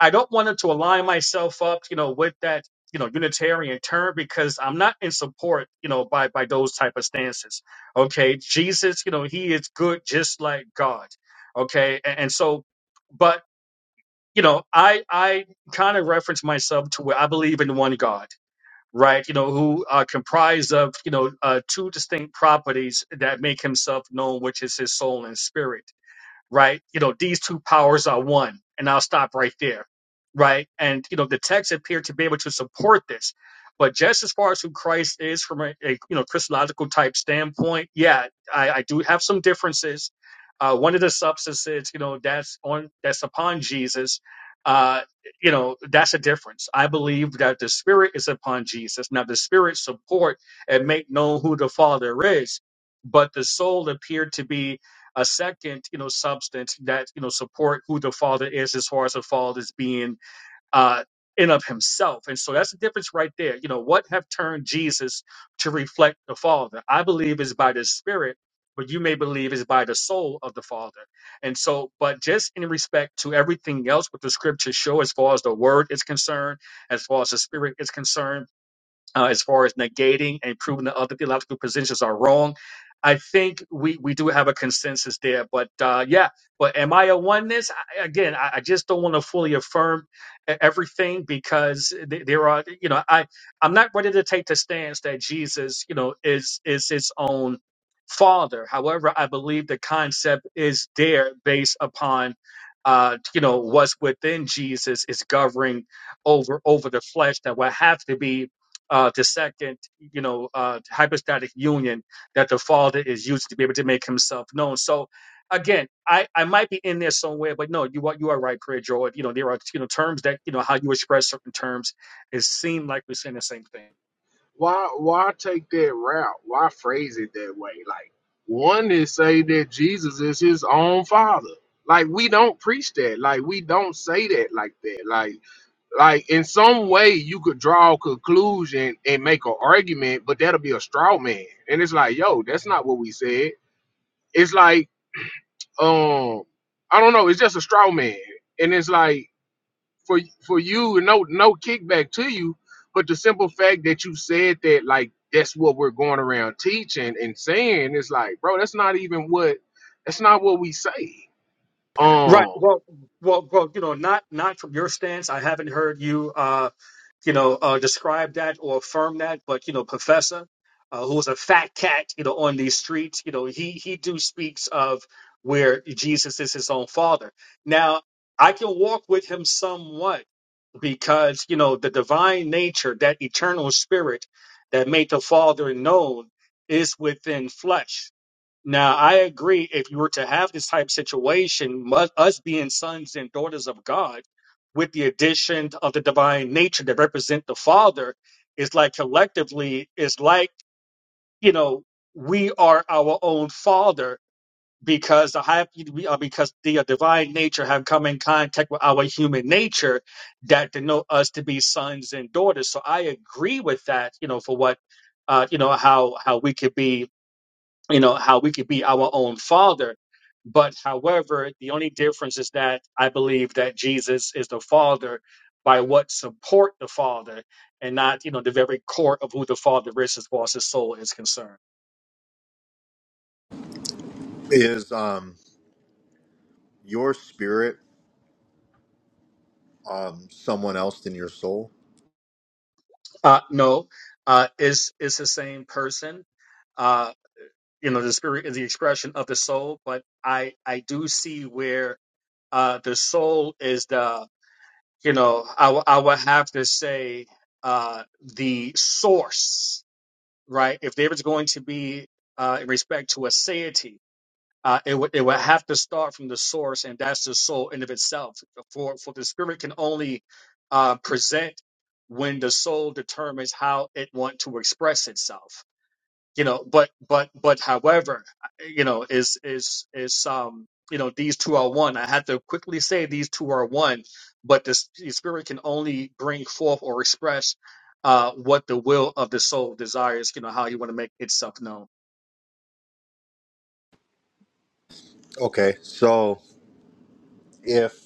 I don't want to align myself up, you know, with that, you know, Unitarian term because I'm not in support, you know, by by those type of stances. Okay, Jesus, you know, he is good just like God. Okay, and, and so, but you know, I I kind of reference myself to where I believe in one God right? You know, who are comprised of, you know, uh, two distinct properties that make himself known, which is his soul and spirit right? You know, these two powers are one, and I'll stop right there, right? And you know, the texts appear to be able to support this, but just as far as who Christ is from a, a you know Christological type standpoint, yeah, I, I do have some differences. Uh, one of the substances, you know, that's on that's upon Jesus. Uh, you know, that's a difference. I believe that the Spirit is upon Jesus. Now, the Spirit support and make known who the Father is, but the soul appeared to be a second, you know, substance that you know support who the father is as far as the father is being uh in of himself. And so that's the difference right there. You know, what have turned Jesus to reflect the Father? I believe is by the Spirit, but you may believe is by the soul of the Father. And so, but just in respect to everything else what the scriptures show as far as the word is concerned, as far as the spirit is concerned uh, as far as negating and proving that other theological positions are wrong. I think we, we do have a consensus there, but uh, yeah, but am I a oneness? I, again, I, I just don't want to fully affirm e- everything because th- there are, you know, I I'm not ready to take the stance that Jesus, you know, is is his own father. However, I believe the concept is there based upon, uh, you know, what's within Jesus is governing over over the flesh that will have to be uh, the second, you know, uh, hypostatic union that the Father is used to be able to make Himself known. So, again, I, I might be in there somewhere, but no, you are you are right, Prayer Joy. You know, there are you know terms that you know how you express certain terms. It seemed like we're saying the same thing.
Why why take that route? Why phrase it that way? Like one is say that Jesus is his own father. Like we don't preach that. Like we don't say that like that. Like like in some way you could draw a conclusion and make an argument, but that'll be a straw man. And it's like, yo, that's not what we said. It's like, um, I don't know, it's just a straw man. And it's like for for you, no no kickback to you, but the simple fact that you said that like that's what we're going around teaching and saying, it's like, bro, that's not even what that's not what we say.
Right.
Um
Well, well, well. You know, not not from your stance. I haven't heard you. Uh, you know, uh, describe that or affirm that. But you know, Professor, uh, who was a fat cat, you know, on these streets, you know, he he do speaks of where Jesus is his own father. Now, I can walk with him somewhat because you know the divine nature, that eternal spirit that made the Father known, is within flesh. Now, I agree. If you were to have this type of situation, mu- us being sons and daughters of God, with the addition of the divine nature that represent the Father, is like collectively, is like you know we are our own Father because the high, we are because the uh, divine nature have come in contact with our human nature that denote us to be sons and daughters. So I agree with that. You know, for what uh, you know, how how we could be you know how we could be our own father but however the only difference is that i believe that jesus is the father by what support the father and not you know the very core of who the father is as far as his soul is concerned
Is um, your spirit um, someone else than your soul?
uh no uh it's it's the same person uh you know the spirit is the expression of the soul but i i do see where uh the soul is the you know i, w- I would have to say uh the source right? If there was going to be uh, in respect to a deity, uh, it would it would have to start from the source, and that's the soul in of itself. For for the spirit can only uh, present when the soul determines how it want to express itself you know but but but however you know is is is um you know these two are one i had to quickly say these two are one but the, s- the spirit can only bring forth or express uh what the will of the soul desires you know how you want to make itself known
Okay, so if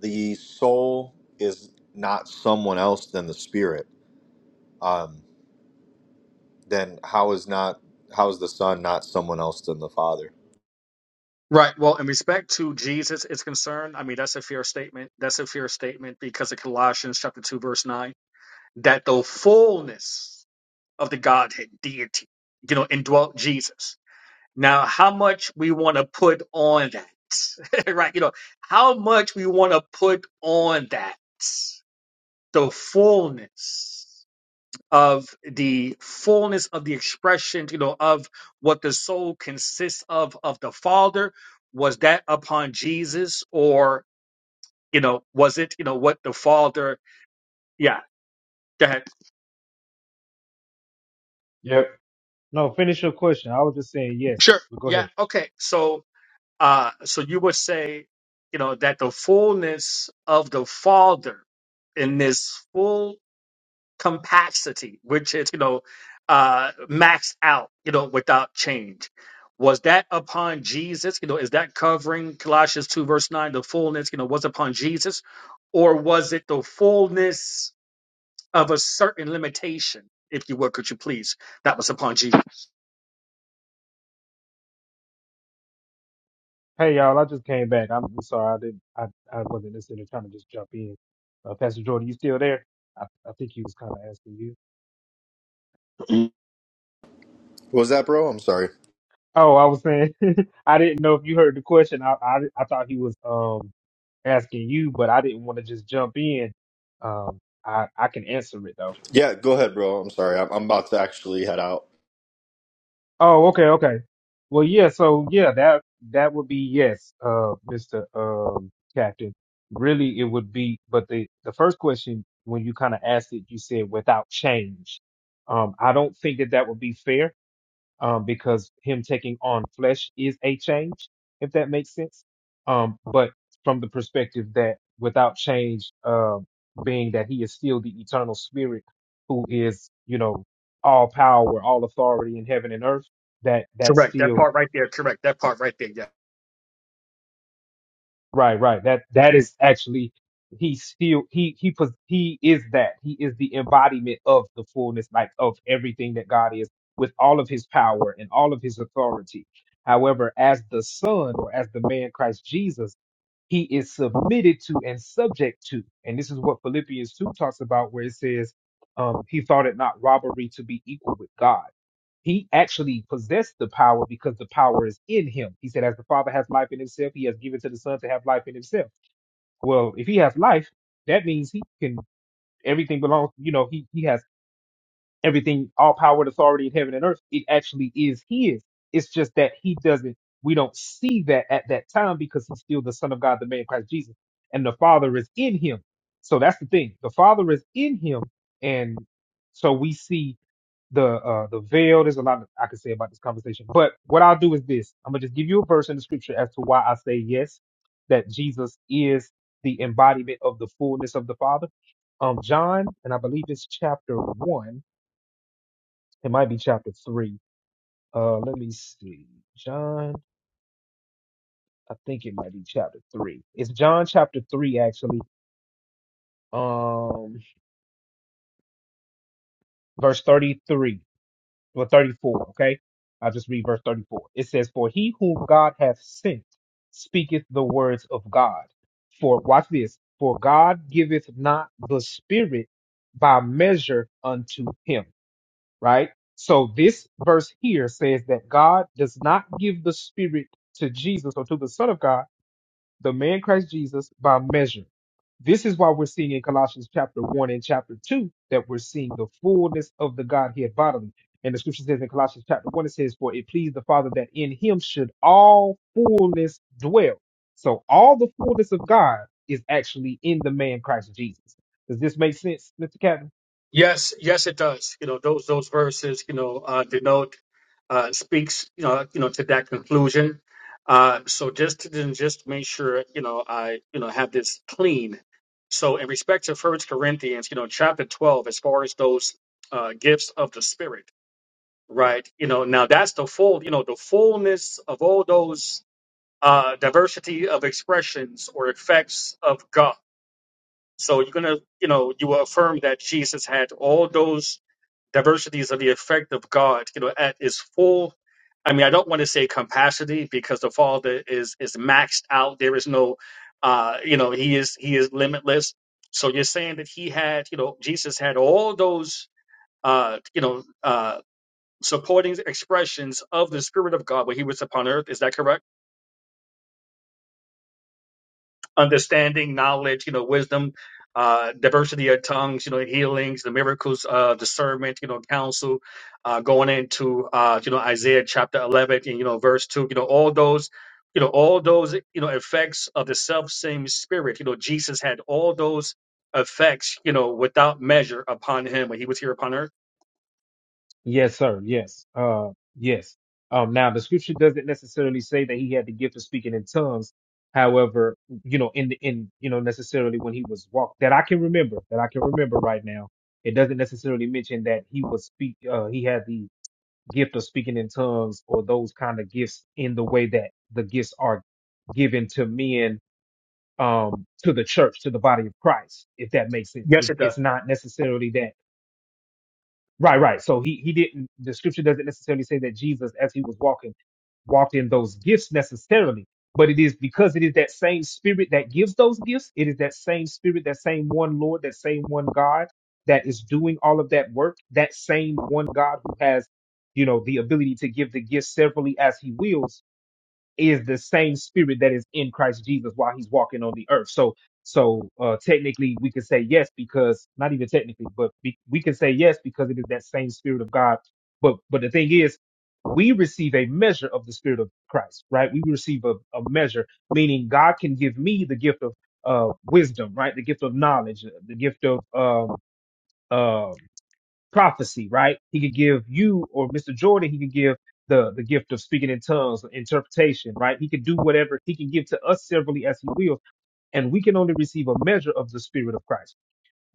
the soul is not someone else than the spirit, um, then how is not how is the son not someone else than the father?
right well in respect to jesus is concerned i mean that's a fair statement that's a fair statement because of colossians chapter 2 verse 9 that the fullness of the godhead deity you know indwelt jesus Now, how much we want to put on that, right? You know, how much we want to put on that, the fullness of the fullness of the expression, you know, of what the soul consists of, of the Father, was that upon Jesus or, you know, was it, you know, what the Father, yeah, go ahead.
Yep. No, finish your question. I was just saying yes,
Sure.
but go
Yeah.
ahead.
Okay. So, Uh, so you would say, you know, that the fullness of the Father in this full capacity, which is, you know, uh, maxed out, you know, without change. Was that upon Jesus? You know, is that covering Colossians 2, verse 9? The fullness, you know, was upon Jesus, or was it the fullness of a certain limitation, if you would, could you please? That was upon Jesus.
Hey, y'all, I just came back. I'm, I'm sorry, I didn't, I, I wasn't necessarily trying to just jump in. Uh, Pastor Jordan, you still there? I, I think he was kind of asking you.
What was that, bro? I'm sorry.
Oh, I was saying, I didn't know if you heard the question. I, I, I thought he was um asking you, but I didn't want to just jump in. Um, I, I can answer it though.
Yeah, go ahead, bro. I'm sorry. I'm, I'm about to actually head out.
Oh, okay, okay. Well, yeah, so yeah, that that would be yes, uh, Mr. Um, Captain. Really, it would be, but the the first question when you kind of asked it, you said without change. Um, I don't think that that would be fair um, because him taking on flesh is a change, if that makes sense. Um, but from the perspective that without change, um, being that he is still the eternal spirit who is, you know, all power, all authority in heaven and earth, that that's
Correct. That
still
part right there. Correct. That part right there. Yes.
Right, right. That that is actually he still he he pos- he is that. He is the embodiment of the fullness, like of everything that God is, with all of his power and all of his authority. However, as the Son or as the man Christ Jesus, he is submitted to and subject to. And this is what Philippians 2 talks about, where it says, um, he thought it not robbery to be equal with God. He actually possessed the power because the power is in him. He said, as the Father has life in himself, he has given to the Son to have life in himself. Well, if he has life, that means he can, everything belongs, you know, he, he has everything, all power and authority in heaven and earth, it actually is his. It's just that he doesn't, we don't see that at that time because he's still the Son of God, the man Christ Jesus, and the Father is in him. So that's the thing. The Father is in him. And so we see the uh the veil. There's a lot I could say about this conversation. But what I'll do is this. I'm gonna just give you a verse in the scripture as to why I say yes, that Jesus is the embodiment of the fullness of the Father. Um John, and I believe it's chapter one it might be chapter three. Uh, let me see. John, I think it might be chapter three. It's John chapter three, actually. Um, verse 33 or 34. Okay. I'll just read verse 34. It says, For he whom God hath sent speaketh the words of God. For, watch this, for God giveth not the Spirit by measure unto him. right? So this verse here says that God does not give the Spirit to Jesus or to the Son of God, the man Christ Jesus, by measure. This is why we're seeing in Colossians chapter 1 and chapter 2 that we're seeing the fullness of the Godhead bodily. And the scripture says in Colossians chapter 1, it says, For it pleased the Father that in him should all fullness dwell. So all the fullness of God is actually in the man Christ Jesus. Does this make sense, Mr. Captain?
Yes, yes, it does. You know, those those verses, you know, uh, denote uh, speaks, you know, you know, to that conclusion. Uh, so just to then just make sure, you know, I you know have this clean. So in respect to First Corinthians, you know, chapter twelve, as far as those uh, gifts of the Spirit, right? You know, now that's the full, you know, the fullness of all those uh, diversity of expressions or effects of God. So you're gonna, you know, you will affirm that Jesus had all those diversities of the effect of God, you know, at its full. I mean, I don't want to say capacity because the Father is is maxed out. There is no, uh, you know, he is he is limitless. So you're saying that he had, you know, Jesus had all those, uh, you know, uh, supporting expressions of the Spirit of God when he was upon earth. Is that correct? understanding, knowledge, you know, wisdom, uh, diversity of tongues, you know, healings, the miracles, uh, discernment, you know, counsel, uh, going into, uh, you know, Isaiah chapter 11 and, you know, verse 2, you know, all those, you know, all those, you know, effects of the self same spirit, you know, Jesus had all those effects, you know, without measure upon him when he was here upon earth.
Yes, sir. Yes. Uh, yes. Um, now the scripture doesn't necessarily say that he had the gift of speaking in tongues. However, you know, in the, in, you know, necessarily when he was walked that I can remember, that I can remember right now, it doesn't necessarily mention that he was speak, uh, he had the gift of speaking in tongues or those kind of gifts in the way that the gifts are given to men, um, to the church, to the body of Christ, if that makes sense. It,
Yes, it does.
it's not necessarily that Right, right. So he he didn't. The scripture doesn't necessarily say that Jesus, as he was walking, walked in those gifts necessarily. But it is because it is that same spirit that gives those gifts. It is that same spirit, that same one Lord, that same one God that is doing all of that work. That same one God who has, you know, the ability to give the gifts severally as He wills is the same spirit that is in Christ Jesus while he's walking on the earth. So so uh technically we could say yes because not even technically, but be, we can say yes because it is that same spirit of God. But but the thing is we receive a measure of the spirit of Christ, right? We receive a, a measure, meaning God can give me the gift of uh wisdom, right? The gift of knowledge, the gift of um uh, prophecy, right? He could give you or Mr. Jordan, he could give the, the gift of speaking in tongues, interpretation, right? He could do whatever he can give to us severally as he wills, and we can only receive a measure of the Spirit of Christ.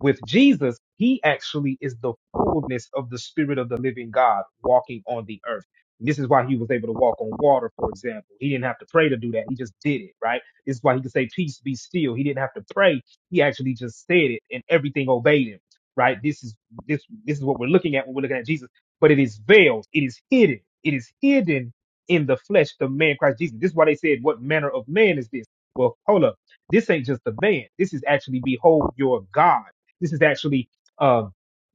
With Jesus, he actually is the fullness of the Spirit of the living God walking on the earth. And this is why he was able to walk on water, for example. He didn't have to pray to do that. He just did it, right? This is why he could say, Peace be still. He didn't have to pray. He actually just said it and everything obeyed him. Right? This is this this is what we're looking at when we're looking at Jesus. But it is veiled, it is hidden, it is hidden in the flesh, the man Christ Jesus. This is why they said, What manner of man is this? Well, hold up. This ain't just a man. This is actually behold your God this is actually, uh,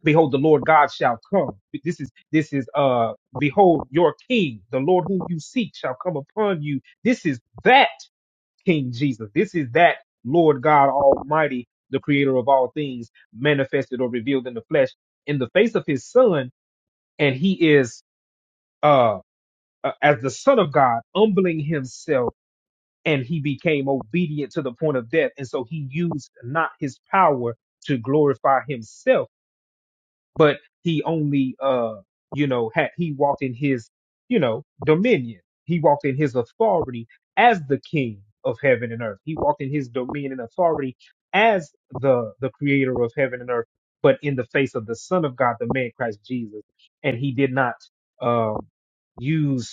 behold, the Lord God shall come. This is, this is, uh, behold, your King, the Lord whom you seek shall come upon you. This is that King Jesus. This is that Lord God Almighty, the creator of all things manifested or revealed in the flesh in the face of his son. And he is, uh, uh, as the son of God, humbling himself and he became obedient to the point of death. And so he used not his power to glorify himself but he only uh you know had he walked in his you know dominion he walked in his authority as the king of heaven and earth he walked in his dominion and authority as the the creator of heaven and earth but in the face of the son of god the man christ jesus and he did not um use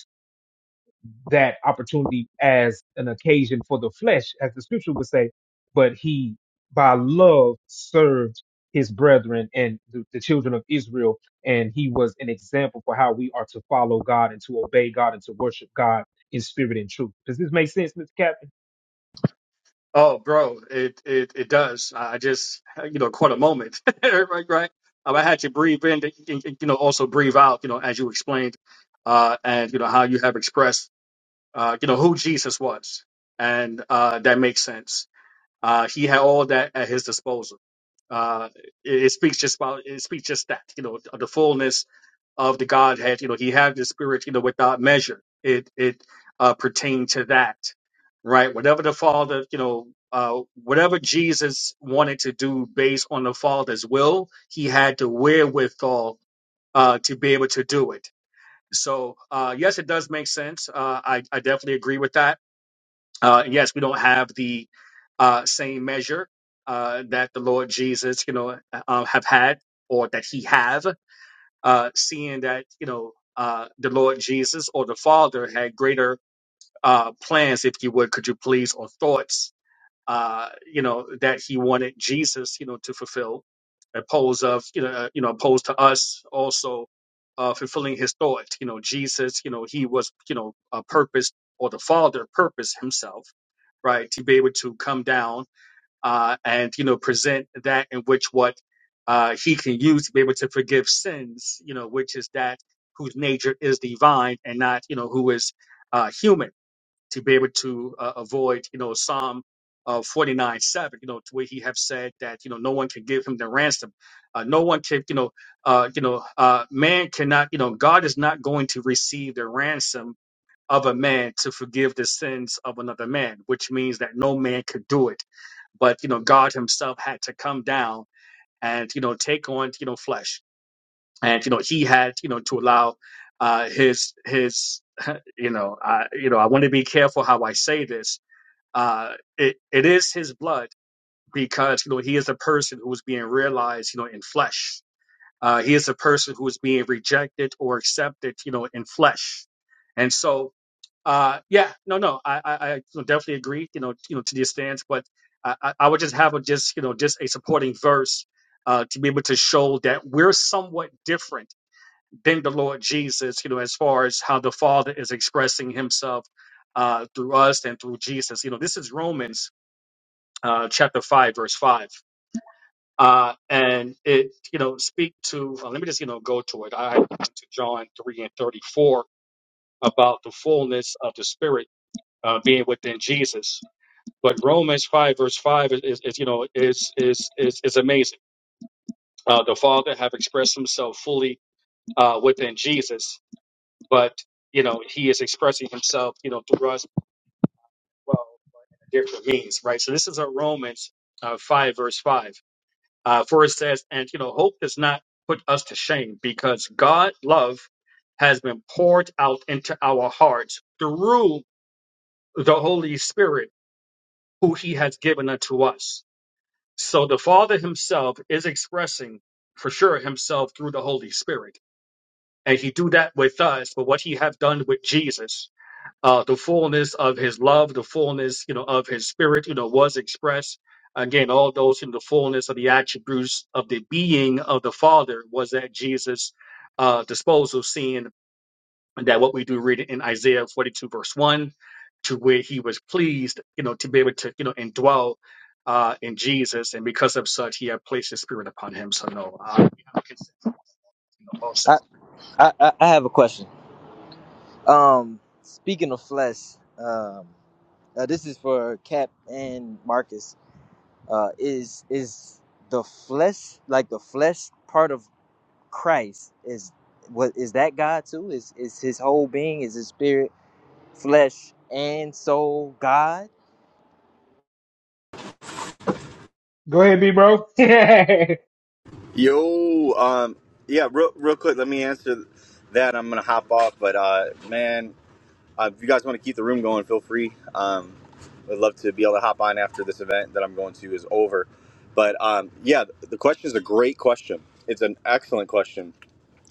that opportunity as an occasion for the flesh, as the scripture would say, but he by love served his brethren and the, the children of Israel. And he was an example for how we are to follow God and to obey God and to worship God in spirit and truth. Does this make sense, Mr. Captain?
Oh, bro, it it it does. I I just, you know, caught a moment, right? Right. Um, I had to breathe in, and, and, you know, also breathe out, you know, as you explained, uh, and you know how you have expressed, uh, you know, who Jesus was, and uh, that makes sense. Uh, he had all that at his disposal. Uh, it, it speaks just about it speaks just that you know the fullness of the Godhead. You know, he had the Spirit. You know, without measure, it it uh, pertained to that, right? Whatever the Father, you know, uh, whatever Jesus wanted to do based on the Father's will, he had the wherewithal uh, to be able to do it. So, uh, yes, it does make sense. Uh, I I definitely agree with that uh, yes, we don't have the uh, same measure uh, that the Lord Jesus, you know, uh, uh, have had or that he have, uh, seeing that, you know, uh, the Lord Jesus or the Father had greater uh, plans, if you would, could you please, or thoughts uh, you know, that he wanted Jesus, you know, to fulfill, opposed of, you know, uh, you know, opposed to us also uh, fulfilling his thought. You know, Jesus, you know, he was, you know, a purpose or the Father purposed himself, right, to be able to come down uh, and you know present that in which what uh, he can use to be able to forgive sins, you know, which is that whose nature is divine and not you know who is uh, human to be able to uh, avoid, you know, Psalm uh, 49 7, you know, to where he have said that, you know, no one can give him the ransom. Uh, no one can, you know, uh, you know, uh, man cannot, you know, God is not going to receive the ransom of a man to forgive the sins of another man, which means that no man could do it. But, you know, God himself had to come down and, you know, take on, you know, flesh. And, you know, he had, you know, to allow uh, his, his, you know, I, you know, I want to be careful how I say this, uh, it, it is his blood because you know he is a person who is being realized you know in flesh uh, he is a person who is being rejected or accepted you know in flesh and so uh, yeah no no I, I, I definitely agree you know you know to the stance but I, I I would just have a just you know just a supporting verse uh, to be able to show that we're somewhat different than the Lord Jesus you know as far as how the Father is expressing himself uh, through us and through Jesus you know this is Romans uh, chapter 5, verse 5. Uh, and it, you know, speak to, uh, let me just, you know, go to it. I I went to John 3 and 34 about the fullness of the Spirit uh, being within Jesus. But Romans 5, verse 5 is, is, is, you know, is, is, is, is amazing. Uh, the Father have expressed himself fully uh, within Jesus, but, you know, he is expressing himself, you know, through us, as well, but in a different means, right? So this is a Romans uh, 5, verse 5 Uh, for it says, and you know, hope does not put us to shame because God love has been poured out into our hearts through the Holy Spirit who he has given unto us. So the Father himself is expressing for sure himself through the Holy Spirit. And he do that with us, but what he have done with Jesus uh, the fullness of his love, the fullness, you know, of his spirit, you know, was expressed. Again, all those in the fullness of the attributes of the being of the Father was at Jesus' uh, disposal, seeing that what we do read in Isaiah 42, verse 1, to where he was pleased, you know, to be able to, you know, indwell uh, in Jesus. And because of such, he had placed his spirit upon him. So, no, uh, we have a consent, you know, well said.
I, I I I have a question. Um, speaking of flesh, um, uh, this is for Cap and Marcus. Uh, is is the flesh like the flesh part of Christ? Is what is that God too? Is is his whole being? Is his spirit, flesh, and soul God?
Go ahead, B bro.
Yo, um, yeah, real, real quick, let me answer that. I'm gonna hop off, but uh, man, uh, if you guys want to keep the room going, feel free. Um, I'd love to be able to hop on after this event that I'm going to is over. But um, yeah, the question is a great question. It's an excellent question.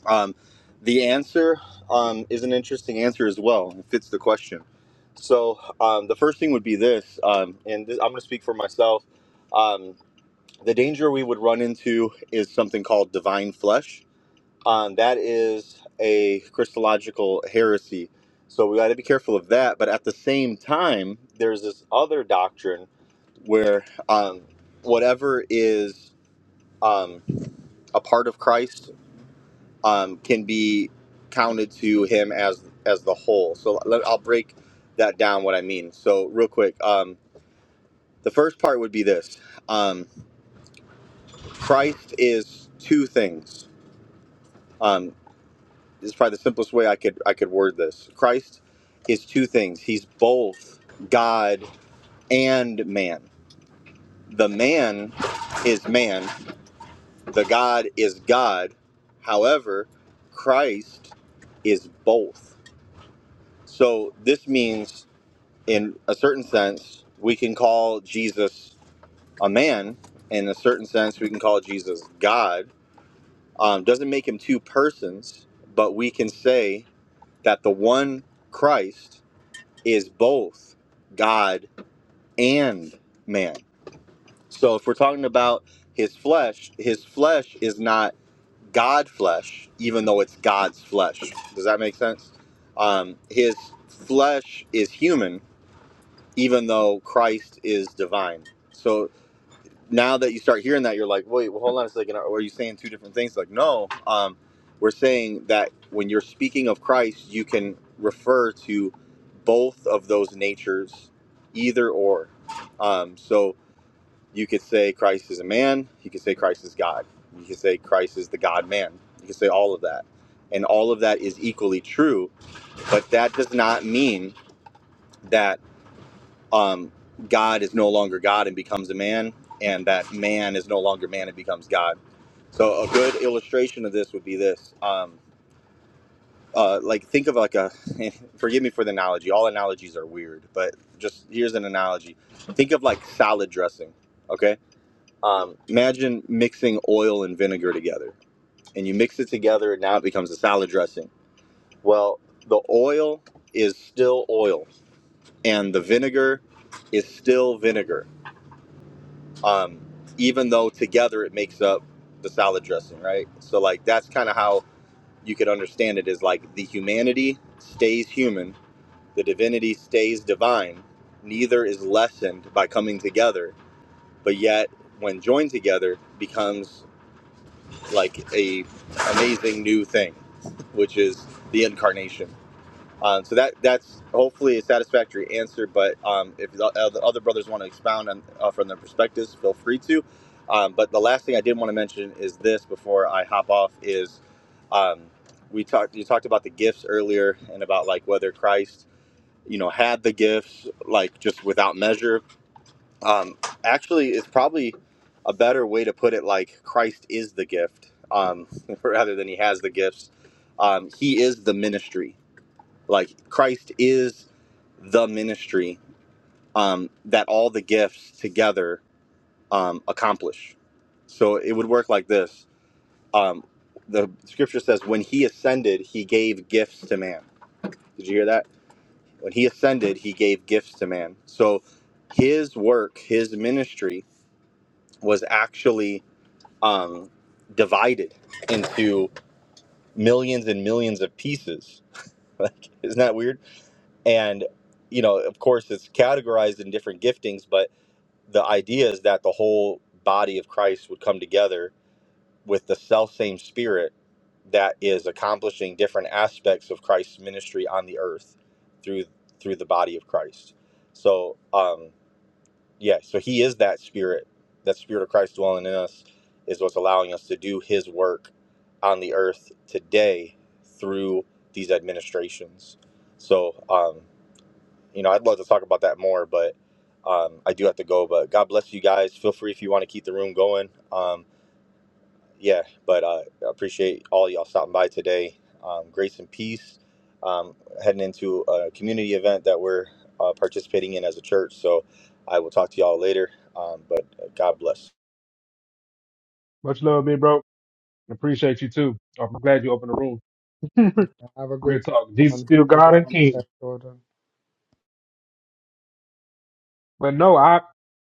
Um, the answer um, is an interesting answer as well. It fits the question. So um, the first thing would be this, um, and this, I'm going to speak for myself. Um, The danger we would run into is something called divine flesh. Um, that is a Christological heresy. So we got to be careful of that. But at the same time, there's this other doctrine where um, whatever is um, a part of Christ um, can be counted to him as as the whole. So let, I'll break that down what I mean. So real quick, um, the first part would be this: um, Christ is two things. Um, this is probably the simplest way I could I could word this. Christ is two things. He's both God and man. The man is man. The God is God. However, Christ is both. So this means in a certain sense we can call Jesus a man. In a certain sense we can call Jesus God. Um, doesn't make him two persons, but we can say that the one Christ is both God and man. So if we're talking about his flesh, his flesh is not God flesh, even though it's God's flesh. Does that make sense? Um, his flesh is human, even though Christ is divine. So now that you start hearing that, you're like, wait, well, hold on a second. Are you saying two different things? Like, no, um, we're saying that when you're speaking of Christ, you can refer to both of those natures, either or. Um, so you could say Christ is a man. You could say Christ is God. You could say Christ is the God man. You could say all of that. And all of that is equally true. But that does not mean that um, God is no longer God and becomes a man, and that man is no longer man and becomes God. So a good illustration of this would be this. Um, uh, like think of like a forgive me for the analogy all analogies are weird but just here's an analogy think of like salad dressing okay um, imagine mixing oil and vinegar together and you mix it together and now it becomes a salad dressing well the oil is still oil and the vinegar is still vinegar um, even though together it makes up the salad dressing, right? So like that's kind of how you could understand it is like the humanity stays human, the divinity stays divine. Neither is lessened by coming together, but yet when joined together becomes like a amazing new thing, which is the incarnation. Um, so that that's hopefully a satisfactory answer. But um, if the other other brothers want to expound on uh, from their perspectives, feel free to. Um, but the last thing I did want to mention is this before I hop off is um, we talked you talked about the gifts earlier and about like whether Christ you know had the gifts like just without measure. Um, actually, it's probably a better way to put it like Christ is the gift um, rather than he has the gifts. Um, he is the ministry like christ is the ministry um, that all the gifts together um, accomplish so it would work like this um, the scripture says when he ascended he gave gifts to man did you hear that when he ascended he gave gifts to man so his work his ministry was actually um, divided into millions and millions of pieces like isn't that weird and you know of course it's categorized in different giftings but the idea is that the whole body of christ would come together with the self same spirit that is accomplishing different aspects of christ's ministry on the earth through through the body of christ so um yeah so he is that spirit that spirit of christ dwelling in us is what's allowing us to do his work on the earth today through these administrations so um you know, I'd love to talk about that more, but um, I do have to go. But God bless you guys. Feel free if you want to keep the room going. Um, yeah, but uh, I appreciate all y'all stopping by today. Um, grace and peace. Um, heading into a community event that we're uh, participating in as a church. So I will talk to y'all later. Um, but God bless.
Much love, B bro. Appreciate you too. I'm glad you opened the room.
Have a
Real
good
talk. Jesus
one.
still
Have a good
God and
one,
King.
Saint Jordan.
But no, I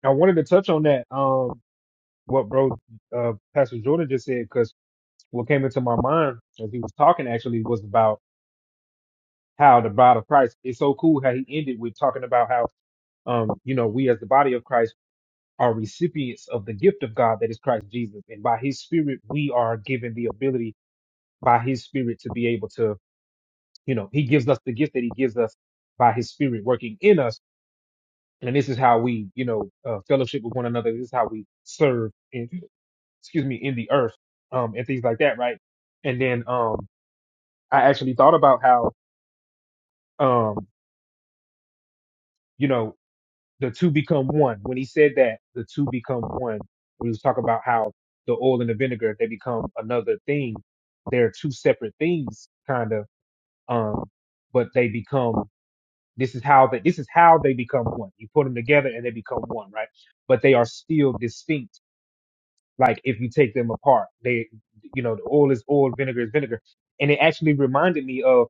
I wanted to touch on that. Um what bro uh, Pastor Jordan just said because what came into my mind as he was talking actually was about how the body of Christ It's so cool how he ended with talking about how um you know we as the body of Christ are recipients of the gift of God that is Christ Jesus and by his spirit we are given the ability by his spirit to be able to you know he gives us the gift that he gives us by his spirit working in us and this is how we you know uh, fellowship with one another this is how we serve excuse me, in the earth, um, and things like that, right? And then um, I actually thought about how, um, you know, the two become one. When he said that, the two become one, we was talking about how the oil and the vinegar they become another thing. They're two separate things, kind of, um, but they become. This is how they. This is how they become one. You put them together and they become one, right? But they are still distinct like if you take them apart they you know the oil is oil vinegar is vinegar and it actually reminded me of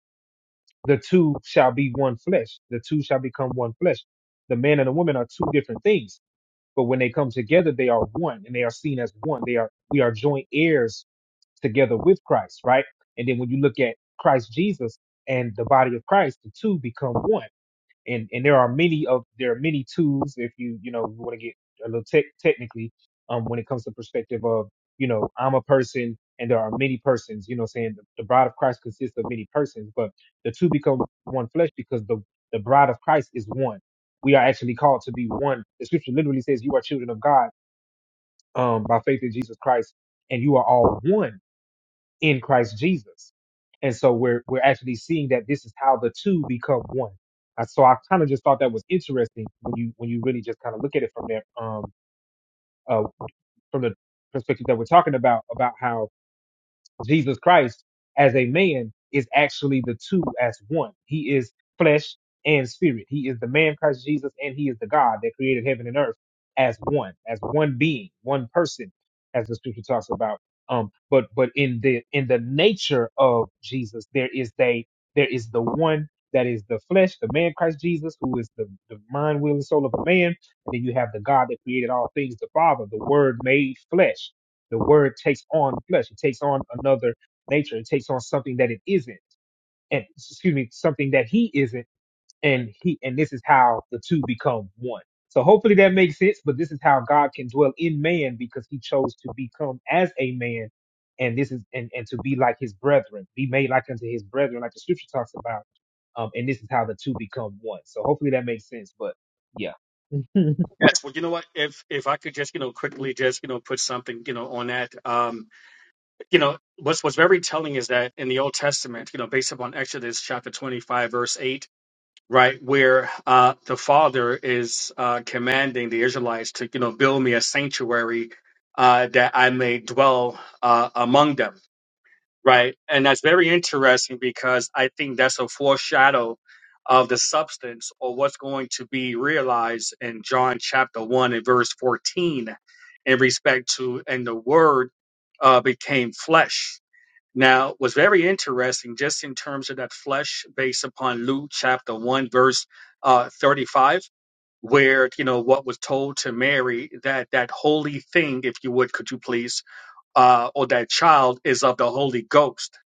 the two shall be one flesh the two shall become one flesh the man and the woman are two different things but when they come together they are one and they are seen as one they are we are joint heirs together with christ right and then when you look at christ jesus and the body of christ the two become one and and there are many of there are many tools if you you know want to get a little tech technically um when it comes to perspective of you know I'm a person and there are many persons you know saying the, the bride of Christ consists of many persons but the two become one flesh because the the bride of Christ is one we are actually called to be one the scripture literally says you are children of God um by faith in Jesus Christ and you are all one in Christ Jesus. And so we're we're actually seeing that this is how the two become one. Uh, So I kind of just thought that was interesting when you when you really just kind of look at it from that um uh from the perspective that we're talking about about how Jesus Christ as a man is actually the two as one. He is flesh and spirit. He is the man Christ Jesus and he is the God that created heaven and earth as one, as one being, one person, as the scripture talks about. Um, but but in the in the nature of Jesus, there is they there is the one that is the flesh, the man Christ Jesus, who is the, the mind, will, and soul of a man. And then you have the God that created all things, the Father, the Word made flesh the word takes on flesh. It takes on another nature. It takes on something that it isn't. And excuse me, something that he isn't. And he and this is how the two become one. So hopefully that makes sense. But this is how God can dwell in man because he chose to become as a man. And this is and, and to be like his brethren, be made like unto his brethren, like the scripture talks about. Um, and this is how the two become one. So hopefully that makes sense. But yeah. oh
Yes, Well, you know what? If if I could just, you know, quickly just, you know, put something, you know, on that. Um, you know what's what's very telling is that in the old testament you know based upon exodus chapter 25 verse 8 right where uh the father is uh commanding the israelites to you know build me a sanctuary uh that i may dwell uh among them right and that's very interesting because i think that's a foreshadow of the substance or what's going to be realized in john chapter 1 and verse 14 in respect to and the word uh became flesh now, what's very interesting, just in terms of that flesh, based upon Luke chapter 1, verse uh, 35, where, you know, what was told to Mary, that that holy thing, if you would, could you please, uh, or that child is of the Holy Ghost.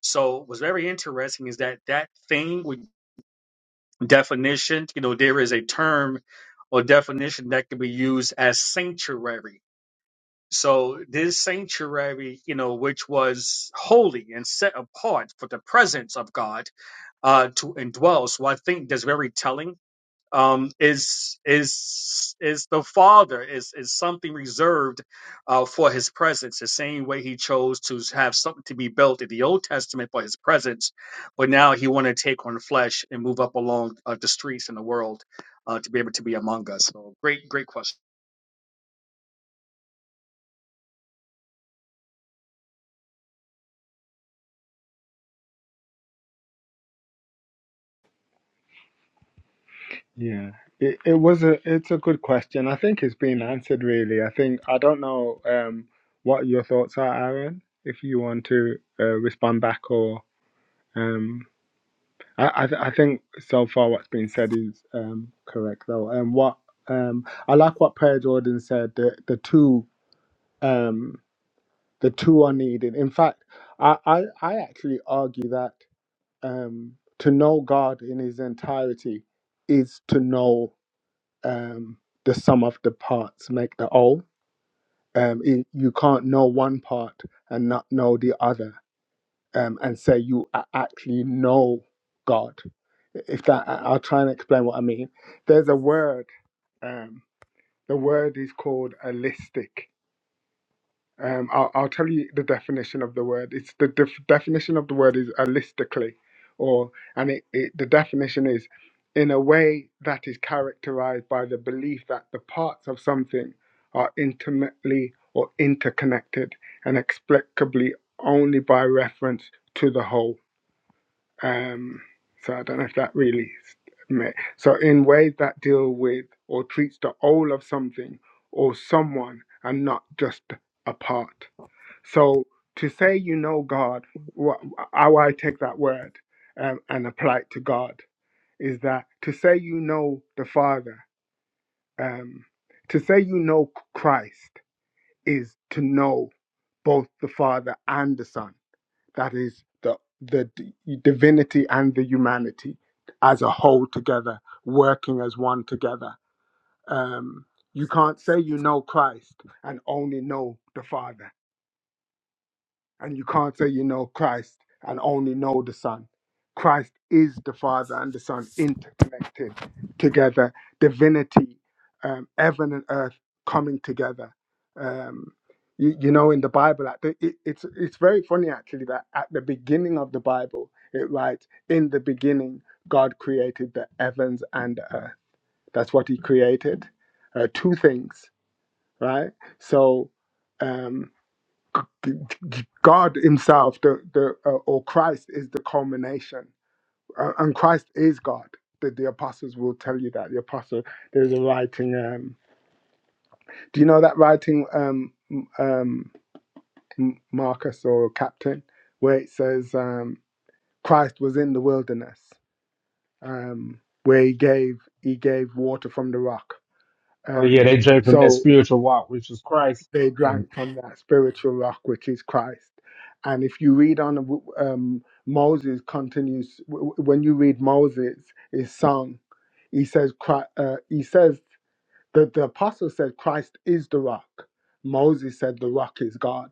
So, what's very interesting is that that thing with definition, you know, there is a term or definition that can be used as sanctuary so this sanctuary, you know, which was holy and set apart for the presence of God uh, to indwell. So I think that's very telling. Um, is is is the Father is is something reserved uh, for His presence? The same way He chose to have something to be built in the Old Testament for His presence, but now He want to take on flesh and move up along uh, the streets in the world uh, to be able to be among us. So great, great question.
Yeah, it it was a it's a good question. I think it's been answered really. I think I don't know um what your thoughts are, Aaron. If you want to uh, respond back or um I, I, th- I think so far what's been said is um, correct though. And what um, I like what Per Jordan said. The the two um, the two are needed. In fact, I I, I actually argue that um, to know God in His entirety is to know um, the sum of the parts make the whole. Um, it, you can't know one part and not know the other um, and say you a- actually know God. If that, I- I'll try and explain what I mean. There's a word. Um, the word is called holistic. Um, I'll, I'll tell you the definition of the word. It's the def- definition of the word is holistically, or and it, it the definition is in a way that is characterized by the belief that the parts of something are intimately or interconnected and explicably only by reference to the whole. Um, so I don't know if that really. ma- So in ways that deal with or treats the whole of something or someone and not just a part. So to say you know God, wha- how I take that word um, and apply it to God is that to say you know the Father, um, to say you know Christ is to know both the Father and the Son that is the the d- divinity and the humanity as a whole together working as one together um you can't say you know christ and only know the father and you can't say you know Christ and only know the Son. Christ is the Father and the Son interconnected together, divinity, um, heaven and earth coming together. Um, you, you know, in the Bible, at the, it, it's it's very funny actually that at the beginning of the Bible, it writes, "In the beginning, God created the heavens and the earth." That's what He created, uh, two things, right? So. Um, God Himself, the the uh, or Christ is the culmination, uh, and Christ is God. The, the apostles will tell you that the apostle there's a writing. Um, do you know that writing, um, m- um, M- Marcus or Captain, where it says um, Christ was in the wilderness, um, where he gave he gave water from the rock.
yeah, they
Um,
drank from that
so
spiritual walk, which was Christ.
they
and.
drank from that spiritual rock which is christ and if you read on um, moses continues w- w- when you read moses his song he says Chri- uh, he says that the apostle said christ is the rock moses said the rock is god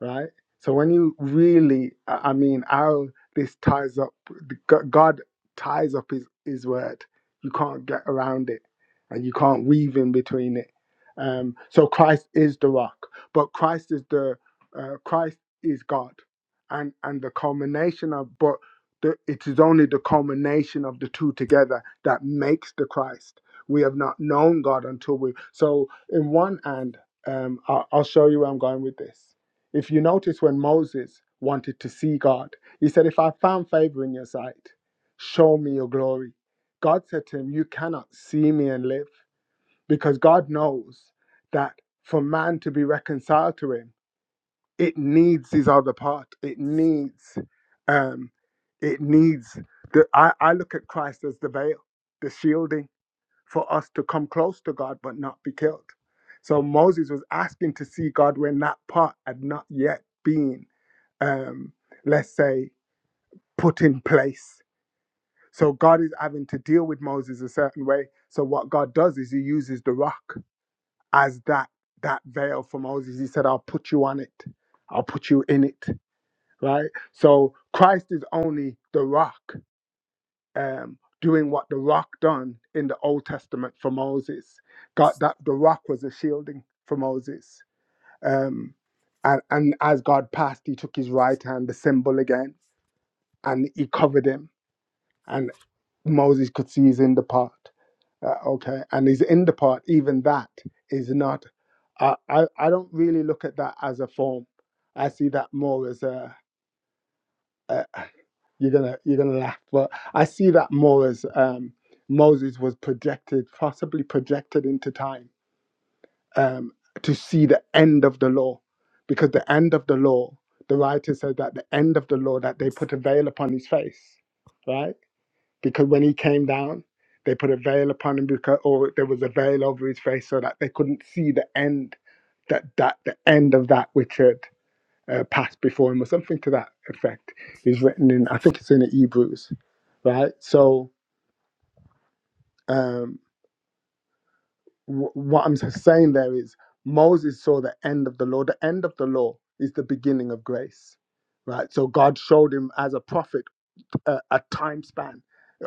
right? So when you really, I I mean, how this ties up, the G- God ties up His His word. You can't get around it, and you can't weave in between it. Um, so Christ is the rock, but Christ is the uh, Christ is God, and and the culmination of but. The, it is only the culmination of the two together that makes the Christ. We have not known God until we. So, in one hand, um, I'll, I'll show you where I'm going with this if you notice when Moses wanted to see God, he said, If I found favor in your sight, show me your glory. God said to him, You cannot see me and live, because God knows that for man to be reconciled to him, it needs his other part. It needs, um, it needs the I, I look at Christ as the veil, the shielding for us to come close to God but not be killed. So Moses was asking to see God when that part had not yet been um, let's say, put in place. So God is having to deal with Moses a certain way. So what God does is He uses the rock as that that veil for Moses. He said, "I'll put you on it. I'll put you in it." Right. So Christ is only the rock, um, doing what the rock done in the Old Testament for Moses. God, that the rock was a shielding for Moses. Um, and, and as God passed, He took His right hand, the symbol again, and He covered him and Moses could see he's in the pot. Uh, okay, and he's in the pot. Even that is not. I I I don't really look at that as a form. I see that more as a. a you're gonna you're gonna laugh, but I see that more as um, Moses was projected, possibly projected into time um, to see the end of the law, because the end of the law, the writer said that the end of the law that they put a veil upon his face, right? because when he came down, they put a veil upon him because, or there was a veil over his face so that they couldn't see the end, that that the end of that which had uh, passed before him, or something to that effect. Is written in, I think it's in the Hebrews, right? So um, w- what I'm saying there is Moses saw the end of the law. The end of the law is the beginning of grace, right? So God showed him as a prophet a, a time span.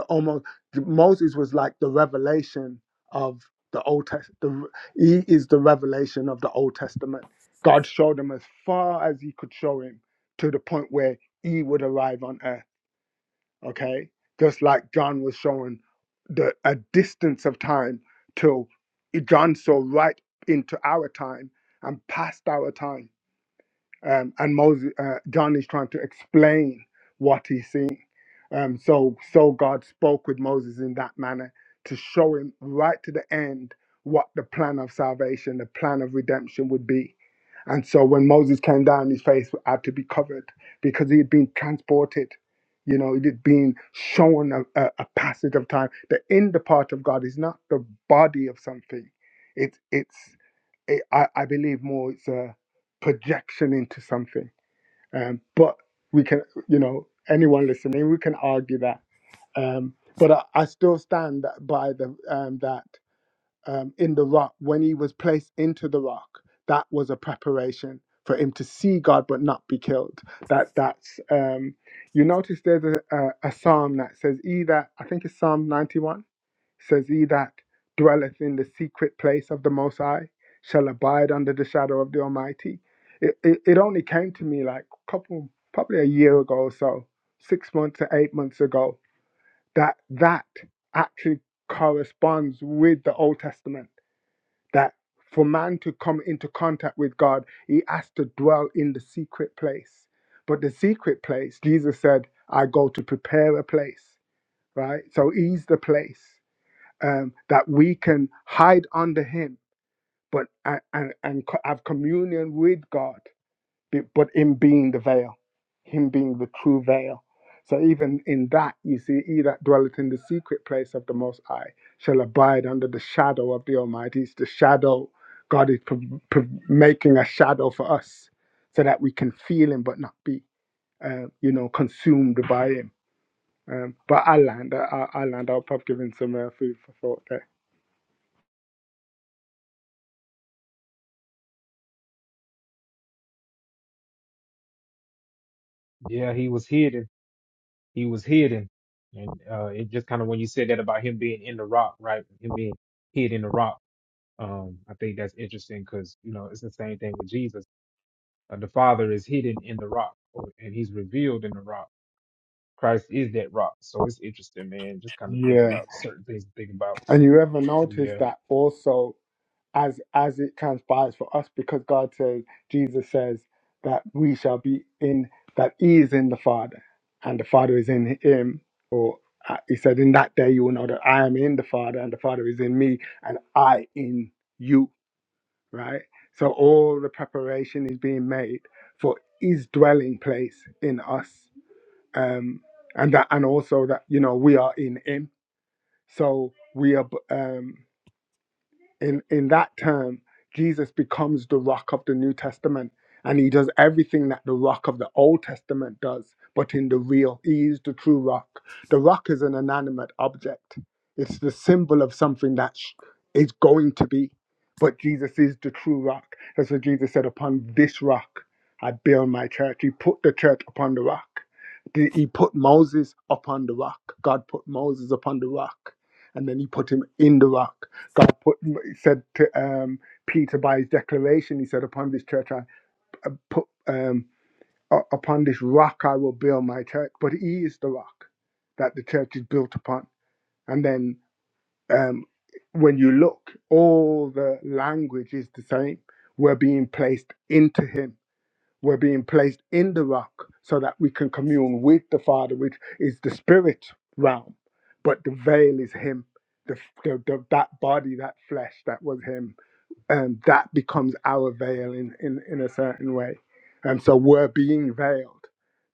Almost Moses was like the revelation of the Old Testament. He is the revelation of the Old Testament. God showed him as far as he could show him to the point where he would arrive on earth. Okay, just like John was showing the a distance of time till John saw right into our time and past our time um, and Moses, uh, John is trying to explain what he's seeing. Um, so, so God spoke with Moses in that manner to show him right to the end what the plan of salvation, the plan of redemption would be. And so, when Moses came down, his face had to be covered because he had been transported. You know, it had been shown a, a, a passage of time. The in the part of God is not the body of something; it's it's it, I, I believe more it's a projection into something. Um, but we can, you know, anyone listening, we can argue that. Um, but I, I still stand by the um, that um, in the rock, when he was placed into the rock, that was a preparation for him to see God but not be killed. That that's um, you notice there's a, a, a psalm that says either I think it's Psalm 91 says he that dwelleth in the secret place of the Most High shall abide under the shadow of the Almighty. It, it, it only came to me like a couple, probably a year ago or so, six months or eight months ago, that that actually corresponds with the Old Testament. That for man to come into contact with God, he has to dwell in the secret place. But the secret place, Jesus said, I go to prepare a place, right? So he's the place um, that we can hide under Him, but and and, have communion with God, but Him being the veil, Him being the true veil. So even in that, you see, he that dwelleth in the secret place of the Most High shall abide under the shadow of the Almighty. It's the shadow. God is pro- pro- making a shadow for us, so that we can feel Him but not be, uh, you know, consumed by Him. Um, but I land, I, I land. I'll probably give him some uh, food for thought
Yeah, he was hidden. He was hidden. And uh it just kind of when you said that about him being in the rock, right? Him being hid in the rock. Um, I think that's interesting because you know it's the same thing with Jesus. Uh, the Father is hidden in the rock, or- and He's revealed in the rock. Christ is that rock. So it's interesting, man. Just kind of think
there.
about certain things to think about.
And you ever notice
yeah.
that also as as it transpires for us, because God says, Jesus says that we shall be in that He is in the Father, and the Father is in Him. Or uh, He said, in that day you will know that I am in the Father, and the Father is in me, and I in you. Right. So all the preparation is being made for His dwelling place in us, um, and that, and also that you know we are in Him. So we are. Um, in in that term jesus becomes the rock of the new testament and he does everything that the rock of the old testament does but in the real he is the true rock the rock is an inanimate object it's the symbol of something that sh- is going to be but jesus is the true rock that's what jesus said upon this rock i build my church he put the church upon the rock The- he put moses upon the rock god put moses upon the rock and then he put him in the rock God put said to um, Peter by his declaration, he said, "Upon this church I uh, put um, u- upon this rock I will build my church." But he is the rock that the church is built upon. And then um, when you look, all the language is the same. We're being placed into Him. We're being placed in the rock so that we can commune with the Father, which is the spirit realm. But the veil is Him. The, the, the, that body, that flesh, that was him and that becomes our veil in, in, in a certain way. And so we're being veiled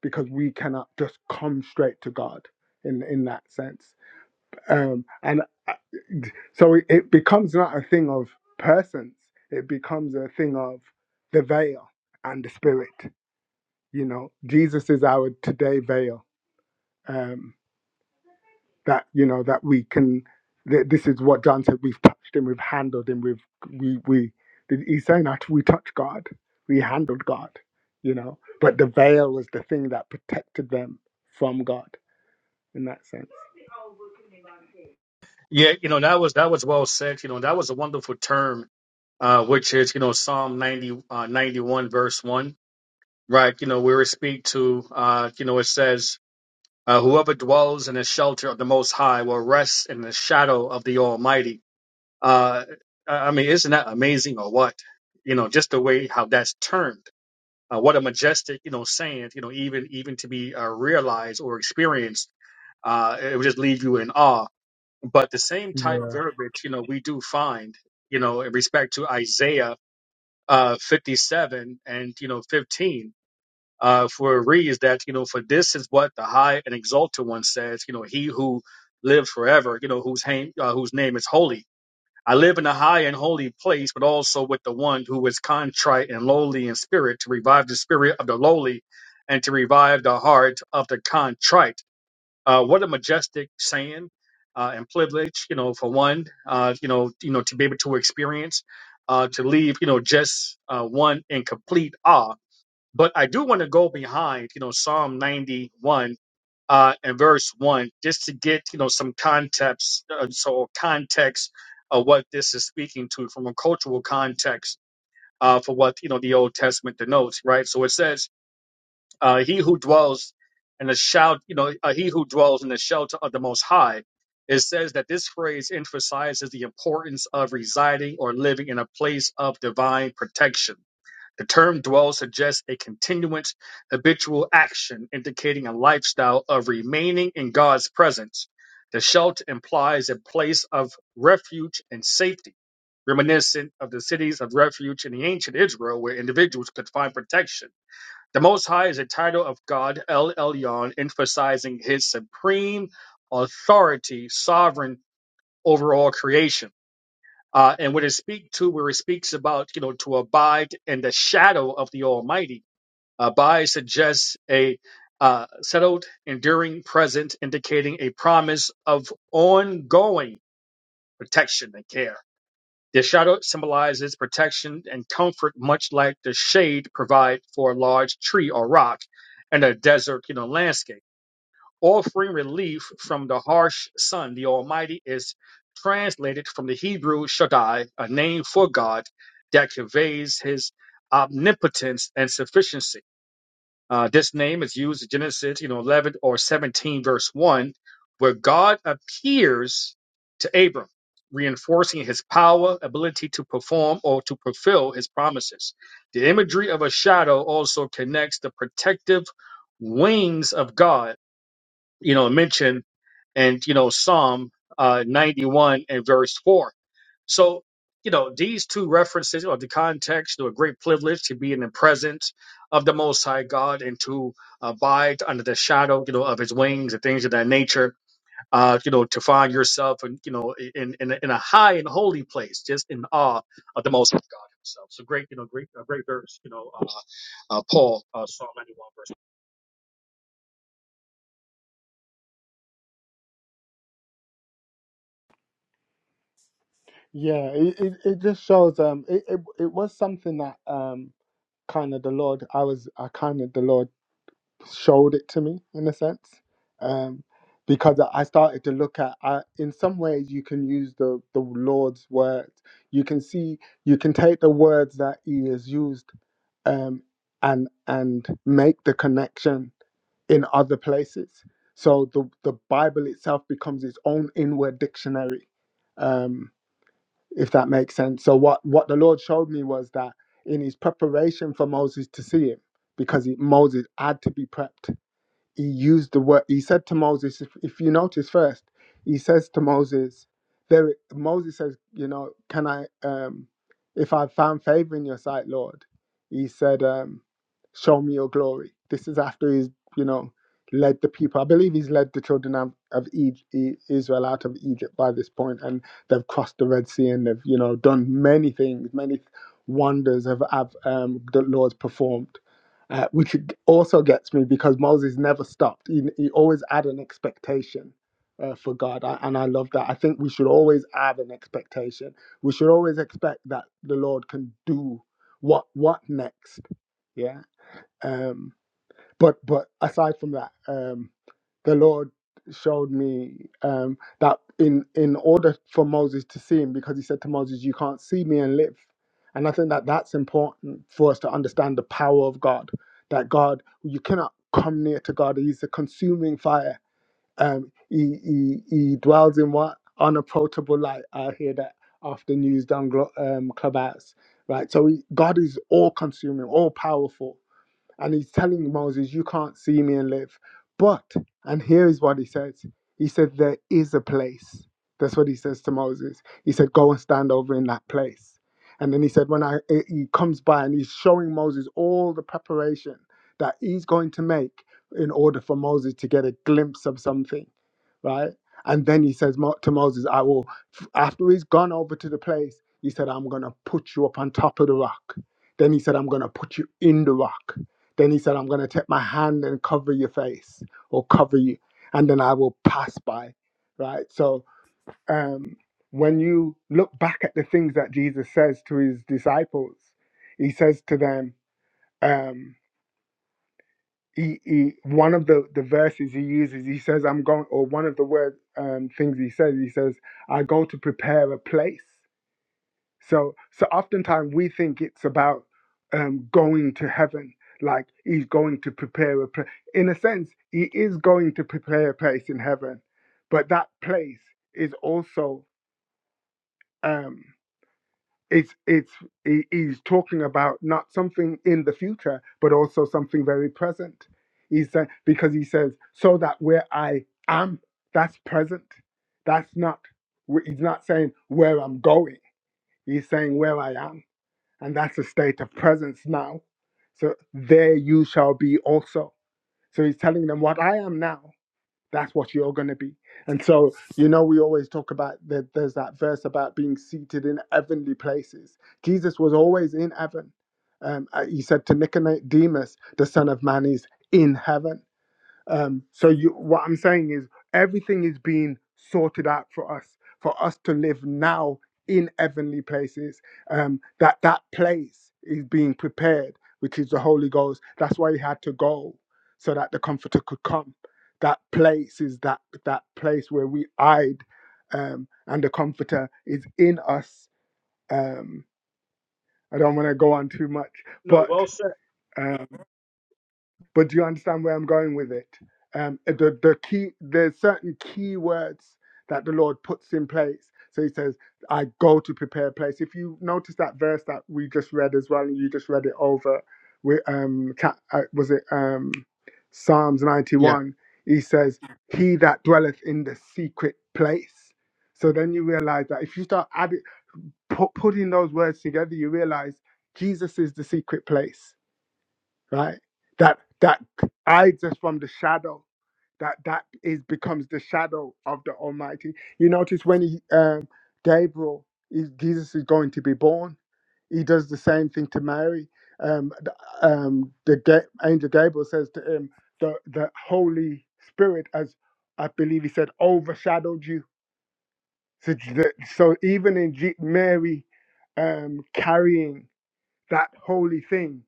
because we cannot just come straight to God in, in that sense. Um, and uh, so it it becomes not a thing of persons, it becomes a thing of the veil and the spirit. You know, Jesus is our today veil. Um, that you know that we can that this is what john said we've touched him we've handled him we've we we he's saying that we touched god we handled god you know but the veil was the thing that protected them from god in that sense
Yeah, you know, that was that was well said. You know, that was a wonderful term, uh, which is, you know, Psalm 90, uh, 91, verse 1, right? You know, where it speak to, uh, you know, it says, uh, whoever dwells in the shelter of the Most High will rest in the shadow of the Almighty. Uh, I I mean, isn't that amazing or what? You know, just the way how that's termed. Uh, what a majestic, you know, saying, you know, even even to be uh, realized or experienced, uh, it would just leave you in awe but the same type
yeah
verbiage, you know, we do find, you know, in respect to Isaiah uh, 57 and, you know, 15, uh, for it reads that, you know, for this is what the high and exalted one says, you know, he who lives forever, you know, whose, name, uh, whose name is holy. I live in a high and holy place, but also with the one who is contrite and lowly in spirit to revive the spirit of the lowly and to revive the heart of the contrite uh, what a majestic saying uh, and privilege, you know, for one, uh, you know, you know, to be able to experience, uh, to leave, you know, just uh, one in complete awe. But I do want to go behind, you know, Psalm 91 uh, and verse one, just to get, you know, some context, uh, so context of what this is speaking to from a cultural context uh, for what you know the Old Testament denotes, right? So it says. Uh, he who dwells in the shout, you know, uh, he who dwells in the shelter of the Most High. It says that this phrase emphasizes the importance of residing or living in a place of divine protection. The term dwell suggests a continuous habitual action indicating a lifestyle of remaining in God's presence. The shelter implies a place of refuge and safety, reminiscent of the cities of refuge in the ancient Israel where individuals could find protection the Most High is a title of God El Elyon, emphasizing his supreme authority, sovereign over all creation. Uh, and when it speaks to, where it speaks about, you know, to abide in the shadow of the Almighty, abide suggests a uh, settled, enduring present, indicating a promise of ongoing protection and care. The shadow symbolizes protection and comfort, much like the shade provided for a large tree or rock in a desert you know, landscape, offering relief from the harsh sun. The Almighty is translated from the Hebrew Shaddai, a name for God that conveys his omnipotence and sufficiency. Uh, this name is used in Genesis, you know, 11 or 17, verse 1, where God appears to Abram, reinforcing his power, ability to perform or to fulfill his promises. The imagery of a shadow also connects the protective wings of God, you know, mentioned and, you know, Psalm uh, 91 and verse 4 so, you know, these two references or the context to a great privilege to be in the presence of the Most High God and to abide under the shadow, you know, of His wings and things of that nature. Uh, you know, to find yourself and you know in in a- in a high and holy place, just in awe of the Most High God Himself. So great, you know, great, uh, great verse, you know, uh, uh, Paul, uh, Psalm ninety one verse.
yeah it, it, it just shows um it, it, it was something that um kind of the lord i was i kind of the lord showed it to me in a sense um, because i I started to look at I, in some ways you can use the, the lord's words you can see you can take the words that he has used um, and and make the connection in other places so the, the bible itself becomes its own inward dictionary um, if that makes sense so what, what the lord showed me was that in his preparation for moses to see him because he, moses had to be prepped he used the word he said to moses if, if you notice first he says to moses there moses says you know can i um if i've found favor in your sight lord he said um show me your glory this is after he's you know led the people i believe he's led the children of, of Egy- E- israel out of egypt by this point and they've crossed the red sea and they've you know done many things many wonders have, have um, the lord's performed uh, which also gets me because Moses never stopped. He, he always had an expectation uh, for God, I, and I love that. I think we should always have an expectation. We should always expect that the Lord can do what what next. Yeah. Um, but but aside from that. Um, the Lord showed me um, that in in order for Moses to see him, because he said to Moses, "You can't see me and live." And I think that that's important for us to understand the power of God. That God, you cannot come near to God. He's a consuming fire. Um, he, he he dwells in what unapproachable light. I hear that often used on glo- um, clubhouse, right? So he, God is all consuming, all powerful and he's telling Moses, You can't see me and live. But, and here is what he says He said, There is a place. That's what he says to Moses. He said, Go and stand over in that place. And then he said, When I, eh, he comes by and he's showing Moses all the preparation that he's going to make in order for Moses to get a glimpse of something, right? And then he says Mo- to Moses, I will, after he's gone over to the place, he said, I'm going to put you up on top of the rock. Then he said, I'm going to put you in the rock. Then he said, I'm going to take my hand and cover your face or cover you, and then I will pass by. Right? So, um, when you look back at the things that Jesus says to his disciples, he says to them, um, he, he, one of the, the verses he uses, he says, I'm going, or one of the word um, things he says, he says, I go to prepare a place. So, so oftentimes we think it's about um, going to heaven, like he's going to prepare a place. In a sense, he is going to prepare a place in heaven, but that place is also um, it's it's he, he's talking about not something in the future, but also something very present. He said because he says so that where I am, that's present. That's not. He's not saying where I'm going. He's saying where I am and that's a state of presence now. So there you shall be also. So he's telling them what I am now. That's what you're going to be. And so, you know, we always talk about that. There's that verse about being seated in heavenly places. Jesus was always in heaven. Um, uh, he said to Nicodemus, the Son of Man is in heaven. Um, so you, what I'm saying is everything is being sorted out for us, for us to live now in heavenly places. Um, that that place is being prepared, which is the Holy Ghost. That's why he had to go, so that the Comforter could come. That place is that that place where we hide, um, and the Comforter is in us. Um, I don't want to go on too much,
No,
but
well said.
um, but do you understand where I'm going with it? Um, eh, the, the key, there's certain key words that the Lord puts in place. So he says, I go to prepare a place. If you notice that verse that we just read as well, and you just read it over, with, um, ca- uh, was it um, Psalms
Yeah,
91? He says, He that dwelleth in the secret place. So then you realize that if you start adding, put, putting those words together, you realize Jesus is the secret place right? That that hides us from the shadow. That that is becomes the shadow of the Almighty. You notice when he, um, Gabriel, is, Jesus is going to be born. He does the same thing to Mary. Um, the, um, the Ga- angel Gabriel says to him, "the the Holy Spirit, as I believe he said, overshadowed you." So, the, so even in G- Mary um, carrying that holy thing,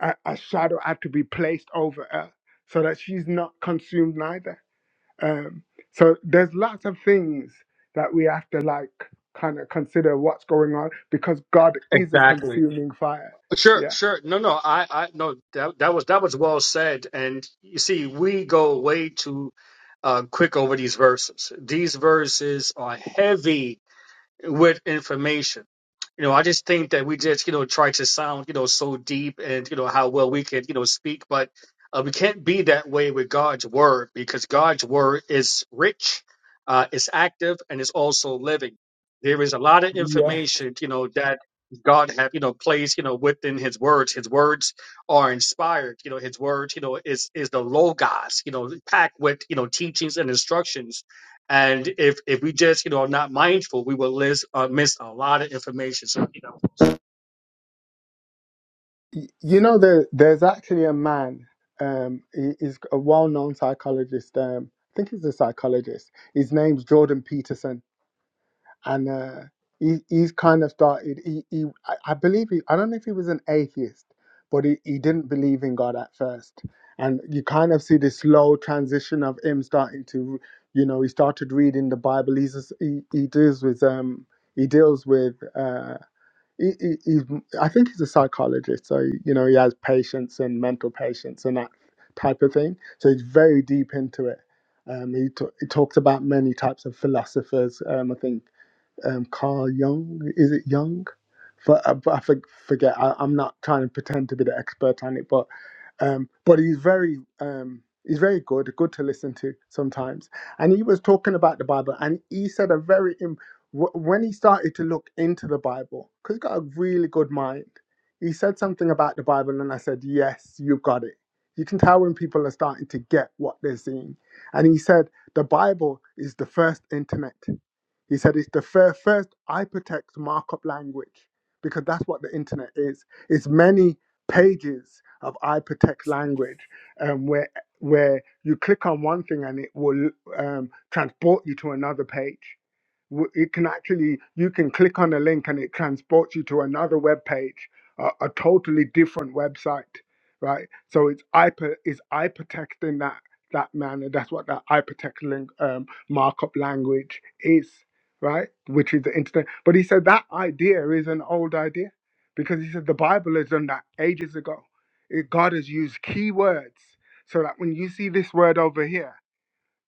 a, a shadow had to be placed over her so that she's not consumed neither. Um, so there's lots of things that we have to like kind of consider what's going on because God is a
exactly.
consuming fire.
Sure,
Yeah.
sure. No, no, I, I, no, that, that was, that was well said. And you see, we go way too uh, quick over these verses. These verses are heavy with information. You know, I just think that we just, you know, try to sound, you know, so deep and, you know, how well we can, you know, speak, but uh, we can't be that way with God's word because God's word is rich, uh, it's active, and it's also living. There is a lot of
Yes.
information, you know, that God have, you know, placed, you know, within his words. His words are inspired. You know, his words, you know, is is the logos, you know, packed with, you know, teachings and instructions and if if we just you know are not mindful, we will miss uh, miss a lot of information. So you know,
Y- You know, there, there's actually a man, um, he, he's a well known psychologist. Um, I think he's a psychologist. His name's Jordan Peterson and uh, he, he's kind of started. He, he I I believe he, I don't know if he was an atheist, but he, he didn't believe in God at first, and you kind of see this slow transition of him starting to, you know, he started reading the Bible. He's just, he he deals with um he deals with uh. He, he, he's, I think he's a psychologist, so you know he has patients and mental patients and that type of thing. So he's very deep into it. Um, he, t- he talks about many types of philosophers. Um, I think um, Carl Jung. Is it Jung? For, I, I for- forget. I, I'm not trying to pretend to be the expert on it, but um, but he's very um, he's very good, good to listen to sometimes. And he was talking about the Bible, and he said a very im- wh- when he started to look into the Bible, because he's got a really good mind. He said something about the Bible, and I said, "Yes, you got it." You can tell when people are starting to get what they're seeing. And he said, "The Bible is the first internet." He said it's the fir- first hypertext markup language because that's what the internet is. It's many pages of hypertext language um, where where you click on one thing and it will um, transport you to another page. W- It can actually you can click on a link and it transports you to another web page, a, a totally different website, right? So it's hyper is hypertext in that that manner. That's what that hypertext link um, markup language is right? Which is the internet. But he said that idea is an old idea because he said the Bible has done that ages ago. It, God has used key words so that when you see this word over here,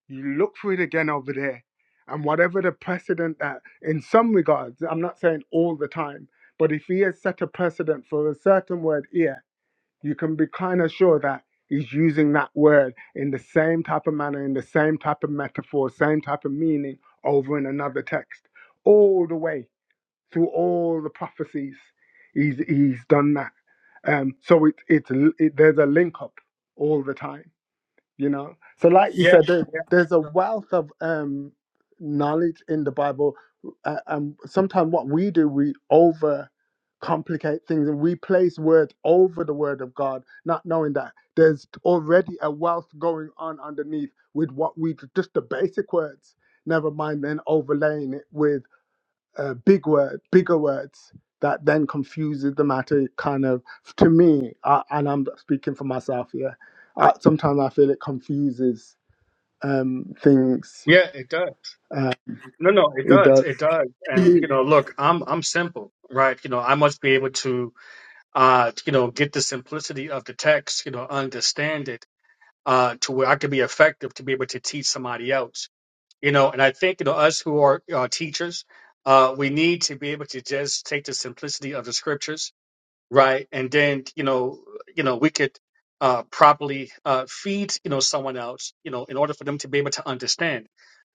you look for it again over there. And whatever the precedent that, in some regards, I'm not saying all the time, but if he has set a precedent for a certain word here, you can be kind of sure that he's using that word in the same type of manner, in the same type of metaphor, same type of meaning over in another text, all the way through all the prophecies. He's he's done that. Um, so it, it's it, there's a link up all the time you know so like you
yeah,
said there, there's a
yeah,
wealth of um knowledge in the bible uh, and sometimes what we do we overcomplicate things and we place words over the word of god not knowing that there's already a wealth going on underneath with what we just the basic words never mind then overlaying it with uh, big word, bigger words that then confuses the matter. Kind of to me, I, and I'm speaking for myself here. I, sometimes I feel it confuses um, things.
yeah, it does.
Uh,
No, no, it
it
does,
does.
it does.
To
And
me,
you
it
know,
does.
look, I'm I'm simple, right? You know, I must be able to uh you know get the simplicity of the text, you know, understand it uh to where I can be effective to be able to teach somebody else. You know, and I think you know us who are uh, teachers, uh, we need to be able to just take the simplicity of the scriptures right? And then you know, you know, we could uh, properly uh, feed you know someone else, you know, in order for them to be able to understand.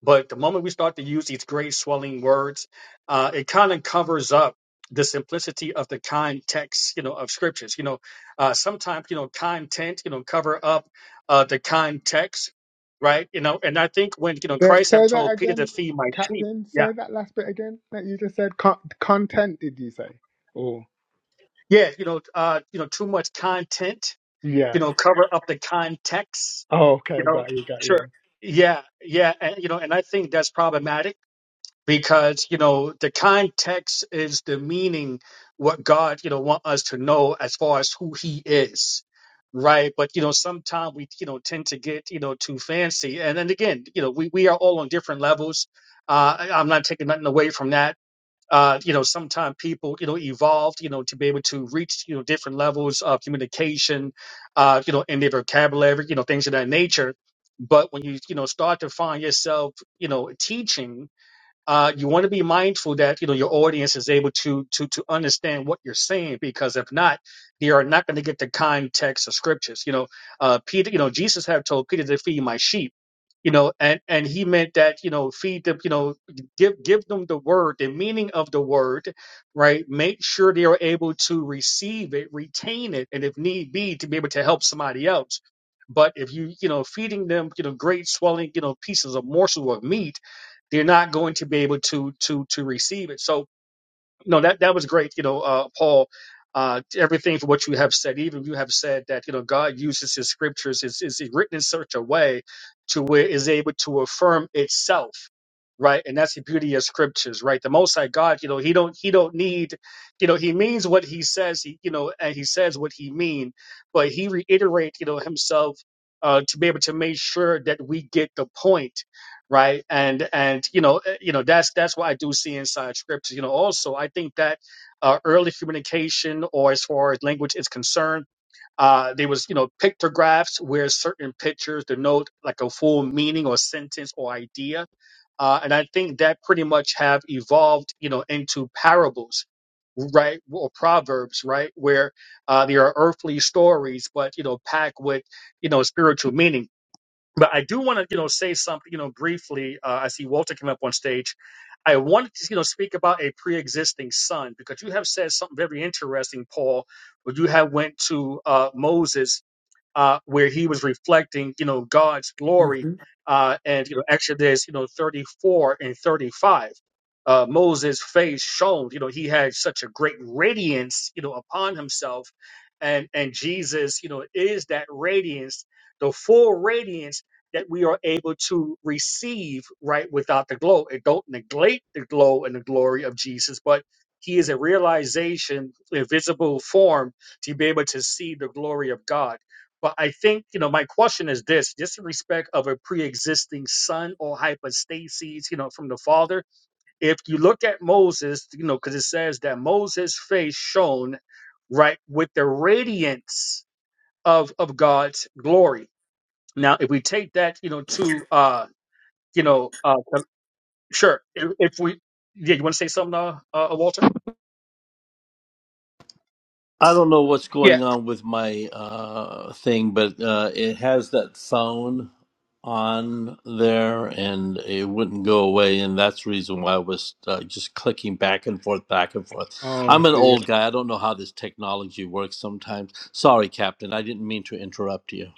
But the moment we start to use these great swelling words, uh, it kind of covers up the simplicity of the context, you know, of scriptures. You know, uh, sometimes you know content, you know, cover up uh, the context, right? You know, and I think when you know
Say
Christ have
say that
told Peter to
again,
feed my sheep,
Captain.
yeah,
Say that last bit again that you just said. Con- content, did you say? Or
yeah, you know, uh, you know, too much content
yeah.
you know cover up the context
Oh,
you
okay.
know
Got you. Got
sure
you.
yeah yeah and you know and i think that's problematic because you know the context is the meaning what god you know want us to know as far as who he is right but you know sometimes we you know tend to get you know too fancy and then again you know we, we are all on different levels uh I- i'm not taking nothing away from that uh, you know, sometimes people, you know, evolved, you know, to be able to reach, you know, different levels of communication, uh, you know, in their vocabulary, you know, things of that nature. But when you, you know, start to find yourself, you know, teaching, uh, you want to be mindful that you know your audience is able to to to understand what you're saying because if not, they are not going to get the context of scriptures. You know, uh, Peter, you know Jesus had told Peter to feed my sheep. You know, and and he meant that you know feed them. You know, give give them the word, the meaning of the word, right? Make sure they are able to receive it, retain it, and if need be, to be able to help somebody else. But if you you know feeding them you know great swelling you know pieces of morsel of meat they're not going to be able to to to receive it. So no, that that was great. You know, uh, Paul, uh, everything for what you have said. Even you have said that you know God uses His scriptures is is written in such a way to where is able to affirm itself, right? And that's the beauty of scriptures, right? The Most High God, you know, He don't He don't need, you know, He means what He says. He you know, and He says what He mean, but He reiterate, you know, Himself. Uh, to be able to make sure that we get the point right and and you know eh, you know that's that's what i do see inside scripts you know also i think that uh, early communication or as far as language is concerned uh there was you know pictographs where certain pictures denote like a full meaning or sentence or idea uh and i think that pretty much have evolved you know into parables right or proverbs right where uh there are earthly stories but you know packed with you know spiritual meaning but I do want to, you know, say something, you know, briefly. Uh, I see Walter came up on stage. I wanted to, you know, speak about a pre-existing son because you have said something very interesting, Paul. Where you have went to uh, Moses uh, where he was reflecting, you know, God's glory.
hmm
Uh, and you know, Exodus, you know, 34 and 35, uh, Moses' face shone. You know, he had such a great radiance, you know, upon himself, and and Jesus, you know, is that radiance, the full radiance that we are able to receive right without the glow. And don't neglect the glow and the glory of Jesus, but he is a realization, a visible form to be able to see the glory of God but I think, you know, my question is this just in respect of a pre existing son or hypostases, you know, from the father. If you look at Moses, you know, because it says that Moses' face shone, right, with the radiance of, of God's glory. Now, if we take that, you know, to, uh, you know, uh, um, sure. If, if we, yeah, you want to say something, uh, uh, Walter?
I don't know what's
Yeah.
going on with my uh, thing, but uh, it has that phone on there and it wouldn't go away. And that's the reason why I was uh, just clicking back and forth, back and forth.
Oh, I
I'm an
see.
old guy. I don't know how this technology works sometimes. Sorry, Captain. I didn't mean to interrupt you.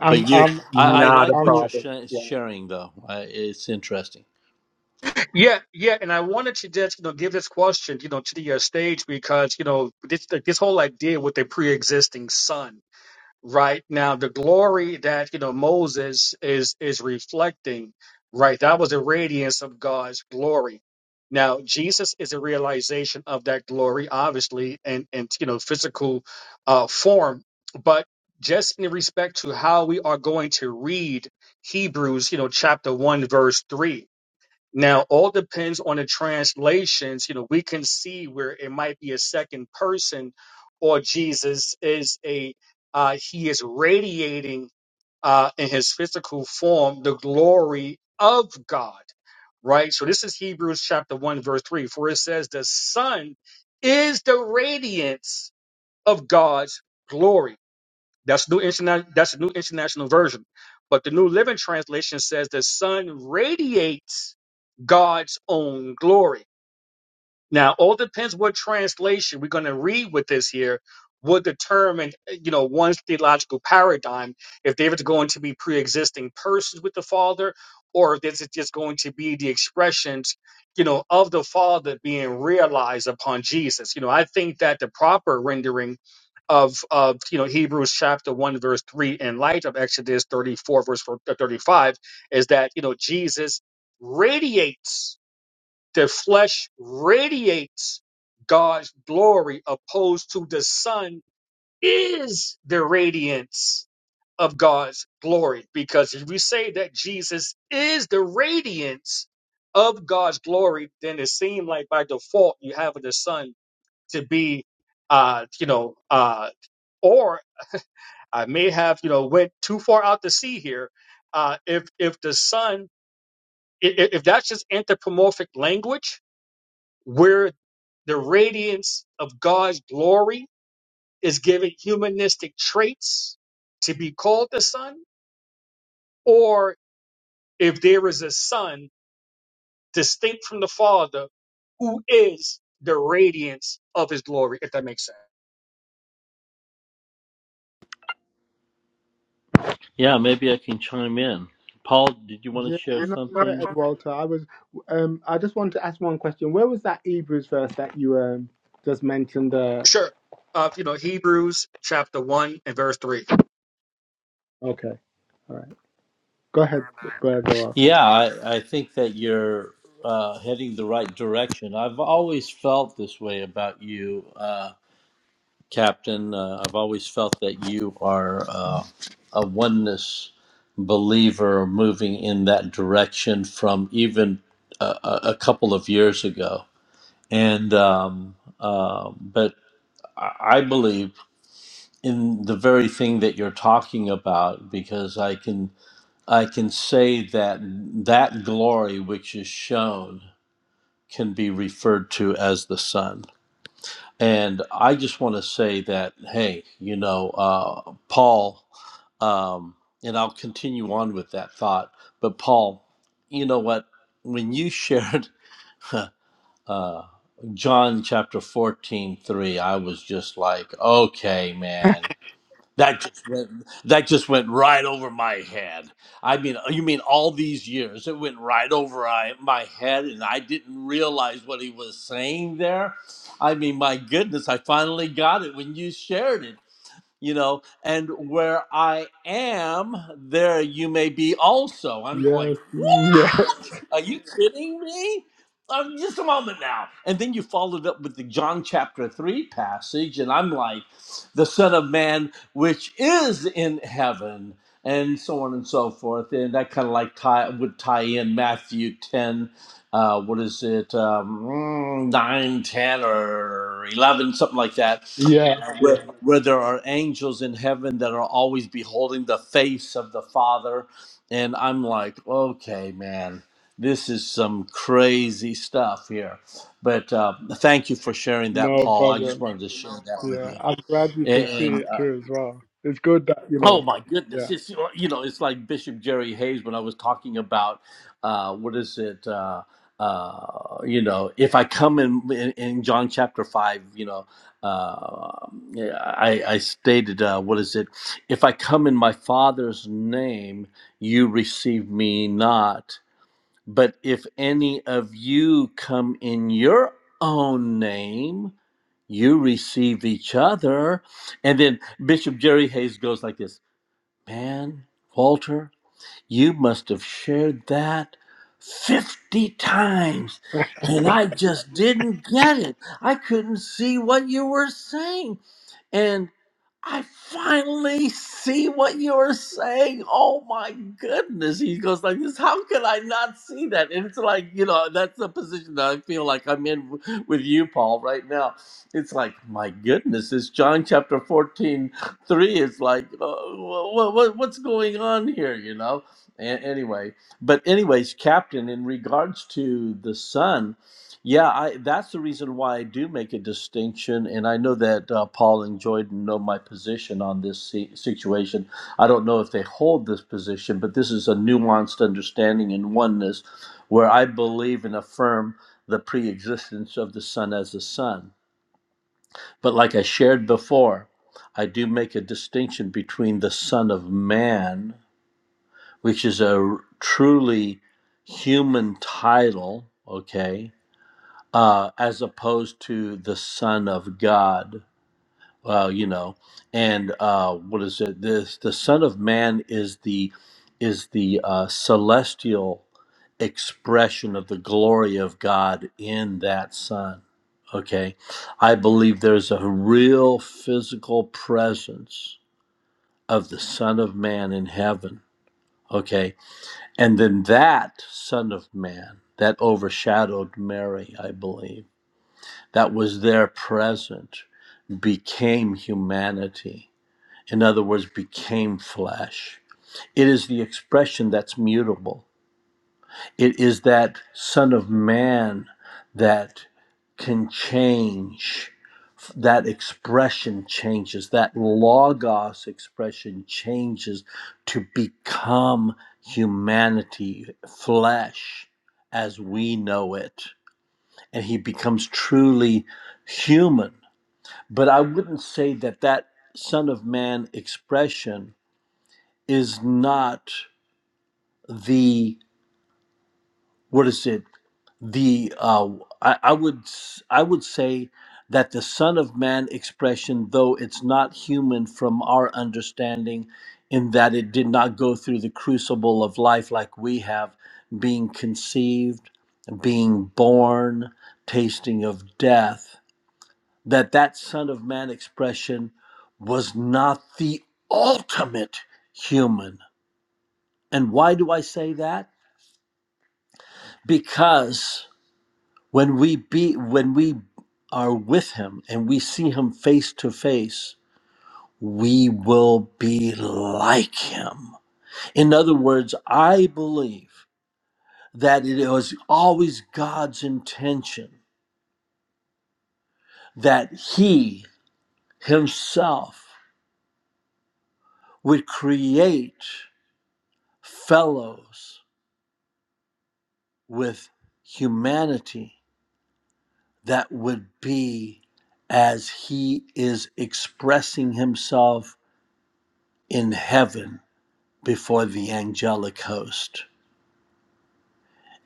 I'm.
But you,
I'm.
I, I
I'm.
Not a
like what
I'm.
you're
problem.
sh-
Yeah.
sharing, though. I, it's interesting.
Yeah, yeah, and I wanted to just you know give this question you know to the uh, stage because you know this like, this whole idea with the pre-existing son, right? Now the glory that you know Moses is is reflecting, right? That was a radiance of God's glory. Now Jesus is a realization of that glory, obviously, and and you know physical uh, form, but just in respect to how we are going to read Hebrews, you know, chapter one, verse three now, all depends on the translations. You know, we can see where it might be a second person, or Jesus is a uh, he is radiating uh, in his physical form the glory of God, right? So this is Hebrews chapter one verse three, for it says the Son is the radiance of God's glory that's new interna- that's the new international version. But the New Living Translation says the sun radiates God's own glory. Now, all depends what translation we're going to read with this here would determine, you know, one's theological paradigm, if they were going to be pre-existing persons with the Father, or if this is just going to be the expressions, you know, of the Father being realized upon Jesus. You know, I think that the proper rendering of, of you know, Hebrews chapter 1, verse 3, in light of Exodus 34, verse 35, is that, you know, Jesus radiates the flesh radiates God's glory, opposed to the sun is the radiance of God's glory. Because if we say that Jesus is the radiance of God's glory, then it seems like by default you have the sun to be, uh, you know, uh, or I may have, you know, went too far out to sea here. Uh, if if the sun, i- i- if that's just anthropomorphic language, where the radiance of God's glory is given humanistic traits to be called the Son, or if there is a Son distinct from the Father who is the radiance of his glory, if that makes sense.
Yeah, maybe I can chime in. Paul, did you want to
Yeah,
share
no, go
something?
ahead, Walter. I was, um, I just wanted to ask one question. Where was that Hebrews verse that you um just mentioned? Uh,
Sure. Uh, you know, Hebrews chapter 1 and verse 3.
okay, all right, go ahead, brother Walter.
Yeah, I, I think that you're uh, heading the right direction. I've always felt this way about you, uh, Captain. Uh, I've always felt that you are uh, a oneness believer moving in that direction from even a, a a couple of years ago. And, um, uh, but I I believe in the very thing that you're talking about because I can. I can say that that glory which is shown can be referred to as the sun, And I just want to say that, hey, you know, uh, Paul, um, and I'll continue on with that thought, but Paul, you know what? When you shared uh, John chapter 14 3, I was just like, okay, man, that just went, that just went right over my head. I mean, you mean all these years it went right over I, my head, and I didn't realize what he was saying there. I mean, my goodness, I finally got it when you shared it. You know, and where I am, there you may be also. I'm
Yes,
going.
yeah,
Are you kidding me? Um, just a moment now. And then you followed up with the John chapter 3 passage, and I'm like, the Son of Man, which is in heaven, and so on and so forth. And that kind of like tie, would tie in Matthew 10, uh, what is it, um, mm, 9, ten, or 11, something like that,
yeah,
uh,
yeah.
where, where there are angels in heaven that are always beholding the face of the Father and I'm like, okay, man, this is some crazy stuff here. But uh, thank you for sharing that,
No
Paul. I just
problem.
wanted to share that with
Yeah,
you.
I'm glad you can see
And, and
it
uh,
too as well. It's good that you
Oh
know.
my goodness!
Yeah.
It's you know, it's like Bishop Jerry Hayes when I was talking about uh, what is it? Uh, uh, you know, if I come in in, in John chapter five, you know, uh, yeah, I, I stated uh, what is it? If I come in my Father's name, you receive me not. But if any of you come in your own name, you receive each other. And then Bishop Jerry Hayes goes like this. Man, Walter, you must have shared that 50 times. And I just didn't get it. I couldn't see what you were saying. and. I finally see what you're saying. Oh my goodness. He goes like this. How could I not see that? And it's like, you know, that's the position that I feel like I'm in w- with you, Paul, right now. It's like, my goodness, it's John chapter 14, 3. It's like, uh, wh- wh- what's going on here, you know? A- anyway, but anyways, Captain, in regards to the son. Yeah, I, that's the reason why I do make a distinction, and I know that uh, Paul and Jordan know my position on this si- situation. I don't know if they hold this position, but this is a nuanced understanding and oneness where I believe and affirm the pre-existence of the Son as the Son. But like I shared before, I do make a distinction between the Son of Man, which is a r- truly human title, okay, uh, as opposed to the Son of God. Well, you know, and uh, what is it? This the Son of Man is the is the uh, celestial expression of the glory of God in that Son. Okay, I believe there's a real physical presence of the Son of Man in heaven. Okay, and then that Son of Man that overshadowed Mary, I believe that was there present became humanity. In other words, became flesh. It is the expression that's mutable. It is that Son of Man that can change. That expression changes. That Logos expression changes to become humanity, flesh as we know it. And he becomes truly human but I wouldn't say that that Son of Man expression is not the what is it? The uh, I, I would s- I would say that the Son of Man expression, though it's not human from our understanding, in that it did not go through the crucible of life like we have, being conceived, being born, tasting of death that that son of man expression was not the ultimate human and why do i say that because when we be when we are with him and we see him face to face we will be like him in other words i believe that it was always god's intention that he himself would create fellows with humanity that would be as he is expressing himself in heaven before the angelic host.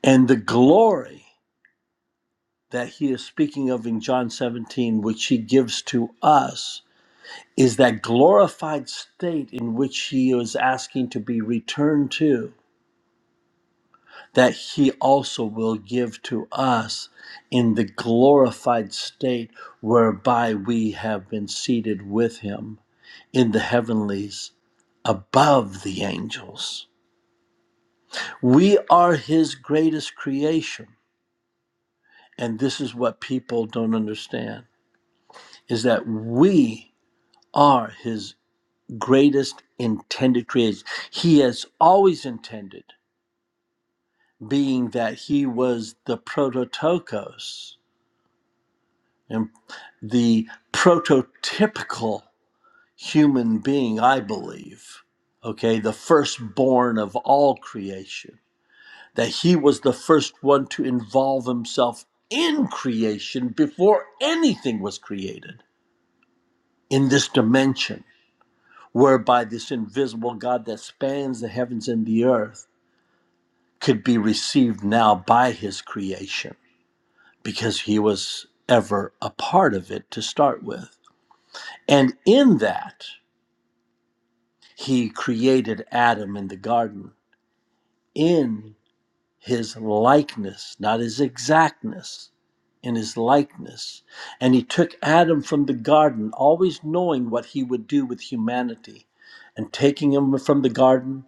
And the glory that he is speaking of in John 17, which he gives to us, is that glorified state in which he is asking to be returned to that he also will give to us in the glorified state whereby we have been seated with him in the heavenlies above the angels. We are his greatest creation. And this is what people don't understand is that we are his greatest intended creation. He has always intended, being that he was the prototokos and the prototypical human being, I believe, okay, the firstborn of all creation, that he was the first one to involve himself in creation before anything was created in this dimension, whereby this invisible God that spans the heavens and the earth could be received now by his creation because he was ever a part of it to start with. And in that, He created Adam in the garden in his likeness, not his exactness, in his likeness. And he took Adam from the garden, always knowing what he would do with humanity, and taking him from the garden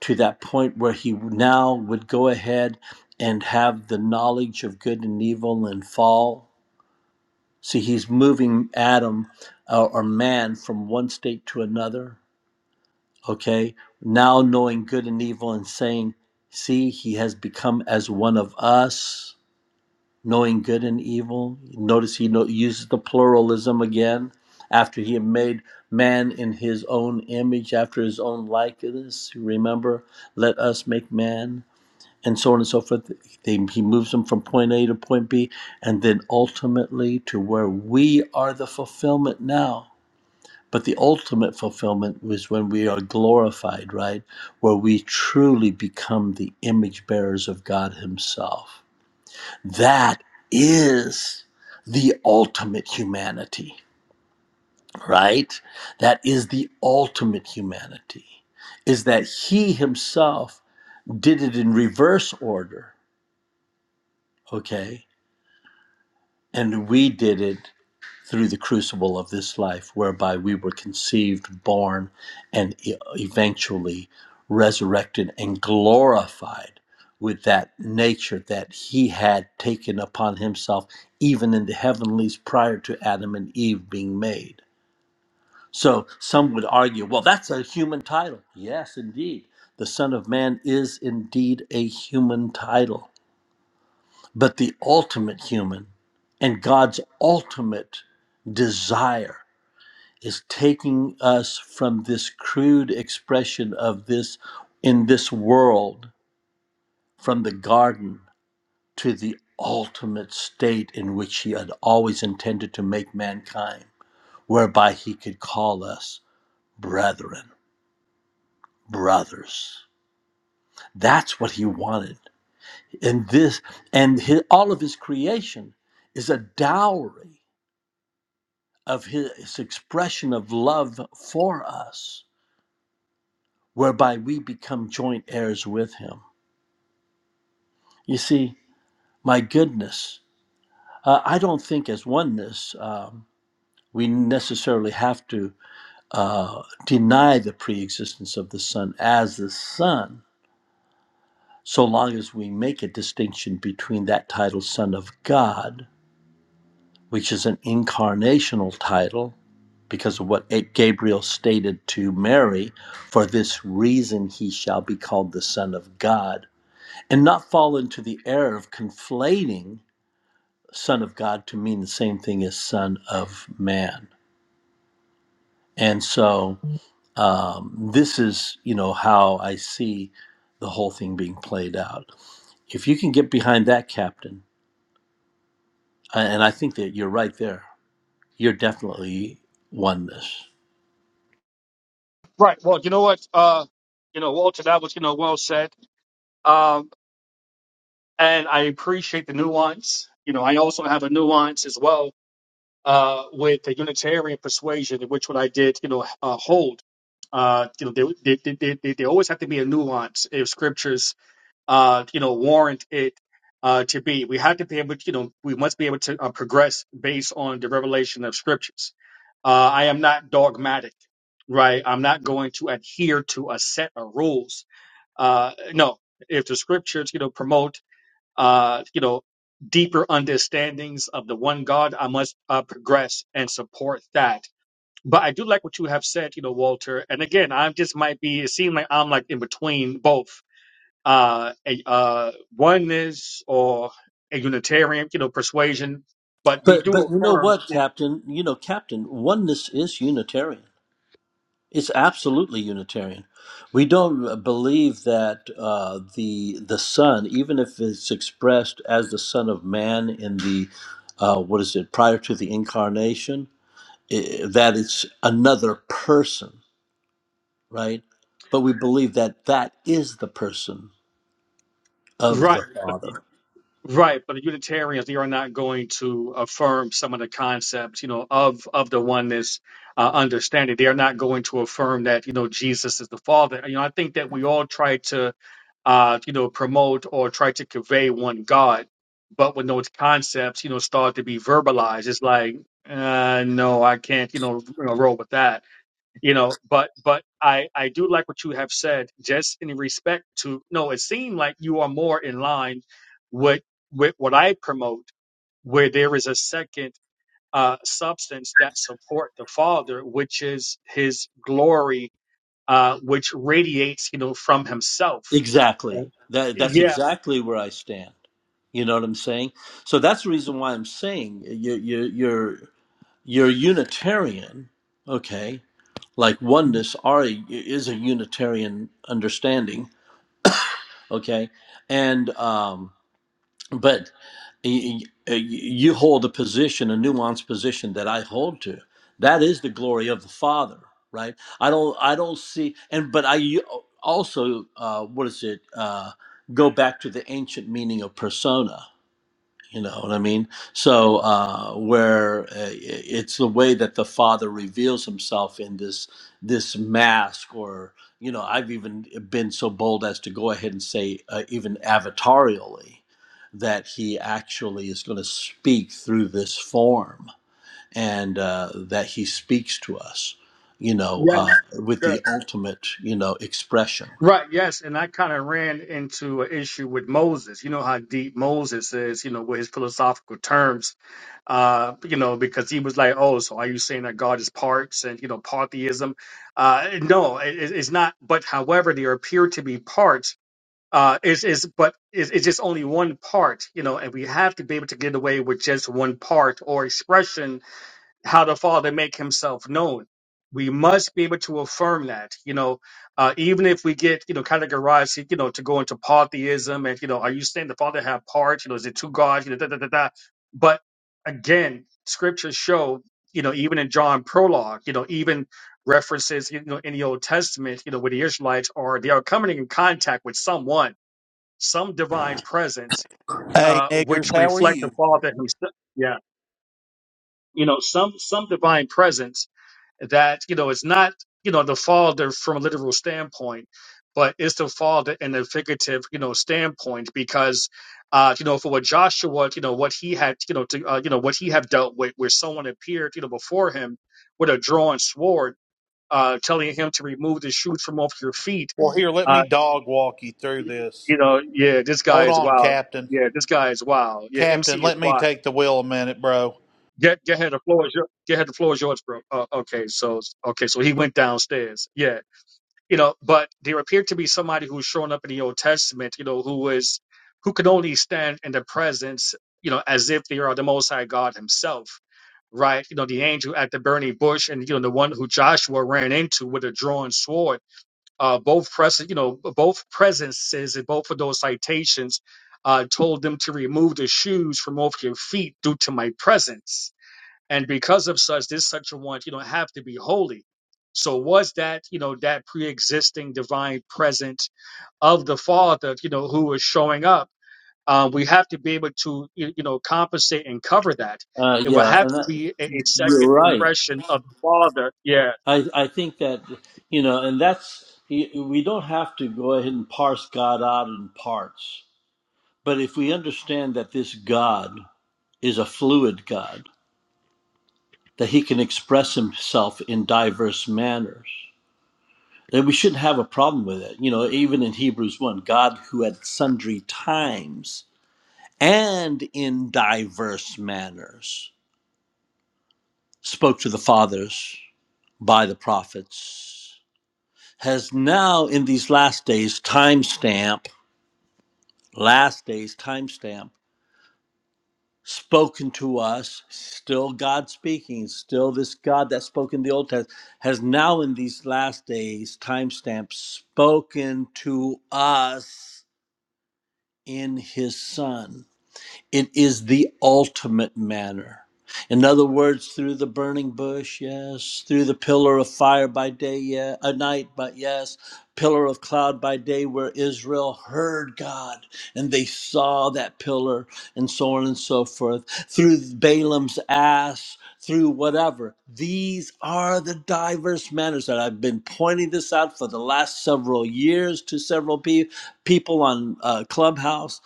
to that point where he now would go ahead and have the knowledge of good and evil and fall. See, he's moving Adam uh, or man from one state to another okay now knowing good and evil and saying see he has become as one of us knowing good and evil notice he no- uses the pluralism again after he had made man in his own image after his own likeness remember let us make man and so on and so forth they, he moves them from point a to point b and then ultimately to where we are the fulfillment now but the ultimate fulfillment was when we are glorified, right? Where we truly become the image bearers of God Himself. That is the ultimate humanity, right? That is the ultimate humanity, is that He Himself did it in reverse order, okay? And we did it through the crucible of this life, whereby we were conceived, born, and e- eventually resurrected and glorified with that nature that He had taken upon Himself, even in the heavenlies prior to Adam and Eve being made. So some would argue, well, that's a human title. Yes, indeed. The Son of Man is indeed a human title, but the ultimate human and God's ultimate desire is taking us from this crude expression of this in this world from the garden to the ultimate state in which he had always intended to make mankind whereby he could call us brethren brothers that's what he wanted and this and his, all of his creation is a dowry of his expression of love for us whereby we become joint heirs with him You see, my goodness, uh, I don't think as oneness um, we necessarily have to uh, deny the preexistence of the Son as the Son, so long as we make a distinction between that title, Son of God, which is an incarnational title because of what Gabriel stated to Mary, for this reason he shall be called the Son of God, and not fall into the error of conflating. son of God to mean the same thing as son of man. And so um, this is, you know, how I see the whole thing being played out. If you can get behind that captain, a- and I think that you're right there, you're definitely oneness.
Right. Well, you know what? Uh, you know, Walter, that was, you know, well said. Um, and I appreciate the nuance. You know, I also have a nuance as well uh, with the Unitarian persuasion, which what I did, you know, uh, hold. Uh, you know, they, they, they, they, they always have to be a nuance if scriptures, uh, you know, warrant it uh, to be. We have to be able, to, you know, we must be able to uh, progress based on the revelation of scriptures. Uh, I am not dogmatic, right? I'm not going to adhere to a set of rules. Uh, no, if the scriptures, you know, promote uh, you know, deeper understandings of the one God, I must uh, progress and support that. But I do like what you have said, you know, Walter. And again, I just might be, it seems like I'm like in between both uh, a, uh, oneness or a Unitarian, you know, persuasion. But we
But
do
but you know
affirm,
what, Captain? You know, Captain, oneness is Unitarian. It's absolutely Unitarian. We don't uh, believe that uh, the the Son, even if it's expressed as the Son of Man in the uh, what is it prior to the incarnation, i that it's another person, right? But we believe that that is the person of the
right?
Father.
Right, but the Unitarians they are not going to affirm some of the concepts, you know, of of the oneness uh, understanding. They are not going to affirm that you know Jesus is the Father. You know, I think that we all try to uh, you know promote or try to convey one God, but when those concepts you know start to be verbalized, it's like uh, no, I can't you know, you know roll with that you know but but i i do like what you have said just in respect to no it seemed like you are more in line with with what i promote where there is a second uh substance that support the father which is his glory uh which radiates you know from himself
Exactly.
And-
That that's
yeah
exactly where I stand. You know what I'm saying? So that's the reason why I'm saying you you you're. You're Unitarian, okay? Like oneness are is a Unitarian understanding, okay? And um, but y- y- you hold a position, a nuanced position that I hold to. That is the glory of the Father, right? I don't, I don't see, and but I u- also, uh, what is it? Uh, go back to the ancient meaning of persona you know what I mean? So, uh, where uh, it's the way that the Father reveals Himself in this this mask, or you know, I've even been so bold as to go ahead and say, uh, even avatarially, that He actually is going to speak through this form, and uh, that He speaks to us, you know,
yeah
uh, with the
sure.
ultimate, you know, expression.
right yes and i kind of ran into an issue with moses you know how deep moses is you know with his philosophical terms uh, you know, because he was like, "Oh, so are you saying that God is parts and you know polytheism?" Uh, no, it, it- it's not. But however, there appear to be parts. Uh, is is but it's, it's just only one part, you know, and we have to be able to get away with just one part or expression how the Father make Himself known. We must be able to affirm that, you know, uh, even if we get, you know, categorized, you know, to go into polytheism and, you know, are you saying the Father have parts? You know, is it two gods? You know, da da da da. But again, scriptures show, you know, even in John prologue, you know, even references, you know, in the Old Testament, you know, where the Israelites are, they are coming in contact with someone, some divine presence,
Hey,
uh, which
niggers, how are
reflect the
you?
Father Himself. Yeah, you know, some some divine presence that you know it's not you know the father from a literal standpoint but it's the father in a figurative you know standpoint because uh you know for what joshua you know what he had you know to uh, you know what he had dealt with where someone appeared you know before him with a drawn sword uh telling him to remove the shoes from off your feet
Well, here, let me
uh
dog walk you through this.
you know yeah this guy
Hold
is
on,
wild
Captain.
yeah this guy is wild yeah mc
Captain,
is
let me
wild
take the wheel a minute, bro.
get get ahead the floor is your, get ahead the floor is yours bro uh, okay so okay so he went downstairs yeah. you know but there appeared to be somebody who's shown up in the old testament you know who is who could only stand in the presence you know as if they are the most high god himself right you know the angel at the burning bush and you know the one who joshua ran into with a drawn sword uh both present you know both presences and both of those citations uh told them to remove the shoes from off your feet due to my presence and because of such this such a one you know have to be holy so was that you know that pre-existing divine presence of the father you know who was showing up um, we have to be able to you you know compensate and cover that
Uh,
it will
yeah,
have
and
to
that,
be a, a second
you're right.
expression of the father yeah
I, I think that, you know, and that's, we don't have to go ahead and parse God out in parts. But if we understand that this God is a fluid God, that he can express himself in diverse manners, then we shouldn't have a problem with it. You know, even in Hebrews 1, God who at sundry times and in diverse manners spoke to the fathers by the prophets has now in these last days timestamped last day's timestamp spoken to us still god speaking still this god that spoke in the old testament has now in these last days timestamp spoken to us in his son it is the ultimate manner. In other words, through the burning bush, yes, through the pillar of fire by day, yeah, a night, but yes, pillar of cloud by day, where Israel heard God and they saw that pillar, and so on and so forth. Through Balaam's ass, through whatever. These are the diverse manners that I've been pointing this out for the last several years to several pe- people on uh, Clubhouse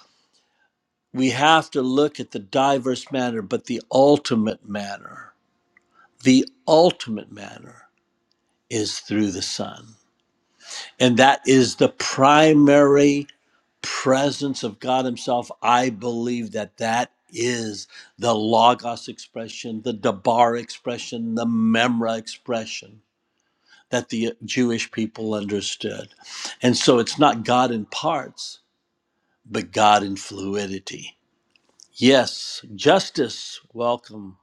we have to look at the diverse manner, but the ultimate manner, the ultimate manner is through the Son. And that is the primary presence of God Himself. I believe that that is the Logos expression, the Dabar expression, the Memra expression that the Jewish people understood. And so it's not God in parts, but God in fluidity. Yes, justice, welcome.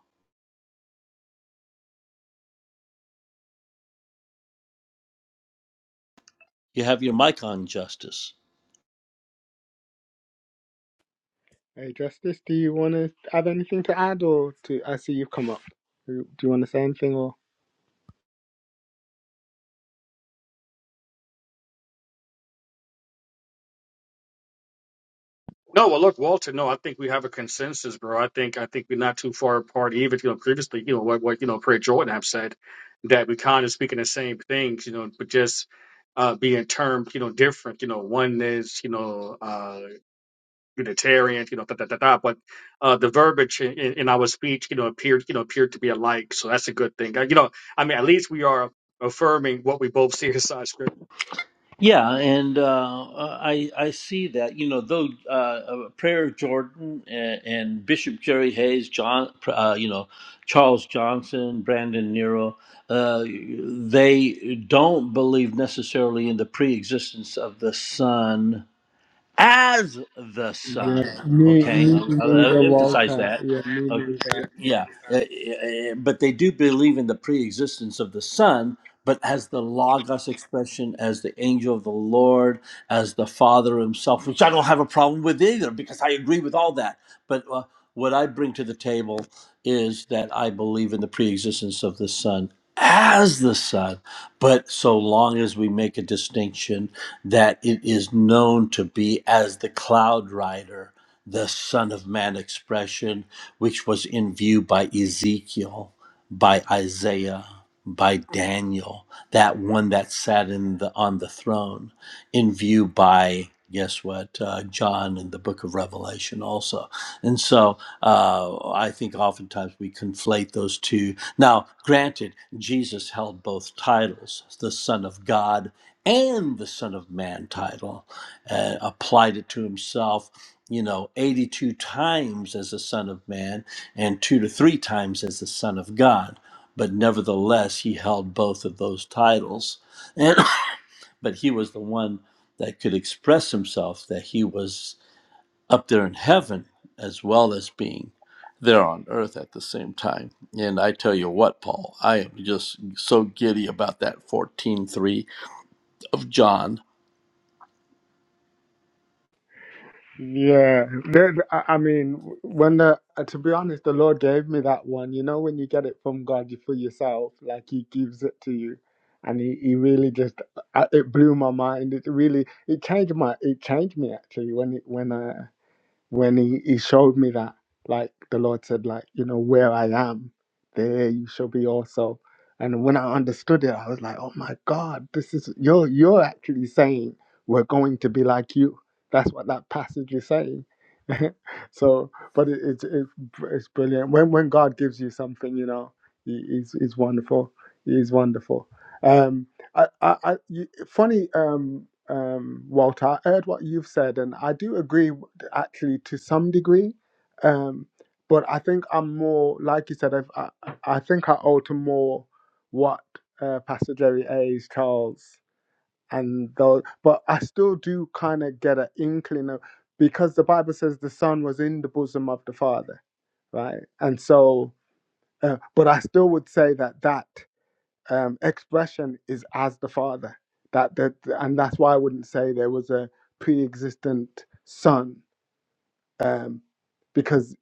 You have your mic on, Justice.
Hey, Justice, do you want to add anything to add, or to? I see you've come up. Do you want to say anything, or?
No, well, look, Walter. No, I think we have a consensus, bro. I think I think we're not too far apart. Even you know, previously, you know what what you know, Craig Jordan have said that we kind of speaking the same things, you know, but just uh, being termed, you know, different. You know, one is you know uh, Unitarian, you know, da da da da. But uh, the verbiage in, in our speech, you know, appeared you know appeared to be alike, so that's a good thing. Uh, You know, I mean, at least we are affirming what we both see inside scripture.
Yeah, and uh, I I see that you know though uh, uh, Prayer Jordan and, and Bishop Jerry Hayes, John uh, you know Charles Johnson, Brandon Nero, uh, they don't believe necessarily in the pre-existence of the Son as the
Yeah,
son.
me,
Okay,
me
I'll, I'll
neither,
I'll emphasize
Walter.
that.
Yeah, me
Uh,
neither.
yeah, Uh, uh, but they do believe in the pre-existence of the son, but as the logos expression, as the angel of the Lord, as the Father Himself, which I don't have a problem with either, because I agree with all that. But uh, what I bring to the table is that I believe in the pre-existence of the son as the son but so long as we make a distinction that it is known to be as the cloud rider, the Son of Man expression, which was in view by Ezekiel, by Isaiah, by Daniel, that one that sat in the, on the throne, in view by guess what uh, john in the book of revelation also and so uh, i think oftentimes we conflate those two now granted jesus held both titles the son of god and the Son of Man title, uh, applied it to himself, you know, 82 times as the Son of Man and two to three times as the Son of God. But nevertheless, he held both of those titles. And, but he was the one that could express himself that he was up there in heaven as well as being there on earth at the same time. And I tell you what, Paul, I am just so giddy about that 14:3 of John.
Yeah, The- the- I I mean, when the uh, to be honest, the Lord gave me that one. You know, when you get it from God you- for yourself, like He gives it to you, and He, he really just uh, it blew my mind. It really it changed my it changed me actually when it when I when he, he showed me that, like the Lord said, like, you know, where I am, there you shall be also. And when I understood it, I was like, oh my God, this is you're you're actually saying we're going to be like you. That's what that passage is saying. so, but it, it's it's it's brilliant. When when God gives you something, you know, he, he's he's wonderful. He's wonderful. Um, I, I, I you, funny, um, um, Walter. I heard what you've said, and I do agree actually to some degree. Um, but I think I'm more, like you said, I've, I, I think I owe to more what uh, Pastor Jerry A's, Charles, and those. But I still do kind of get an inkling of, because the Bible says the Son was in the bosom of the Father, right? And so, uh, but I still would say that that um, expression is as the Father. That, that and that's why I wouldn't say there was a pre-existent son um, because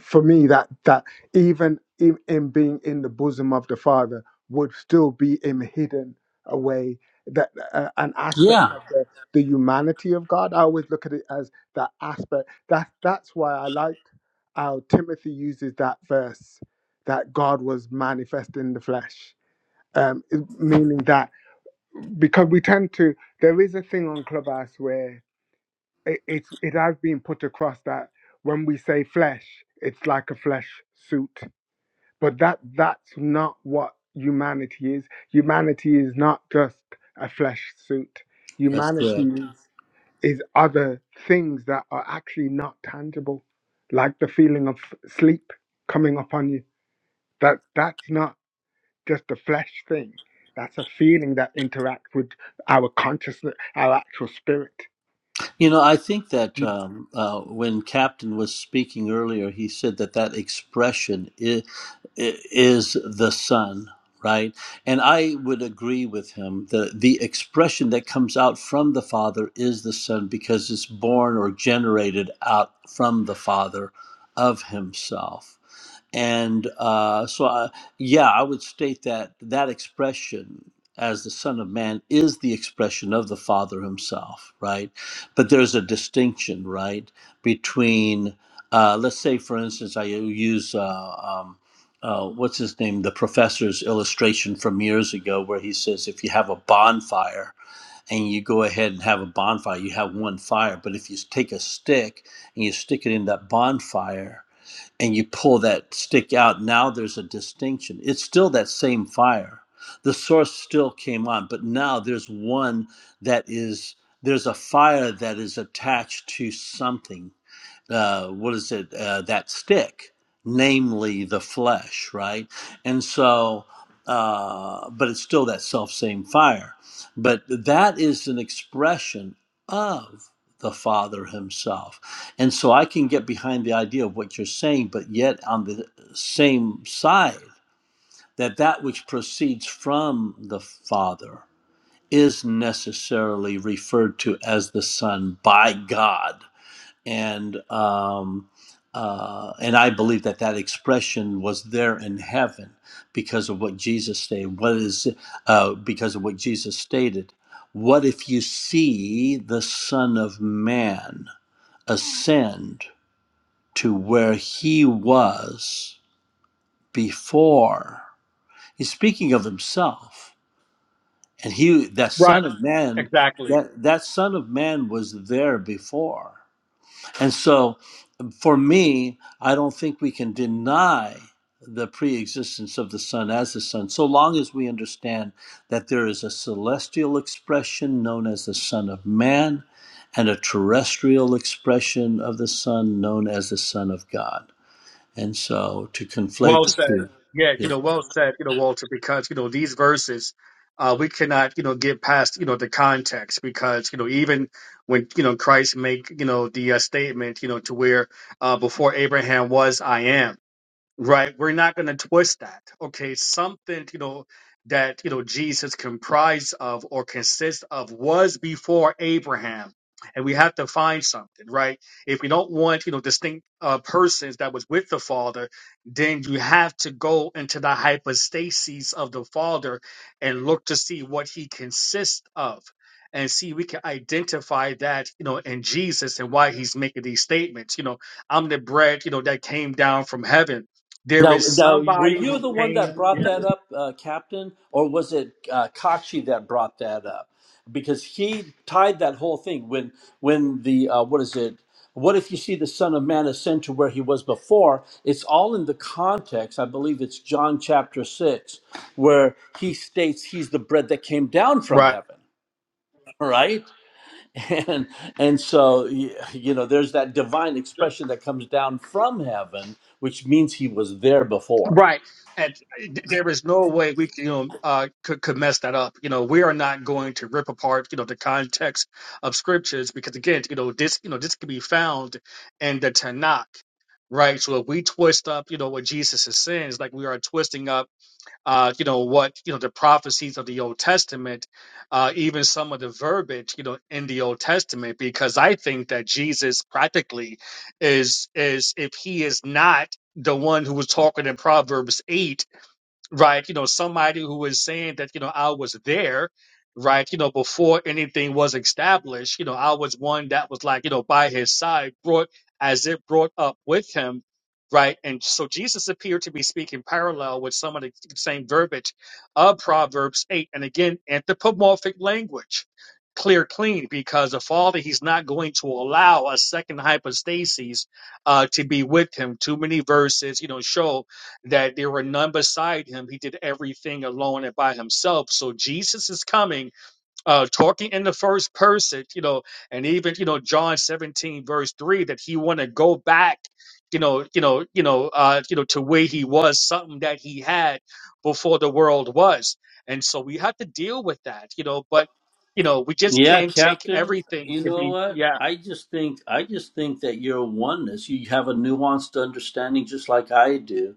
for me that that even in, in being in the bosom of the father would still be him hidden away that uh, an aspect
Yeah.
of the, the humanity of god i always look at it as that aspect that that's why i like how timothy uses that verse that god was manifest in the flesh um, it- meaning that because we tend to there is a thing on clubhouse where it, it's it has been put across that when we say flesh it's like a flesh suit but that that's not what humanity is humanity is not just a flesh suit
That's
humanity
correct.
is, is other things that are actually not tangible like the feeling of sleep coming upon you that that's not just a flesh thing that's a feeling that interacts with our consciousness our actual spirit
You know, I think that um, uh, when Captain was speaking earlier, he said that that expression is, is the Son, right? And I would agree with him. The, the expression that comes out from the Father is the Son because it's born or generated out from the Father of Himself. And uh, so, I, yeah, I would state that that expression as the Son of Man is the expression of the Father Himself, right? But there's a distinction, right, between, uh, let's say, for instance, I use. Uh, um, uh, what's his name? The professor's illustration from years ago, where he says, if you have a bonfire and you go ahead and have a bonfire, you have one fire. But if you take a stick and you stick it in that bonfire, and you pull that stick out, now there's a distinction. It's still that same fire. The source still came on, but now there's one that is, there's a fire that is attached to something uh, what is it uh, that stick namely the flesh right and so uh, but it's still that self same fire but that is an expression of the father himself and so i can get behind the idea of what you're saying but yet on the same side that that which proceeds from the father is necessarily referred to as the son by god and um, uh, and I believe that that expression was there in heaven because of what Jesus stated. What is uh, because of what Jesus stated? What if you see the Son of Man ascend to where he was before? He's speaking of himself, and he that
Right.
Son of Man
Exactly.
that that Son of Man was there before, and so. For me, I don't think we can deny the pre existence of the Son as the Son, so long as we understand that there is a celestial expression known as the Son of Man and a terrestrial expression of the Son known as the Son of God. And so to conflate
Well
the
said.
two.
Yeah, you
Yeah.
know, well said, you know, Walter, because, you know, these verses, uh, we cannot, you know, get past, you know, the context because, you know, even when, you know, Christ make, you know, the uh, statement, you know, to where uh, before Abraham was, I am. Right. We're not going to twist that. Okay. Something, you know, that, you know, Jesus comprised of or consists of was before Abraham. And we have to find something, right? If we don't want, you know, distinct uh, persons that was with the Father, then you have to go into the hypostases of the Father and look to see what he consists of. And see, we can identify that, you know, in Jesus and why he's making these statements. You know, I'm the bread, you know, that came down from heaven there
Now,
is
now, were
somebody
you
who
the one that
came
brought that up, uh, Captain, or was it uh, Kachi that brought that up? Because he tied that whole thing when, when the uh, what is it? What if you see the Son of Man ascend to where he was before? It's all in the context. I believe it's John chapter six, where he states he's the bread that came down from
Right.
heaven. Right, and and so y- you know, there's that divine expression that comes down from heaven, which means he was there before.
Right. And there is no way we can, you know, uh, could, could mess that up. You know, we are not going to rip apart, you know, the context of scriptures because again, you know, this, you know, this can be found in the Tanakh, right? So if we twist up, you know, what Jesus is saying is like we are twisting up uh, you know what you know the prophecies of the Old Testament, uh, even some of the verbiage you know in the Old Testament, because I think that Jesus practically is is if he is not the one who was talking in Proverbs eight right? You know, somebody who is saying that, you know, I was there, right? You know, before anything was established, you know, I was one that was like, you know, by his side, brought as it brought up with him, right? And so Jesus appeared to be speaking parallel with some of the same verbiage of Proverbs 8. And again, anthropomorphic language. Clear, clean, because the father he's not going to allow a second hypostasis uh, to be with him. Too many verses, you know, show that there were none beside him. He did everything alone and by himself. So Jesus is coming, uh, talking in the first person, you know, and even you know John seventeen verse three that he want to go back, you know, you know, you know, uh, you know, to where he was, something that he had before the world was, and so we have to deal with that, you know, but. You know, we just
Yeah,
can't take
Captain.
everything
You
to
know
be,
what?
yeah,
I just think I just think that you're a oneness. You have a nuanced understanding, just like I do,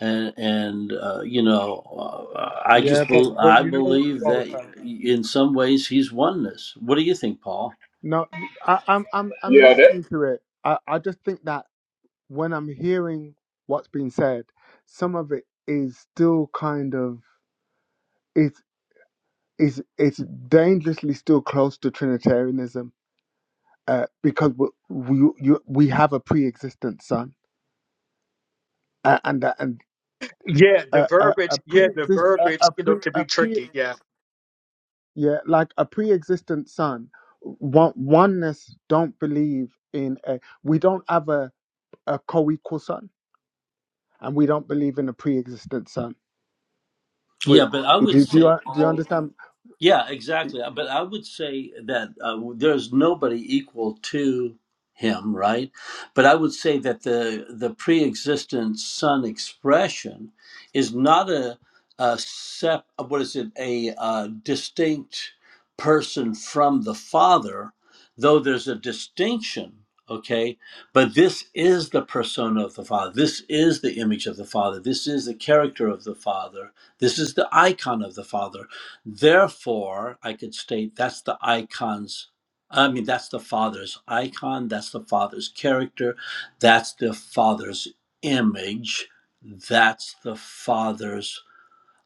and and uh, you know, uh, I
yeah
just
but
bel
but
I
you know what
believe that
walter
in some ways he's oneness. What do you think, Paul?
no I, i'm i'm i'm
Yeah.
listening to it I, I just think that when I'm hearing what's been said, some of it is still kind of it's it's it's dangerously still close to Trinitarianism uh, because we we you, we have a pre-existent son uh, and uh, and
yeah. The
uh, uh,
verbiage,
a
yeah, the
pre-exist uh,
verbiage,
a
you know,
pre
can be
a pre
tricky. yeah.
yeah like a pre-existent son. One oneness don't believe in a we don't have a a co-equal son and we don't believe in a pre-existent son. We,
Yeah, but I would
do, do
say
you do you
Paul.
understand?
Yeah, exactly. But I would say that uh, there's nobody equal to him, right? But I would say that the the pre-existent son expression is not a, a sep. uh, What is it? A uh, distinct person from the father, though there's a distinction. Okay, but this is the persona of the father. This is the image of the father. This is the character of the father. This is the icon of the father Therefore, I could state that's the icon's, I mean, that's the Father's icon, that's the Father's character, that's the Father's image, that's the Father's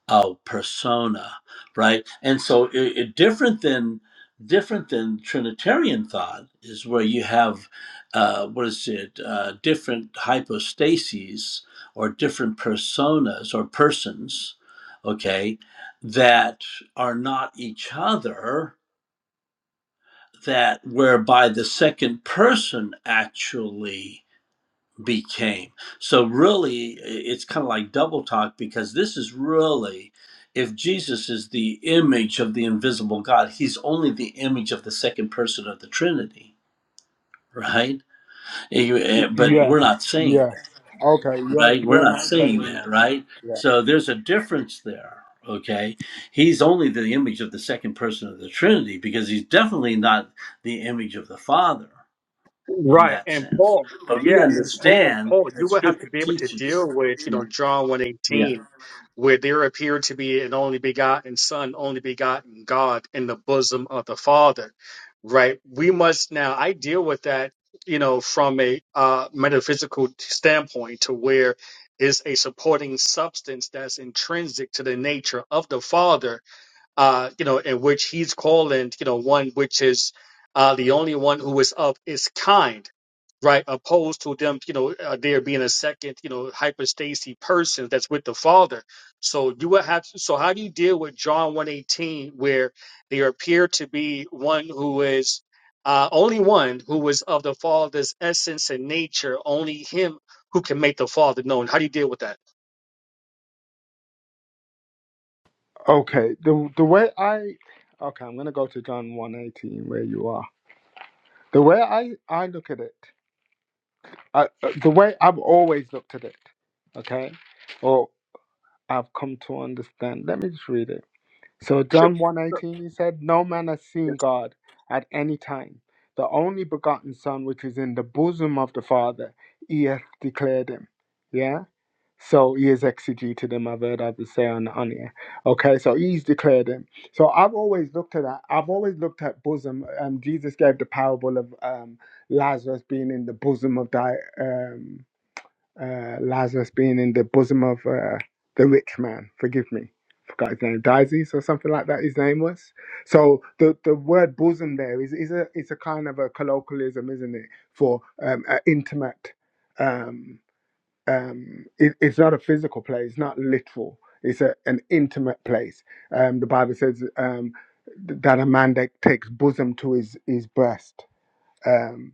our persona right and so it, it- different than different than trinitarian thought is where you have uh, what is it uh, different hypostases or different personas or persons okay that are not each other that whereby the second person actually became. So really, it's kind of like double talk because this is really, if Jesus is the image of the invisible God, he's only the image of the second person of the Trinity, right? Eh, eh, But we're
Yes,
not saying
yes.
that
Okay, you're
right? We're
you're
not
not
saying
saying
that,
that.
right?
Yeah.
So there's a difference there, okay? He's only the image of the second person of the Trinity because he's definitely not the image of the Father, in
Right,
that
and
sense.
Paul,
But we
yeah, and Paul,
understand
Paul, you
that
will have to
Scripture
be able to deal
teaches.
with, you
Yeah.
know, John one
Yeah.
eighteen, where there appeared to be an only begotten Son, only begotten God in the bosom of the Father. Right, we must now. I deal with that, you know, from a uh, metaphysical standpoint, to where is a supporting substance that's intrinsic to the nature of the Father uh, you know, in which he's calling, you know, one which is uh, the only one who is of is kind, right? Opposed to them, you know, uh, there being a second, you know, hypostacy person that's with the Father. So you would have. So how do you deal with John one eighteen, where there appear to be one who is uh, only one who is of the Father's essence and nature, only him who can make the Father known? How do you deal with that?
Okay. The the way I okay, I'm gonna go to John one eighteen where you are. The way I I look at it, I, uh, the way I've always looked at it, okay, or I've come to understand. Let me just read it. So
Sure.
John one
sure.
eighteen, he said, "No man has seen
Yes.
God at any time. The only begotten Son, which is in the bosom of the Father, he hath declared him." Yeah So he is exegeted him, I've heard others say on, on here. Okay, so he's declared him. So I've always looked at that. I've always looked at bosom. Um, Jesus gave the parable of um, Lazarus being in the bosom of thy, um, uh, Lazarus being in the bosom of uh, the rich man. Forgive me. Forgot his name, Dizes or something like that. His name was. So the, the word bosom there is is a it's a kind of a colloquialism, isn't it, for um, an intimate um, um, it, it's not a physical place, it's not literal. It's a, an intimate place. Um, the Bible says um, th- that a man that takes bosom to his, his breast. Um,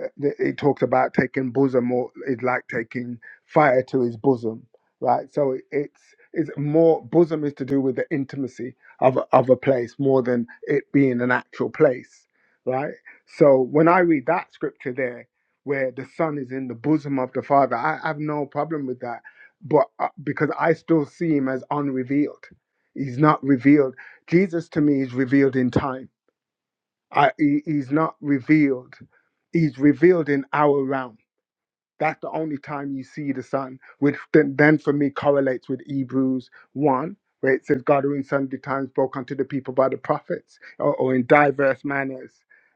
uh, th- it talks about taking bosom or it's like taking fire to his bosom right so it- it's it's more bosom is to do with the intimacy of a- of a place more than it being an actual place right so when i read that scripture there where the son is in the bosom of the father i have no problem with that but uh, because i still see him as unrevealed he's not revealed jesus to me is revealed in time I, he, he's not revealed. He's revealed in our realm. That's the only time you see the sun, which then, then for me correlates with Hebrews 1, where it says, God who in sundry times spoke unto the people by the prophets, or, or in diverse manners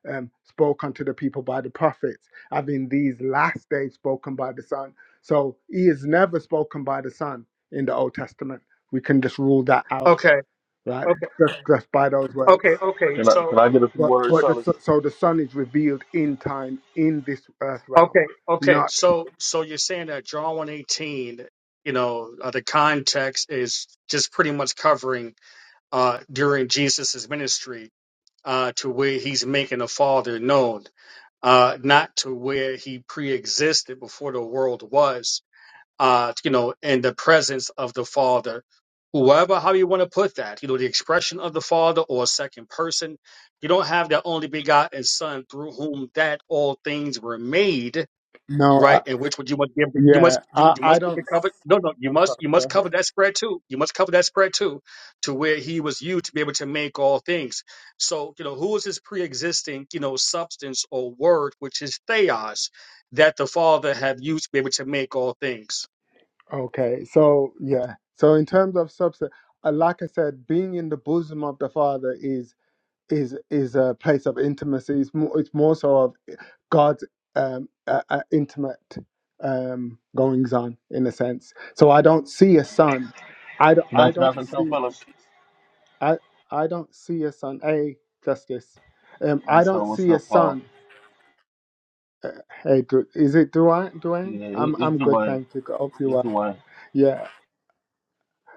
um, spoke unto the people by the prophets, having these last days spoken by the sun. So he is never spoken by the sun in the Old Testament. We can just rule that out,
Okay.
right?
Okay.
Just, just by those
Okay.
words.
Okay.
Can I
So
can I get a few
But,
words,
but the,
fellas?
so so the Son is revealed in time in this earth realm,
Okay, okay.
not.
So, so you're saying that John one eighteen, you know, uh, the context is just pretty much covering uh, during Jesus's ministry uh, to where he's making the Father known, uh, not to where he pre-existed before the world was, uh, you know, in the presence of the Father. Whoever, how you want to put that, you know, the expression of the Father or a second person, you don't have the only begotten Son through whom that all things were made
No, I,
right? And which would you must give? You
yeah,
must you
I,
you
I
must give the
don't.
cover. No, no, you
I'm
must
sorry,
you
go
must cover
ahead.
that spread too. You must cover that spread too, to where he was you to be able to make all things. So you know who is his pre-existing you know substance or word, which is theos, that the Father have used to be able to make all things.
Okay, so yeah, so in terms of substance, uh, like I said, being in the bosom of the Father is is is a place of intimacy. It's more, it's more so of God's um, uh, uh, intimate um, goings on in a sense. So I don't see a son. I don't,
Can I
I
can I
don't
say something,
see.
fellas?
I I don't see a son. Hey, Justice. Um, I
What's up?
don't
What's
see a
up, Paul?
son. Uh, hey, Du- is it Duane? Duane?
Yeah, it,
I'm
it's
I'm
the
good,
way.
thank you. I Hope you
It's
are.
the way.
Yeah.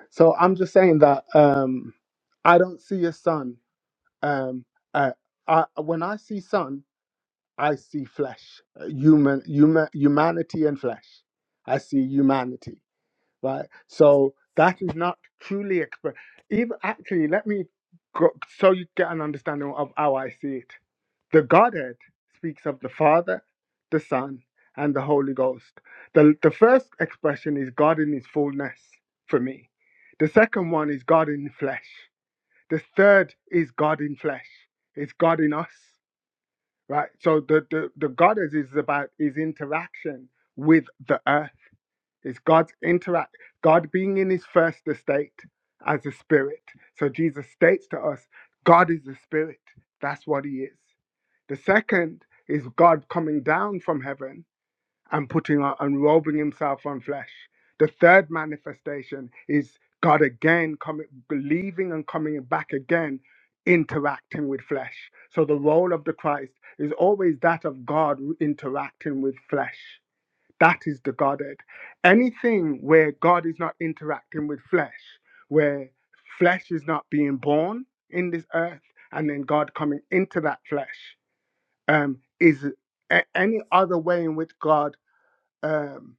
So I'm just saying that um, I don't see a son. Um, uh, I, when I see sun, I see flesh, uh, human, human, humanity and flesh. I see humanity right? So that is not truly express. Even actually, let me go so you get an understanding of how I see it. The Godhead speaks of the Father, the Son, and the Holy Ghost. The, the first expression is God in His fullness for me. The second one is God in flesh. The third is God in flesh. It's God in us, right? So the the, the Godhead is about His interaction with the earth it's God's interact, God being in his first estate as a spirit. So Jesus states to us, God is a spirit. That's what he is. The second is God coming down from heaven and putting on, unrobing himself on flesh. The third manifestation is God again coming, believing and coming back again, interacting with flesh. So the role of the Christ is always that of God interacting with flesh. That is the Godhead. Anything where God is not interacting with flesh, where flesh is not being born in this earth, and then God coming into that flesh, um, is a- any other way in which God um,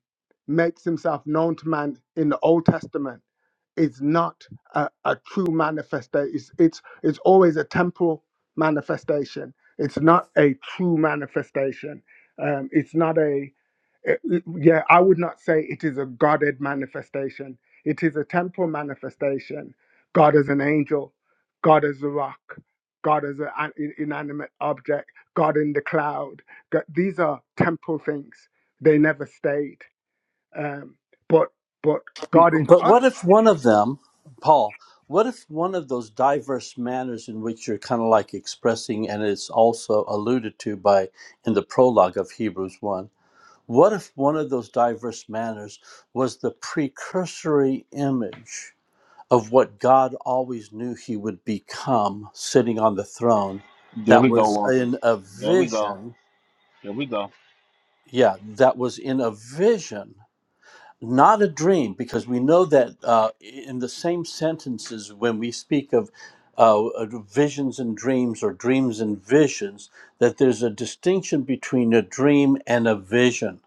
makes himself known to man in the Old Testament is not a, a true manifestation. It's, it's, it's always a temporal manifestation. It's not a true manifestation. Um, it's not a uh, yeah, I would not say it is a guarded manifestation. It is a temporal manifestation. God as an angel, God as a rock, God as an in- inanimate object, God in the cloud. Go- These are temporal things. They never stayed. Um, but but God in
But what
us.
if one of them, Paul, what if one of those diverse manners in which you're kind of like expressing, and it's also alluded to by in the prologue of Hebrews 1, what if one of those diverse manners was the precursory image of what God always knew he would become sitting on the throne?
There
That
we go,
was
Walters.
in a
There we go.
vision
There we go.
yeah that was in a vision not a dream because we know that uh, in the same sentences when we speak of uh, visions and dreams or dreams and visions that there's a distinction between a dream and a vision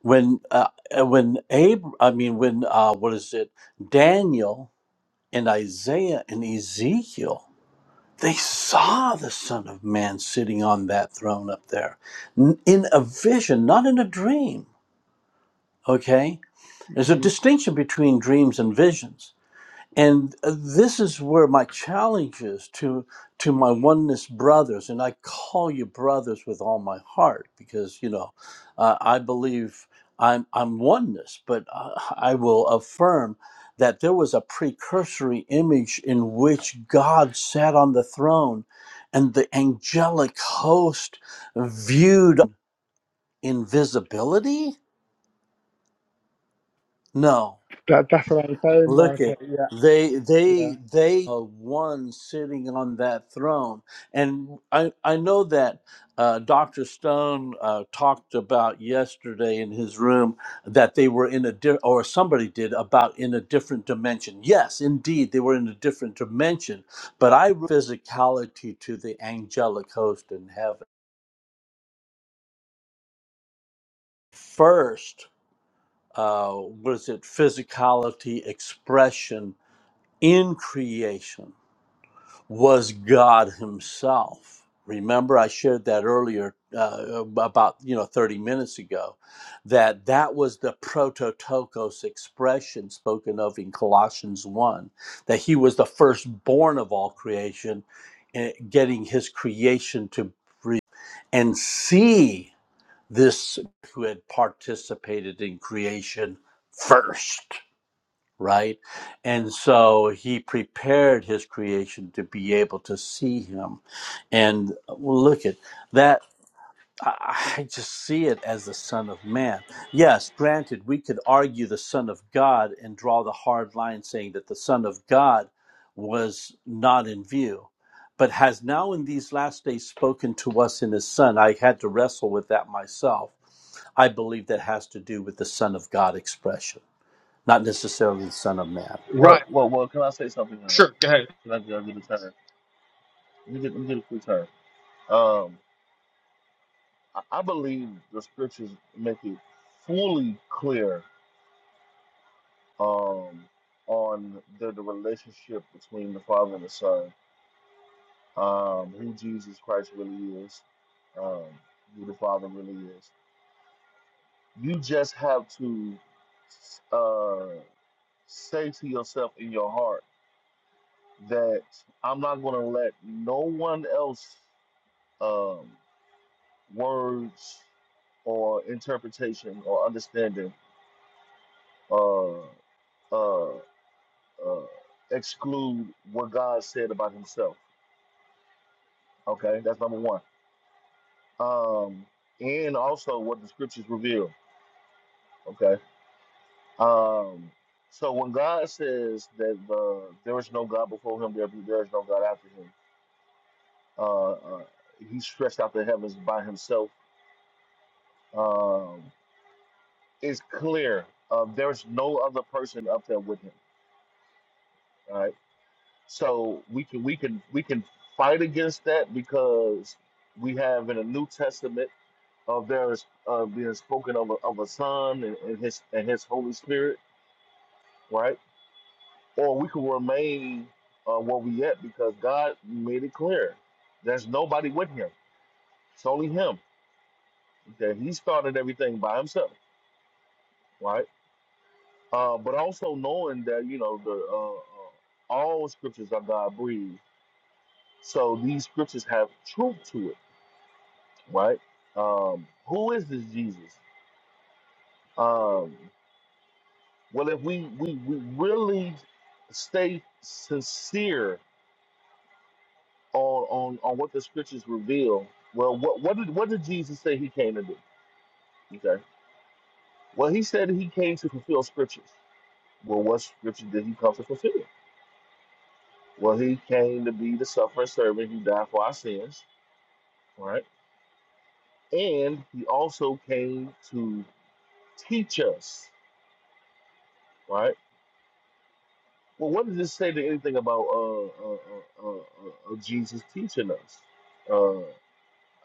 when uh, uh, when Ab- i mean when uh, what is it daniel and isaiah and ezekiel they saw the son of man sitting on that throne up there n- in a vision not in a dream Okay? There's a
Mm,
distinction between dreams and visions. And uh, this is where my challenge is to to my oneness brothers, and I call you brothers with all my heart because you know uh, I believe I'm I'm oneness, but I, I will affirm that there was a precursory image in which God sat on the throne, and the angelic host viewed invisibility. No,
That, that's what I'm saying,
Look at
Marta. Yeah,
they
yeah.
they they are one sitting on that throne, and I I know that uh, Doctor Stone uh, talked about yesterday in his room that they were in a di- or somebody did about in a different dimension. Yes, indeed, they were in a different dimension, but I physicality to the angelic host in heaven first. Uh, was it physicality expression in creation? was God Himself. Remember, I shared that earlier, uh, about you know thirty minutes ago, that that was the prototokos expression spoken of in Colossians one, that He was the firstborn of all creation, eh, getting His creation to breathe and see this who had participated in creation first right? And so he prepared his creation to be able to see him. And well, look at that. I I just see it as the Son of Man. Yes, granted, we could argue the Son of God and draw the hard line saying that the Son of God was not in view, but has now in these last days spoken to us in his Son. I had to wrestle with that myself. I believe that has to do with the Son of God expression, not necessarily the Son of Man.
Well,
Right.
well, well. Can I say something? Uh,
Sure. Go ahead.
can I, can I get a turn? Let me get, let me get a quick turn. Um, I, I believe the scriptures make it fully clear um, on the, the relationship between the Father and the Son, um, who Jesus Christ really is, um, who the Father really is. You just have to uh, say to yourself in your heart that I'm not going to let no one else um, words or interpretation or understanding uh, uh, uh, exclude what God said about Himself. Okay, that's number one. Um, and also what the scriptures reveal. Okay, Um, so when God says that uh, there is no God before him, there, be, there is no God after him, uh, uh, he stretched out the heavens by himself. Um, it's clear uh, there's no other person up there with him. All right. So we can we can we can fight against that because we have in the New Testament of there is uh, being spoken of a, of a Son and, and his and his Holy Spirit, right? or we can remain uh, where we at because God made it clear there's nobody with him. It's only him. That he started everything by himself, right? Uh, but also knowing that you know the uh, uh, all scriptures are God breathed, so these scriptures have truth to it, right? Um, who is this Jesus? Um, well, if we we, we really stay sincere on on on what the scriptures reveal. Well, what what did what did Jesus say he came to do? Okay. Well, he said he came to fulfill scriptures. Well, what scripture did he come to fulfill? Well, he came to be the suffering servant who died for our sins, right? And he also came to teach us, right? Well, what does this say to anything about uh, uh, uh, uh, uh, uh, Jesus teaching us? Uh,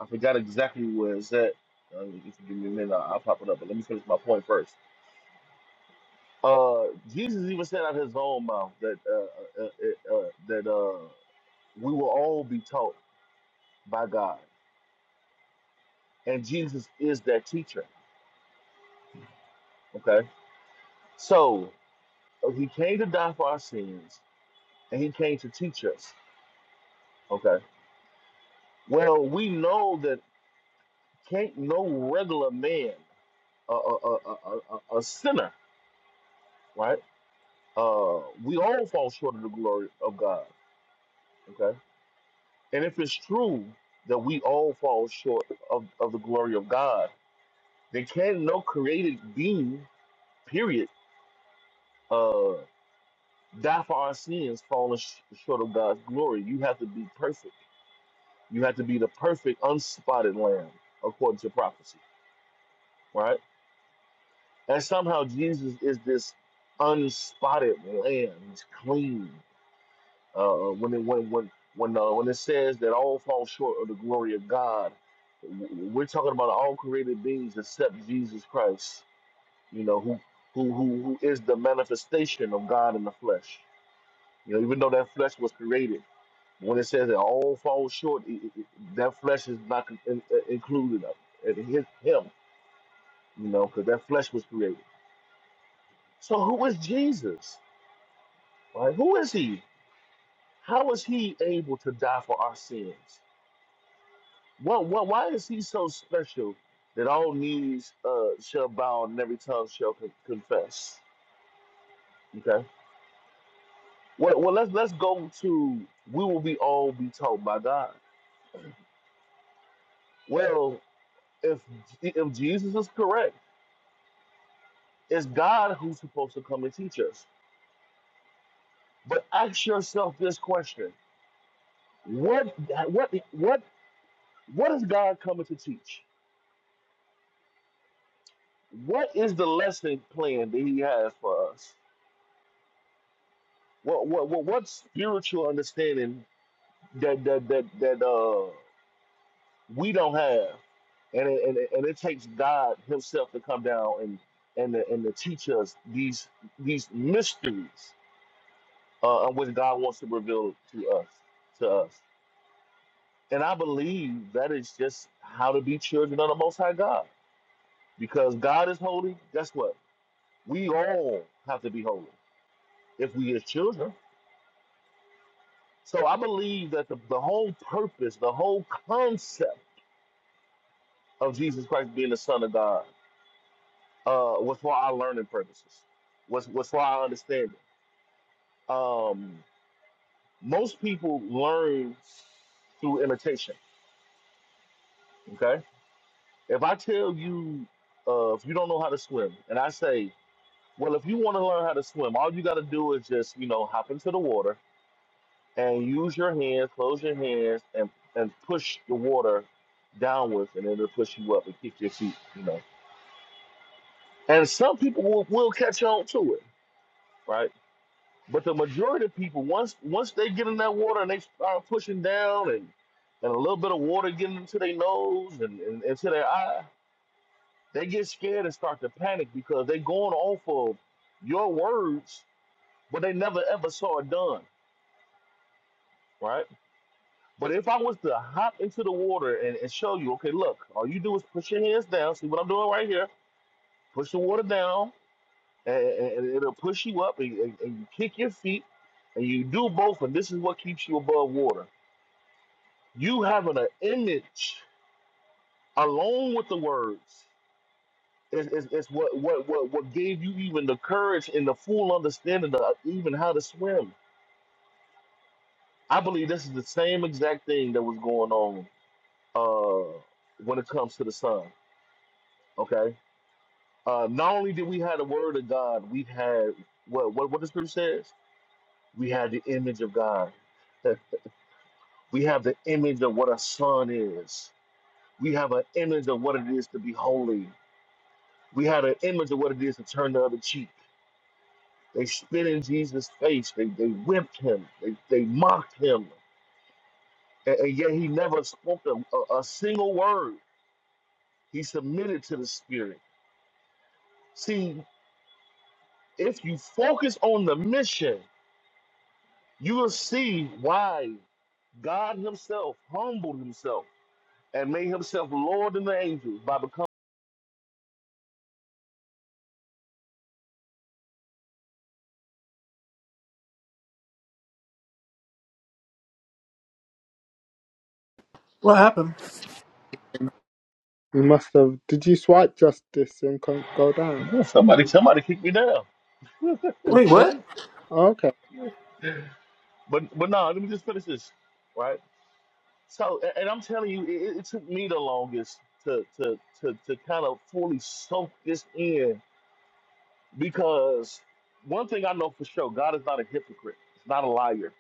I forgot exactly where it's at. Uh, if you give me a minute, I'll I'll pop it up. But let me finish my point first Uh, Jesus even said out of his own mouth that uh, uh, uh, uh, that uh, we will all be taught by God, and Jesus is that teacher. Okay, so uh, he came to die for our sins, and he came to teach us. Okay, well we know that can't no regular man, a a a, a, a a sinner, right? Uh, we all fall short of the glory of God. Okay, and if it's true that we all fall short of, of the glory of God There can no created being, period, uh, die for our sins, falling sh- short of God's glory. You have to be perfect. You have to be the perfect, unspotted lamb, according to prophecy, right? And somehow Jesus is this unspotted lamb. He's clean. Uh, uh, when it when when when uh, when it says that all fall short of the glory of God, w- we're talking about all created beings except Jesus Christ you know, who who who who is the manifestation of God in the flesh. You know, even though that flesh was created, when it says it all falls short, it, it, it- that flesh is not con- in, uh, included of it. It hit him, you know, because that flesh was created. So who is Jesus? Right? Who is he? How is he able to die for our sins? What, what, why is he so special that all knees uh, shall bow and every tongue shall con- confess? Okay. Well, well, let's let's go to we will be all be told by God. Well, if if Jesus is correct, it's God who's supposed to come and teach us. But ask yourself this question: What what what what is God coming to teach? What is the lesson plan that He has for us? What what what, what spiritual understanding that that that that uh we don't have. And it, and, it, and it takes God Himself to come down and and to, and to teach us these these mysteries uh, which God wants to reveal to us to us. And I believe that is just how to be children of the Most High God. Because God is holy. Guess what? We all have to be holy if we as children. So I believe that the, the whole purpose, the whole concept of Jesus Christ being the Son of God uh, was for our learning purposes, was was for our understanding. Um, most people learn through imitation. Okay, if I tell you, uh, if you don't know how to swim, and I say, well, if you want to learn how to swim, all you got to do is just you know hop into the water and use your hands, close your hands, and and push the water downwards, and it'll push you up and kick your feet. You know, and some people will, will catch on to it, right? But the majority of people, once once they get in that water and they start pushing down and, and a little bit of water getting into their nose and, and into their eye, they get scared and start to panic because they're going off of your words, but they never ever saw it done, right? But if I was to hop into the water and, and show you, okay, look, all you do is push your hands down. See what I'm doing right here? Push the water down, and, and and it'll push you up, and, and, and you kick your feet, and you do both, and this is what keeps you above water you having an image along with the words is, is, is what, what, what, what gave you even the courage and the full understanding of even how to swim. I believe this is the same exact thing that was going on uh, when it comes to the sun. Okay. Uh, not only did we have the word of God, we had what what what the scripture says. We had the image of God. We have the image of what a son is. We have an image of what it is to be holy We had an image of what it is to turn the other cheek. They spit in Jesus' face. They, they whipped him. They, they mocked him. And, and yet he never spoke a, a, a single word. He submitted to the Spirit. See, if you focus on the mission, you will see why God Himself humbled Himself and made Himself Lord than the angels by becoming.
What happened?
You must have. Did you swipe justice and con- go down?
Ooh, somebody, somebody kicked me down.
You
Wait,
sure?
what?
Okay.
But but no, let me just finish this, right? So, a- and I'm telling you, it, it took me the longest to to to to kind of fully soak this in because one thing I know for sure, God is not a hypocrite. He's not a liar.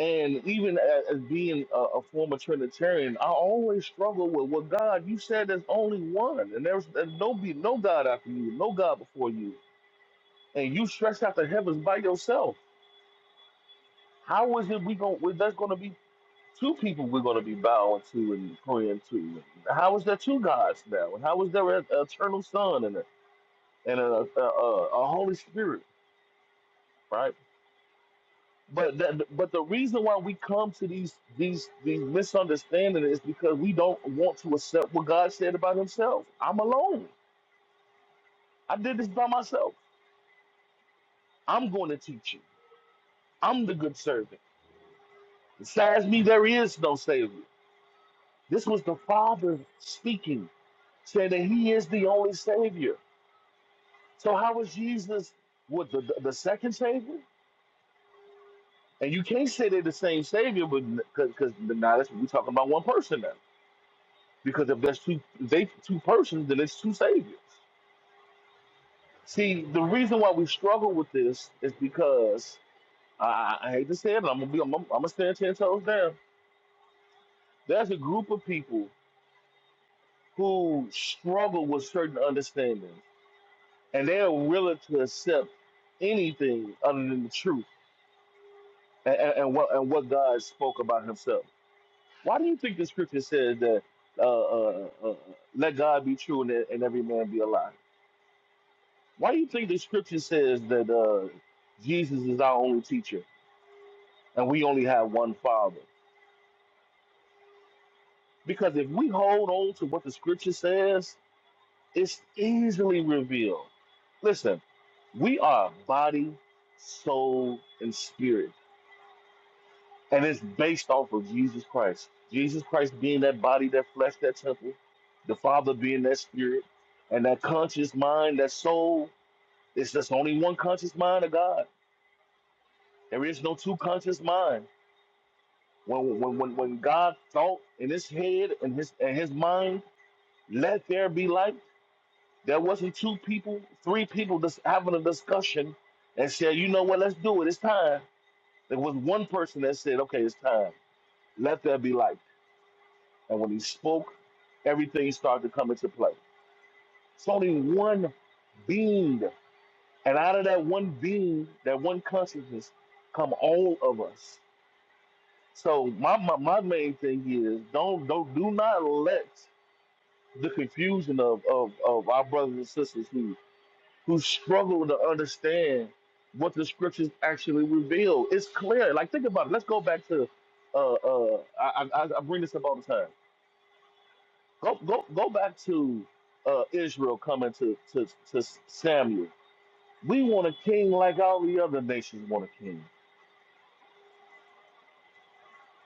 And even as, as being a, a former Trinitarian, I always struggle with, well, God, you said there's only one, and there's, there's no be no God after you, no God before you, and you stretched out the heavens by yourself. How is it we going? There's going to be Two people we're going to be bowing to and praying to. How is there two gods now? And how is there an eternal Son and a, and a, a, a, a Holy Spirit, right? But that, but the reason why we come to these these these misunderstandings is because we don't want to accept what God said about Himself. I'm alone. I did this by myself. I'm going to teach you. I'm the good servant. Besides me, there is no savior. This was the Father speaking, saying that He is the only savior. So how was Jesus with the, the, the second savior? And you can't say they're the same savior, but because now that's we're talking about one person now. Because if there's two if they two persons, then it's two saviors. See, the reason why we struggle with this is because I, I I hate to say it, but I'm gonna be I'm, I'm gonna stand ten toes down. There's a group of people who struggle with certain understandings, and they're willing to accept anything other than the truth and, and, and what and what God spoke about Himself. Why do you think the scripture says that uh, uh, uh, let God be true and, and every man be a lie? Why do you think the scripture says that uh, Jesus is our only teacher and we only have one Father? Because if we hold on to what the scripture says, it's easily revealed. Listen, we are body, soul, and spirit. And it's based off of Jesus Christ. Jesus Christ being that body, that flesh, that temple, the Father being that spirit, and that conscious mind, that soul. It's just only one conscious mind of God. There is no two conscious mind. When when when, when God thought in his head and his and his mind, let there be light, there wasn't two people, three people just having a discussion and said, you know what, let's do it, it's time. There was one person that said, okay, it's time. Let there be light. And when he spoke, everything started to come into play. It's only one being. And out of that one being, that one consciousness, come all of us. So my, my, my main thing is don't don't do not let the confusion of, of, of our brothers and sisters who who struggle to understand what the scriptures actually reveal. It's clear. Like think about it. Let's go back to uh uh I I, I I bring this up all the time Go go go back to uh, Israel coming to, to to Samuel. We want a king like all the other nations want a king.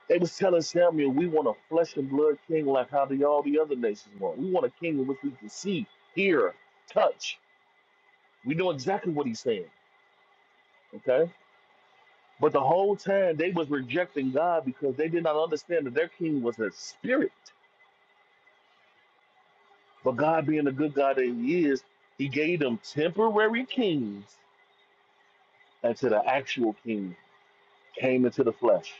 They was telling Samuel, we want a flesh and blood king like how the, all the other nations want. We want a king in which we can see, hear, touch. We know exactly what he's saying. Okay. But the whole time they was rejecting God because they did not understand that their king was a spirit. But God being the good God that he is, he gave them temporary kings until the actual king came into the flesh.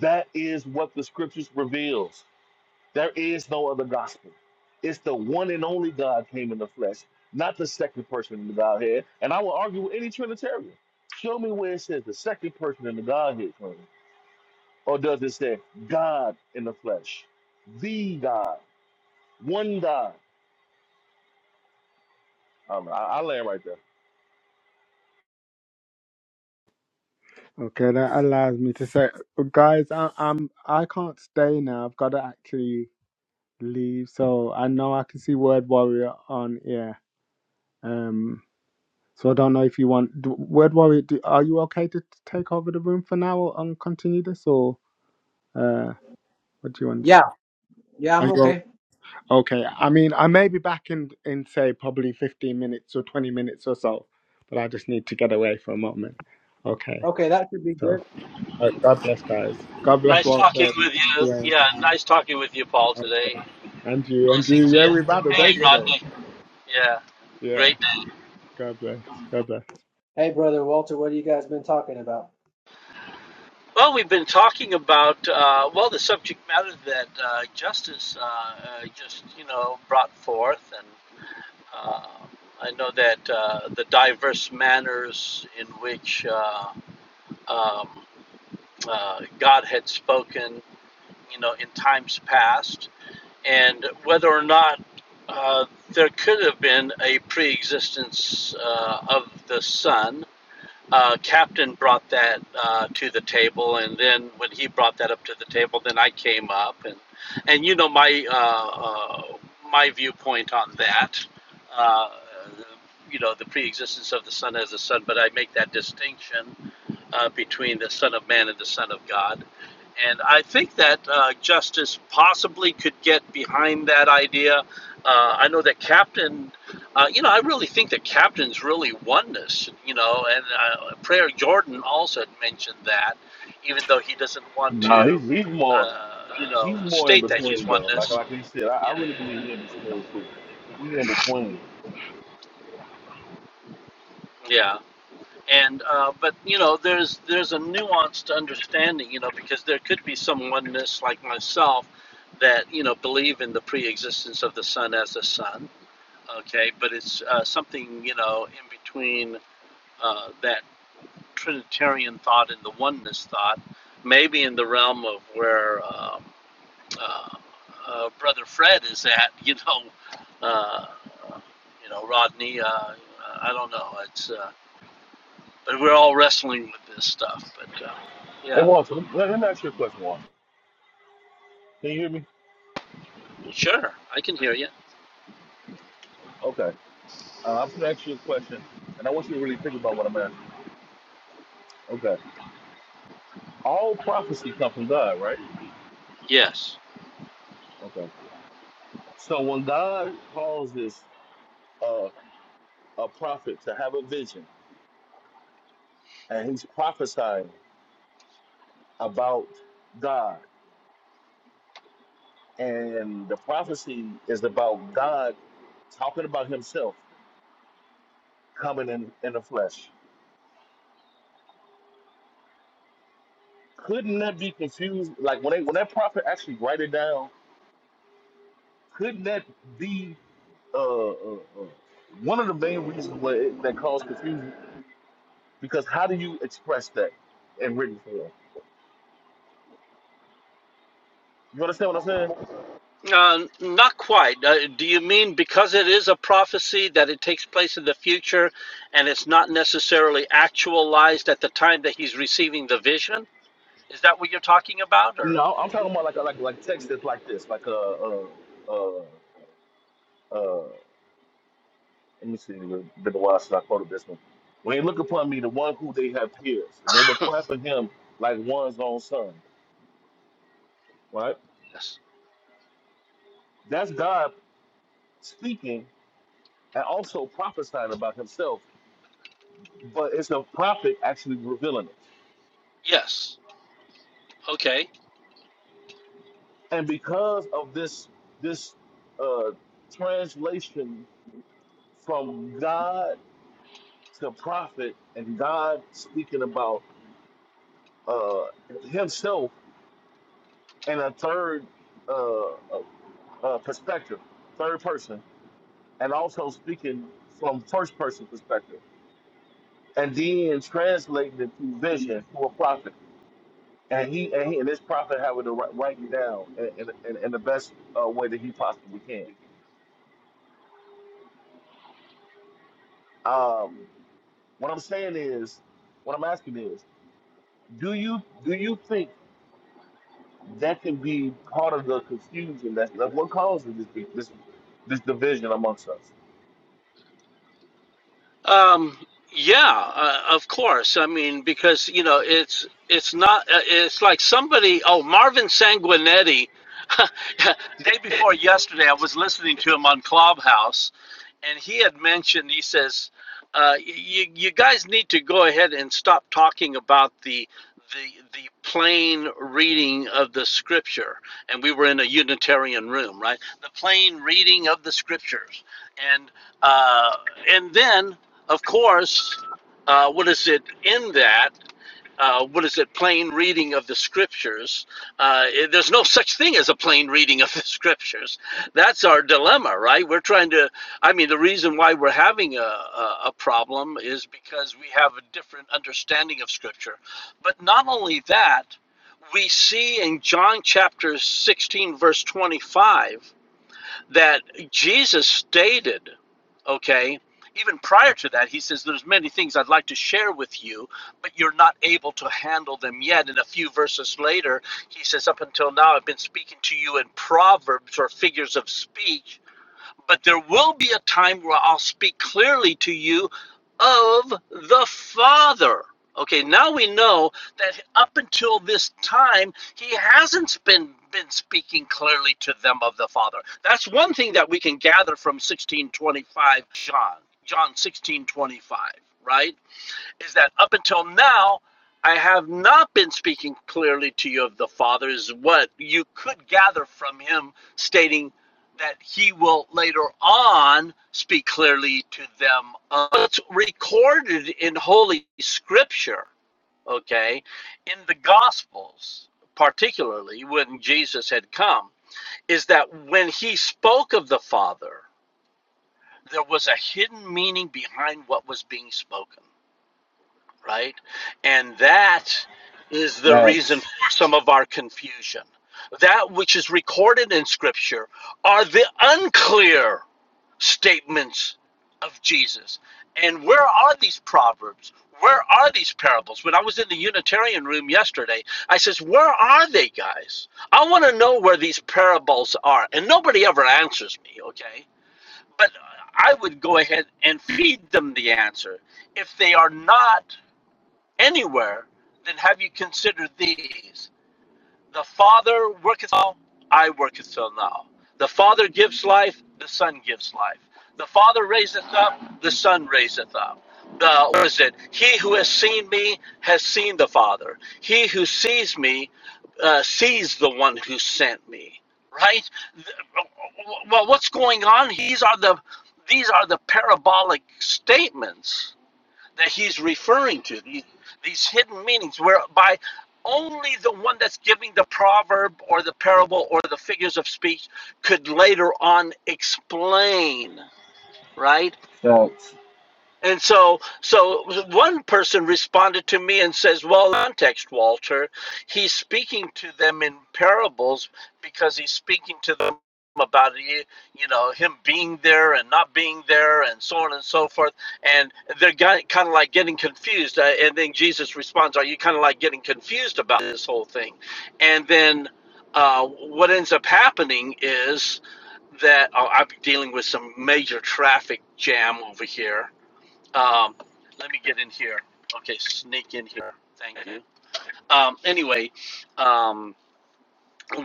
That is what the scriptures reveals. There is no other gospel. It's the one and only God came in the flesh, not the second person in the Godhead. And I will argue with any Trinitarian. Show me where it says the second person in the Godhead came. Or does it say God in the flesh? The God. One God. I don't know. I, I land right there.
Okay, that allows me to say, guys, I, I'm I can't stay now. I've got to actually leave. So I know I can see Word Warrior on here. Um, so I don't know if you want do, Word Warrior. Do, are you okay to take over the room for now or- and continue this, or uh, what do you want?
Yeah, yeah,
Are
I'm
you
okay.
o- okay? I mean, I may be back in in say probably fifteen minutes or twenty minutes or so, but I just need to get away for a moment. Okay,
Okay, that should be good.
so uh, God bless, guys. God bless
Nice talking
Walter.
with you. Yeah, nice talking with you, Paul, today.
Okay. And you, and you.
Blessings to
Yeah,
you.
we have had a day
Hey,
today.
Rodney. Yeah,
Yeah.
great day.
God bless. God bless.
Hey, brother Walter, what have you guys been talking about?
Well, we've been talking about, uh, well, the subject matter that uh, Justice uh, uh, just, you know, brought forth. And uh, I know that uh, the diverse manners in which uh, um, uh, God had spoken, you know, in times past and whether or not uh, there could have been a pre-existence uh, of the son. Uh, Captain brought that uh, to the table, and then when he brought that up to the table, then I came up, and and you know my uh, uh, my viewpoint on that, uh, you know the pre-existence of the Son as the Son, but I make that distinction uh, between the Son of Man and the Son of God and I think that uh, Justice possibly could get behind that idea. Uh, I know that Captain, uh, you know, I really think that Captain's really oneness, you know, and uh, Prayer Jordan also had mentioned that, even though he doesn't want
No,
to,
he's he's more
uh, you know,
he's more in
state that he's
between though. Like
oneness.
like he said, I, I
Yeah.
really believe he in between too. He's in between.
yeah. And uh, but you know there's there's a nuanced understanding you know because there could be some oneness like myself that you know believe in the pre-existence of the Son as the Son. okay but it's uh, something you know in between uh, that trinitarian thought and the oneness thought maybe in the realm of where um, uh, uh, brother fred is at you know uh, you know rodney uh, i don't know it's uh, but we're all wrestling with this stuff but uh,
Hey,
yeah
Walter, let let me ask you a question, Walter. Can you hear me?
sure i can hear you
Okay. Uh, I'm going to ask you a question, and I want you to really think about what I'm asking. Okay. All prophecy comes from God, right?
yes
Okay. So when God causes uh, a prophet to have a vision, and he's prophesying about God, and the prophecy is about God talking about himself coming in, in the flesh. Couldn't that be confused? Like when they, when that prophet actually write it down, couldn't that be uh, uh, uh, one of the main reasons why it, that caused confusion because how do you express that in written form? You understand what I'm saying?
Uh, not quite. Uh, do you mean because it is a prophecy that it takes place in the future and it's not necessarily actualized at the time that he's receiving the vision? Is that what you're talking about? Or
No, I'm talking about like a, like like text that's like this, like uh uh uh uh. Let me see. It's been a while since I quoted this one. When they look upon me, the one who they have pierced, and they will cry for him like one's own son. Right?
yes.
That's God speaking and also prophesying about Himself, but it's a prophet actually revealing it.
Yes. Okay.
and because of this this uh, translation from God to prophet and God speaking about uh, Himself in a third uh, uh, uh, perspective, third person, and also speaking from first person perspective, and then translating it through vision to a prophet. And he and, he, and this prophet having to write, write it down in, in, in in the best uh, way that he possibly can. Um, What I'm saying is, what I'm asking is, do you do you think that can be part of the confusion? That's, that's what causes this this this division amongst us.
Um, yeah, uh, of course. I mean, because you know, it's it's not. Uh, it's like somebody. Oh, Marvin Sanguinetti. day before yesterday, I was listening to him on Clubhouse, and he had mentioned. He says, uh, "You you guys need to go ahead and stop talking about the." The, the plain reading of the scripture and we were in a unitarian room right the plain reading of the scriptures and uh, and then of course, uh, what is it in that? Uh, what is it? Plain reading of the scriptures. Uh, it- there's no such thing as a plain reading of the scriptures. That's our dilemma, right? We're trying to. I mean, the reason why we're having a, a, a problem is because we have a different understanding of scripture. But not only that, we see in John chapter 16, verse 25 that Jesus stated, okay, even prior to that, he says, There's many things I'd like to share with you, but you're not able to handle them yet. And a few verses later, he says, Up until now, I've been speaking to you in proverbs or figures of speech but there will be a time where I'll speak clearly to you of the Father. Okay, now we know that up until this time, he hasn't been, been speaking clearly to them of the Father. That's one thing that we can gather from 1625 John, John 1625, right? is that up until now, I have not been speaking clearly to you of the Father, is what you could gather from him stating that he will later on speak clearly to them. Uh, it's recorded in Holy Scripture, okay, in the Gospels, particularly when Jesus had come, is that when he spoke of the Father, there was a hidden meaning behind what was being spoken right? And that is the reason
Facts,
for some of our confusion. That which is recorded in Scripture are the unclear statements of Jesus. And where are these proverbs? Where are these parables? When I was in the Unitarian room yesterday, I says, "Where are they, guys? I want to know where these parables are." And nobody ever answers me, okay? But I would go ahead and feed them the answer if they are not anywhere, then have you considered these? The Father worketh all, I worketh till now. The Father gives life, the Son gives life. The Father raiseth up, the Son raiseth up. The what is it? He who has seen me has seen the Father. He who sees me uh, sees the one who sent me. Right? Well, what's going on? These are the these are the parabolic statements that he's referring to, the, these hidden meanings, whereby only the one that's giving the proverb or the parable or the figures of speech could later on explain, right?
facts,
And so, so one person responded to me and says, "Well, context, Walter, he's speaking to them in parables because he's speaking to them about you know him being there and not being there and so on and so forth." And they're kind of like getting confused. Uh, And then Jesus responds, "Are you kind of like getting confused about this whole thing?" And then uh, what ends up happening is that oh, I'm dealing with some major traffic jam over here um, let me get in here. Okay, sneak in here. Thank you. Um, anyway, um,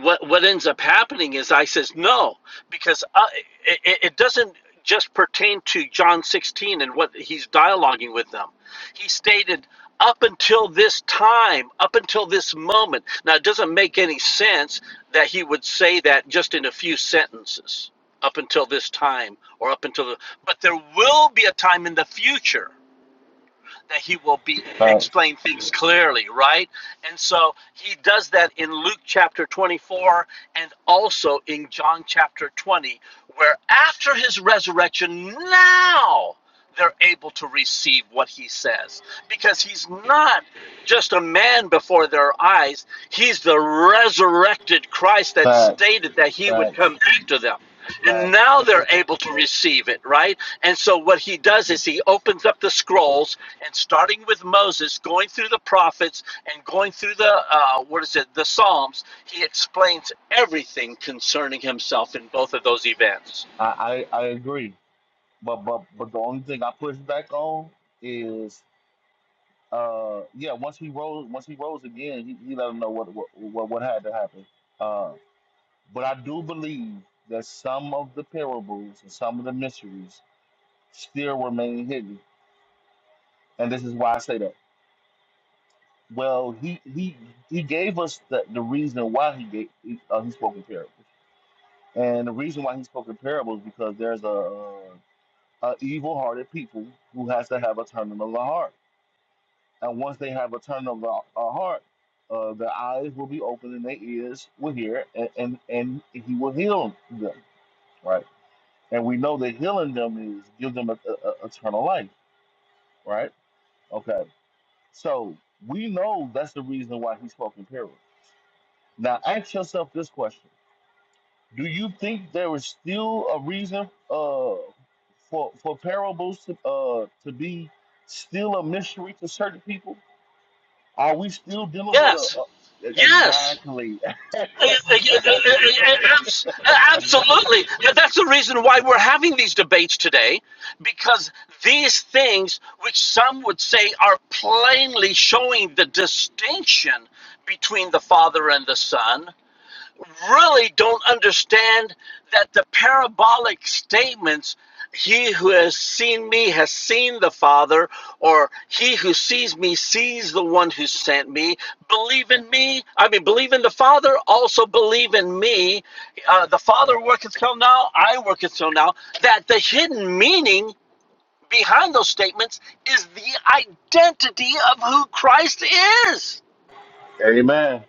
what what ends up happening is I says no because I, it, it doesn't just pertain to John 16 and what he's dialoguing with them. He stated up until this time, up until this moment. Now it doesn't make any sense that he would say that just in a few sentences. Up until this time, or up until the, but there will be a time in the future that he will be
facts,
explain things clearly, right? And so he does that in Luke chapter 24 and also in John chapter 20, where after his resurrection, now they're able to receive what he says because he's not just a man before their eyes. He's the resurrected Christ that
facts,
stated that he would come
facts,
back to them. And
facts.
now they're able to receive it, right? And so what he does is he opens up the scrolls and starting with Moses, going through the prophets and going through the, uh, what is it, the Psalms, he explains everything concerning himself in both of those events.
I, I I agree, but but but the only thing I push back on is uh yeah once he rose once he rose again he, he let him know what what what, what had to happen. Uh, But I do believe that some of the parables and some of the mysteries still remain hidden. And this is why I say that. Well, he he he gave us the, the reason why he gave he, uh, he spoke in parables, and the reason why he spoke in parables because there's a, uh, a evil-hearted people who has to have a turning of the heart, and once they have a turning of the a heart, uh, their eyes will be open and their ears will hear, and and, and he will heal them, right? and we know that healing them is give them a, a, a- eternal life, right? Okay, so we know that's the reason why he spoke in parables. Now, ask yourself this question: Do you think there is still a reason uh, for for parables to uh, to be still a mystery to certain people? Are we still dealing with a,
Yes,
a
yes.
exactly,
Uh, uh,
exactly?
uh, uh,
Another
Absolutely.
thing,
That's the reason why we're having these debates today, because these things, which some would say are plainly showing the distinction between the Father and the Son, really don't understand that the parabolic statements he who has seen me has seen the father or he who sees me sees the one who sent me believe in me i mean believe in the father also believe in me uh, the father worketh till now i worketh till now that the hidden meaning behind those statements is the identity of who christ is
Amen,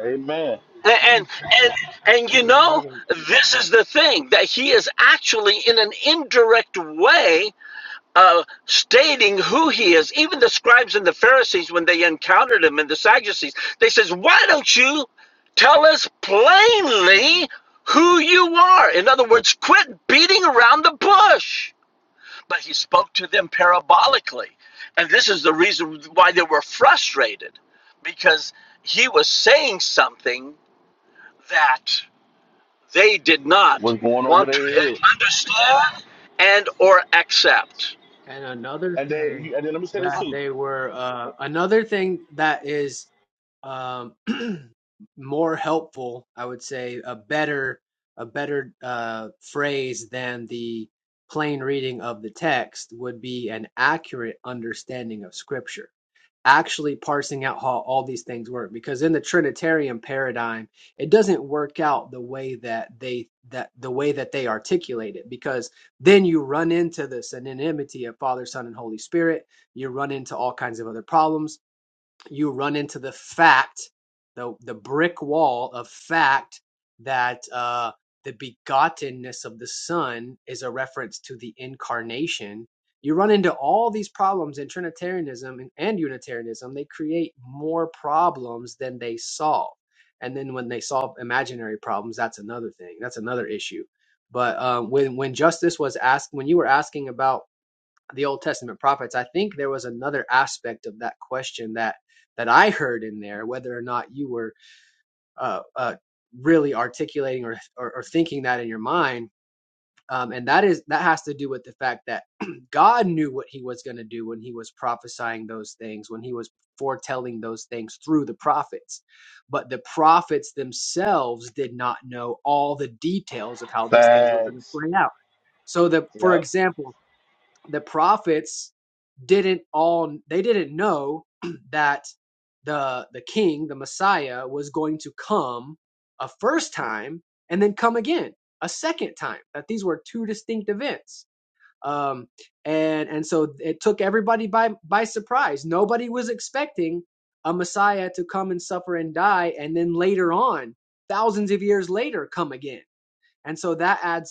amen.
And and and you know,
another,
this is the thing that he is actually in an indirect way uh, stating who he is. Even the scribes and the Pharisees, when they encountered him and the Sadducees, they says, "Why don't you tell us plainly who you are?" In other words, quit beating around the bush. But he spoke to them parabolically, and this is the reason why they were frustrated, because he was saying something that they did not
What's going over
want
their
to
head?
understand and or accept
and another
And then,
thing
you, and then let me say this
that
too.
they were, uh, another thing that is um, more helpful, I would say, a better, a better uh, phrase than the plain reading of the text would be an accurate understanding of Scripture actually parsing out how all these things work because in the trinitarian paradigm it doesn't work out the way that they that the way that they articulate it because then you run into the synonymity of father son and holy spirit you run into all kinds of other problems you run into the fact, the the brick wall of fact that uh, the begottenness of the Son is a reference to the incarnation. You run into all these problems in Trinitarianism and, and Unitarianism. They create more problems than they solve. And then when they solve imaginary problems, that's another thing. That's another issue. But uh, when when justice was asked, when you were asking about the Old Testament prophets, I think there was another aspect of that question that that I heard in there, whether or not you were uh, uh, really articulating or, or or thinking that in your mind, um, and that is that has to do with the fact that God knew what He was going to do when He was prophesying those things, when He was foretelling those things through the prophets, but the prophets themselves did not know all the details of how these things were going to
Thanks.
play out. So, the for
Yep.
example, the prophets didn't all they didn't know that the the king the messiah was going to come a first time and then come again a second time that these were two distinct events um and and so it took everybody by by surprise nobody was expecting a messiah to come and suffer and die and then later on thousands of years later come again and so that adds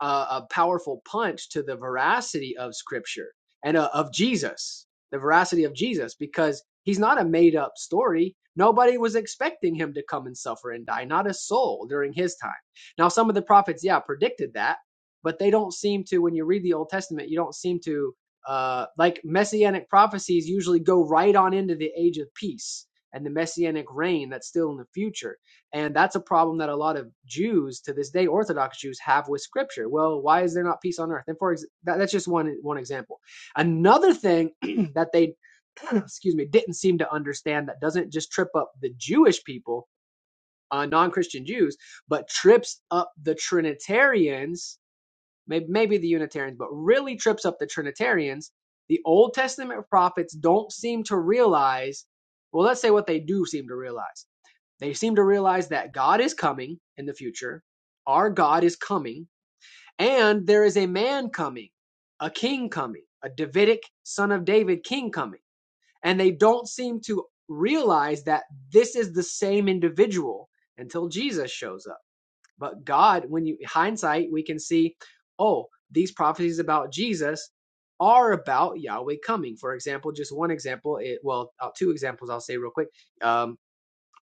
a, a powerful punch to the veracity of Scripture and uh, of Jesus, the veracity of Jesus, because he's not a made up story. Nobody was expecting him to come and suffer and die, not a soul during his time. Now, some of the prophets, yeah, predicted that, but they don't seem to, when you read the Old Testament, you don't seem to, uh, like messianic prophecies usually go right on into the age of peace and the messianic reign that's still in the future and that's a problem that a lot of Jews to this day, Orthodox Jews, have with Scripture. Well, why is there not peace on earth? And for ex- that, that's just one one example. Another thing that they, excuse me, didn't seem to understand that doesn't just trip up the Jewish people, uh, non-Christian Jews, but trips up the Trinitarians, maybe, maybe the Unitarians, but really trips up the Trinitarians. The Old Testament prophets don't seem to realize. Well, let's say what they do seem to realize they seem to realize that God is coming in the future. Our God is coming, and there is a man coming, a king coming, a Davidic son of David king coming. And they don't seem to realize that this is the same individual until Jesus shows up. But God, when you hindsight, we can see, oh, these prophecies about Jesus are about Yahweh coming. For example, just one example, it, well, uh, two examples I'll say real quick. Um,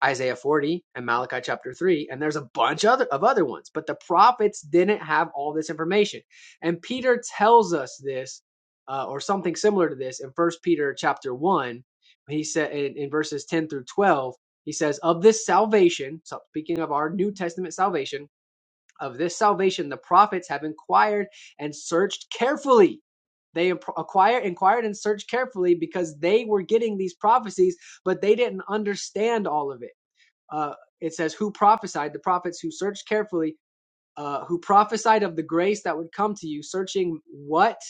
Isaiah 40 and Malachi chapter 3 and there's a bunch other of other ones but the prophets didn't have all this information and Peter tells us this uh, or something similar to this in first Peter chapter 1 he said in, in verses 10 through 12 he says of this salvation so speaking of our New Testament salvation of this salvation the prophets have inquired and searched carefully they imp- acquire inquired and searched carefully because they were getting these prophecies but they didn't understand all of it uh, it says who prophesied the prophets who searched carefully uh, who prophesied of the grace that would come to you, searching what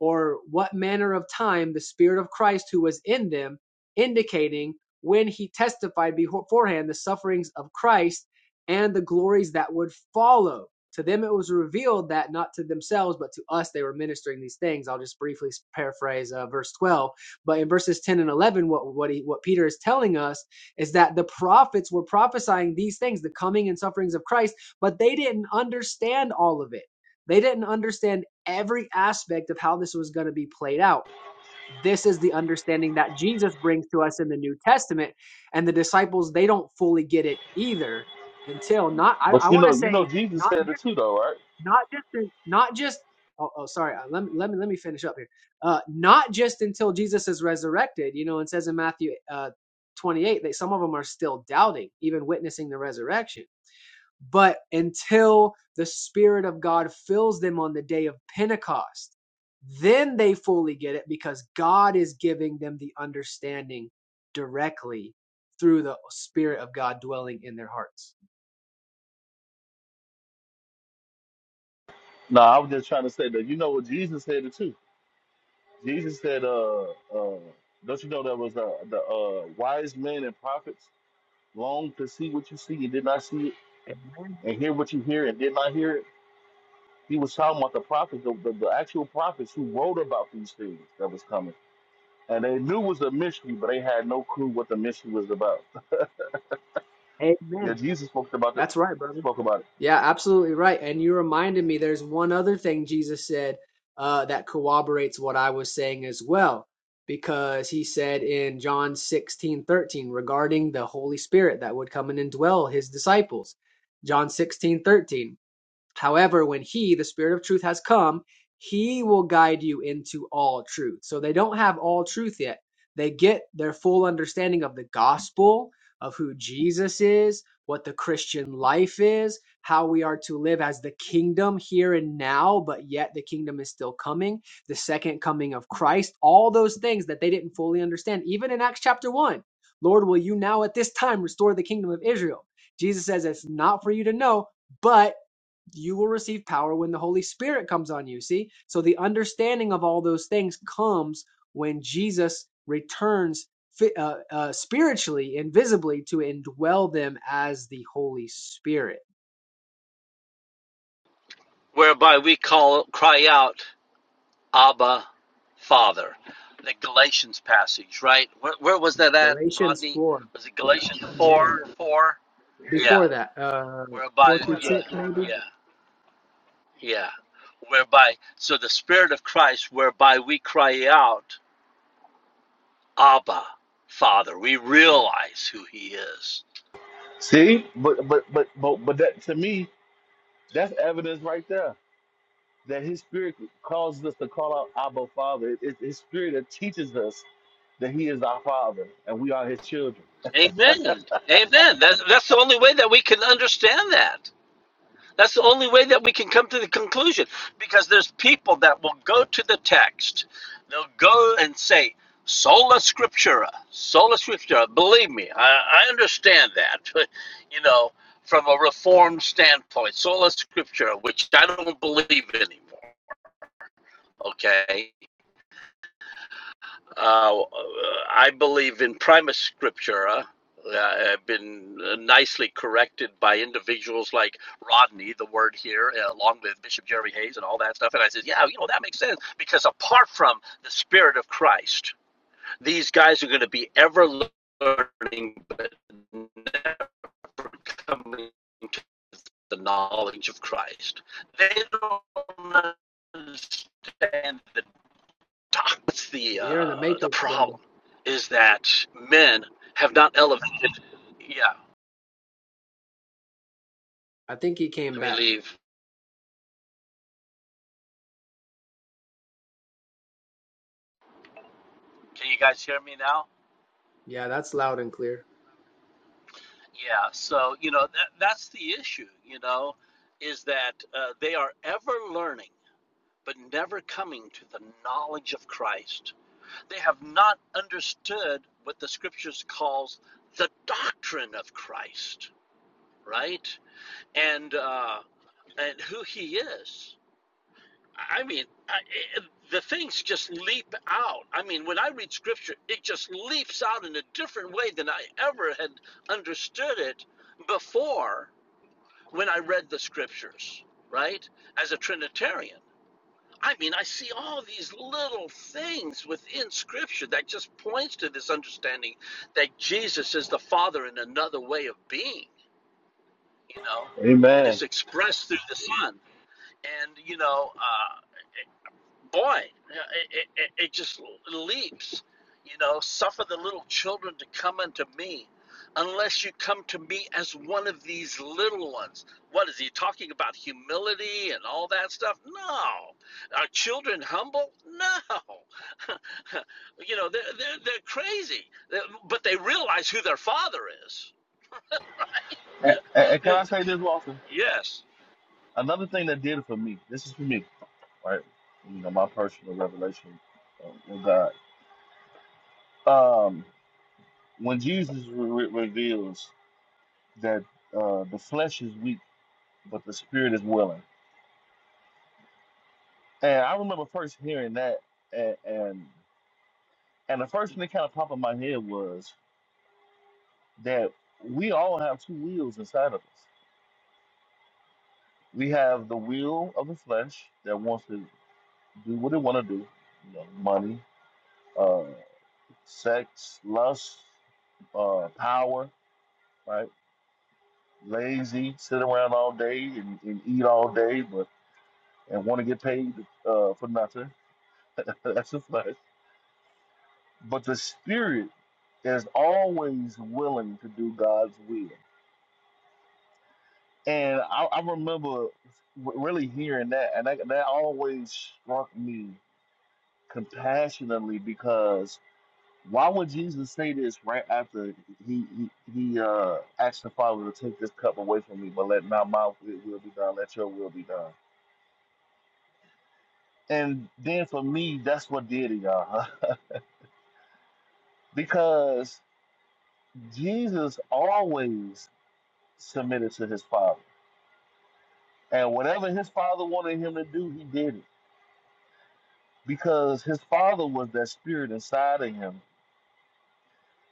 or what manner of time the Spirit of Christ who was in them, indicating when he testified beforehand the sufferings of Christ and the glories that would follow. To them it was revealed that not to themselves, but to us they were ministering these things. I'll just briefly paraphrase uh, verse 12. But in verses 10 and 11, what, what, he, what Peter is telling us is that the prophets were prophesying these things, the coming and sufferings of Christ but they didn't understand all of it. They didn't understand every aspect of how this was going to be played out. This is the understanding that Jesus brings to us in the New Testament, and the disciples they don't fully get it either until not. I, I
But you
want to
know, you know,
say
Jesus
not
said
just
it too, though, right?
not just not just. Oh, oh sorry. uh, Let me, let me let me finish up here. Uh, not just until Jesus is resurrected. You know, it says in Matthew uh, 28 that some of them are still doubting, even witnessing the resurrection but until the Spirit of God fills them on the day of Pentecost, then they fully get it because God is giving them the understanding directly through the Spirit of God dwelling in their hearts.
No, I was just trying to say that. You know what Jesus said it too. Jesus said, "Uh, uh, don't you know that was uh, the uh wise men and prophets longed to see what you see and did not see it,
Amen.
and hear what you hear and did not hear it." He was talking about the prophets, the, the, the actual prophets who wrote about these things that was coming, and they knew it was a mystery, but they had no clue what the mystery was about.
Amen.
Yeah, Jesus spoke about it.
That's right, brother.
Spoke about it.
Yeah, absolutely right. And you reminded me there's one other thing Jesus said uh, that corroborates what I was saying as well, because he said in John 16:13 regarding the Holy Spirit that would come and indwell his disciples. John 16:13. However, when he, the Spirit of truth, has come, he will guide you into all truth. So they don't have all truth yet. They get their full understanding of the gospel, of who Jesus is, what the Christian life is, how we are to live as the kingdom here and now, but yet the kingdom is still coming, the second coming of Christ, all those things that they didn't fully understand, even in Acts chapter 1. Lord, will you now at this time restore the kingdom of Israel? Jesus says it's not for you to know, but you will receive power when the Holy Spirit comes on you. See? So the understanding of all those things comes when Jesus returns uh, uh, spiritually and visibly to indwell them as the Holy Spirit.
whereby we call cry out abba father the galatians passage right where, where was that at
Galatians
rodney
4.
was it galatians
Amen.
4 4 yeah
Before that, uh,
whereby
4 through 6,
yeah
maybe?
yeah yeah whereby so the spirit of christ whereby we cry out abba father we realize who he is
See, but but but but but that to me That's evidence right there that His Spirit causes us to call out Abba Father. It- It's His Spirit that teaches us that He is our Father and we are His children.
Amen. Amen. That's, that's the only way that we can understand that. That's the only way that we can come to the conclusion because there's people that will go to the text. They'll go and say, Sola Scriptura, Sola Scriptura. Believe me, I, I understand that, but, you know, from a Reformed standpoint, Sola Scriptura, which I don't believe anymore, okay? Uh, I believe in prima scriptura. Uh, I've been nicely corrected by individuals like Rodney, the word here, uh, along with Bishop Jerry Hayes and all that stuff. And I said, yeah, you know, that makes sense because apart from the Spirit of Christ, these guys are going to be ever learning, but never coming to the knowledge of Christ. They don't understand talk. That's the
You're in the
uh, the
Matrix, brother.
problem is that men have not elevated. Yeah,
I think he came
let me
back.
leave. Can you guys hear me now?
Yeah, that's loud and clear.
Yeah. So you know that that's the issue. You know, is that uh, they are ever learning. But never coming to the knowledge of Christ. They have not understood what the scriptures calls the doctrine of Christ, right? And uh, and who He is I mean, I, it, the things just leap out. I mean, when I read scripture, it just leaps out in a different way than I ever had understood it before when I read the scriptures, right? As a Trinitarian. I mean, I see all these little things within scripture that just points to this understanding that Jesus is the Father in another way of being, you know, and it's
Amen.
expressed through the Son. And, you know, uh, boy, it, it, it just leaps. You know, suffer the little children to come unto me, unless you come to me as one of these little ones. What is he talking about? Humility and all that stuff? No. Are children humble? No. you know, they're, they're, they're crazy, but they realize who their father is.
And, and- and can I say this, Walter?
yes.
Another thing that did it for me. This is for me, right? You know, my personal revelation uh, with God. Um, when Jesus re- re- reveals that uh, the flesh is weak, but the Spirit is willing, and I remember first hearing that, and and, and the first thing that kind of popped in my head was that we all have two wheels inside of us. We have the wheel of the flesh that wants to do what it want to do, you know, money, uh, sex, lust, uh, power, right? Lazy, sit around all day and, and eat all day, but and want to get paid uh, for nothing. That's the flesh. But the spirit is always willing to do God's will. And I, I remember w- really hearing that, and that, that always struck me compassionately because why would Jesus say this right after he he, he uh, asked the Father to take this cup away from me, but let not my will, will be done, let your will be done. And then for me, that's what did it, y'all, because Jesus always submitted to his Father, and whatever his Father wanted him to do, he did it because his father was that spirit inside of him.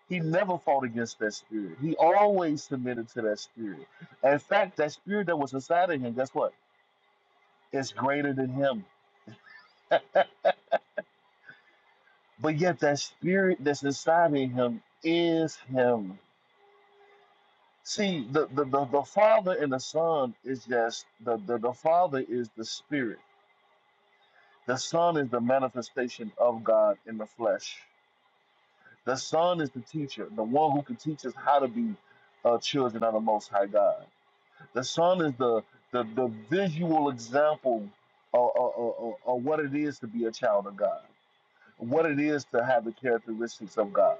He never fought against that spirit. He always submitted to that spirit. In fact, that spirit that was inside of him, guess what? It's greater than him. but yet that spirit that's inside of him is him. See, the, the, the, the father and the son is just the, the, the father is the spirit. The son is the manifestation of God in the flesh. The Son is the teacher, the one who can teach us how to be uh, children of the Most High God. The Son is the the, the visual example of, of, of, of what it is to be a child of God, what it is to have the characteristics of God.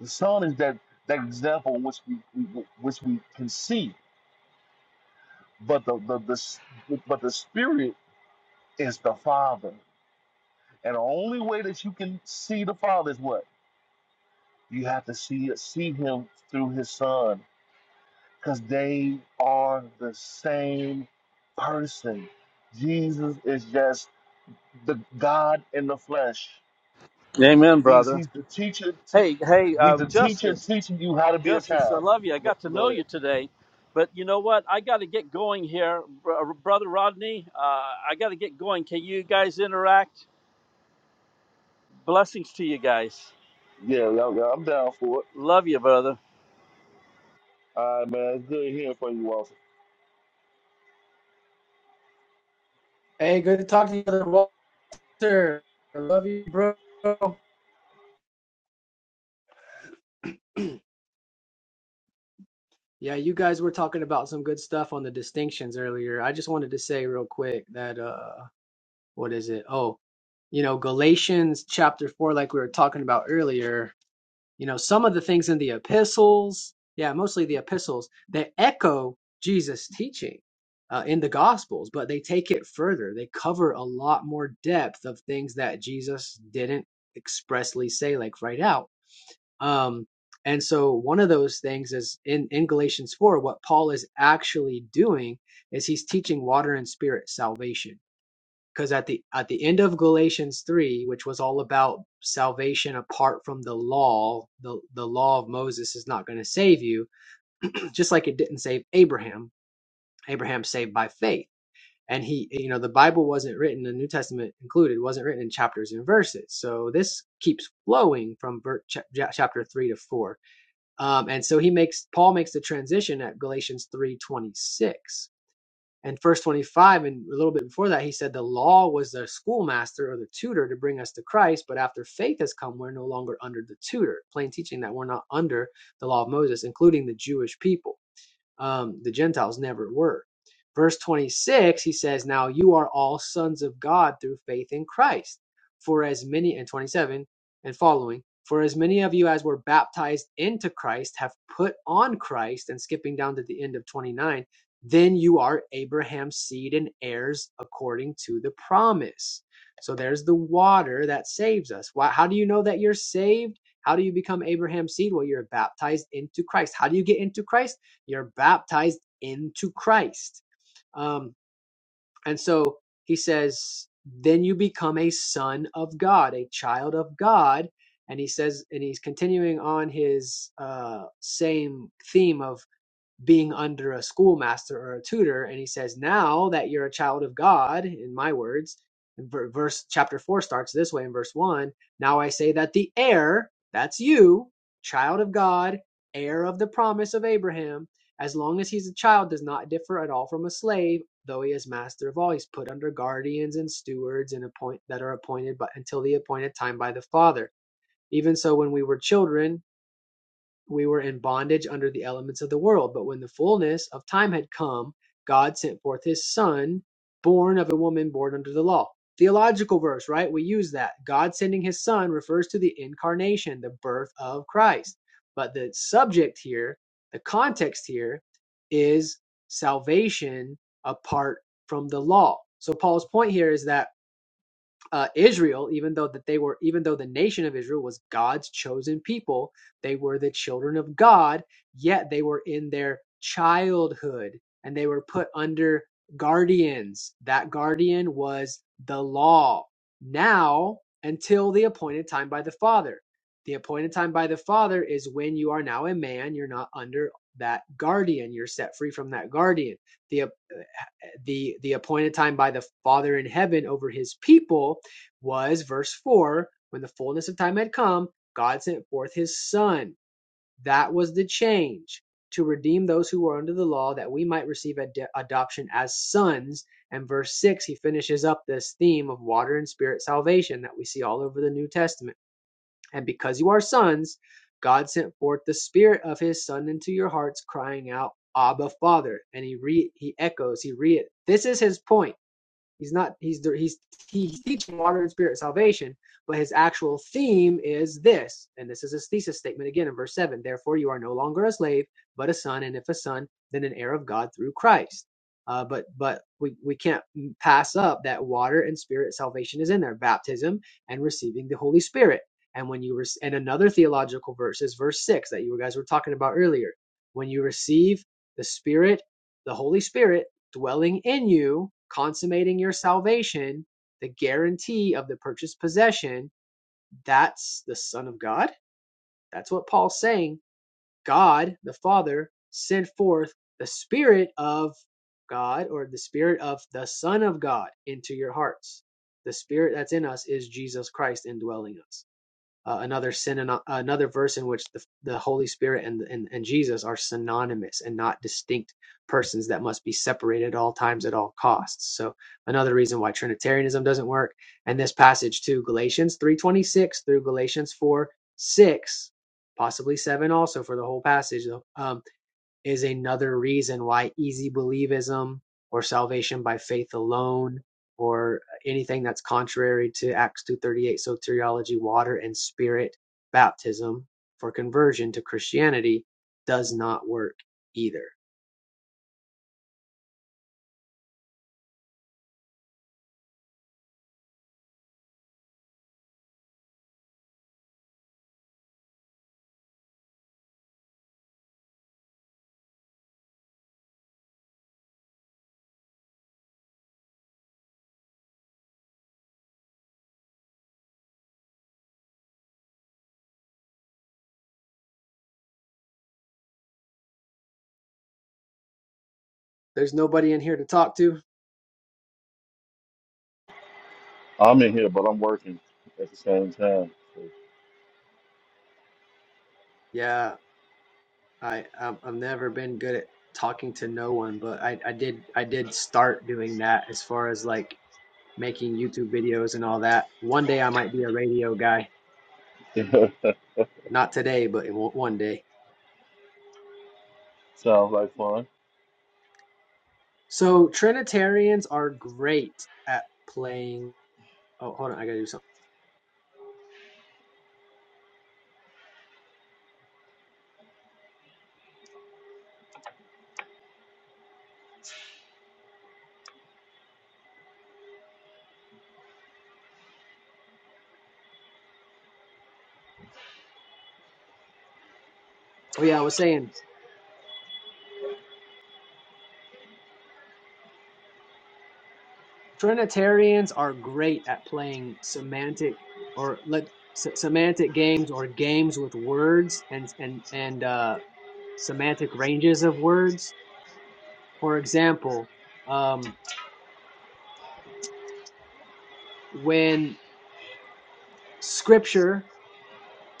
The Son is that that example which we, we which we can see, but the, the the s- but the Spirit is the Father, and the only way that you can see the Father is what you have to see it, see Him through His Son because they are the same person. Jesus is just the God in the flesh.
Amen,
He's
brother.
he's the teacher. Te-
Hey, hey,
he's
uh,
the teacher
Justice.
teaching you how to be a
Justice, I
child.
love you. I
Go,
got to know
go ahead.
you today. But you know what? I got to get going here. Br- uh, Brother Rodney, uh, I got to get going. Can you guys interact? Blessings to you guys.
Yeah, yeah, yeah, I'm down for it.
Love you, brother.
All right, man. It's good hearing from you, Walter.
Hey, good to talk to you, brother Walter. I love you, bro. Yeah, you guys were talking about some good stuff on the distinctions earlier. I just wanted to say real quick that uh what is it? Oh, you know, Galatians chapter 4 like we were talking about earlier, you know, some of the things in the epistles, yeah, mostly the epistles, they echo Jesus' teaching uh, in the gospels, but they take it further. They cover a lot more depth of things that Jesus didn't expressly say like right out. Um, and so one of those things is in, in Galatians 4, what Paul is actually doing is he's teaching water and spirit salvation. Because at the at the end of Galatians 3, which was all about salvation apart from the law, the, the law of Moses is not going to save you, just like it didn't save Abraham. Abraham saved by faith. And he, you know, the Bible wasn't written, the New Testament included, wasn't written in chapters and verses. So this keeps flowing from chapter 3 to 4 um, and so he makes Paul makes the transition at Galatians three twenty six and verse twenty five, and a little bit before that, he said the law was the schoolmaster or the tutor to bring us to Christ, but after faith has come, we're no longer under the tutor. Plain teaching that we're not under the law of Moses, including the Jewish people um, the Gentiles never were. Verse 26, he says, Now you are all sons of God through faith in Christ. For as many, and 27 and following, for as many of you as were baptized into Christ have put on Christ, and skipping down to the end of 29, then you are Abraham's seed and heirs according to the promise. So there's the water that saves us. Why, how do you know that you're saved? How do you become Abraham's seed? Well, you're baptized into Christ. How do you get into Christ? You're baptized into Christ. Um, and so he says, then you become a son of God, a child of God. And he says, and he's continuing on his uh, same theme of being under a schoolmaster or a tutor and he says now that you're a child of god in my words in ver- verse chapter 4 starts this way in verse 1 now i say that the heir that's you child of god heir of the promise of abraham as long as he's a child does not differ at all from a slave though he is master of all he's put under guardians and stewards and appoint that are appointed but until the appointed time by the father even so when we were children we were in bondage under the elements of the world. But when the fullness of time had come, God sent forth his son, born of a woman born under the law. Theological verse, right? We use that. God sending his son refers to the incarnation, the birth of Christ. But the subject here, the context here is salvation apart from the law. So Paul's point here is that uh, Israel, even though that they were, even though the nation of Israel was God's chosen people, they were the children of God. Yet they were in their childhood, and they were put under guardians. That guardian was the law. Now, until the appointed time by the Father. The appointed time by the Father is when you are now a man. You're not under that guardian. You're set free from that guardian. The the the appointed time by the father in heaven over his people was verse 4 when the fullness of time had come god sent forth his son that was the change to redeem those who were under the law that we might receive ad- adoption as sons and verse 6 he finishes up this theme of water and spirit salvation that we see all over the new testament and because you are sons, God sent forth the Spirit of His Son into your hearts, crying out, Abba, Father. And he re- he echoes, he re. This is his point He's not. He's the- he's he's teaching water and spirit salvation, but his actual theme is this, and this is his thesis statement again in verse seven. Therefore, you are no longer a slave, but a son, and if a son, then an heir of God through Christ. Uh, but but we we can't pass up that water and spirit salvation is in there, baptism and receiving the Holy Spirit. And when you rec- and another theological verse is verse six that you guys were talking about earlier. When you receive the Spirit, the Holy Spirit dwelling in you, consummating your salvation, the guarantee of the purchased possession, that's the Son of God. That's what Paul's saying. God, the Father, sent forth the Spirit of God or the Spirit of the Son of God into your hearts. The Spirit that's in us is Jesus Christ indwelling us uh, another sin, another verse in which the, the Holy Spirit and, and and Jesus are synonymous and not distinct persons that must be separated at all times at all costs. So another reason why Trinitarianism doesn't work. And this passage too, Galatians three twenty six through Galatians four six, possibly seven also for the whole passage though. um, is another reason why easy believism or salvation by faith alone or anything that's contrary to Acts 2:38 soteriology water and spirit baptism for conversion to Christianity does not work either. There's nobody in here to talk to.
I'm in here, but I'm working at the same time.
Yeah, I I've I've never been good at talking to no one, but I I did I did start doing that as far as like making YouTube videos and all that. One day I might be a radio guy
So.
Not today, but in one day.
Sounds like fun.
So Trinitarians are great at playing. Oh, hold on, I gotta do something. Oh yeah, I was saying Trinitarians are great at playing semantic or let se- semantic games or games with words and and and uh, semantic ranges of words. For example, um, when Scripture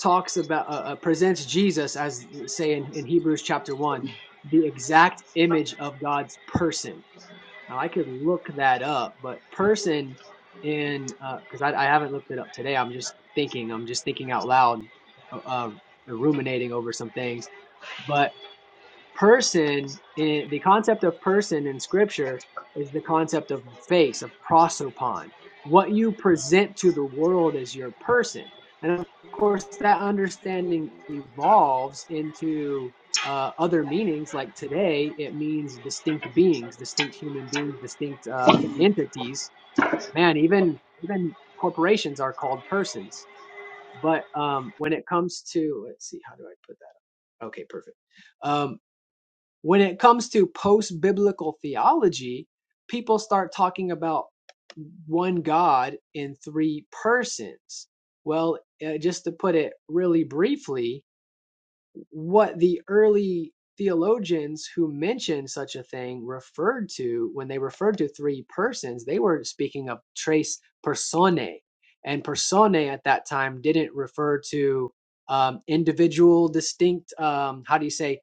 talks about uh, uh, presents Jesus as say in, in Hebrews chapter one, the exact image of God's person Now I could look that up, but person in because I, I haven't looked it up today. I'm just thinking. I'm just thinking out loud, uh, uh, ruminating over some things. but person in, the concept of person in scripture is the concept of face of prosopon what you present to the world as your person and of course that understanding evolves into uh, other meanings like today it means distinct beings distinct human beings distinct uh, entities man even even corporations are called persons but um, when it comes to let's see how do i put that up? okay perfect Um, when it comes to post biblical theology, people start talking about one God in three persons. Well, uh, just to put it really briefly, what the early theologians who mentioned such a thing referred to when they referred to three persons they were speaking of tres personae and personae at that time didn't refer to um, individual distinct um, how do you say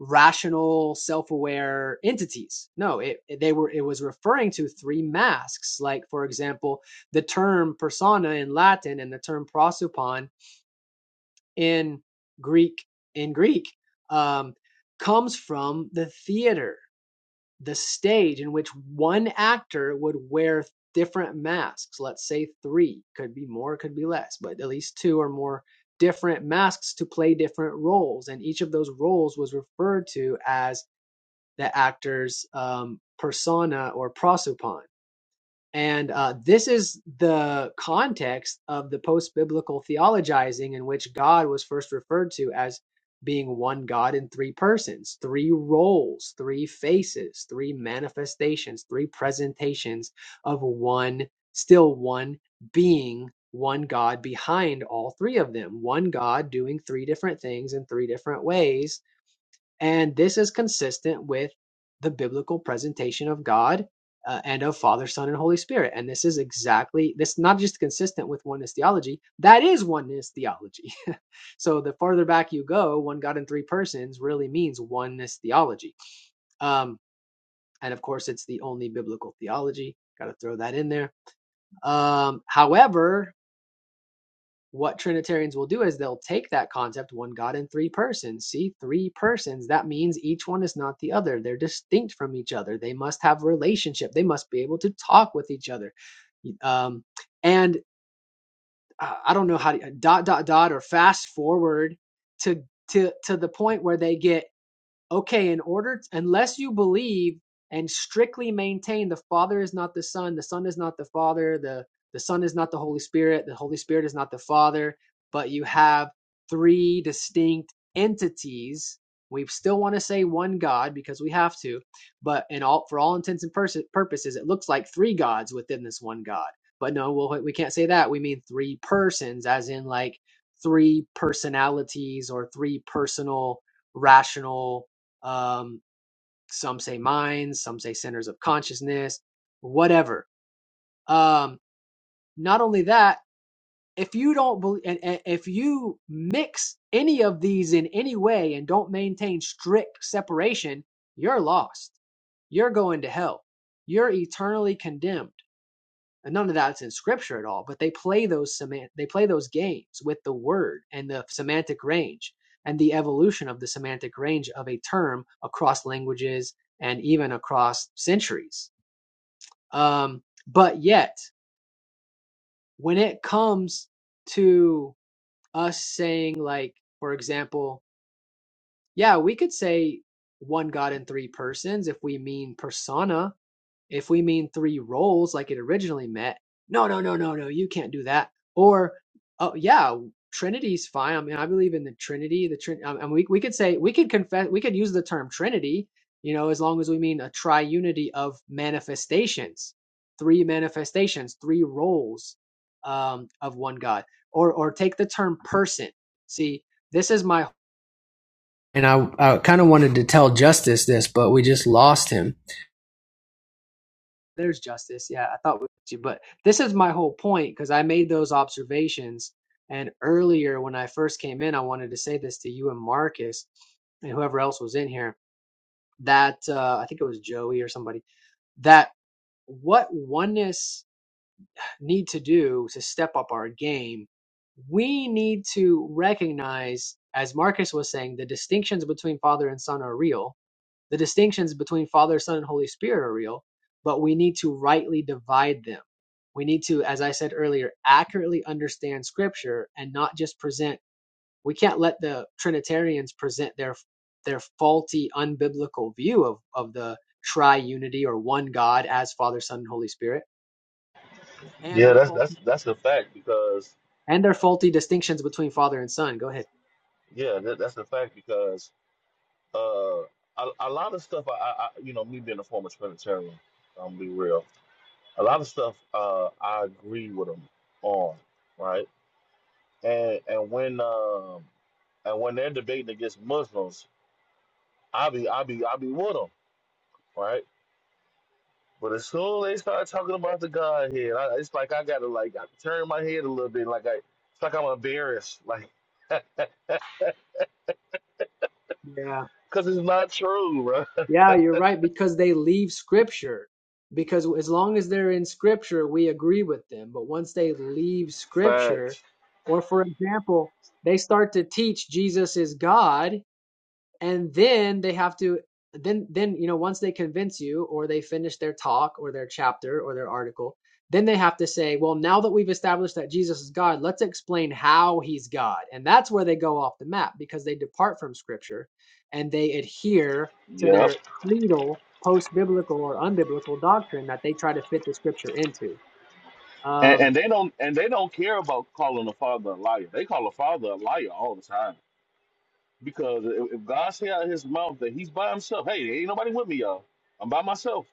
rational self-aware entities no it, they were it was referring to three masks like for example the term persona in latin and the term prosopon in Greek in Greek um, comes from the theater, the stage in which one actor would wear different masks. Let's say three, could be more, could be less, but at least two or more different masks to play different roles, and each of those roles was referred to as the actor's um, persona or prosopon. And uh, this is the context of the post biblical theologizing in which God was first referred to as being one God in three persons, three roles, three faces, three manifestations, three presentations of one, still one being, one God behind all three of them, one God doing three different things in three different ways and this is consistent with the biblical presentation of God uh, and of Father, Son, and Holy Spirit. And this is exactly this not just consistent with oneness theology, that is oneness theology. so the farther back you go, one God in three persons really means oneness theology. Um, and of course, it's the only biblical theology. Got to throw that in there. Um, however, what Trinitarians will do is they'll take that concept, one God in three persons. See, three persons, that means each one is not the other. They're distinct from each other. They must have relationship. They must be able to talk with each other. Um, and uh, I don't know how to dot, dot, dot, or fast forward to, to, to the point where they get okay, in order, t- unless you believe and strictly maintain the Father is not the Son, the Son is not the Father, the, the Son is not the Holy Spirit, the Holy Spirit is not the Father, but you have three distinct entities. We still want to say one God because we have to, but in all for all intents and pers- purposes, it looks like three gods within this one God. But no, we'll, we can't say that. We mean three persons, as in like three personalities or three personal rational um, some say minds, some say centers of consciousness, whatever. Um, not only that, if you don't believe, and, and if you mix any of these in any way and don't maintain strict separation, you're lost. You're going to hell. You're eternally condemned. And none of that's in scripture at all, but they play those semant they play those games with the word and the semantic range and the evolution of the semantic range of a term across languages and even across centuries. Um, but yet, when it comes to us saying, like, for example, yeah, we could say one God in three persons if we mean persona, If we mean three roles like it originally meant, no, no, no, no, no, you can't do that. Or, oh yeah, Trinity's fine. I mean, I believe in the Trinity. The Trin. I mean, we we could say we could confess. We could use the term Trinity. You know, as long as we mean a triunity of manifestations, three manifestations, three roles um, of one God. Or or take the term person. See, this is my and I I kind of wanted to tell Justice this, but we just lost him there's justice. Yeah, I thought we, you, but this is my whole point because I made those observations. And earlier, when I first came in, I wanted to say this to you and Marcus and whoever else was in here that uh, I think it was Joey or somebody that what oneness need to do to step up our game, we need to recognize, as Marcus was saying, the distinctions between Father and Son are real the distinctions between Father, Son, and Holy Spirit are real, but we need to rightly divide them. We need to, as I said earlier, accurately understand Scripture and not just present. We can't let the Trinitarians present their their faulty, unbiblical view of of the triunity or one God as Father, Son, and Holy Spirit, and
Yeah,
their
that's that's that's a fact because
and their faulty distinctions between Father and Son. Go ahead.
yeah, that, that's a fact because uh, a, a lot of stuff. I, I, I- you know, me being a former Trinitarian, I'm be real. A lot of stuff uh, I agree with them on, right? And and when um, and when they're debating against Muslims, I be I be I be with them, right? But as soon as they start talking about the Godhead, I, it's like I gotta like I turn my head a little bit, like I it's like I'm embarrassed, like
Yeah.
because it's not true, bro.
Yeah, you're right, because they leave scripture. Because as long as they're in scripture, we agree with them. But once they leave scripture,
Facts.
or for example, they start to teach Jesus is God, and then they have to then then you know once they convince you or they finish their talk or their chapter or their article then they have to say well now that we've established that jesus is god let's explain how he's god and that's where they go off the map because they depart from scripture and they adhere to
Yep.
their creedal post-biblical or unbiblical doctrine that they try to fit the scripture into
And,
um,
and they don't and they don't care about calling a father a liar. They call a father a liar all the time because if, if God say out of his mouth that he's by himself, hey, ain't nobody with me, y'all. I'm by myself.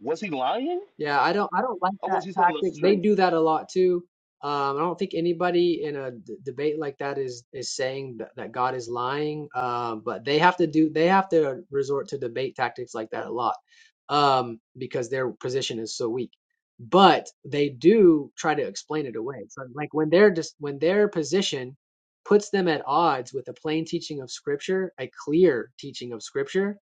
Was he lying
Yeah, I don't I don't like
or
that
was he telling us the
tactic. They
truth?
do that a lot too. Um, I don't think anybody in a d debate like that is is saying that, that God is lying. Uh, but they have to do they have to resort to debate tactics like that a lot um, because their position is so weak. But they do try to explain it away. So like when they're just when their position puts them at odds with a plain teaching of Scripture, a clear teaching of Scripture,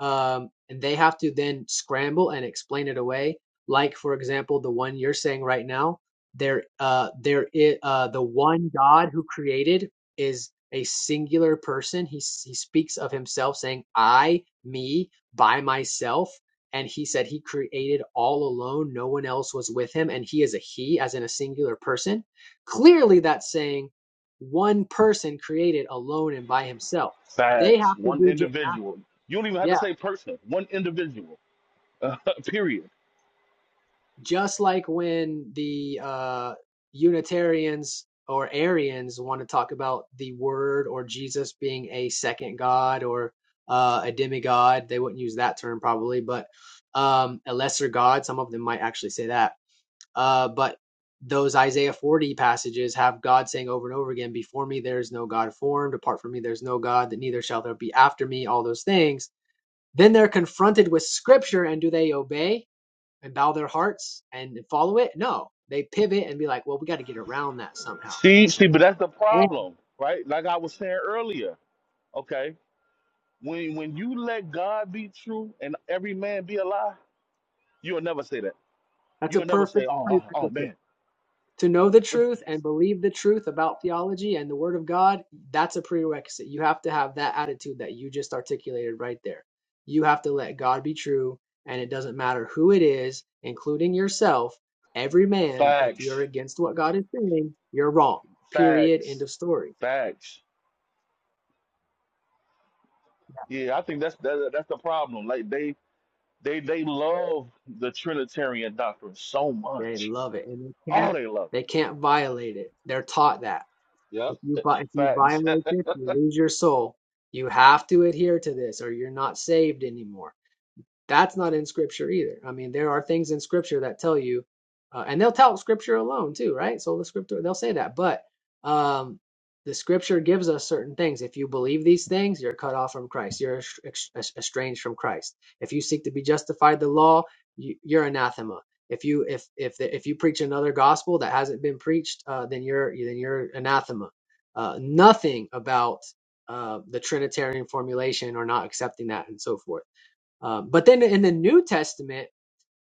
um, and they have to then scramble and explain it away like for example the one you're saying right now there uh there is uh the one god who created is a singular person he he speaks of himself saying i me by myself and he said he created all alone no one else was with him and he is a he as in a singular person clearly that's saying one person created alone and by himself they
Facts.
have to
One
do ju-
individual. You don't even
yeah
have to say person. One individual. period.
just like when the uh, Unitarians or Arians want to talk about the Word or Jesus being a second God or uh, a demigod, they wouldn't use that term probably, but um, a lesser God. Some of them might actually say that. Uh, but those Isaiah 40 passages have God saying over and over again, Before me there is no God formed, apart from me there's no God, that neither shall there be after me, all those things. Then they're confronted with scripture, and do they obey? and bow their hearts and follow it? No, they pivot and be like, well, we got to get around that somehow.
See, see, but that's the
And
problem, right? Like I was saying earlier. Okay, when when you let God be true and every man be a lie, you'll never say that.
that's a
You'll never say,
perfect
oh, oh, oh
prerequisite.
man.
To know the truth and believe the truth about theology and the Word of God, that's a prerequisite. You have to have that attitude that you just articulated right there. You have to let God be true, and it doesn't matter who it is, including yourself. Every man, if you're
Facts,
against what God is saying, you're wrong. Period. End
facts,
of story.
facts. Yeah, I think that's that, that's the problem. Like they they they love the Trinitarian doctrine so
They
much.
love it, and they
Oh,
can't
they love it.
they can't violate it. They're taught that
Yep.
If you vi- if you
Facts.
violate this, you lose your soul. You have to adhere to this, or you're not saved anymore. That's not in scripture either. I mean, there are things in scripture that tell you, uh, and they'll tell scripture alone too, right? So the scripture, they'll say that, but um, the scripture gives us certain things. If you believe these things, you're cut off from Christ. You're es- es- estranged from Christ. If you seek to be justified the law, you, you're anathema. If you if if if you preach another gospel that hasn't been preached, uh, then you're then you're anathema. Uh, nothing about uh, the Trinitarian formulation or not accepting that and so forth um, but then in the New Testament,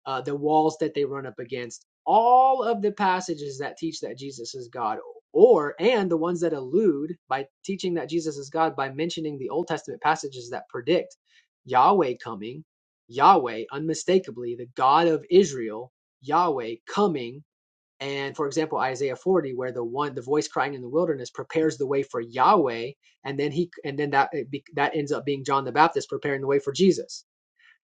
uh, the walls that they run up against, all of the passages that teach that Jesus is God, or and the ones that allude by teaching that Jesus is God by mentioning the Old Testament passages that predict Yahweh coming, Yahweh unmistakably, the God of Israel, Yahweh coming. And for example, Isaiah 40, where the one, the voice crying in the wilderness prepares the way for Yahweh, and then he, and then that that ends up being John the Baptist preparing the way for Jesus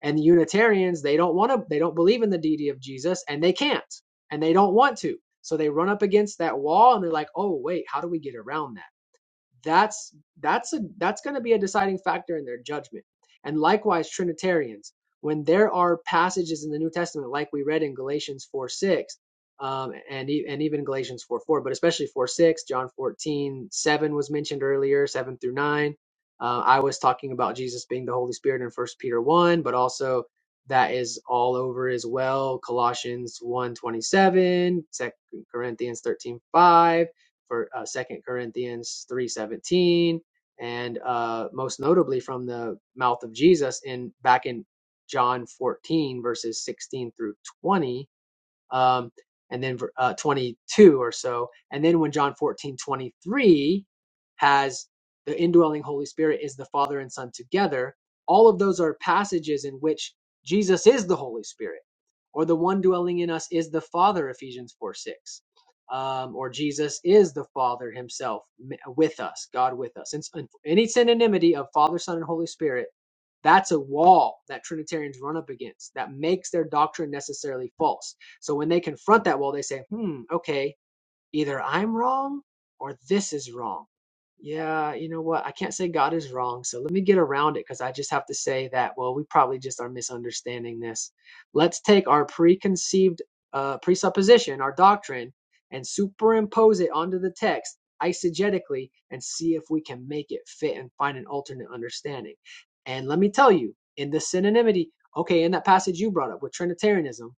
and the Unitarians, they don't want to, they don't believe in the deity of Jesus and they can't and they don't want to. So they run up against that wall and they're like, oh, wait, how do we get around that? that's that's a that's going to be a deciding factor in their judgment and likewise trinitarians when there are passages in the new testament like we read in galatians 4 6 um, and e- and even galatians 4 4 but especially 4 6 john 14 7 was mentioned earlier 7 through 9 uh, i was talking about jesus being the holy spirit in first peter 1 but also that is all over as well colossians one 27, Second corinthians 13 5 for uh, 2 Corinthians 3:17 and uh, most notably from the mouth of Jesus in back in John 14 verses 16 through 20 um, and then uh, 22 or so. And then when John 14:23 has the indwelling Holy Spirit is the Father and Son together, all of those are passages in which Jesus is the Holy Spirit, or the one dwelling in us is the Father, Ephesians 4, 6. Um, or Jesus is the Father Himself with us, God with us. And, and any synonymity of Father, Son, and Holy Spirit that's a wall that Trinitarians run up against that makes their doctrine necessarily false so when they confront that wall, they say, hmm, okay, either I'm wrong or this is wrong. Yeah, you know what? I can't say God is wrong. So let me get around it because I just have to say that, well, we probably just are misunderstanding this. Let's take our preconceived uh, presupposition, our doctrine, and superimpose it onto the text eisegetically and see if we can make it fit and find an alternate understanding. And let me tell you, in the synonymity, okay, in that passage you brought up with Trinitarianism,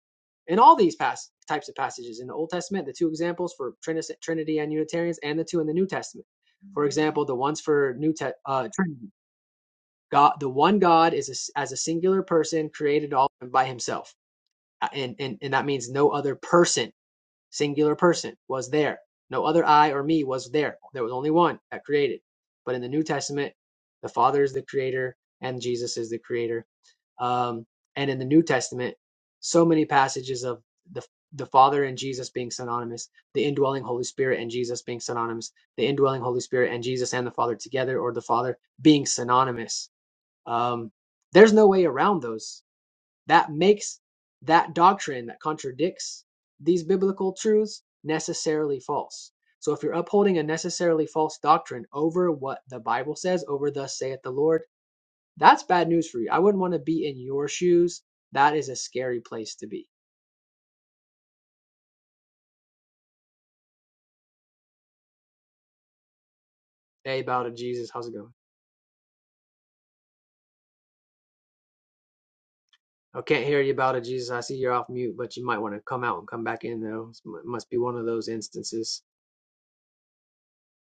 in all these pas- types of passages in the Old Testament, the two examples for Trinity, Trinity and Unitarians, and the two in the New Testament. For example, the ones for New Te- uh, Trinity, God, the one God is a s as a singular person created all by Himself, Uh, and and and that means no other person, singular person, was there. No other I or me was there. There was only one that created. But in the New Testament, the Father is the creator and Jesus is the creator um, and in the New Testament, so many passages of the the Father and Jesus being synonymous, the indwelling Holy Spirit and Jesus being synonymous, the indwelling Holy Spirit and Jesus and the Father together, or the Father being synonymous. Um, there's no way around those. That makes that doctrine that contradicts these biblical truths necessarily false. So if you're upholding a necessarily false doctrine over what the Bible says, over thus saith the Lord that's bad news for you. I wouldn't want to be in your shoes. That is a scary place to be. Hey, Bow to Jesus. How's it going? I can't hear you Bow to Jesus. I see you're off mute, but you might want to come out and come back in, though. It must be one of those instances.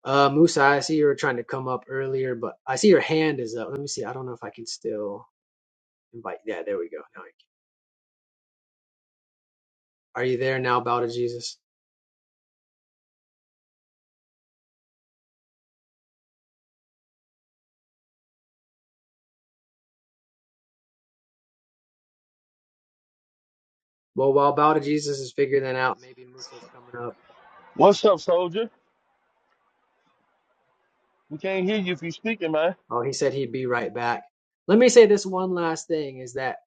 Uh, Musa, I see you were trying to come up earlier, but I see your hand is up. Let me see. I don't know if I can still invite. Yeah, there we go. Now I can. Are you there now, Bow to Jesus? Well, while Bow to Jesus is figuring that out, maybe Musa's coming up.
What's up, soldier? We can't hear you if you're speaking, man.
Oh, he said he'd be right back. Let me say this one last thing is that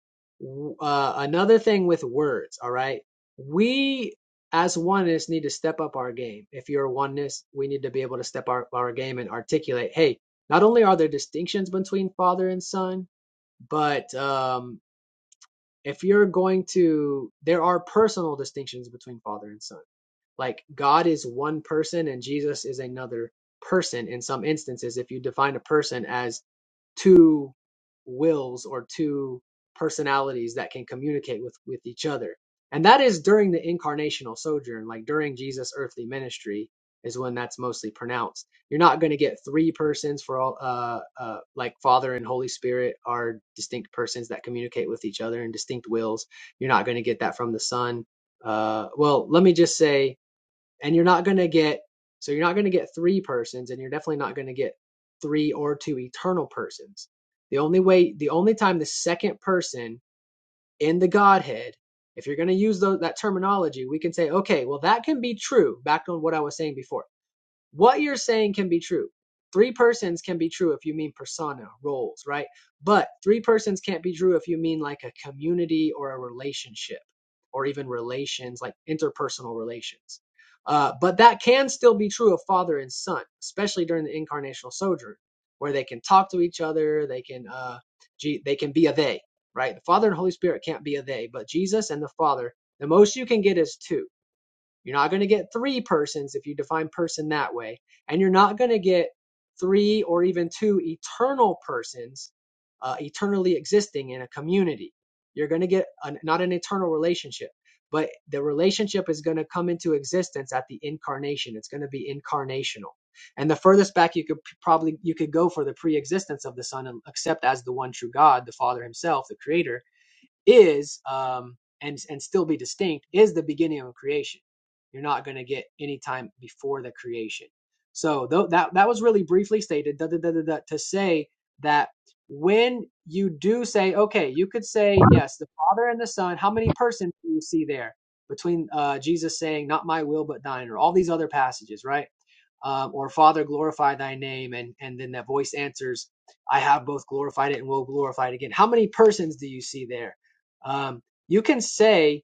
uh, another thing with words, all right? We as oneness need to step up our game. If you're oneness, we need to be able to step our, our game and articulate, hey, not only are there distinctions between father and son, but um, if you're going to, there are personal distinctions between father and son. Like God is one person and Jesus is another person in some instances. If you define a person as two wills or two personalities that can communicate with with each other and that is during the incarnational sojourn like during jesus earthly ministry is when that's mostly pronounced you're not going to get three persons for all uh, uh like father and holy spirit are distinct persons that communicate with each other and distinct wills you're not going to get that from the son uh well let me just say and you're not going to get so you're not going to get three persons and you're definitely not going to get three or two eternal persons the only way the only time the second person in the godhead if you're going to use tho- that terminology we can say okay well that can be true back on what i was saying before what you're saying can be true. Three persons can be true if you mean persona, roles, right? But three persons can't be true if you mean like a community or a relationship or even relations, like interpersonal relations. Uh, but that can still be true of father and son, especially during the incarnational sojourn, where they can talk to each other, they can, uh, they can be a they, right? The Father and Holy Spirit can't be a they, but Jesus and the Father, the most you can get is two you're not going to get three persons if you define person that way. And you're not going to get three or even two eternal persons uh, eternally existing in a community. You're going to get an, not an eternal relationship, but the relationship is going to come into existence at the incarnation. It's going to be incarnational. And the furthest back you could probably you could go for the pre-existence of the Son, except as the one true God, the Father Himself, the Creator, is um, and and still be distinct is the beginning of creation. You're not going to get any time before the creation. So though that that was really briefly stated da, da, da, da, da, to say that when you do say okay, you could say yes, the Father and the Son. How many persons do you see there between uh, Jesus saying "Not my will but thine" or all these other passages, right? Um, or Father, glorify thy name, and and then that voice answers, "I have both glorified it and will glorify it again." How many persons do you see there? um, you can say,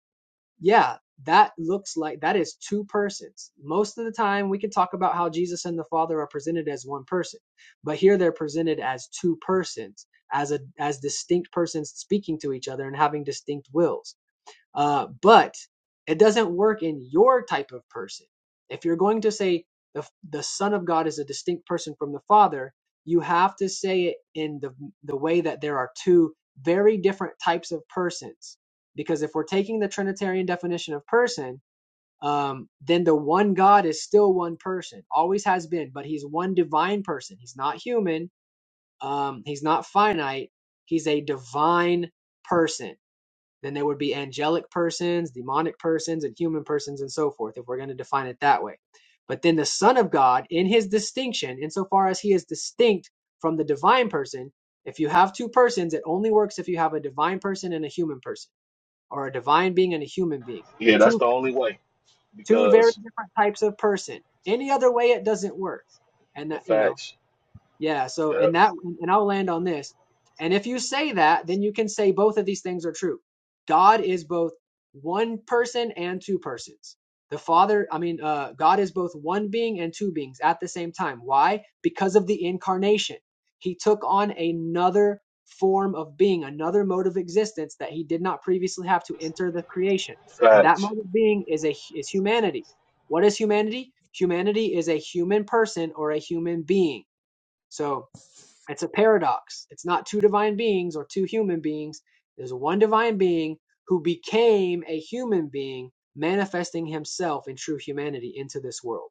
yeah, that looks like that is two persons. Most of the time, we can talk about how Jesus and the Father are presented as one person, but here they're presented as two persons, as a as distinct persons speaking to each other and having distinct wills. Uh, but it doesn't work in your type of person. If you're going to say the, the Son of God is a distinct person from the Father, you have to say it in the, the way that there are two very different types of persons. Because if we're taking the Trinitarian definition of person, um, then the one God is still one person, always has been, but he's one divine person. He's not human, um, he's not finite, he's a divine person then there would be angelic persons, demonic persons, and human persons, and so forth, if we're going to define it that way. But then the Son of God, in his distinction, insofar as he is distinct from the divine person, if you have two persons, it only works if you have a divine person and a human person, or a divine being and a human being.
Yeah, that's
Two
the only way.
two very
Because
different types of person. Any other way, it doesn't work. And
in
that, you know,
facts,
yeah, so
yep,
and that and I'll land on this. And if you say that, then you can say both of these things are true. God is both one person and two persons. The Father, I mean, uh, God is both one being and two beings at the same time. Why? Because of the incarnation. He took on another form of being, another mode of existence that he did not previously have to enter the creation. And that
facts.
mode of being is a is humanity. What is humanity? Humanity is a human person or a human being so it's a paradox. It's not two divine beings or two human beings. There's one divine being who became a human being, manifesting himself in true humanity into this world.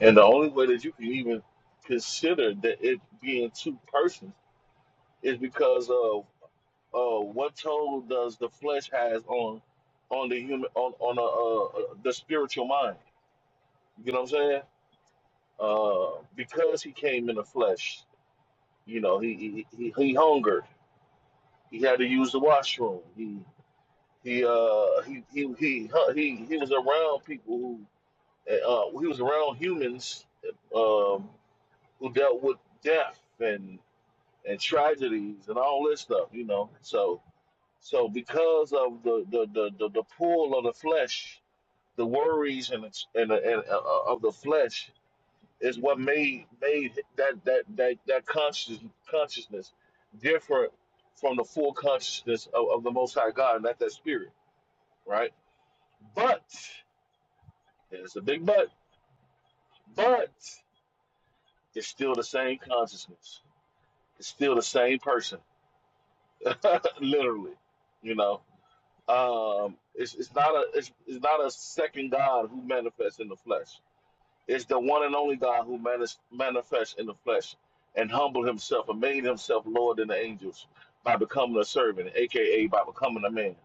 And the only way that you can even consider that it being two persons is because of uh, what toll does the flesh has on on the human on on a, uh, uh, the spiritual mind? You know what I'm saying? Uh, because he came in the flesh, you know, he he, he, he hungered. He had to use the washroom. He he uh he he he huh, he, he was around people who uh, uh, he was around humans um, who dealt with death and and tragedies and all this stuff, you know. So So because of the the the, the, the pull of the flesh, the worries and it's- and, the- and uh, uh, of the flesh is what made made that that that that conscious consciousness different from the full consciousness of, of the Most High God, and that's that spirit, right? But and it's a big but, but it's still the same consciousness. It's still the same person, literally, you know. Um, it's, it's not a it's, it's not a second God who manifests in the flesh. It's the one and only God who manis- manifests in the flesh and humbled himself and made himself Lord in the angels by becoming a servant, aka by becoming a man.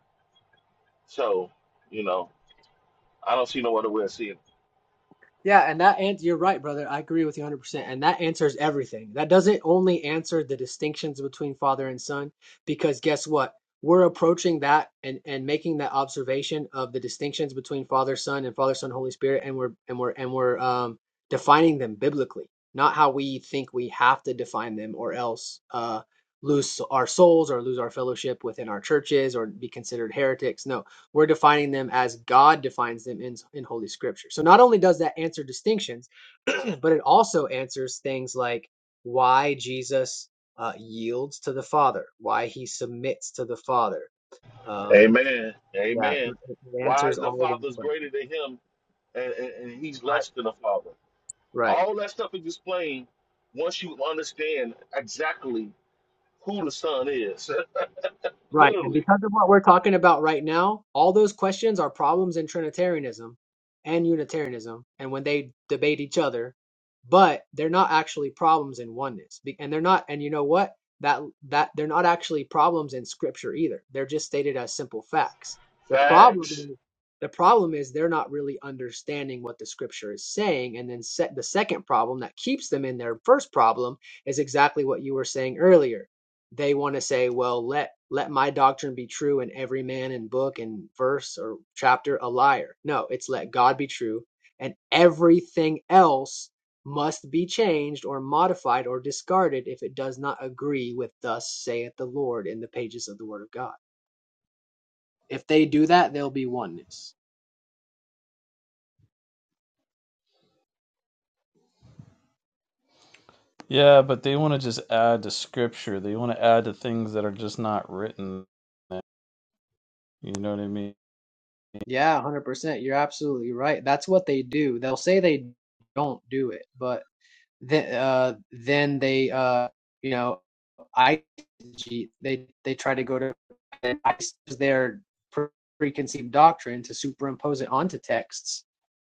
So, you know, I don't see no other way of seeing it.
Yeah, and that and you're right, brother. I agree with you 100%. And that answers everything. That doesn't only answer the distinctions between father and son, because guess what? We're approaching that and and making that observation of the distinctions between father, son, and father, son, Holy Spirit, and we're and we're and we're um defining them biblically, not how we think we have to define them, or else uh lose our souls or lose our fellowship within our churches or be considered heretics. No, we're defining them as God defines them in, in Holy Scripture. So not only does that answer distinctions, but it also answers things like why Jesus uh, yields to the Father, why he submits to the Father. Um,
Amen.
yeah,
Amen.
it
Why
answers
the
all of those
Father's greater
questions.
than him and, and, and he's
Right.
less than the Father.
Right.
All that stuff is explained once you understand exactly who the Son is.
Right. And
Literally.
because of what we're talking about right now, all those questions are problems in Trinitarianism and Unitarianism and when they debate each other, but they're not actually problems in oneness. Be- And they're not and you know what? That that they're not actually problems in scripture either. They're just stated as simple facts. The problem
Facts.
is- the problem is they're not really understanding what the scripture is saying and then set the second problem that keeps them in their first problem is exactly what you were saying earlier they want to say, well, let let my doctrine be true and every man in book and verse or chapter a liar. No, it's let God be true and everything else must be changed or modified or discarded if it does not agree with thus saith the Lord in the pages of the word of God. If they do that, there'll be oneness.
Yeah, but they want to just add to scripture. They want to add to things that are just not written. You know what I mean?
Yeah, 100%. You're absolutely right. That's what they do. They'll say they don't do it, but Then, uh, then they, uh, you know, I they they try to go to ICE their preconceived doctrine to superimpose it onto texts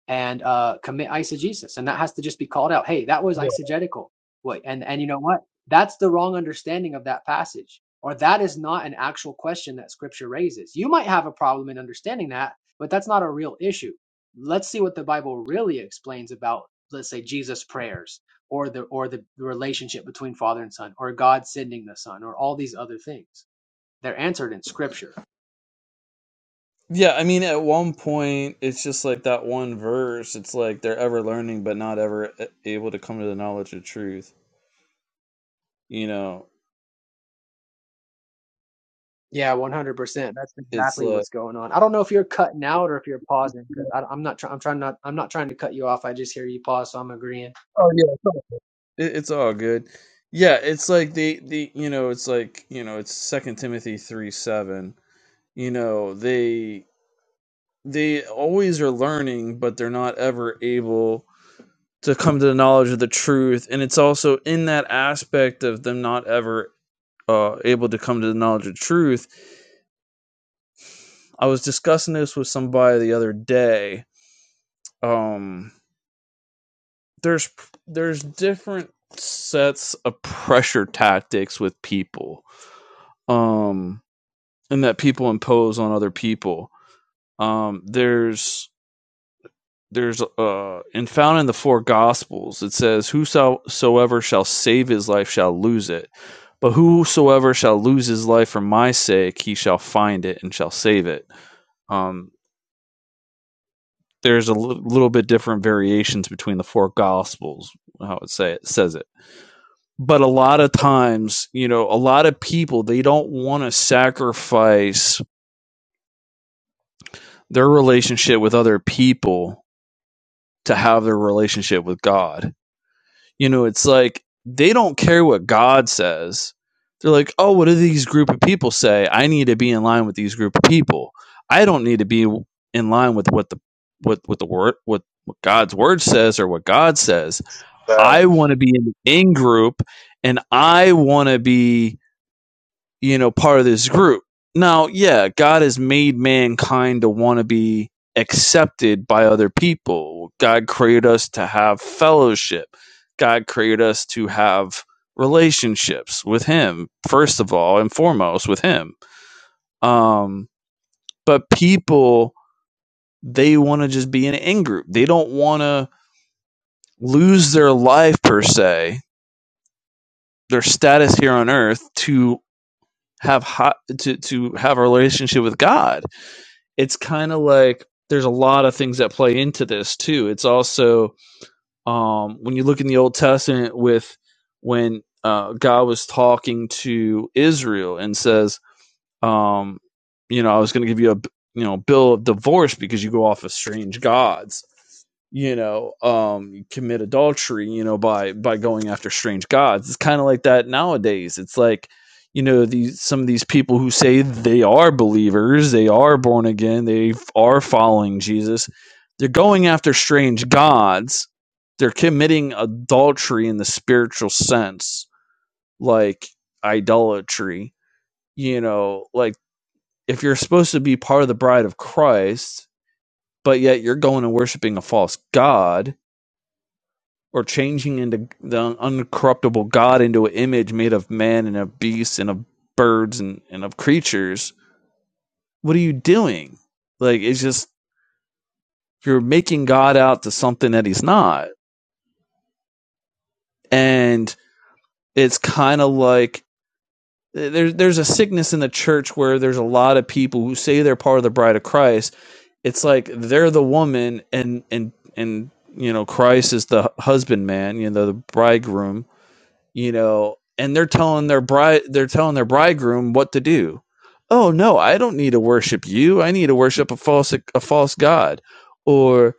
and uh, commit eisegesis, and that has to just be called out. Hey, that was eisegetical. What and and you know what? That's the wrong understanding of that passage, or that is not an actual question that Scripture raises. You might have a problem in understanding that, but that's not a real issue. Let's see what the Bible really explains about, let's say, Jesus' prayers, or the or the relationship between Father and Son, or God sending the Son, or all these other things. They're answered in Scripture
Yeah, I mean, at one point, it's just like that one verse. It's like they're ever learning, but not ever able to come to the knowledge of truth. You know,
Yeah, 100%. That's
it's
exactly
like,
what's going on. I don't know if you're cutting out or if you're pausing because I'm not trying. I'm trying not. I'm not trying to cut you off. I just hear you pause, so I'm agreeing.
oh yeah, it's all it- it's all good. Yeah, it's like they, the you know, it's like you know, it's Second Timothy three seven. You know, they they always are learning, but they're not ever able to come to the knowledge of the truth and it's also in that aspect of them not ever uh, able to come to the knowledge of truth i was discussing this with somebody the other day um, there's there's different sets of pressure tactics with people um, and that people impose on other people um, there's there's uh and found in the four gospels it says whosoever shall save his life shall lose it but whosoever shall lose his life for my sake he shall find it and shall save it um there's a l- little bit different variations between the four gospels how it say it says it but a lot of times you know a lot of people they don't want to sacrifice their relationship with other people to have their relationship with god You know, it's like they don't care what God says. They're like, oh, what do these group of people say? I need to be in line with these group of people. I don't need to be in line with what the what what the word what, what God's word says or what God says. I
Facts.
want to be in the in group, and I want to be you know, part of this group. Now, yeah, God has made mankind to want to be accepted by other people. God created us to have fellowship. God created us to have relationships with Him, first of all and foremost with Him. Um, but people, they want to just be in an in group. They don't want to lose their life per se, their status here on earth to have hot, to to have a relationship with God it's kind of like there's a lot of things that play into this too. It's also um, when you look in the Old Testament with when uh, God was talking to Israel and says, um, you know, I was going to give you a you know bill of divorce because you go off of strange gods. You know, um, you commit adultery. You know, by by going after strange gods. It's kind of like that nowadays. It's like you know these some of these people who say they are believers, they are born again, they are following Jesus. They're going after strange gods. They're committing adultery in the spiritual sense, like idolatry. You know, like if you're supposed to be part of the bride of Christ, but yet you're going and worshiping a false god or changing into the uncorruptible God into an image made of man and of beasts and of birds and, and of creatures, what are you doing? Like, it's just you're making God out to something that he's not. And it's kind of like there's there's a sickness in the church where there's a lot of people who say they're part of the bride of Christ it's like they're the woman and and and you know christ is the husbandman you know the bridegroom you know and they're telling their bride they're telling their bridegroom what to do oh no i don't need to worship you i need to worship a false a false god or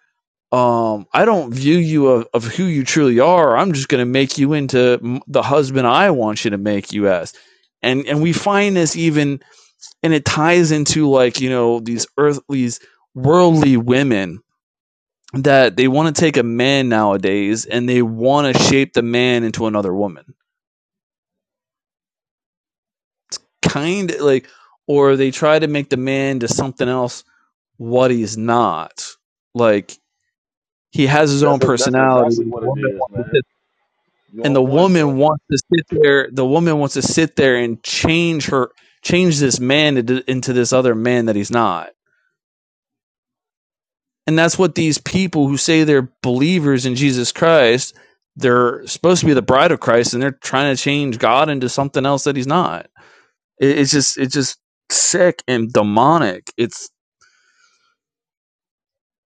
um i don't view you of, of who you truly are i'm just going to make you into the husband i want you to make you as and and we find this even and it ties into like you know these earthly, these worldly women that they want to take a man nowadays and they want to shape the man into another woman kind of like or they try to make the man to something else what he's not like he has his
That's
own
a, that's
personality and
exactly
the
what it
woman
is,
wants to
man.
sit,
You
and
on
the
point,
woman
bro.
wants to sit there the woman wants to sit there and change her change this man into, into this other man that he's not And that's what these people who say they're believers in Jesus Christ, they're supposed to be the bride of Christ and they're trying to change God into something else that he's not. it's just it's just sick and demonic. It's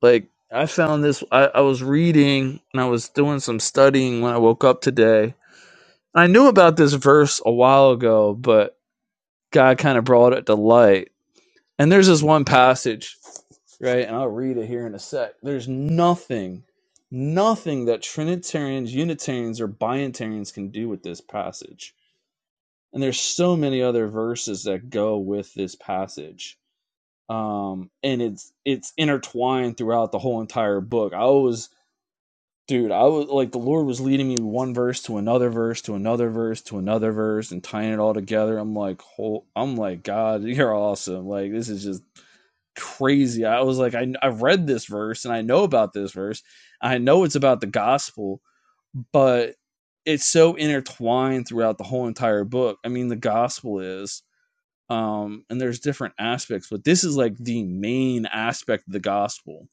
like I found this I, I was reading and I was doing some studying when I woke up today. I knew about this verse a while ago, but God kind of brought it to light. And there's this one passage right? And I'll read it here in a sec. There's nothing, nothing that Trinitarians, Unitarians, or Binitarians can do with this passage. And there's so many other verses that go with this passage. Um, and it's it's intertwined throughout the whole entire book. I was dude, I was like the Lord was leading me one verse to another verse to another verse to another verse and tying it all together. I'm like, whole I'm like, God, you're awesome. Like this is just crazy. I was like, I, I've read this verse and I know about this verse. I know it's about the gospel, but it's so intertwined throughout the whole entire book. I mean, the gospel is, um, and there's different aspects, but this is like the main aspect of the gospel.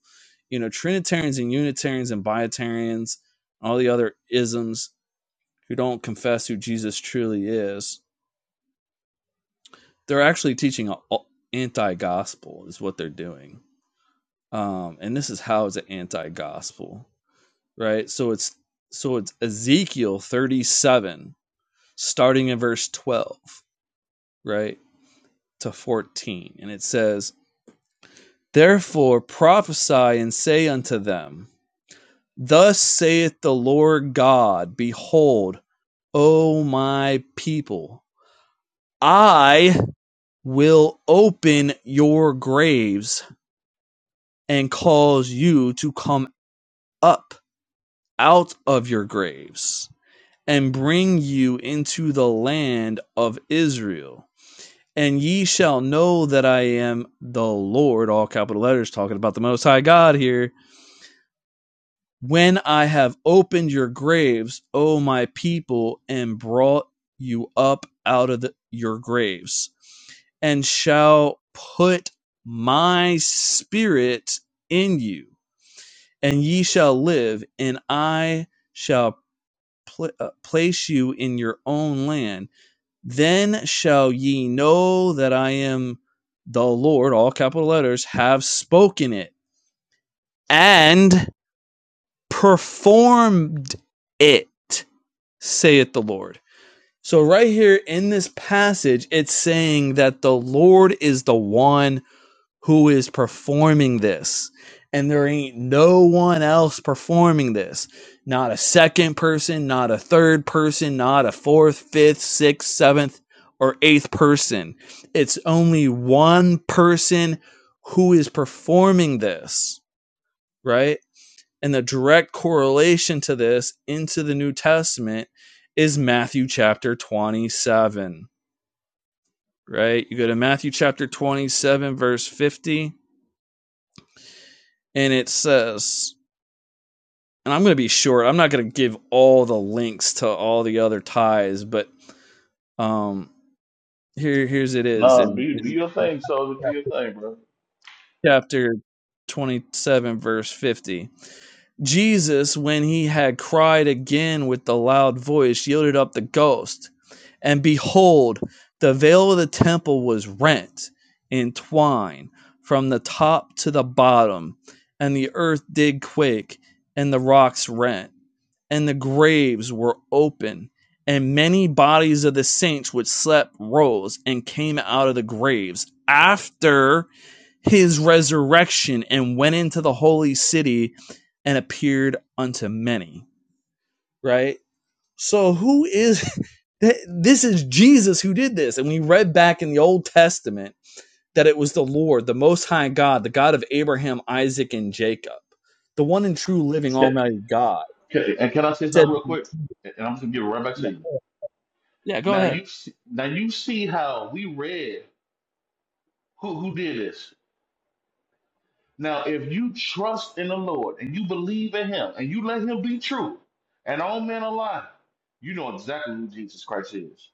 You know, Trinitarians and Unitarians and Biotarians, all the other isms who don't confess who Jesus truly is, they're actually teaching a anti gospel, is what they're doing um, and this is how it's an anti-gospel, right? So it's so it's Ezekiel 37, starting in verse 12, right to 14, and it says, "Therefore prophesy and say unto them, Thus saith the Lord God: Behold, O my people, I will open your graves and cause you to come up out of your graves." and bring you into the land of Israel. And ye shall know that I am the Lord, all capital letters, talking about the Most High God here. When I have opened your graves, O my people, and brought you up out of the, your graves, and shall put my spirit in you, and ye shall live, and I shall pl- uh, place you in your own land Then shall ye know that I am the Lord, all capital letters, have spoken it and performed it, saith the Lord. So, right here in this passage, it's saying that the Lord is the one who is performing this. And there ain't no one else performing this. Not a second person, not a third person, not a fourth, fifth, sixth, seventh, or eighth person. It's only one person who is performing this, right? And the direct correlation to this into the New Testament is Matthew chapter 27, right? You go to Matthew chapter 27, verse 50, and it says, and I'm going to be short. I'm not going to give all the links to all the other ties, but um, here here's it is
Nah,
in,
do do
in
your thing, soldier. Do your thing, bro.
chapter 27 verse 50 jesus when he had cried again with the loud voice yielded up the ghost and behold the veil of the temple was rent in twine from the top to the bottom and the earth did quake and the rocks rent and the graves were open, and many bodies of the saints which slept rose and came out of the graves after his resurrection and went into the holy city and appeared unto many. Right? So, who is this? Is Jesus who did this? And we read back in the Old Testament that it was the Lord, the Most High God, the God of Abraham, Isaac, and Jacob, the one and true living
Can,
Almighty God.
can, and can I say
Said,
something real quick? And I'm just gonna give it right back to you.
yeah, go
Now
ahead.
you see, now you see how we read who who did this. Now, if you trust in the Lord and you believe in Him and you let Him be true, and all men are lying, you know exactly who Jesus Christ is.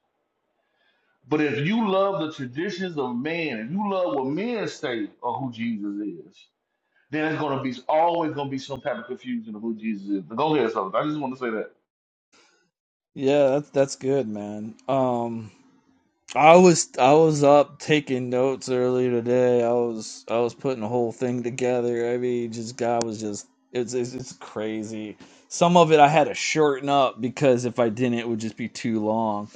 But if you love the traditions of man, if you love what men say of who Jesus is, then it's gonna be always gonna be some type of confusion of who Jesus is. Go ahead, so I just want to say that.
Yeah, that's that's good, man. Um, I was I was up taking notes earlier today. I was I was putting a whole thing together. I mean, just God was just it's it's, it's crazy. Some of it I had to shorten up because if I didn't, it would just be too long.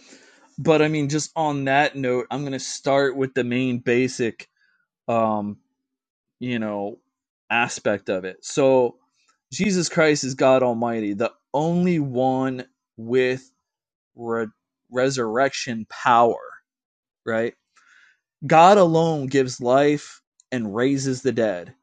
But I mean, just on that note, I'm gonna start with the main basic, um, you know, aspect of it. So, Jesus Christ is God Almighty, the only one with re- resurrection power, right? God alone gives life and raises the dead.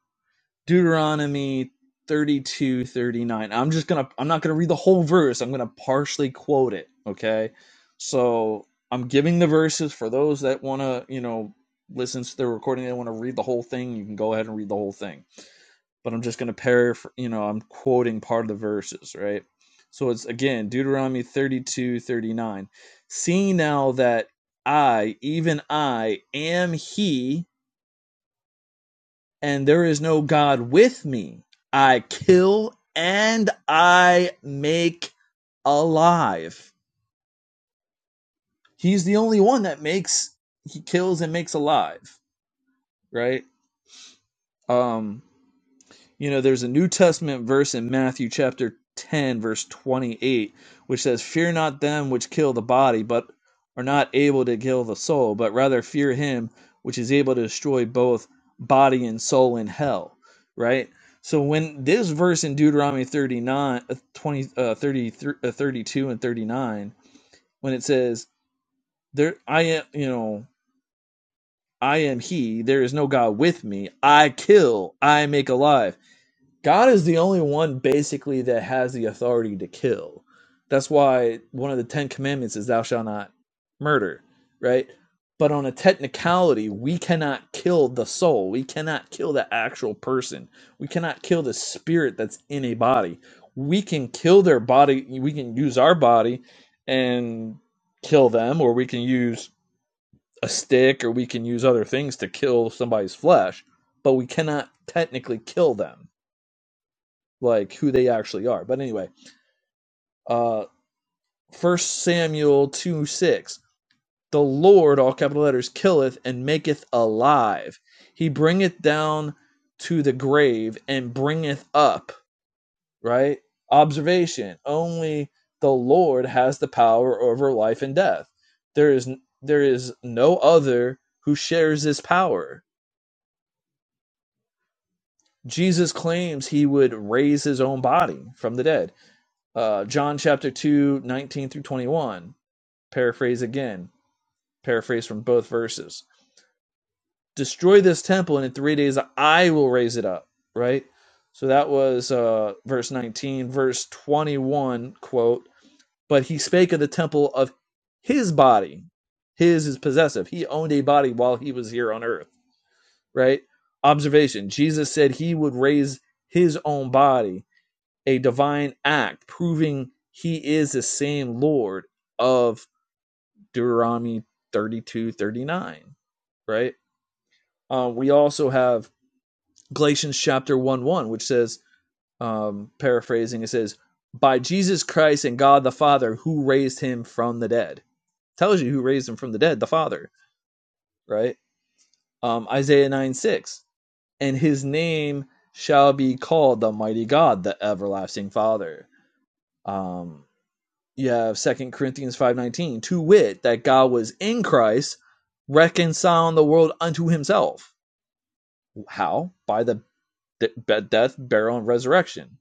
Deuteronomy thirty-two thirty-nine. I'm just going to, I'm not going to read the whole verse. I'm going to partially quote it. Okay. So I'm giving the verses for those that want to, you know, listen to the recording, they want to read the whole thing. You can go ahead and read the whole thing but I'm just going to paraphr you know, I'm quoting part of the verses, right? So it's again Deuteronomy 32:39. See now that I, even I, am He, and there is no God with me. I kill and I make alive. He's the only one that makes, He kills and makes alive, right? Um, You know, there's a New Testament verse in Matthew chapter 10, verse 28, which says, Fear not them which kill the body, but are not able to kill the soul, but rather fear him which is able to destroy both body and soul in hell. Right? So when this verse in Deuteronomy 39, uh, 20, uh, 33, uh, 32 and 39, when it says, There I am, you know, I am he, there is no God with me, I kill, I make alive. God is the only one basically that has the authority to kill. That's why one of the Ten Commandments is thou shalt not murder, right? But on a technicality, we cannot kill the soul. We cannot kill the actual person. We cannot kill the spirit that's in a body. We can kill their body. We can use our body and kill them, or we can use a stick, or we can use other things to kill somebody's flesh, but we cannot technically kill them like who they actually are. But anyway, uh first Samuel two six. The Lord, all capital letters, killeth and maketh alive. He bringeth down to the grave and bringeth up, right? Observation. Only the Lord has the power over life and death. There is there is no other who shares this power. Jesus claims he would raise his own body from the dead. Uh, John chapter 2 19 through 21 Paraphrase again. Paraphrase from both verses. Destroy this temple, and in three days I will raise it up. Right? So that was uh, verse 19. Verse 21, quote, But he spake of the temple of his body. His is possessive. He owned a body while he was here on earth. Right? Observation Jesus said he would raise his own body, a divine act, proving he is the same Lord of Deuteronomy 32 39, right? Uh, we also have Galatians chapter 1, 1, which says, um, paraphrasing, it says, by Jesus Christ and God the Father who raised him from the dead. Tells you who raised him from the dead, the Father, right? Um, Isaiah 9 6. And his name shall be called the mighty God, the everlasting Father. Um, you have Second Corinthians five nineteen, to wit, that God was in Christ reconciling the world unto Himself. How? By the death, burial, and resurrection.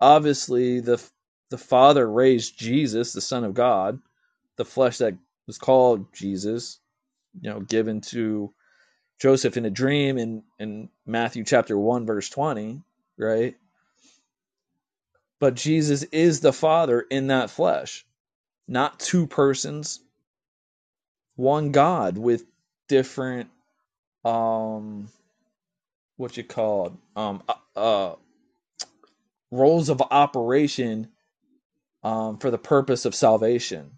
Obviously, the the Father raised Jesus, the Son of God, the flesh that was called Jesus, you know, given to Joseph in a dream in in Matthew chapter one verse twenty, right? But Jesus is the Father in that flesh, not two persons, one God with different um what you call um uh, uh roles of operation um for the purpose of salvation,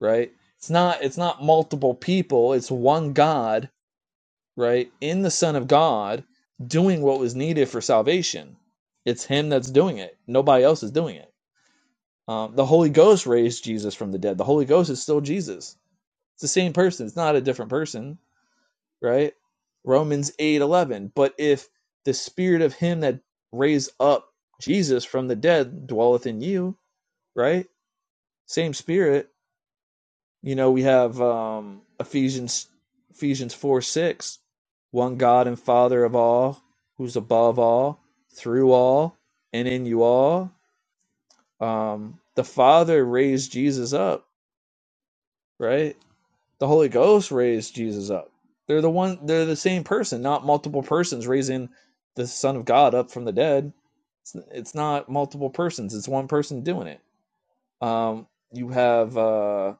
right? It's not it's not multiple people, it's one God, right? In the Son of God doing what was needed for salvation. It's him that's doing it. Nobody else is doing it. Um, the Holy Ghost raised Jesus from the dead. The Holy Ghost is still Jesus. It's the same person. It's not a different person right? Romans 8:11. But if the spirit of him that raised up Jesus from the dead dwelleth in you, right? Same spirit. You know, we have um Ephesians Ephesians 4 6, one God and Father of all, who's above all, through all, and in you all. Um the Father raised Jesus up, right? The Holy Ghost raised Jesus up. They're the one they're the same person, not multiple persons raising the Son of God up from the dead. It's, it's not multiple persons, it's one person doing it. Um you have uh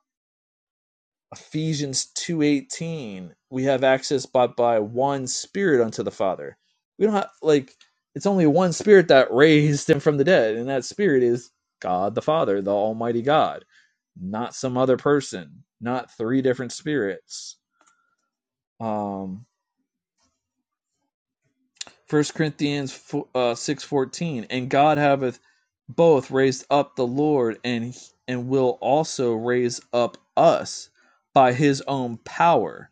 Ephesians 2:18. We have access but by one spirit unto the Father. We don't have like it's only one spirit that raised him from the dead and that spirit is God the Father, the almighty God, not some other person, not three different spirits um, 1 Corinthians uh, six fourteen, and God hath both raised up the Lord, and and will also raise up us by His own power.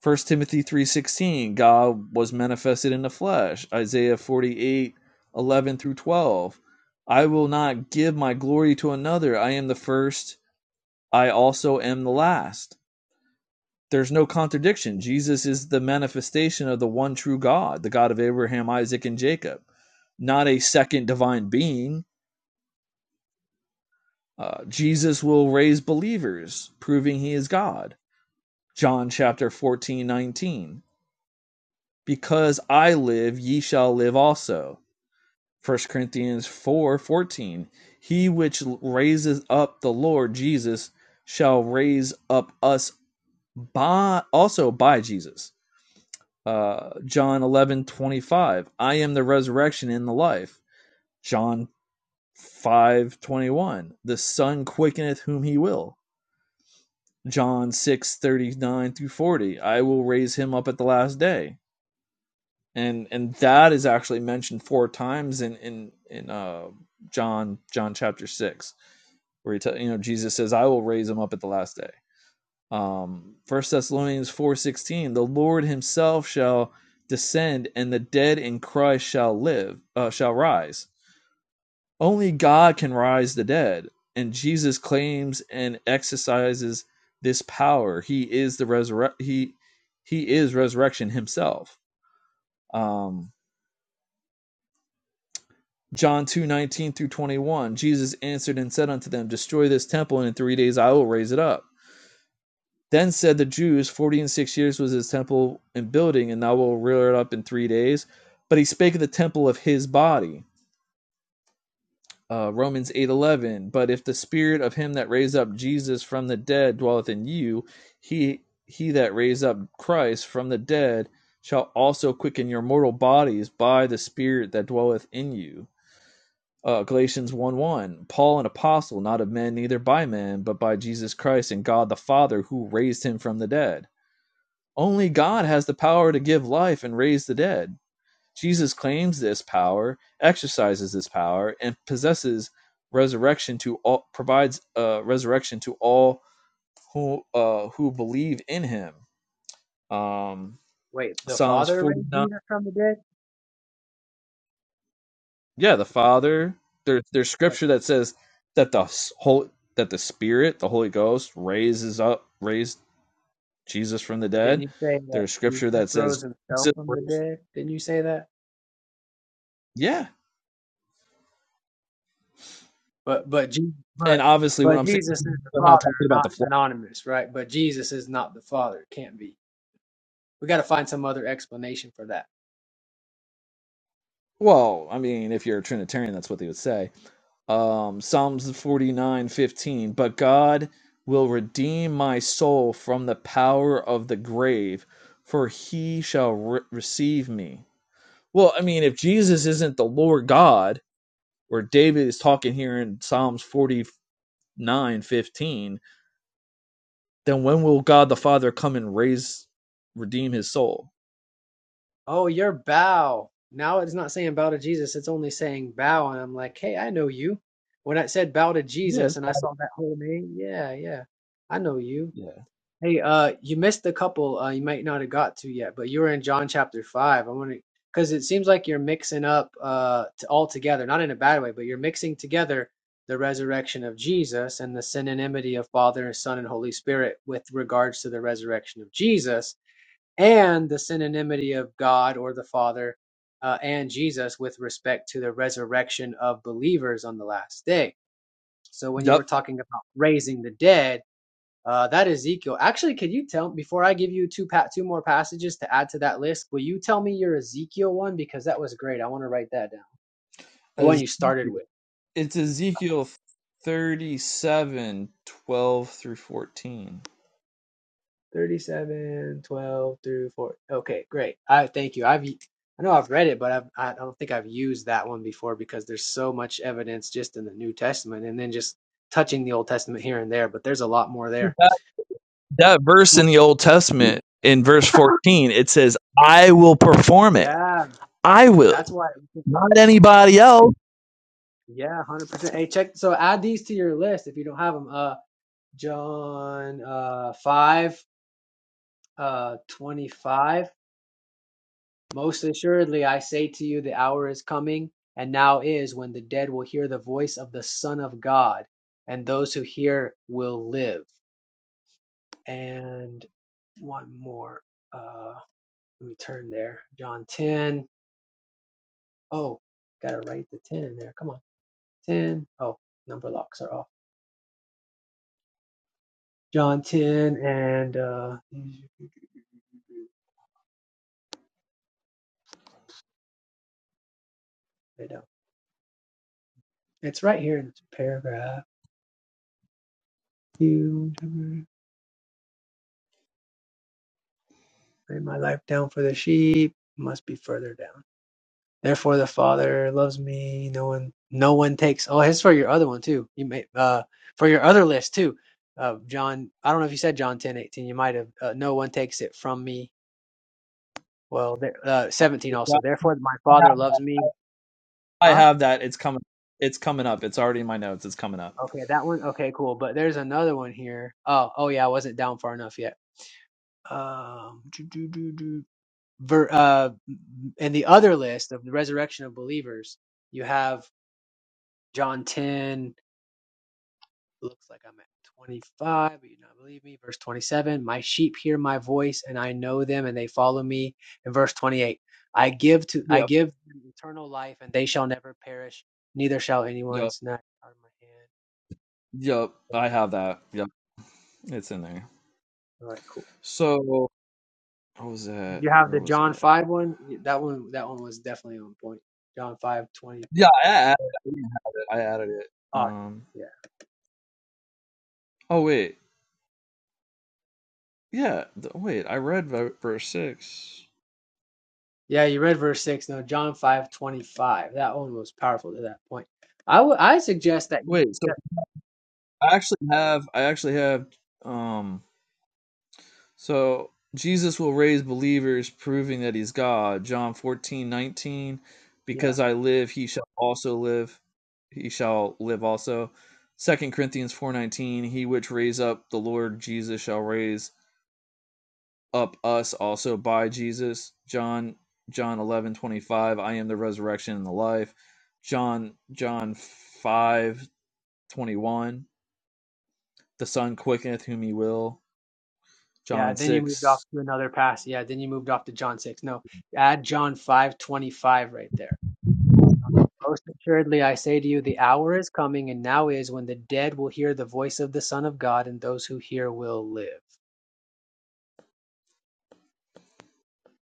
First Timothy three sixteen, God was manifested in the flesh. Isaiah forty eight eleven through twelve, I will not give my glory to another. I am the first. I also am the last. there's no contradiction. Jesus is the manifestation of the one true God, the God of Abraham, Isaac, and Jacob, not a second divine being. Uh, Jesus will raise believers, proving he is God. John chapter 14, 19: Because I live, ye shall live also. First Corinthians 4, 14: He which raises up the Lord Jesus shall raise up us by also by Jesus. Uh, John 11 25. I am the resurrection and the life. John 5 21. the Son quickeneth whom he will. John 6 39 through 40, I will raise him up at the last day. And and that is actually mentioned four times in in, in uh, John John chapter 6, where he tell you know, Jesus says, I will raise him up at the last day. um, 1 Thessalonians 4:16, the Lord himself shall descend and the dead in Christ shall live uh, shall rise. Only God can rise the dead, and Jesus claims and exercises this power. He is the resurre- he he is resurrection himself. Um John two nineteen through 21, Jesus answered and said unto them, Destroy this temple, and in three days I will raise it up. Then said the Jews, Forty and six years was his temple in building, and thou wilt rear it up in three days. But he spake of the temple of his body. Uh, Romans 8:11. But if the spirit of him that raised up Jesus from the dead dwelleth in you, he he that raised up Christ from the dead shall also quicken your mortal bodies by the spirit that dwelleth in you. Uh, Galatians 1 1. Paul, an apostle, not of men, neither by men, but by Jesus Christ and God the Father, who raised him from the dead. Only God has the power to give life and raise the dead. Jesus claims this power, exercises this power, and possesses resurrection to all, provides uh, resurrection to all who uh, who believe in Him. Um,
Wait, the
Psalms
Father
forty
raised
nine.
Jesus from the dead?
Yeah, the Father. There, there's
Wait,
scripture that says that the s- whole that the Spirit, the Holy Ghost, raises up, raised Jesus from the
didn't
dead.
you say that
There's scripture
Jesus
that
rose
says,
himself from the dead? Didn't you say that?
yeah,
But but Jesus, but
and obviously, what
but
I'm saying.
Jesus and the
I'm
Father
not talking
are
about
not
the flesh.
synonymous, right? But Jesus is not the Father. It can't be. We got to find some other explanation for that.
Well, I mean, if you're a Trinitarian, that's what they would say. Um, Psalms 49:15. But God will redeem my soul from the power of the grave, for he shall re- receive me. Well, I mean, if Jesus isn't the Lord God, or David is talking here in Psalms 49:15, then when will God the Father come and raise, redeem his soul?
Oh, your Bow. Now it's not saying bow to Jesus, it's only saying bow. And I'm like, hey, I know you. When I said bow to Jesus
Yes.
and I saw that whole name, yeah, yeah, I know you.
Yeah.
Hey, uh, you missed a couple uh, you might not have got to yet, but you were in John chapter 5. I want to, because it seems like you're mixing up uh, t all together, not in a bad way, but you're mixing together the resurrection of Jesus and the synonymity of Father, Son, and Holy Spirit with regards to the resurrection of Jesus and the synonymity of God or the Father uh, and Jesus with respect to the resurrection of believers on the last day. So when you were
Yep.
talking about raising the dead, uh, that Ezekiel. Actually, could you tell before I give you two pa- two more passages to add to that list? Will you tell me your Ezekiel one because that was great. I want to write that down. The one you
As
started with.
It's Ezekiel 37, 12 through 14.
37, 12 through 4. Okay, great. I thank you. I've I know I've read it, but I've, I don't think I've used that one before because there's so much evidence just in the New Testament and then just touching the Old Testament here and there, but there's a lot more there.
That that verse in the Old Testament, in verse 14, it says, I will perform it.
Yeah,
I
that's
will.
why.
Not anybody else.
Yeah, 100%. Hey, check. So add these to your list if you don't have them. Uh, John uh, 5, uh, 25. Most assuredly I say to you, the hour is coming, and now is, when the dead will hear the voice of the Son of God, and those who hear will live. And one more. Uh, let me turn there. John 10. Oh, gotta write the 10 in there. Come on. 10. Oh, number locks are off. John 10 and uh, they don't. It's right here in this paragraph. You lay my life down for the sheep. Must be further down. Therefore the Father loves me. No one, no one takes. Oh, his for your other one too. You may uh for your other list too. Uh, John, I don't know if you said John ten eighteen. You might have. Uh, no one takes it from me. Well, there, uh, seventeen also. Therefore my Father loves me.
I
Huh?
have that. It's coming. It's coming up. It's already in my notes. It's coming up.
Okay, that one. Okay, cool. But there's another one here. Oh, oh yeah, I wasn't down far enough yet. Um, do, do, do, do. Ver, uh, in the other list of the resurrection of believers, you have John ten. Looks like I'm at 25, but you do not believe me. Verse 27, my sheep hear my voice and I know them and they follow me. And verse 28, I give to I
Yep.
give eternal life and they shall never perish, neither shall anyone
Yep.
snatch out of my hand.
Yep. I have that. Yep. It's in there.
All right, cool.
So, what was
Did
that?
you have
Where
the
was I
John
at?
5 one? That one that one was definitely on point. John 5:20.
Yeah, I added, it. I added it. I added it.
Awesome.
Um,
Yeah.
oh, wait. Yeah, th wait, I read v verse 6.
Yeah, you read verse 6. No, John 5:25. That one was powerful to that point. I would I suggest that you
Wait, so
yep,
I actually have I actually have, um so Jesus will raise believers proving that he's God, John 14:19,
yeah.
because I live, he shall also live, he shall live also. Second Corinthians 4:19, he which raise up the Lord Jesus shall raise up us also by Jesus. John John 11:25, I am the resurrection and the life. John John 5 21. The Son quickeneth whom he will.
Yeah,
John
then you moved off
6.
to another pass. Yeah, then you moved off to John 6. No, add John 5:25 right there. Most assuredly I say to you the hour is coming and now is when the dead will hear the voice of the Son of God and those who hear will live.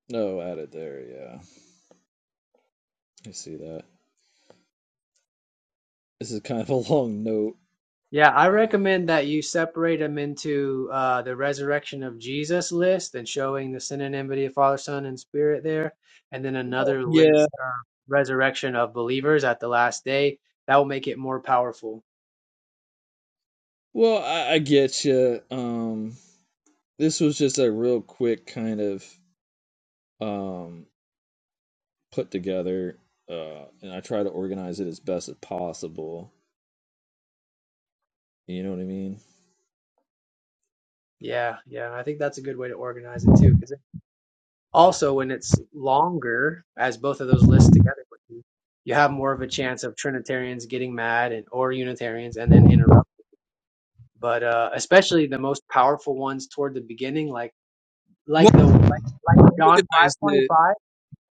No, added there. Yeah. I see that. This is kind of a long note.
Yeah, I recommend that you separate them into uh, the resurrection of Jesus list and showing the synonymity of Father, Son, and Spirit there, and then another
Yeah.
list of resurrection of believers at the last day. That will make it more powerful.
Well, I, I get you. Um, this was just a real quick kind of um, put together, uh, and I try to organize it as best as possible. You know what I mean?
Yeah, yeah, I think that's a good way to organize it too. Because also, when it's longer, as both of those lists together, would be, you have more of a chance of Trinitarians getting mad and or Unitarians and then interrupt. But uh, especially the most powerful ones toward the beginning, like like
Well,
the like like
I
John five
organized
twenty
it.
five.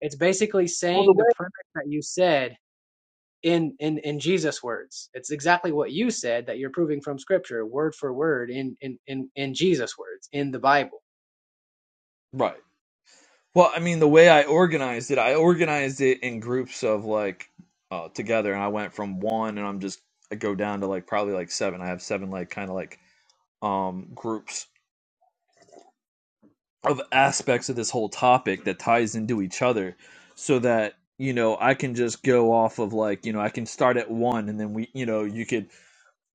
It's basically
all the
saying the
way
premise that you said in in in Jesus' words. It's exactly what you said that you're proving from Scripture, word for word, in in in in Jesus' words in the Bible
right. Well, I mean, the way I organized it, I organized it in groups of like uh, together, and I went from one, and I'm just I go down to like probably like seven. I have seven like kind of like um groups of aspects of this whole topic that ties into each other, so that you know I can just go off of like you know I can start at one, and then we you know you could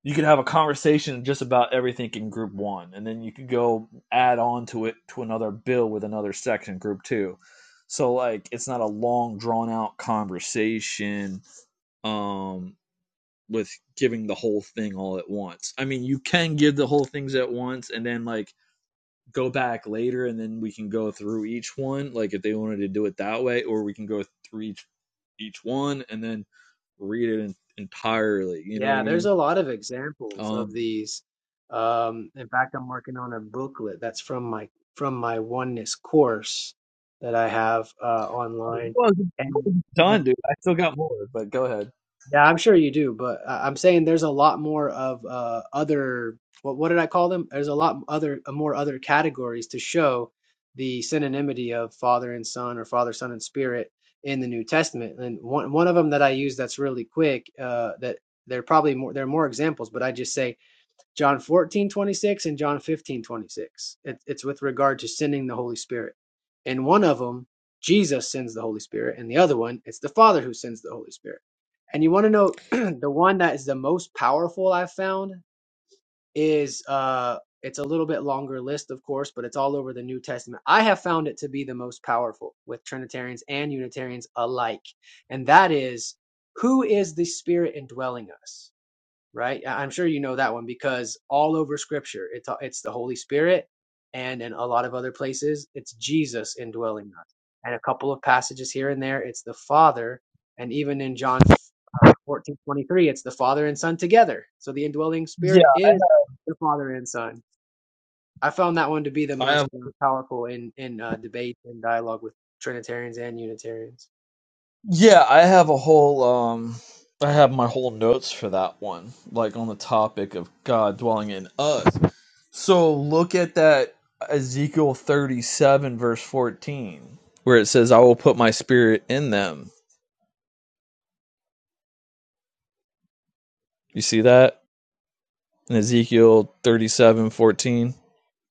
you could have a conversation just about everything in group one, and then you could go add on to it to another bill with another section, group two. So like it's not a long drawn out conversation um with giving the whole thing all at once. I mean, you can give the whole things at once and then like go back later and then we can go through each one like if they wanted to do it that way or we can go through each each one and then read it in, entirely, you know what I
Yeah, there's
mean?
a lot of examples of
Um
these. Um, in fact, I'm working on a booklet that's from my from my oneness course that I have uh, online,
Well,
and
done,
and
dude. I still got more, but go ahead.
yeah, I'm sure you do, but I- I'm saying there's a lot more of uh, other what what did I call them? There's a lot other uh, more other categories to show the synonymity of Father and Son or Father, Son, and Spirit in the New Testament. And one one of them that I use that's really quick uh, that there are probably more there are more examples, but I just say John 14 26 and John 15 26. It, it's with regard to sending the Holy Spirit. In one of them, Jesus sends the Holy Spirit, and the other one, it's the Father who sends the Holy Spirit. And you want to know the one that is the most powerful I've found is uh it's a little bit longer list, of course, but it's all over the New Testament. I have found it to be the most powerful with Trinitarians and Unitarians alike. And that is who is the Spirit indwelling us? right? I- am sure you know that one because all over Scripture, it's it's the Holy Spirit, and in a lot of other places, it's Jesus indwelling us, and a couple of passages here and there, it's the Father, and even in John uh, 14 23, it's the Father and Son together. So the indwelling
Yeah,
Spirit is the Father and Son. I found that one to be the
I
most
have.
uh, powerful in in uh, debate and dialogue with Trinitarians and Unitarians.
Yeah, I have a whole. Um, I have my whole notes for that one, like on the topic of God dwelling in us. So look at that Ezekiel thirty-seven, verse fourteen, where it says, "I will put my spirit in them." You see that in Ezekiel thirty-seven, fourteen.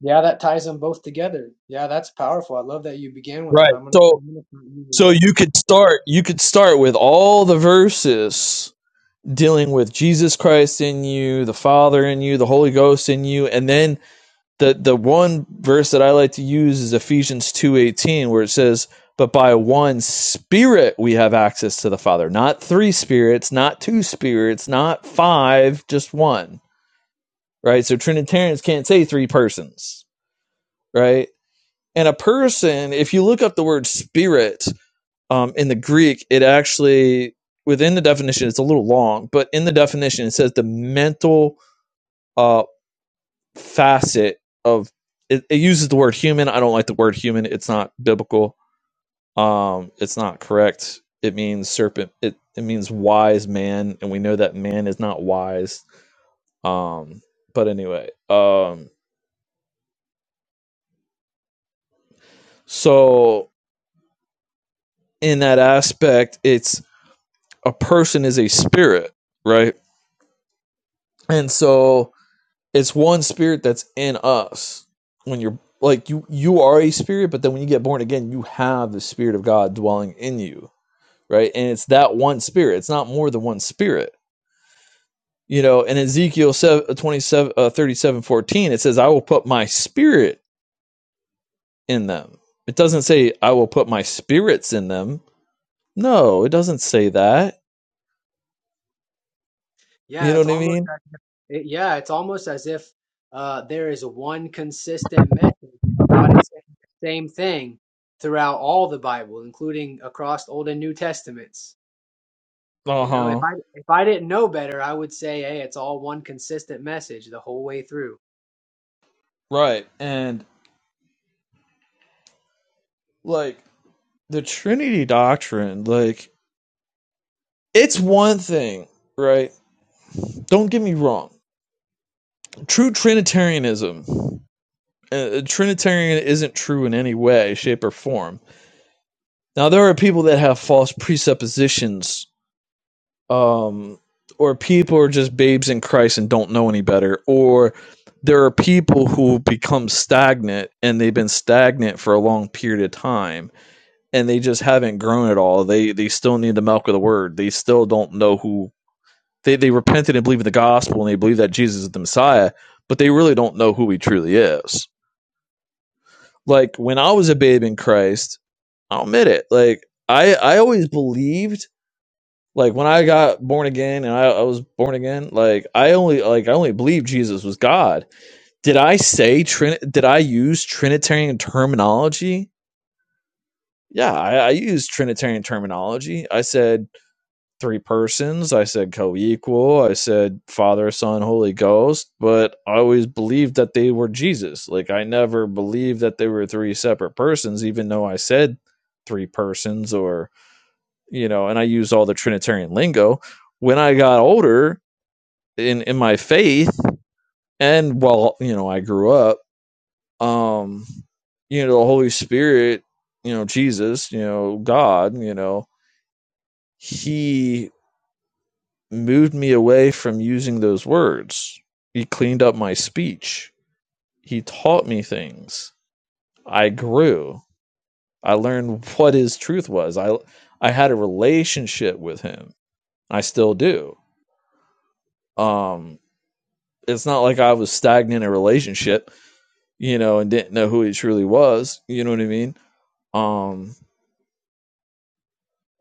Yeah, that ties them both together. Yeah, that's powerful. I love that you began with that.
Right.
I'm gonna,
So,
I'm gonna start using
so
that.
you could start. You could start with all the verses dealing with Jesus Christ in you, the Father in you, the Holy Ghost in you, and then the the one verse that I like to use is Ephesians 2:18 where it says, "But by one spirit we have access to the Father." Not three spirits, not two spirits, not five, just one, right? So Trinitarians can't say three persons, right? And a person, if you look up the word spirit um, in the Greek, it actually within the definition, it's a little long, but in the definition, it says the mental uh, facet of it, it uses the word human. I don't like the word human. It's not biblical. Um, it's not correct. It means serpent. It it means wise man, and we know that man is not wise. Um, but anyway, um, so in that aspect, it's a person is a spirit, right? And so it's one spirit that's in us when you're like you you are a spirit, but then when you get born again, you have the spirit of God dwelling in you right? And it's that one spirit. It's not more than one spirit. You know, in Ezekiel 7, uh, it says, I will put my spirit in them. It doesn't say, I will put my spirits in them. No, it doesn't say that. You
Yeah,
know
it's
what I
almost
mean?
as, it- yeah, it's almost as if uh, there is one consistent message, and God is saying the same thing throughout all the Bible, including across Old and New Testaments.
Uh
You know, if
huh.
I if I didn't know better, I would say, hey, it's all one consistent message the whole way through.
Right. And like the Trinity doctrine, like it's one thing, right? Don't get me wrong. True Trinitarianism, uh, Trinitarian isn't true in any way, shape, or form Now there are people that have false presuppositions, um, or people are just babes in Christ and don't know any better, or there are people who become stagnant and they've been stagnant for a long period of time and they just haven't grown at all. They they still need the milk of the word. They still don't know who they, they repented and believe in the gospel and they believe that Jesus is the Messiah, but they really don't know who he truly is. Like when I was a babe in Christ, I'll admit it, like I I always believed Like when I got born again and I, I was born again, like I only like I only believed Jesus was God. Did I say Trin? Did I use Trinitarian terminology? Yeah, I, I used Trinitarian terminology. I said three persons. I said co-equal. I said Father, Son, Holy Ghost. But I always believed that they were Jesus. Like I never believed that they were three separate persons, even though I said three persons or you know, and I used all the Trinitarian lingo. When I got older in in my faith and while you know I grew up, um, you know, the Holy Spirit, you know, Jesus, you know, God, you know, He moved me away from using those words. He cleaned up my speech. He taught me things. I grew. I learned what His truth was. I I had a relationship with Him. I still do. Um, it's not like I was stagnant in a relationship you know, and didn't know who he truly was. You know what I mean? Um,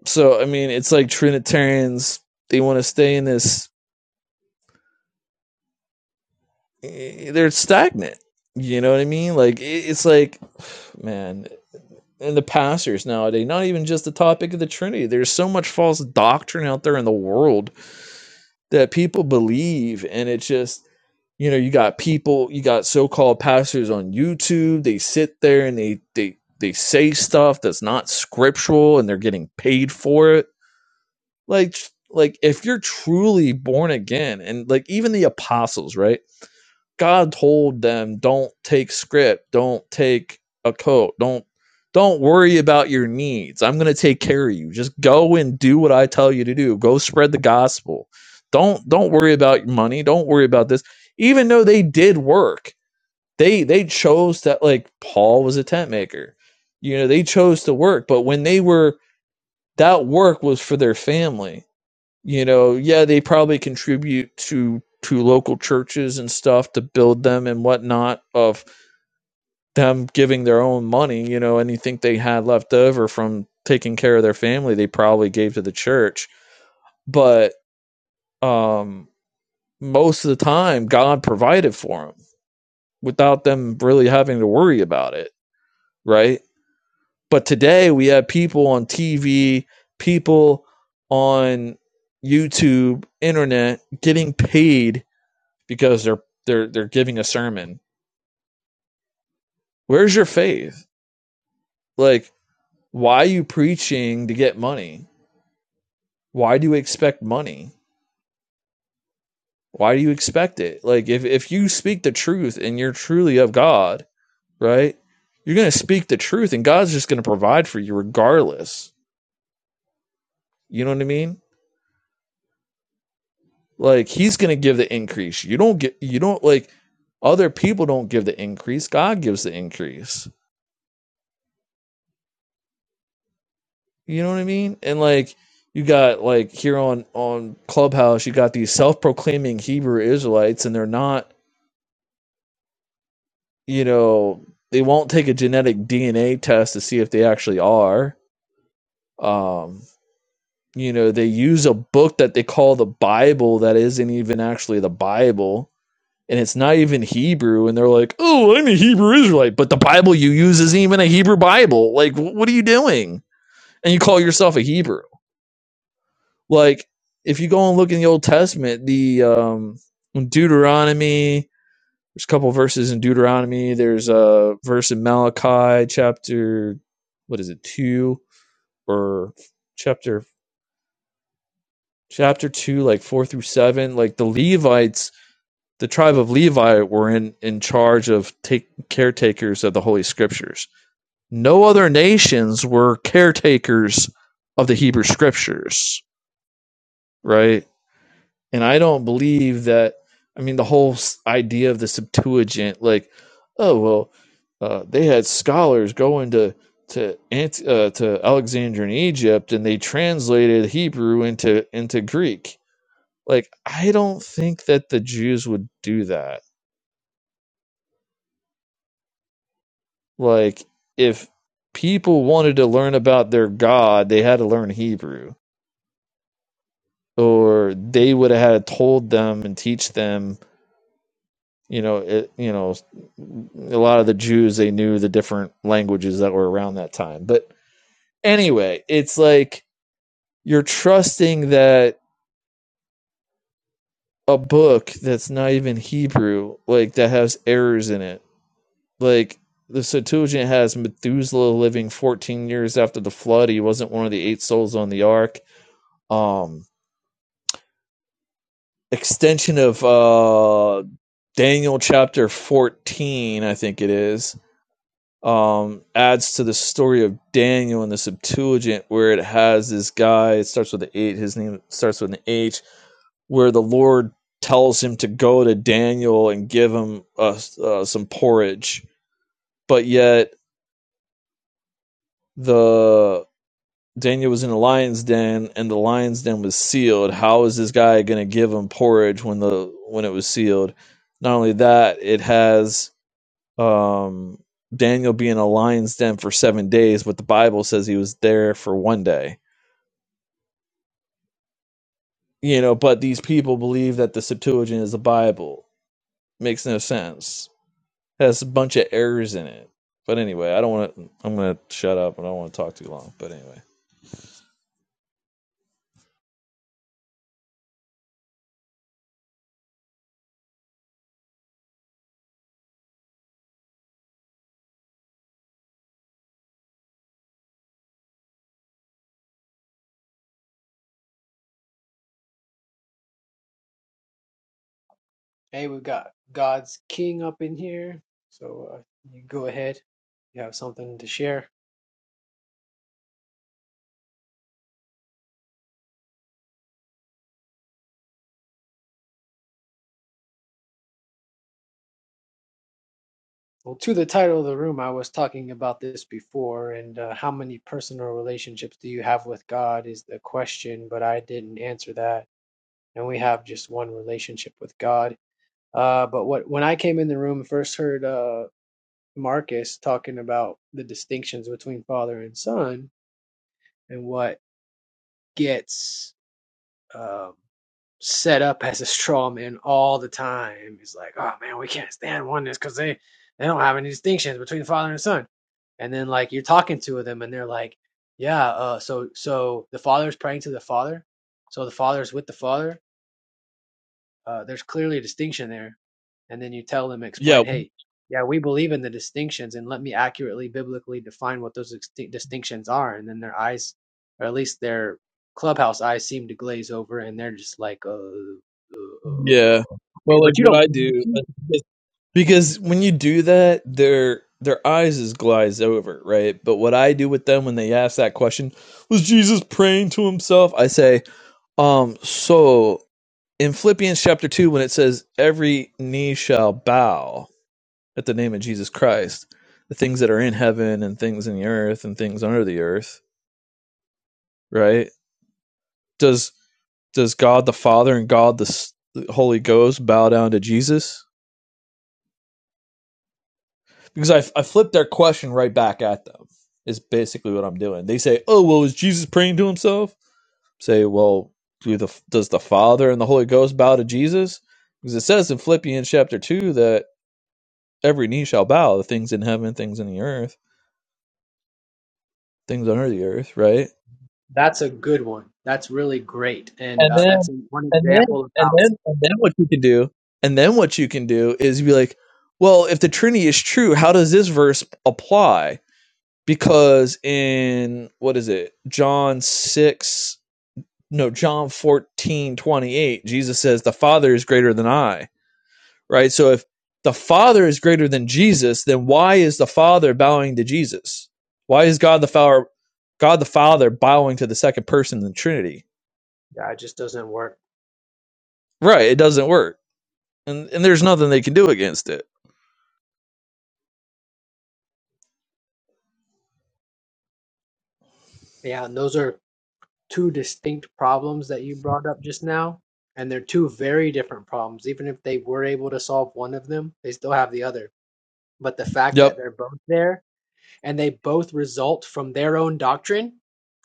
so I mean, it's like Trinitarians they want to stay in this. eh, They're stagnant. You know what I mean? Like it's like man, and the pastors nowadays. Not even just the topic of the Trinity. There's so much false doctrine out there in the world that people believe and it's just you know you got people you got so-called pastors on youtube they sit there and they they they say stuff that's not scriptural and they're getting paid for it like like if you're truly born again and like even the apostles right God told them, don't take script, don't take a coat, don't don't worry about your needs. I'm going to take care of you. Just go and do what I tell you to do. Go spread the gospel. Don't don't worry about your money. Don't worry about this. Even though they did work, they they chose that like Paul was a tent maker. You know, they chose to work, but when they were that work was for their family you know yeah they probably contribute to to local churches and stuff to build them and whatnot of them giving their own money you know anything they had left over from taking care of their family they probably gave to the church but um most of the time god provided for them without them really having to worry about it right but today we have people on tv people on youtube internet getting paid because they're they're they're giving a sermon. Where's your faith? Like, why are you preaching to get money? Why do you expect money? Why do you expect it? Like if if you speak the truth and you're truly of God, right? You're going to speak the truth and God's just going to provide for you regardless. You know what I mean? Like he's going to give the increase. You don't get you don't like other people don't give the increase. God gives the increase You know what I mean? And like you got like here on on Clubhouse, you got these self-proclaiming Hebrew Israelites and they're not, you know, they won't take a genetic DNA test to see if they actually are. Um, you know, they use a book that they call the Bible that isn't even actually the Bible and it's not even Hebrew and they're like, "Oh, I'm a Hebrew Israelite, but the Bible you use isn't even a Hebrew Bible." Like, wh- what are you doing? And you call yourself a Hebrew? Like if you go and look in the Old Testament, the um, Deuteronomy. There's a couple of verses in Deuteronomy. There's a verse in Malachi chapter, what is it, two or chapter chapter two, like four through seven. Like the Levites, the tribe of Levi were in in charge of take caretakers of the Holy Scriptures. No other nations were caretakers of the Hebrew Scriptures, right? and I don't believe that. I mean, the whole idea of the Septuagint, like, oh well, uh, they had scholars going to to Ant- uh, to Alexandria in Egypt, and they translated Hebrew into into Greek. Like, I don't think that the Jews would do that. Like, if people wanted to learn about their God, they had to learn Hebrew, or they would have had to told them and teach them you know, it, you know, a lot of the Jews they knew the different languages that were around that time. But anyway, it's like you're trusting that a book that's not even Hebrew, like that has errors in it. Like the Septuagint has Methuselah living 14 years after the flood. He wasn't one of the eight souls on the ark. Um, extension of uh, Daniel chapter 14, I think it is um, adds to the story of Daniel in the Septuagint, where it has this guy. It starts with an eight. His name starts with an H. Where the Lord tells him to go to Daniel and give him uh, uh, some porridge, but yet the Daniel was in the lion's den, and the lion's den was sealed. How is this guy going to give him porridge when the when it was sealed? Not only that, it has um, Daniel being a lion's den for seven days, but the Bible says he was there for one day. You know, but these people believe that the Septuagint is the Bible. Makes no sense. Has a bunch of errors in it. But anyway, I don't want to. I'm gonna shut up. I don't want to talk too long. But anyway,
Hey, we've got God's King up in here, so uh, you go ahead. You have something to share. Well, to the title of the room, I was talking about this before, and uh, how many personal relationships do you have with God is the question, but I didn't answer that. And we have just one relationship with God. Uh, but what when I came in the room, first heard uh, Marcus talking about the distinctions between father and son and what gets um, set up as a straw man all the time. He's like, oh man, we can't stand oneness because they, they don't have any distinctions between the father and the son. And then like you're talking to them and they're like, yeah, uh, so so the father's praying to the father, so the father's with the father. Uh, there's clearly a distinction there and then you tell them explain
yeah,
hey yeah we believe in the distinctions and let me accurately biblically define what those extin- distinctions are and then their eyes or at least their clubhouse eyes seem to glaze over and they're just like uh, uh, uh,
yeah.
hey
Well, like
but you
what
don't
I
believe in
do,
distinctions."
like, because when you do that, their their eyes is glaze over, right? But what I do with them when they ask that question, was Jesus praying to himself? I say, Um, so in Philippians chapter 2, when it says, Every knee shall bow at the name of Jesus Christ, the things that are in heaven and things in the earth and things under the earth, right? Does does God the Father and God the, S- the Holy Ghost bow down to Jesus? Because I, I flipped their question right back at them, is basically what I'm doing. They say, Oh, well, is Jesus praying to himself? Say, Well, do the, does the Father and the Holy Ghost bow to Jesus? Because it says in Philippians chapter 2 that every knee shall bow, the things in heaven, things in the earth, things under the earth, right?
that's a good one that's really great and
And
uh,
then
that's one
and then
example of
and
how
then and then what you can do and then what you can do is be like, well, if the Trinity is true, how does this verse apply? Because in what is it? John six no, John fourteen twenty eight, Jesus says, The Father is greater than I right? So if the Father is greater than Jesus, then why is the Father bowing to Jesus? Why is God the Father, God the Father bowing to the second person in the Trinity?
yeah, it just doesn't work
Right, it doesn't work, and and there's nothing they can do against it.
yeah and those are two distinct problems that you brought up just now and they're two very different problems even if they were able to solve one of them they still have the other but the fact
Yep,
that they're both there and they both result from their own doctrine,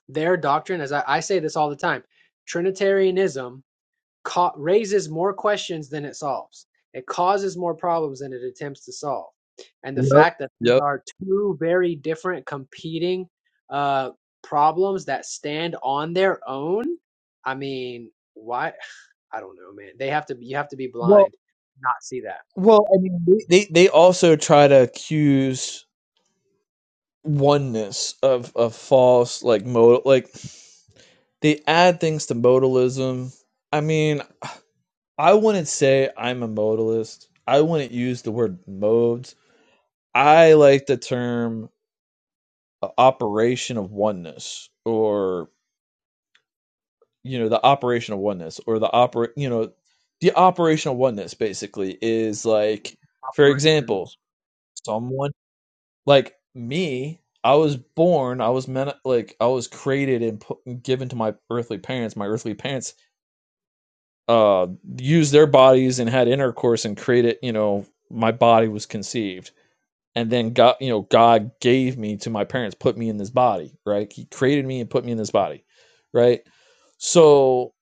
their doctrine, as I, I say this all the time, Trinitarianism ca- raises more questions than it solves. It causes more problems than it attempts to solve. And the
yep,
fact that these
yep.
are two very different competing uh, problems that stand on their own, I mean, why? I don't know, man. They have to, you have to be
Well,
blind, to not see that.
well, I mean, they they, they also try to accuse oneness of of false like modal like they add things to modalism. I mean, I wouldn't say I'm a modalist. I wouldn't use the word modes I like the term uh, operation of oneness or you know the operation of oneness or the opera you know the operational oneness basically is like for example
Operations.
someone like me I was born I was meant like I was created and put, given to my earthly parents my earthly parents uh used their bodies and had intercourse and created you know my body was conceived and then God, you know, God gave me to my parents, put me in this body, right? He created me and put me in this body, right? So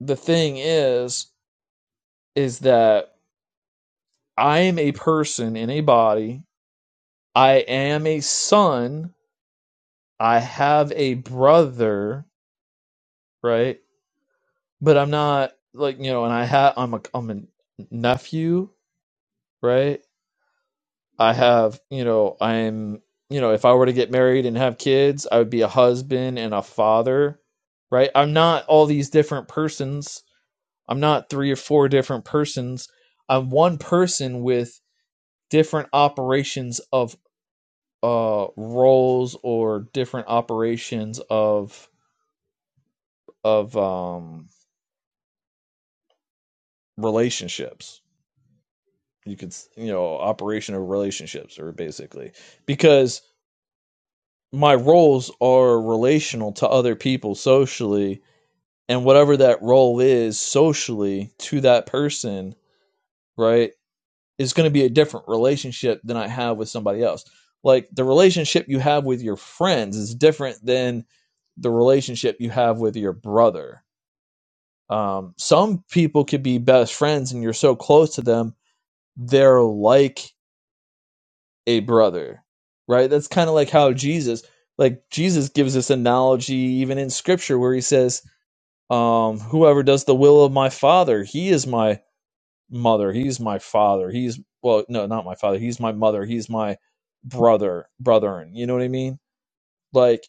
the thing is, is that I am a person in a body. I am a son. I have a brother, right? But I'm not like you know, and I have I'm a I'm a nephew, right? I have, you know, I'm, you know, if I were to get married and have kids, I would be a husband and a father, right? I'm not all these different persons. I'm not three or four different persons. I'm one person with different operations of uh roles or different operations of of um relationships. You could, you know, operation of relationships or basically because my roles are relational to other people socially and whatever that role is socially to that person right is going to be a different relationship than i have with somebody else like the relationship you have with your friends is different than the relationship you have with your brother um, some people could be best friends and you're so close to them they're like a brother, right? That's kind of like how Jesus, like Jesus gives this analogy even in scripture where he says, um, whoever does the will of my father, he is my mother, he's my father, he's well, no, not my father, he's my mother, he's my brother, brethren. You know what I mean? Like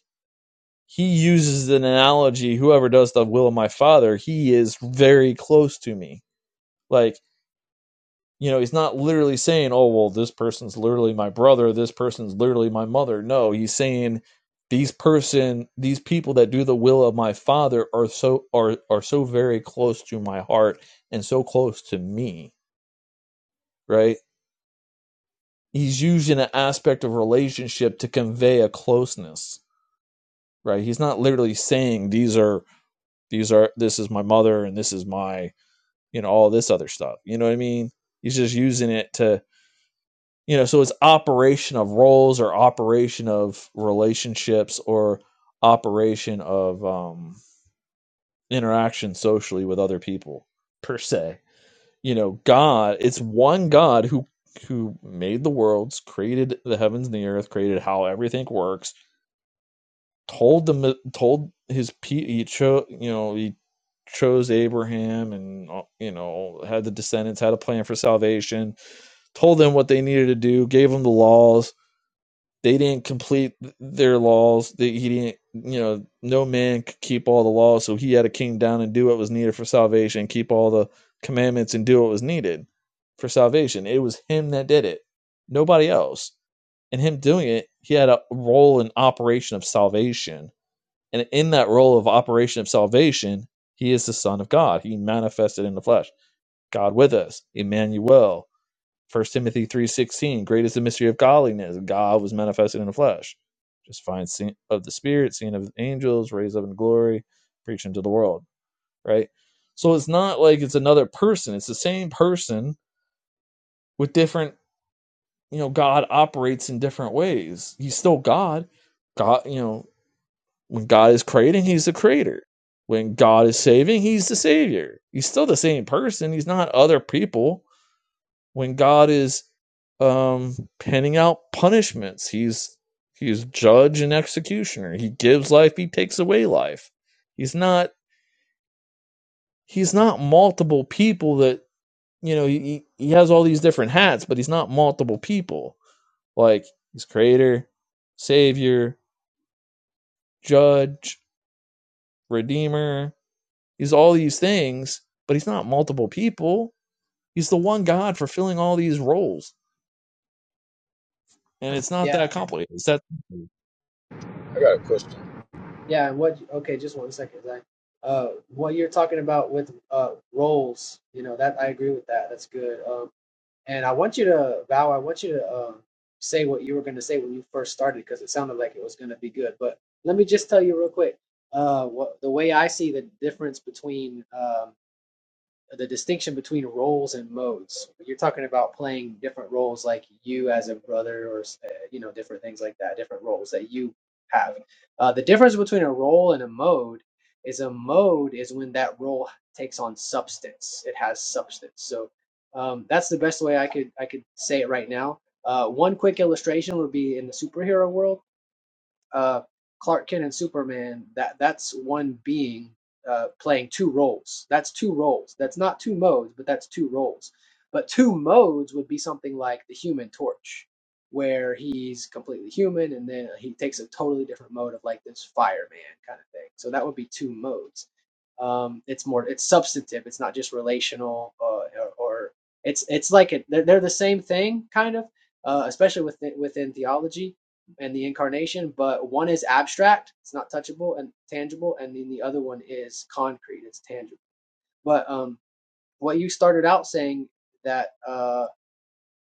he uses an analogy, whoever does the will of my father, he is very close to me. Like you know, he's not literally saying, oh, well, this person's literally my brother, this person's literally my mother. No, he's saying these person these people that do the will of my father are so are are so very close to my heart and so close to me, right? He's using an aspect of relationship to convey a closeness, right? He's not literally saying these are these are this is my mother and this is my you know all this other stuff. You know what I mean? He's just using it to you know so it's operation of roles or operation of relationships or operation of um interaction socially with other people per se you know god it's one god who who made the worlds created the heavens and the earth created how everything works told them told his people, he chose you know he chose abraham and uh, you know had the descendants had a plan for salvation told them what they needed to do gave them the laws they didn't complete their laws. They, he didn't, you know, no man could keep all the laws, so he had to come down and do what was needed for salvation, keep all the commandments and do what was needed for salvation. It was him that did it, nobody else. And him doing it, he had a role in operation of salvation. And in that role of operation of salvation, he is the Son of God. He manifested in the flesh. God with us, Emmanuel. First Timothy three sixteen, great is the mystery of godliness. God was manifested in the flesh. Just find seen of the spirit, seen of angels, raised up in glory, preaching to the world. Right. So it's not like it's another person. It's the same person with different. You know, God operates in different ways. He's still God. God. You know, when God is creating, He's the creator. When God is saving, He's the savior. He's still the same person. He's not other people when God is um, penning out punishments. He's he's judge and executioner. He gives life. He takes away life. He's not he's not multiple people that you know. He he has all these different hats, but he's not multiple people. Like he's creator, savior, judge, redeemer. He's all these things, but he's not multiple people. He's the one God fulfilling all these roles, and it's not
Yeah.
that complicated. It's that.
I got a question.
Yeah, and what? Okay, just one second, Zach. Uh, what you're talking about with uh roles, you know that I agree with that. That's good. Um, and I want you to Val, I want you to um say what you were going to say when you first started because it sounded like it was going to be good. But let me just tell you real quick. Uh, what the way I see the difference between um the distinction between roles and modes. You're talking about playing different roles, like you as a brother, or uh, you know, different things like that, different roles that you have. Uh, the difference between a role and a mode is a mode is when that role takes on substance. It has substance. So um, that's the best way I could I could say it right now. Uh, one quick illustration would be in the superhero world uh, Clark Kent and Superman, that that's one being uh, playing two roles. That's two roles. That's not two modes, but that's two roles. But two modes would be something like the Human Torch, where he's completely human and then he takes a totally different mode of like this fireman kind of thing. So that would be two modes. Um, it's more it's substantive. It's not just relational uh, or, or it's it's like it, they're, they're the same thing kind of, uh, especially within within theology and the incarnation, but one is abstract, it's not touchable and tangible, and then the other one is concrete, it's tangible. But um, what you started out saying that uh,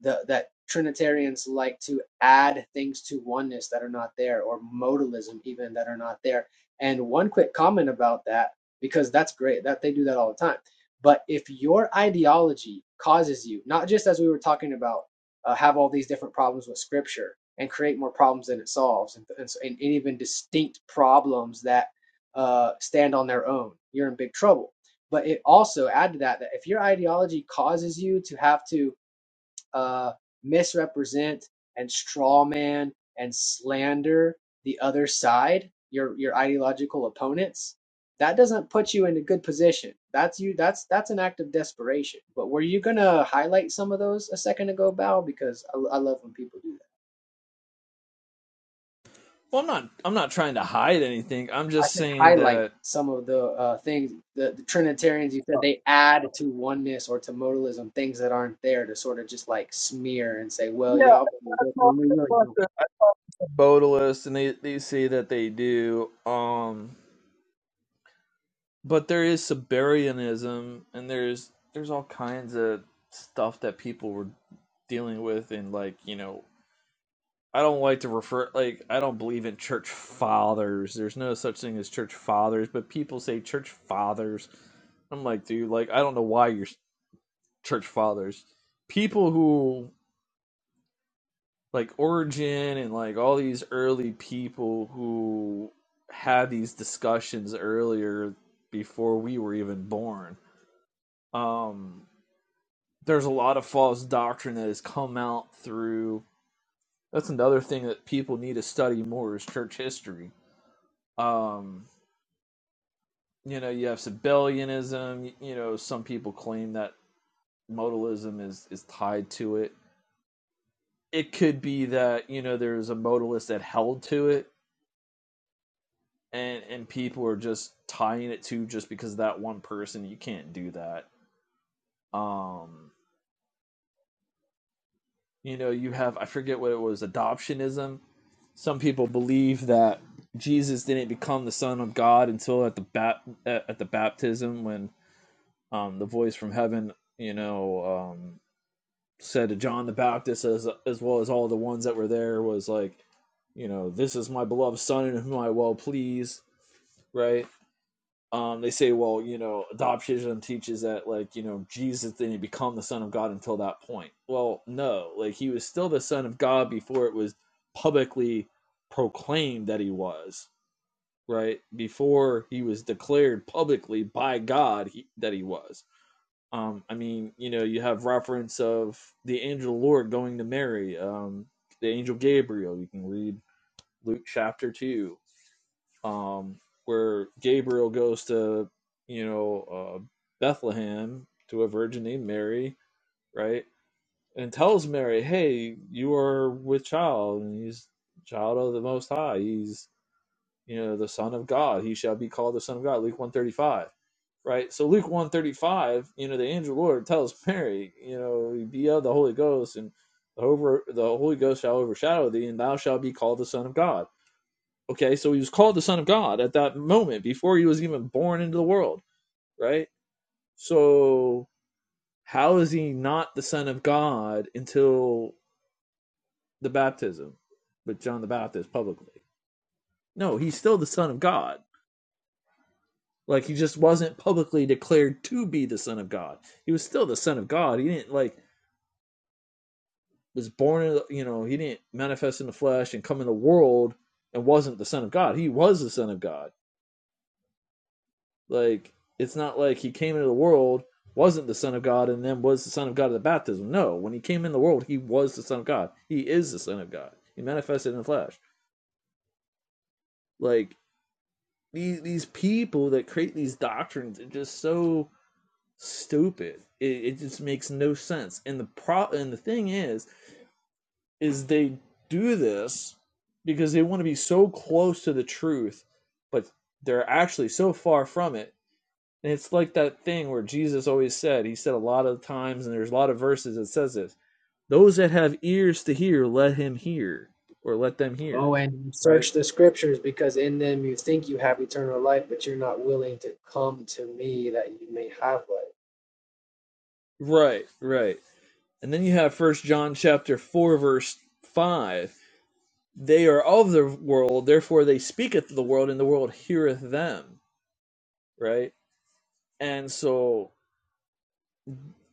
the, that Trinitarians like to add things to oneness that are not there, or modalism even that are not there. And one quick comment about that, because that's great that they do that all the time. But if your ideology causes you, not just as we were talking about, uh, have all these different problems with Scripture and create more problems than it solves, and, and, so- and even distinct problems that uh, stand on their own, you're in big trouble. But it also add to that that if your ideology causes you to have to uh, misrepresent and strawman and slander the other side, your your ideological opponents, that doesn't put you in a good position. That's you. That's that's an act of desperation. But were you gonna highlight some of those a second ago, Bao? Because I, I love when people do that.
Well, I'm not. I'm not trying to hide anything. I'm
I
just
said
saying
highlight
that.
some of the uh, things the, the Trinitarians. You said they add to oneness or to modalism things that aren't there to sort of just like smear and say, well,
Yeah,
y'all believe this when we really
I
don't.
said Bodilus, and they they say that they do. Um, but there is Siberianism, and there's there's all kinds of stuff that people were dealing with, and like you know, I don't like to refer like I don't believe in church fathers. There's no such thing as church fathers, but people say church fathers. I'm like, dude, like I don't know why you're church fathers. People who like Origin and like all these early people who had these discussions earlier before we were even born. Um, there's a lot of false doctrine that has come out through. That's another thing that people need to study more is church history. Um, you know, you have Sabellianism. You know, some people claim that modalism is is tied to it. It could be that you know there's a modalist that held to it and and people are just tying it to just because of that one person you can't do that um you know you have i forget what it was adoptionism some people believe that jesus didn't become the son of god until at the bat at the baptism when um the voice from heaven you know um said to john the baptist as as well as all the ones that were there was like you know this is my beloved son in whom i well please right um, they say, well, you know, adoption teaches that, like, you know, Jesus didn't become the Son of God until that point. Well, no, like, he was still the Son of God before it was publicly proclaimed that he was, right? Before he was declared publicly by God he, that he was. Um, I mean, you know, you have reference of the angel of the Lord going to Mary, um, the angel Gabriel. You can read Luke chapter 2 um, where Gabriel goes to, you know, uh, Bethlehem to a virgin named Mary, right? And tells Mary, hey, you are with child, and he's child of the Most High. He's, you know, the Son of God. He shall be called the Son of God, Luke 135, right? So Luke 135, you know, the angel of the Lord tells Mary, you know, be of the Holy Ghost, and the, over, the Holy Ghost shall overshadow thee, and thou shalt be called the Son of God Okay, so he was called the Son of God at that moment before he was even born into the world, right? So how is he not the Son of God until the baptism with John the Baptist publicly? No, he's still the Son of God. Like he just wasn't publicly declared to be the Son of God. He was still the Son of God. He didn't like was born, you know, he didn't manifest in the flesh and come in the world and wasn't the Son of God. He was the Son of God Like it's not like he came into the world wasn't the son of God and then was the son of God at the baptism. No, when he came in the world, he was the son of God. He is the son of God. He manifested in the flesh. Like these these people that create these doctrines are just so stupid. It, it just makes no sense. And the pro and the thing is, is they do this because they want to be so close to the truth, but they're actually so far from it And it's like that thing where Jesus always said, he said a lot of times, and there's a lot of verses that says this those that have ears to hear, let him hear, or let them hear.
Oh, and you
Right?
search the scriptures because in them you think you have eternal life, but you're not willing to come to me that you may have life.
Right, right. And then you have first John chapter four, verse five. They are of the world, therefore they speaketh the world, and the world heareth them. Right? And so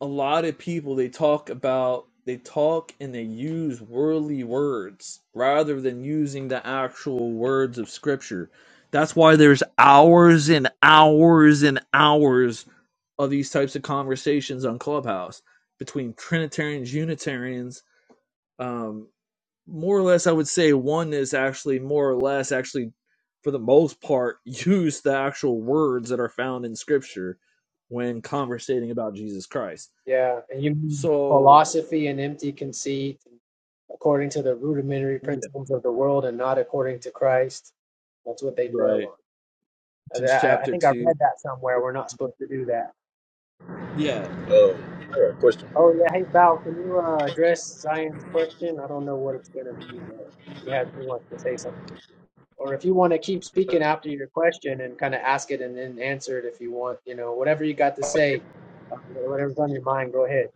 a lot of people they talk about they talk and they use worldly words rather than using the actual words of scripture that's why there's hours and hours and hours of these types of conversations on clubhouse between trinitarians unitarians um, more or less i would say one is actually more or less actually for the most part use the actual words that are found in scripture when conversating about jesus christ
Yeah, and you mean
so
philosophy and empty conceit according to the rudimentary
yeah,
principles of the world and not according to Christ. That's what they dwell
right.
on. I,
Since
I I
chapter
think I
two.
read that somewhere. We're not supposed to do that.
Yeah.
Um, I got a question.
Oh yeah, hey Val, can you uh, address Zion's question? I don't know what it's gonna be. But he has he wants to say something. Or if you want to keep speaking after your question and kind of ask it and then answer it if you want, you know, whatever you got to say, uh, whatever's on your mind, go ahead.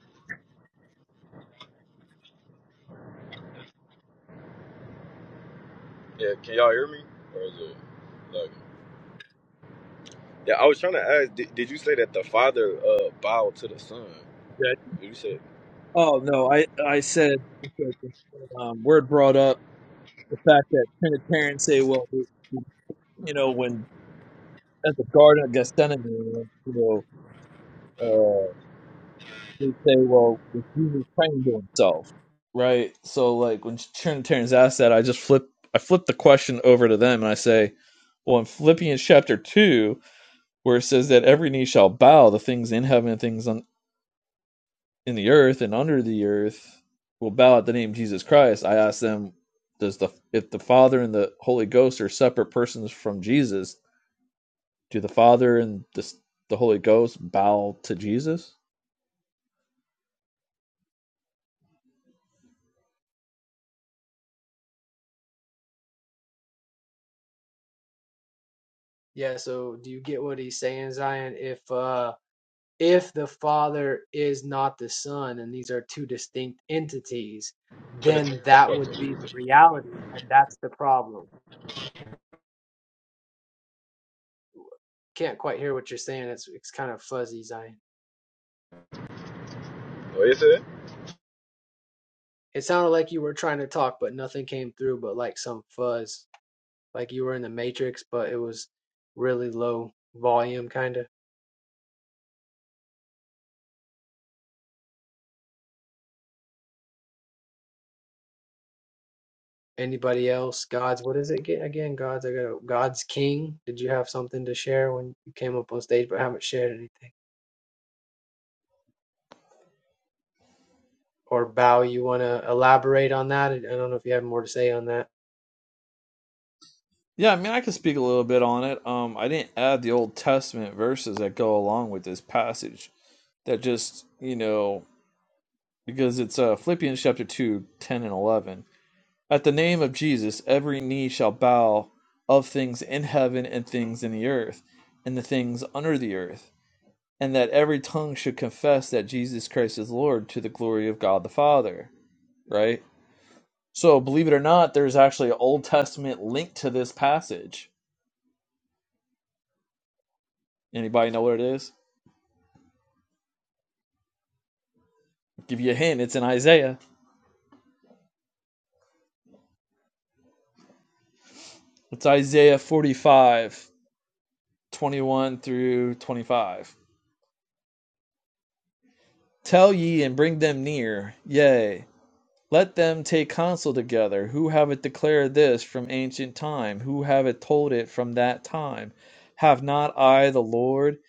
Yeah, can y'all hear me? Or is it like? Yeah, I was trying to ask. Did, did you say that the father uh bowed to the son?
yeah.
Did you say
Oh no, I I said um, word brought up the fact that Trinitarians say, well, you know, when at the Garden of Gethsemane, you know, uh, they say, well, was Jesus praying to himself, right? So like when Trinitarians ask that, I just flip I flip the question over to them and I say, well, in Philippians chapter two, where it says that every knee shall bow, the things in heaven and things on in the earth and under the earth will bow at the name of Jesus Christ, I ask them, does the if the Father and the Holy Ghost are separate persons from Jesus, do the Father and the the Holy Ghost bow to Jesus?
Yeah, so do you get what he's saying, Zion? If uh if the Father is not the Son and these are two distinct entities, then
Trinitarian? I
that
thought
would
that
be
you-
the
was-
reality, and that's the problem. Can't quite hear what you're saying. It's it's kind of fuzzy, Zion.
What you said?
It sounded like you were trying to talk, but nothing came through but like some fuzz. like you were in the Matrix, but it was really low volume, kind of. Anybody else? God's, what is it again? Again, God's, I got God's King. Did you have something to share when you came up on stage, but haven't shared anything? Or Bao, you want to elaborate on that? I don't know if you have more to say on that.
Yeah, I mean, I could speak a little bit on it. Um, I didn't add the Old Testament verses that go along with this passage. That just you know because it's uh, Philippians chapter 2 10 and eleven. At the name of Jesus, every knee shall bow of things in heaven and things in the earth and the things under the earth, and that every tongue should confess that Jesus Christ is Lord to the glory of God the Father. Right? So, believe it or not, there's actually an Old Testament link to this passage. Anybody know what it is? I'll give you a hint. It's in Isaiah. It's Isaiah 45, 21 through 25. Tell ye and bring them near, yea. Let them take counsel together, who hath declared this from ancient time, who hath told it from that time? Have not I the Lord,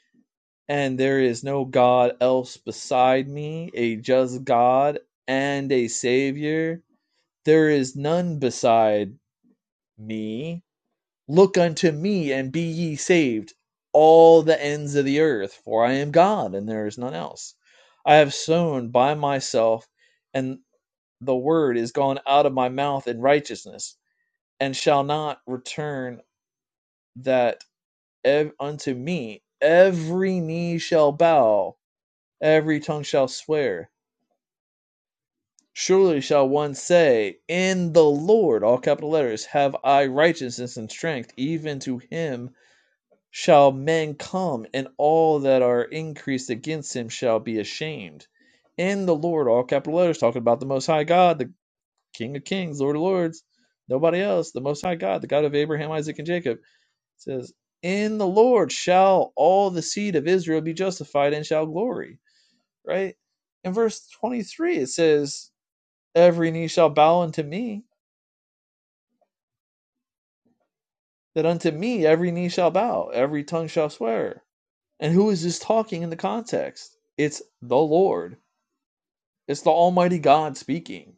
and there is no god else beside me, a just God, and a Saviour? There is none beside me. Look unto me, and be ye saved, all the ends of the earth, for I am God, and there is none else. I have sown by myself, and the word is gone out of my mouth in righteousness, and shall not return that ev- unto me every knee shall bow, every tongue shall swear. Surely shall one say, In the Lord, all capital letters, have I righteousness and strength, even to him shall men come, and all that are increased against him shall be ashamed. In the Lord, all capital letters, talking about the Most High God, the King of Kings, Lord of Lords, nobody else, the Most High God, the God of Abraham, Isaac, and Jacob. It says, In the Lord shall all the seed of Israel be justified and shall glory. Right? In verse 23, it says, Every knee shall bow unto me, that unto me every knee shall bow, every tongue shall swear. And who is this talking in the context? It's the Lord, it's the Almighty God speaking.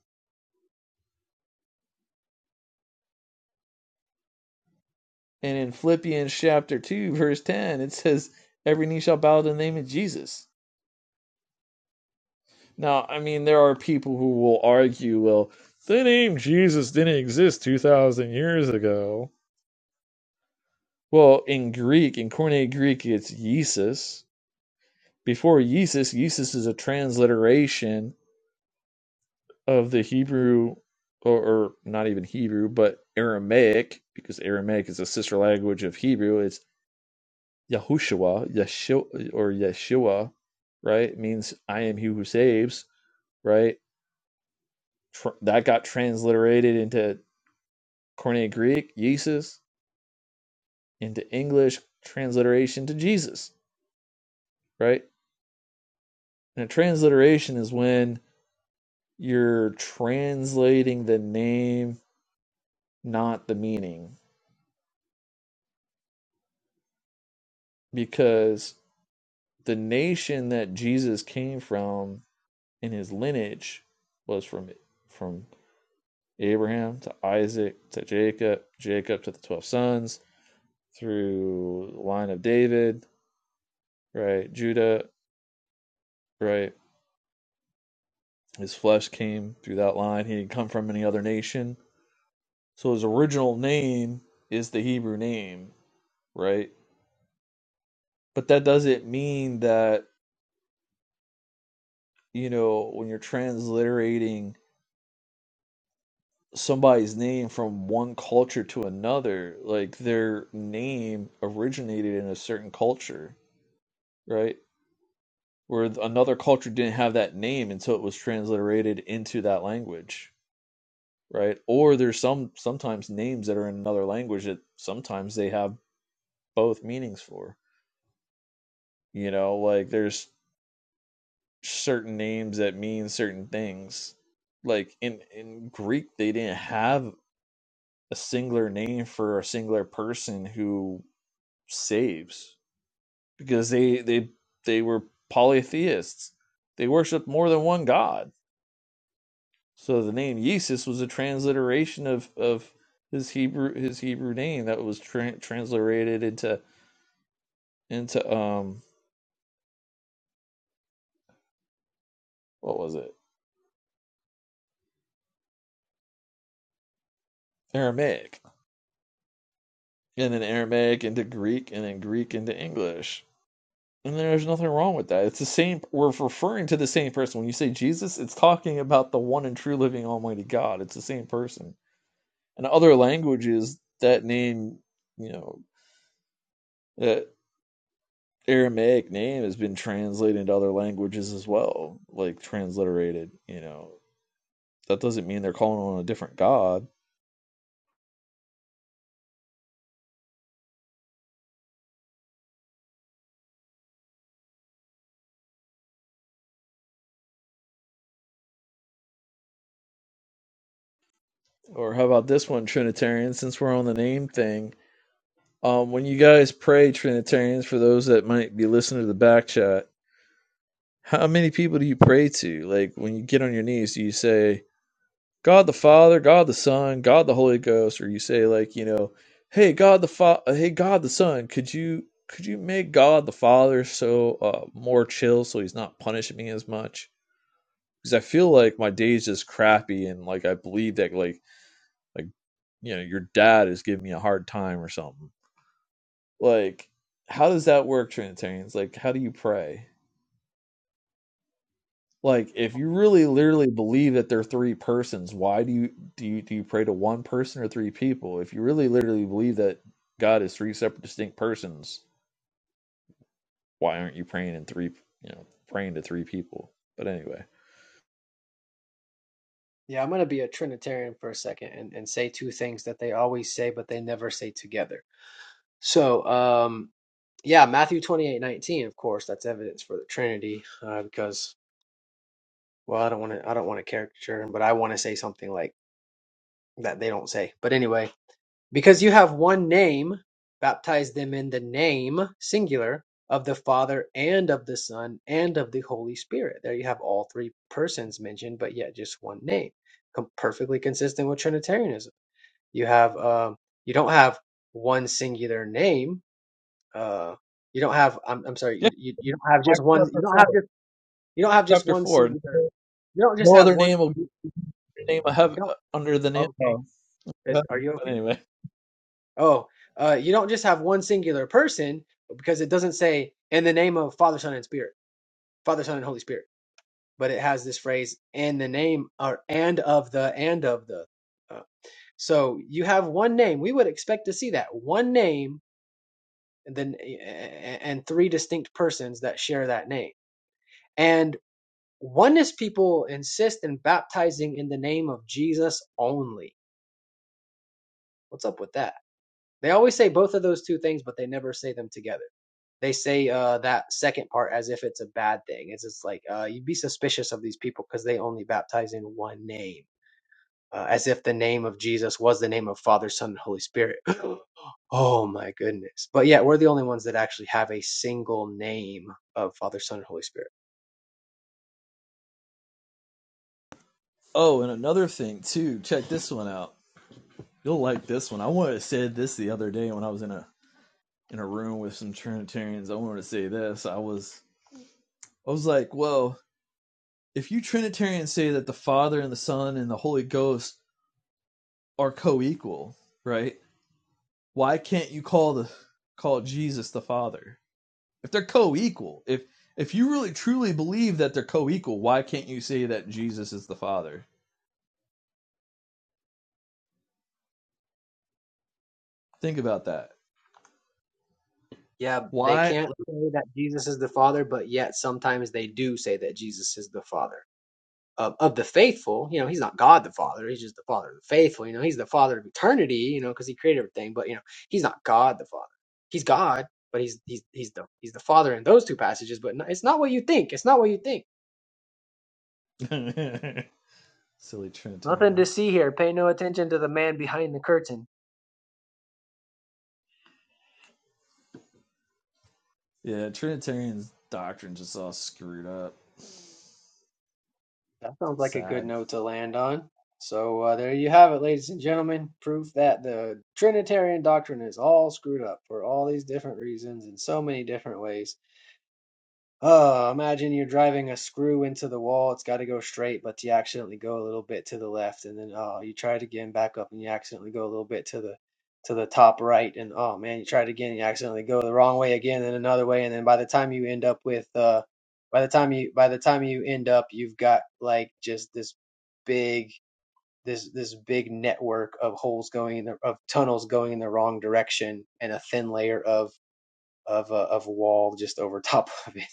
And in Philippians chapter 2, verse 10, it says, Every knee shall bow to the name of Jesus Now, I mean, there are people who will argue, well, the name Jesus didn't exist 2,000 years ago. Well, in Greek, in Koine Greek, it's Yesus. Before Yesus, Yesus is a transliteration of the Hebrew, or, or not even Hebrew, but Aramaic, because Aramaic is a sister language of Hebrew. It's Yahushua, Yeshua, or Yeshua, right? It means I am he who saves, right? Tr- that got transliterated into Koine Greek, Jesus, into English transliteration to Jesus, right? And a transliteration is when you're translating the name, not the meaning, because the nation that Jesus came from in his lineage was from from Abraham to Isaac to Jacob, Jacob to the twelve sons through the line of David, right? Judah, right? His flesh came through that line. He didn't come from any other nation. So his original name is the Hebrew name, right? But that doesn't mean that, you know, when you're transliterating somebody's name from one culture to another, like their name originated in a certain culture, right? Where another culture didn't have that name until it was transliterated into that language, right? Or there's some sometimes names that are in another language that sometimes they have both meanings for. You know, like there's certain names that mean certain things. Like in in Greek, they didn't have a singular name for a singular person who saves because they they they were polytheists. They worshipped more than one god. So the name Yesus was a transliteration of of his Hebrew his Hebrew name that was tra- transliterated into into um what was it Aramaic and then Aramaic into Greek, and then Greek into English. And there's nothing wrong with that. It's the same, we're referring to the same person. When you say Jesus, it's talking about the one and true living Almighty God. It's the same person. In other languages, that name, you know, that Aramaic name has been translated into other languages as well, like transliterated, you know. That doesn't mean they're calling on a different God. Or how about this one, Trinitarian, since we're on the name thing? Um, when you guys pray Trinitarians, for those that might be listening to the back chat, how many people do you pray to? Like when you get on your knees, do you say God the Father, God the Son, God the Holy Ghost, or you say like you know, Hey God the Fa- uh, Hey God the Son, could you could you make God the Father so uh, more chill so he's not punishing me as much? Because I feel like my day's just crappy and like I believe that like like you know your dad is giving me a hard time or something. Like, how does that work, Trinitarians? Like, how do you pray? Like, if you really literally believe that they're three persons, why do you do you do you pray to one person or three people? If you really literally believe that God is three separate distinct persons, why aren't you praying in three you know, praying to three people? But anyway.
Yeah, I'm going to be a Trinitarian for a second and, and say two things that they always say, but they never say together. So, um, yeah, Matthew 28 19, of course, that's evidence for the Trinity, uh, because well i don't want to i don't want to caricature him but i want to say something like that they don't say but anyway because you have one name baptize them in the name singular of the father and of the son and of the holy spirit there you have all three persons mentioned but yet just one name Com- perfectly consistent with trinitarianism you have um you don't have one singular name uh you don't have i'm, I'm sorry you,
Yeah,
you you don't have just
Acts
one you
chapter
don't
four.
have just you don't have just
Chapter
one
four.
singular you don't just
No
have
other
one
name will be the name of
you
heaven
don't
under the name
okay
of
Is are
heaven.
you
But
okay?
anyway.
Oh, uh, you don't just have one singular person because it doesn't say in the name of Father, Son, and Spirit, Father, Son, and Holy Spirit, but it has this phrase in the name or and of the and of the. Uh, so you have one name. We would expect to see that one name, and then and three distinct persons that share that name. And oneness people insist in baptizing in the name of Jesus only. What's up with that? They always say both of those two things, but they never say them together they say uh, that second part as if it's a bad thing. It's just like uh, you'd be suspicious of these people because they only baptize in one name, uh, as if the name of Jesus was the name of Father, Son, and Holy Spirit. oh my goodness! But yeah, we're the only ones that actually have a single name of Father, Son, and Holy Spirit.
Oh, and another thing too, check this one out. You'll like this one. I wanted to say this the other day when I was in a in a room with some Trinitarians. I wanted to say this. I was I was like, well, if you Trinitarians say that the Father and the Son and the Holy Ghost are co-equal, right? Why can't you call the call Jesus the Father if they're co-equal? If if you really truly believe that they're co-equal, why can't you say that Jesus is the Father? Think about that.
Yeah, they
Why?
can't say that Jesus is the Father, but yet sometimes they do say that Jesus is the Father. of, of the faithful. You know, he's not God the Father. He's just the Father of the faithful. You know, he's the Father of eternity. You know, because he created everything. But you know, he's not God the Father. He's God, but he's he's he's the he's the Father in those two passages. But no, it's not what you think. It's not what you think.
Silly
Nothing to
Trinitarians.
see here. Pay no attention to the man behind the curtain.
Yeah, Trinitarian doctrine's just all screwed up.
That sounds like a good
Sad.
note to land on. So uh, there you have it, ladies and gentlemen. Proof that the Trinitarian doctrine is all screwed up for all these different reasons in so many different ways. Oh, imagine you're driving a screw into the wall. It's got to go straight, but you accidentally go a little bit to the left, and then oh, you try it again, back up, and you accidentally go a little bit to the to the top right, and oh man, you try it again, you accidentally go the wrong way again, then another way, and then by the time you end up with uh, by the time you by the time you end up, you've got like just this big this this big network of holes going in the of tunnels going in the wrong direction, and a thin layer of of uh, of wall just over top of it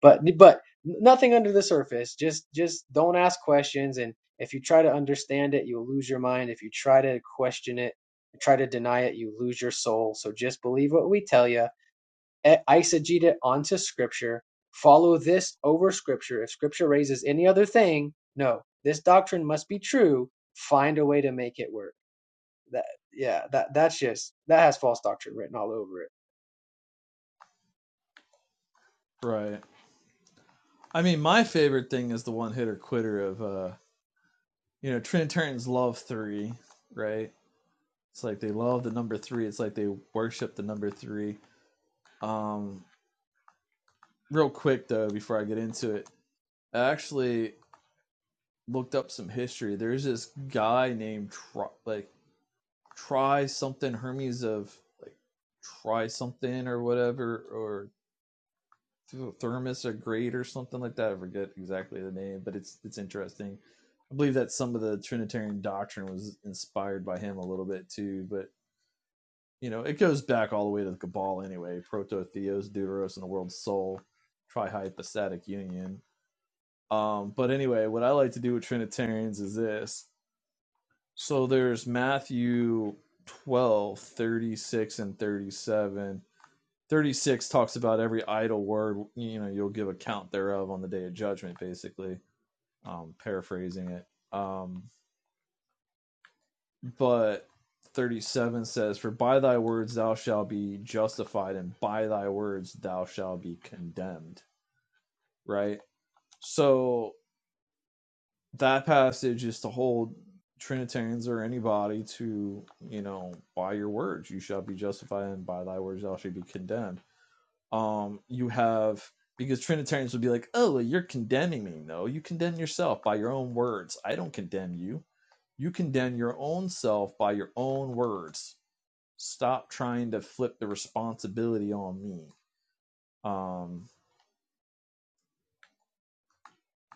but but nothing under the surface just just don't ask questions and if you try to understand it you'll lose your mind if you try to question it try to deny it you lose your soul so just believe what we tell you eisegete it onto scripture follow this over scripture if scripture raises any other thing no this doctrine must be true find a way to make it work that yeah that that's just that has false doctrine written all over it
Right. I mean, my favorite thing is the one hitter quitter of, uh, you know, Trinitarians love three, right? It's like they love the number three. It's like they worship the number three. Um, real quick, though, before I get into it, I actually looked up some history. There's this guy named, Tri- like, Try something Hermes of, like, Try something or whatever, or thermos or grate or something like that. I forget exactly the name, but it's it's interesting. I believe that some of the Trinitarian doctrine was inspired by him a little bit too, but you know it goes back all the way to the Cabal anyway. Proto Theos, Deuteros, and the world's soul, trihypostatic union. Um, but anyway, what I like to do with Trinitarians is this. So there's Matthew 12 36 and 37 36 talks about every idle word you know you'll give account thereof on the day of judgment basically um paraphrasing it um but 37 says for by thy words thou shalt be justified and by thy words thou shalt be condemned right so that passage is to hold trinitarians or anybody to you know by your words you shall be justified and by thy words thou shalt be condemned Um, you have because Trinitarians would be like, "Oh, well, you're condemning me." No, you condemn yourself by your own words. I don't condemn you. You condemn your own self by your own words. Stop trying to flip the responsibility on me. Um,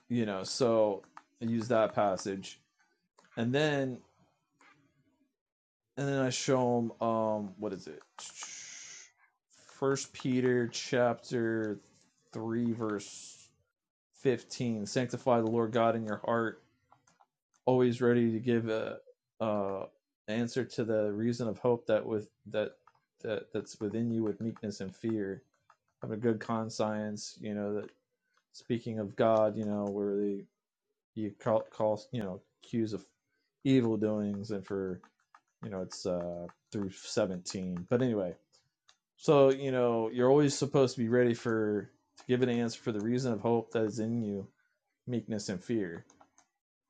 you know, so I use that passage, and then and then I show them um, what is it? First Peter chapter three verse fifteen: Sanctify the Lord God in your heart always ready to give a, a answer to the reason of hope that with that that that's within you with meekness and fear. Have a good conscience, you know that speaking of God, you know where the you call, call you know accuse of evil doings and for you know it's uh through 17 but anyway so you know you're always supposed to be ready for to give an answer for the reason of hope that is in you meekness and fear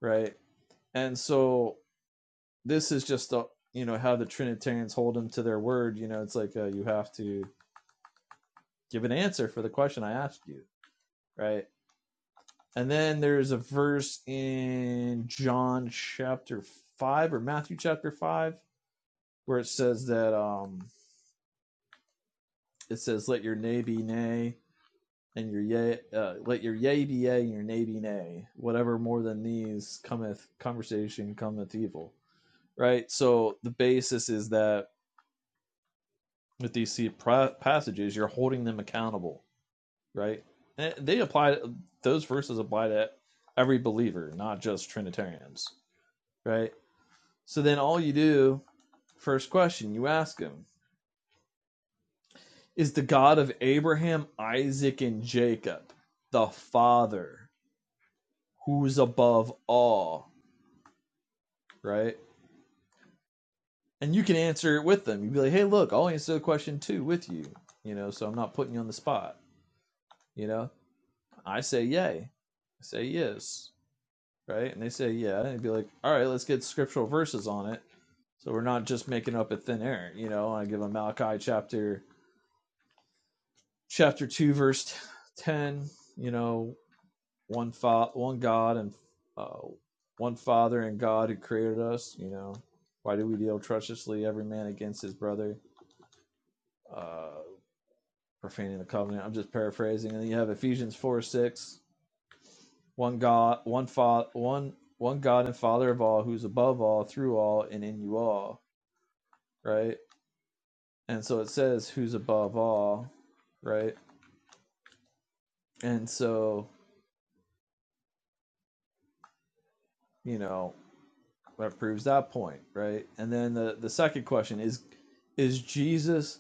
right and so this is just the you know how the Trinitarians hold them to their word. You know, it's like uh, you have to give an answer for the question I asked you, right? And then there's a verse in John chapter five or Matthew chapter five where it says that um it says let your nay be nay and your yea uh, let your yea be yea and your nay be nay whatever more than these cometh conversation cometh evil right so the basis is that with these passages, you're holding them accountable, right? And they apply those verses apply to every believer, not just Trinitarians, right? So then all you do, first question you ask him, is the God of Abraham, Isaac, and Jacob the Father who's above all, right? And you can answer it with them. You'd be like, hey, look, I'll answer the question too with you, you know, so I'm not putting you on the spot, you know? I say yay. I say yes. right? And they say, yeah. And be like, all right, let's get scriptural verses on it. So we're not just making up a thin air, you know. I give them Malachi chapter chapter two, verse ten. You know, one fa- one God and uh, one Father and God who created us. You know, why do we deal treacherously every man against his brother, uh, profaning the covenant? I'm just paraphrasing. And then you have Ephesians four six, one God, one fa- one one God and Father of all, who's above all, through all, and in you all right? And so it says who's above all, right? And so, you know, that proves that point, right? And then the, the second question is is Jesus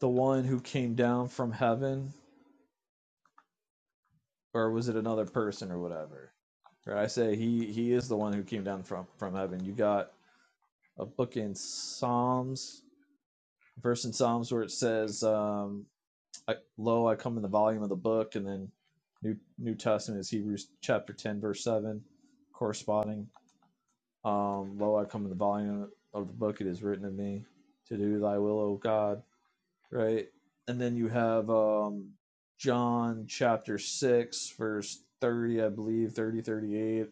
the one who came down from heaven or was it another person or whatever? Right? I say he he is the one who came down from from heaven. You got a book in Psalms, a verse in Psalms where it says um I, lo, I come in the volume of the book, and then New New Testament is Hebrews chapter ten, verse seven, corresponding. Um, lo, I come in the volume of the book; it is written of me to do Thy will, O God. Right, and then you have um, John chapter six, verse thirty, I believe, 30 38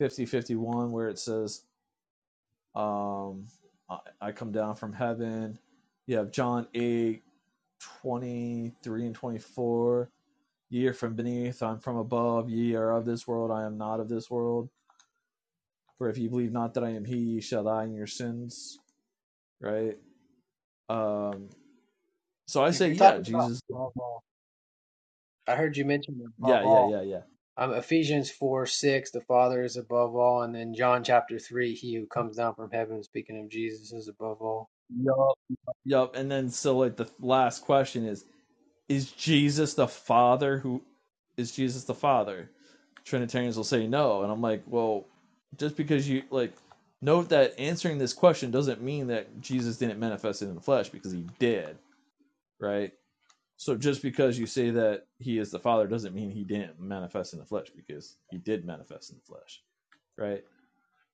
50 51, where it says, um, I, "I come down from heaven." You have John eight, twenty three and twenty four Ye are from beneath, I am from above, ye are of this world, I am not of this world. For if ye believe not that I am he, ye shall die in your sins. Right? Um so I
if
say,
you're
yeah,
talking about
Jesus
above all i heard you mention above
yeah, yeah,
all
yeah, yeah.
um, Ephesians 4 6, the Father is above all. And then John chapter 3, he who comes down from heaven, speaking of Jesus, is above all.
Yup, yup. And then so like the last question is is Jesus the Father who is Jesus the Father? Trinitarians will say no. And I'm like, well, just because you like note that answering this question doesn't mean that Jesus didn't manifest it in the flesh because he did, right? So just because you say that he is the Father doesn't mean he didn't manifest in the flesh, because he did manifest in the flesh, right?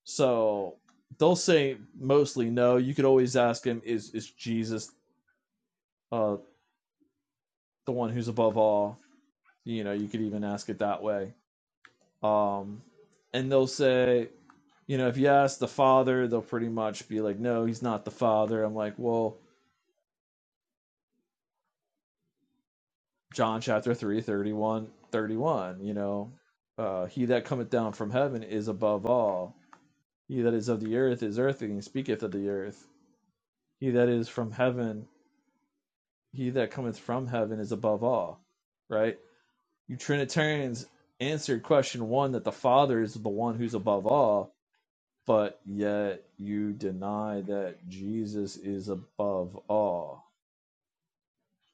So they'll say mostly no. You could always ask him, is is Jesus uh, the one who's above all? You know, you could even ask it that way. Um, and they'll say, you know, if you ask the Father, they'll pretty much be like, no, he's not the Father. I'm like, well, John chapter 3 31, 31. you know, uh, he that cometh down from heaven is above all He that is of the earth is earthly and speaketh of the earth. He that is from heaven, he that cometh from heaven is above all. Right? You Trinitarians answered question one that the Father is the one who's above all, but yet you deny that Jesus is above all.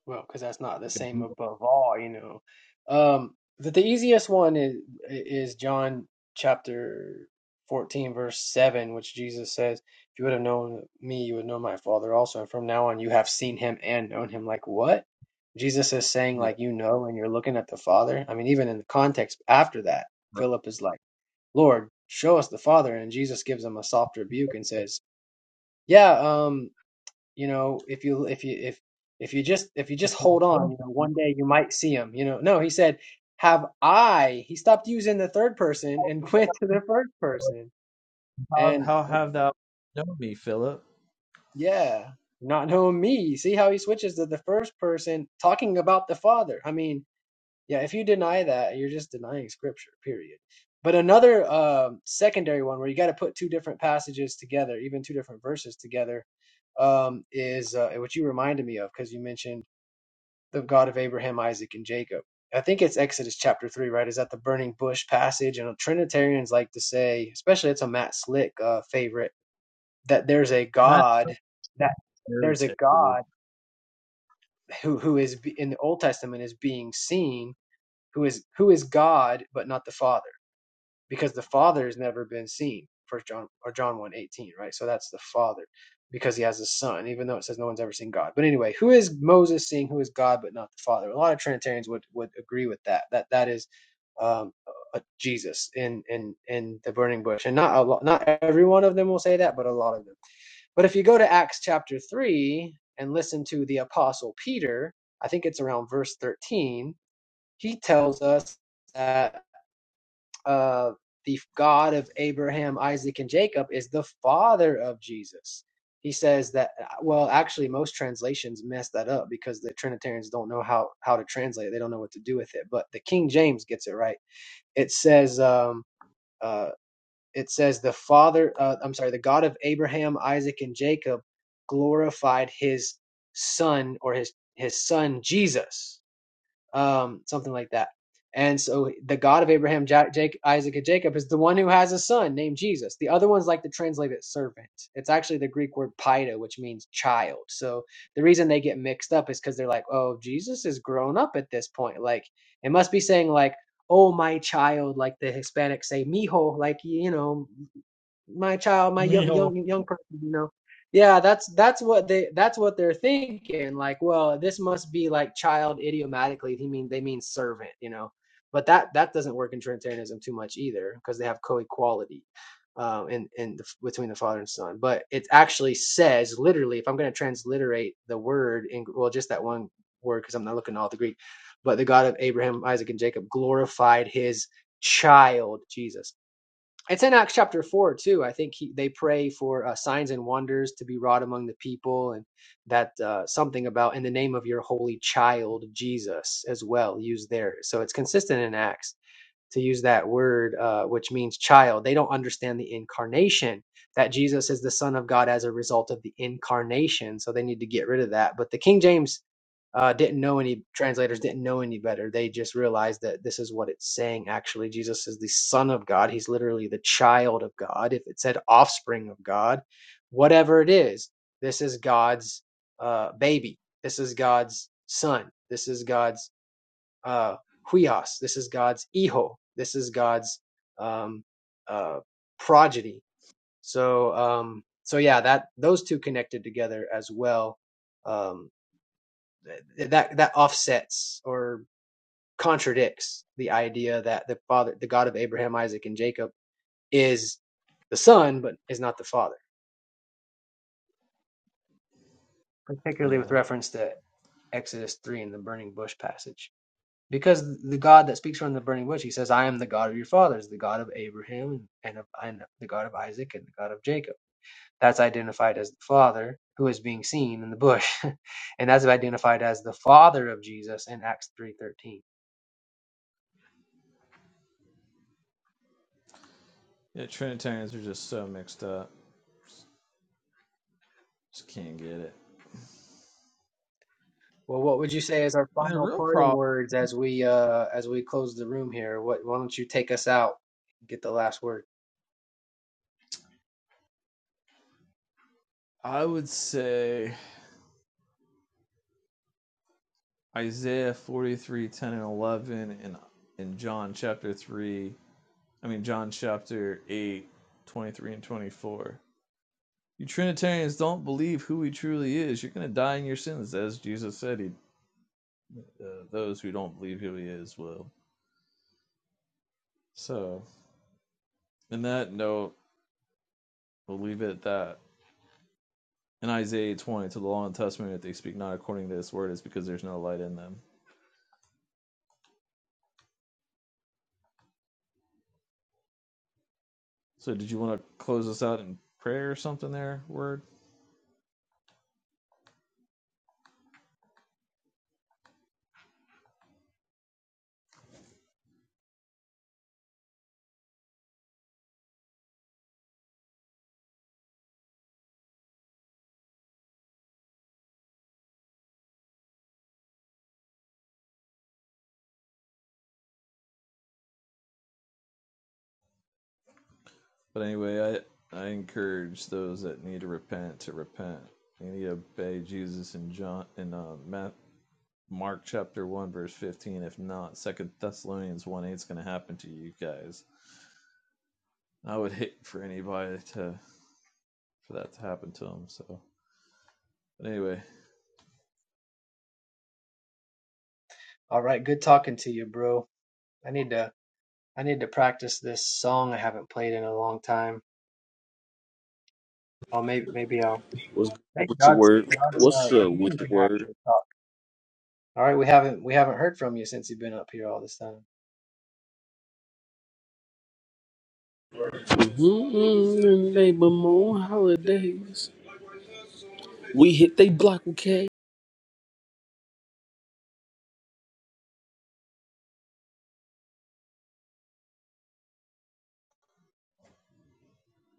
Well, because that's not the
Because
same above all, you know. Um, the, the easiest one is, is John chapter 14, verse 7, which Jesus says, If you would have known me, you would know my Father also. And from now on, you have seen him and known him. Like, what? Jesus is saying,
yeah,
like, you know, and you're looking at the Father. I mean, even in the context after that,
right.
Philip is like, Lord, show us the Father. And Jesus gives him a soft rebuke and says, Yeah, um, you know, if you if you if if you just if you just
If you don't
hold on,
know,
you know, one day you might see him. You know, no, he said, Have I he stopped using the third person and went to the first person.
how,
And uh,
have thou known me, Philip?
yeah, not knowing me. See how he switches to the first person talking about the Father. I mean Yeah, if you deny that, you're just denying scripture, period. But another um, secondary one where you got to put two different passages together, even two different verses together, um, is uh, what you reminded me of because you mentioned the God of Abraham, Isaac, and Jacob. I think it's Exodus chapter 3, right? Is that the burning bush passage? And Trinitarians like to say, especially it's a Matt Slick uh, favorite, that there's a
Not
God, that
a
there's a
heretic, dude.
God who, who is in the Old Testament is being seen who is who is God but not the Father, because the Father has never been seen. First John or John one eighteen, right? So that's the Father, because he has a Son, even though it says no one's ever seen God. But anyway, who is Moses seeing? Who is God but not the Father? A lot of Trinitarians would would agree with that. That that is um, uh, Jesus in in in the burning bush, and not a lot, not every one of them will say that, but a lot of them. But if you go to Acts chapter three and listen to the Apostle Peter, I think it's around verse thirteen he tells us that uh, the God of Abraham, Isaac, and Jacob is the father of Jesus. He says that, uh, well, actually, most translations mess that up because the Trinitarians don't know how, how to translate it. They don't know what to do with it. But the King James gets it right. It says, um, uh, it says the father, uh, I'm sorry, the God of Abraham, Isaac, and Jacob glorified his son or his, his son Jesus um, something like that. And so the God of Abraham, Ja- Jake, Isaac, and Jacob is the one who has a son named Jesus. The other ones like to translate it servant. It's actually the Greek word "paido," which means child. So the reason they get mixed up is because they're like, oh, Jesus is grown up at this point. Like it must be saying like, oh, my child, like the Hispanics say, mijo, like, you know, my child, my young
Neil.
young young person, you know. Yeah, that's that's what they that's what they're thinking. Like, well, this must be like child idiomatically. He mean they mean servant, you know. But that that doesn't work in Trinitarianism too much either, because they have co-equality um, in in the, between the Father and Son. But it actually says literally, if I'm going to transliterate the word in well, just that one word, because I'm not looking at all the Greek. But the God of Abraham, Isaac, and Jacob glorified His child Jesus it's in Acts chapter four too. I think he, they pray for uh, signs and wonders to be wrought among the people, and that uh, something about in the name of your holy child Jesus as well used there. So it's consistent in Acts to use that word, uh, which means child. They don't understand the incarnation that Jesus is the Son of God as a result of the incarnation, so they need to get rid of that. But the King James uh, didn't know any translators didn't know any better. They just realized that this is what it's saying. Actually, Jesus is the Son of God. He's literally the child of God. If it said offspring of God, whatever it is, this is God's uh, baby. This is God's son. This is God's uh, huios. This is God's hijo. This is God's um, uh, progeny. So, um, so yeah, that those two connected together as well. Um, that that offsets or contradicts the idea that the father, the God of Abraham, Isaac, and Jacob, is the son, but is not the father, particularly
Yeah.
with reference to Exodus three and the burning bush passage. Because the God that speaks from the burning bush, he says, "I am the God of your fathers, the God of Abraham, and of and the God of Isaac, and the God of Jacob." That's identified as the Father who is being seen in the bush, and that's identified as the Father of Jesus in Acts three thirteen
Yeah, Trinitarians are just so mixed up. Just just can't get it.
Well, what would you say as our
And the
final
real
parting
problem,
words as we uh as we close the room here? What why don't you take us out? and Get the last word.
I would say Isaiah 43 10 and 11 and in John chapter 3, I mean John chapter 8, 23 and 24. You Trinitarians don't believe who he truly is. You're going to die in your sins, as Jesus said. He, uh, those who don't believe who he is will. So, in that note, we'll leave it at that. In Isaiah 20, to the law and testament, if they speak not according to this word, it's because there's no light in them. So, did you want to close us out in prayer or something there, word? But anyway, I, I encourage those that need to repent to repent. They need to obey Jesus in John in uh, Ma- Mark chapter one verse fifteen. If not, Second Thessalonians one eight is going to happen to you guys. I would hate for anybody to for that to happen to them. So, but anyway,
All right, good talking to you, bro. I need to I need to practice this song I haven't played in a long time. Oh, maybe maybe I'll.
What's good
Hey,
with your
God's
word?
God's
What's
uh,
up with
king
your
can
word?
actually talk. All right, we haven't we haven't heard from you since you've been up here all this time.
Mm-hmm. Labor more holidays. We hit they block, okay?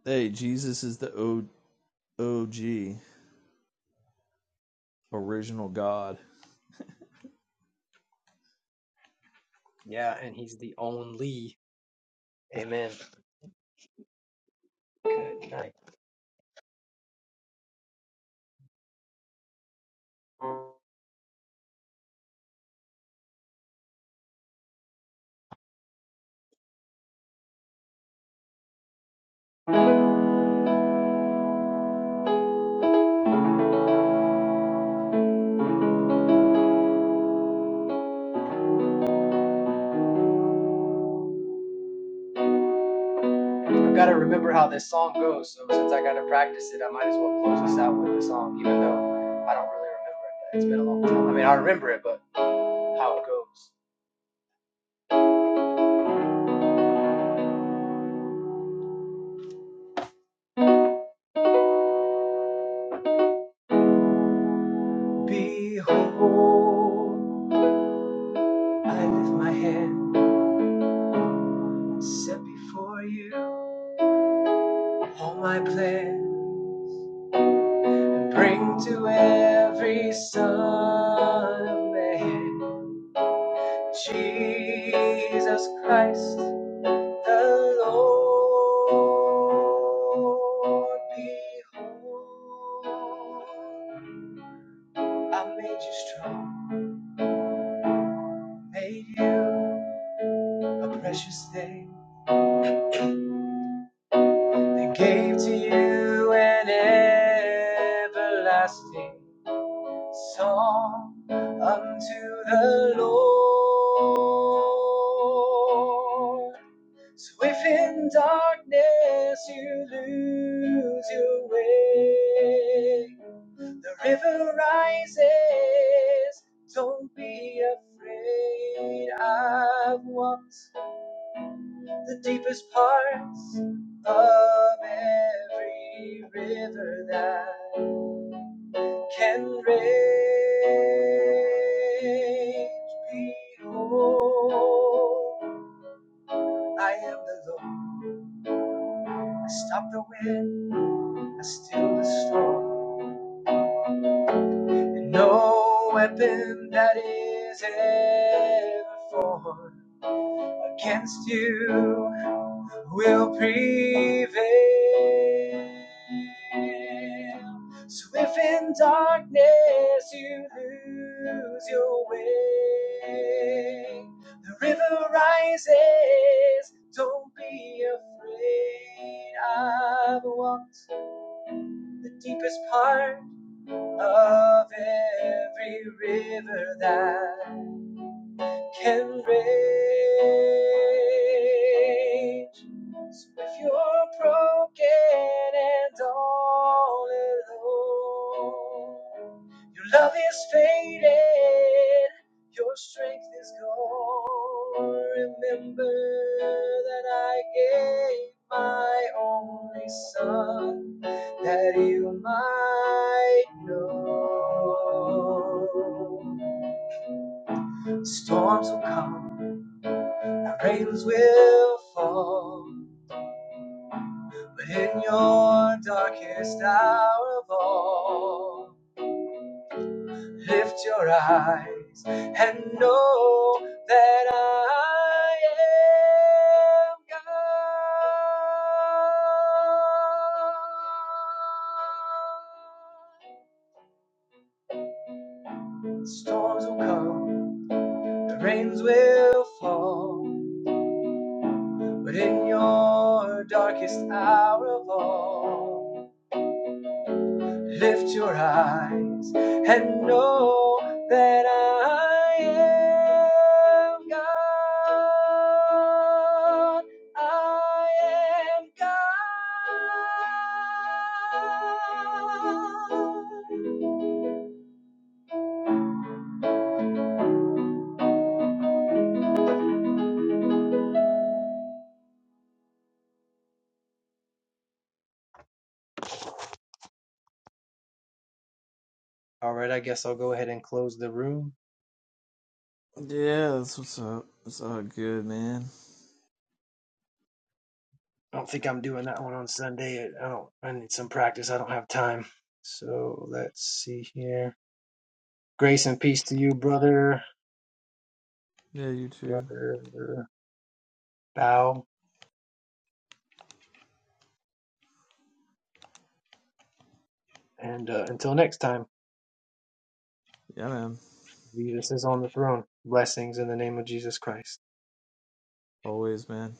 hey, Jesus is the O OG original God.
Yeah, and he's the only. Amen. Good night. I have gotta remember how this song goes. So since I gotta practice it, I might as well close this out with the song, even though I don't really remember it. But It's been a long time. I mean, I remember it, but how it goes. Behold, I lift my hand, and set before you all my plan, and bring to every son of man Jesus Christ The Lord behold, I made you strong, made you a precious thing, and gave to you an everlasting song unto the Lord. So if in darkness you lose your way, the river rises. Don't be afraid. I've walked the deepest parts of every river that can rage. Behold, I am the Lord I Stop the wind, I still the storm, and no weapon that is ever formed against you will prevail. So if in darkness you lose your way, the river rises. Don't be afraid. I've walked the deepest part of every river that can rage. So if you're broken and all alone, your love is faded, your strength is gone. Remember that I gave my only son that you might know. Storms will come our Rains will fall, but in your darkest hour of all, lift your eyes and know that I am God. Storms will come, the rains will fall, but in your darkest hour of all, Lift your eyes and know that I am God. I am God. All right, I guess I'll go ahead and close the room.
Yeah, that's what's up. It's all good, man.
I don't think I'm doing that one on Sunday. I don't. I need some practice. I don't have time. So let's see here. Grace and peace to you, brother.
Yeah, you too.
Brother Bao And uh, until next time,
Yeah, man.
Jesus is on the throne. Blessings in the name of Jesus Christ.
Always, man.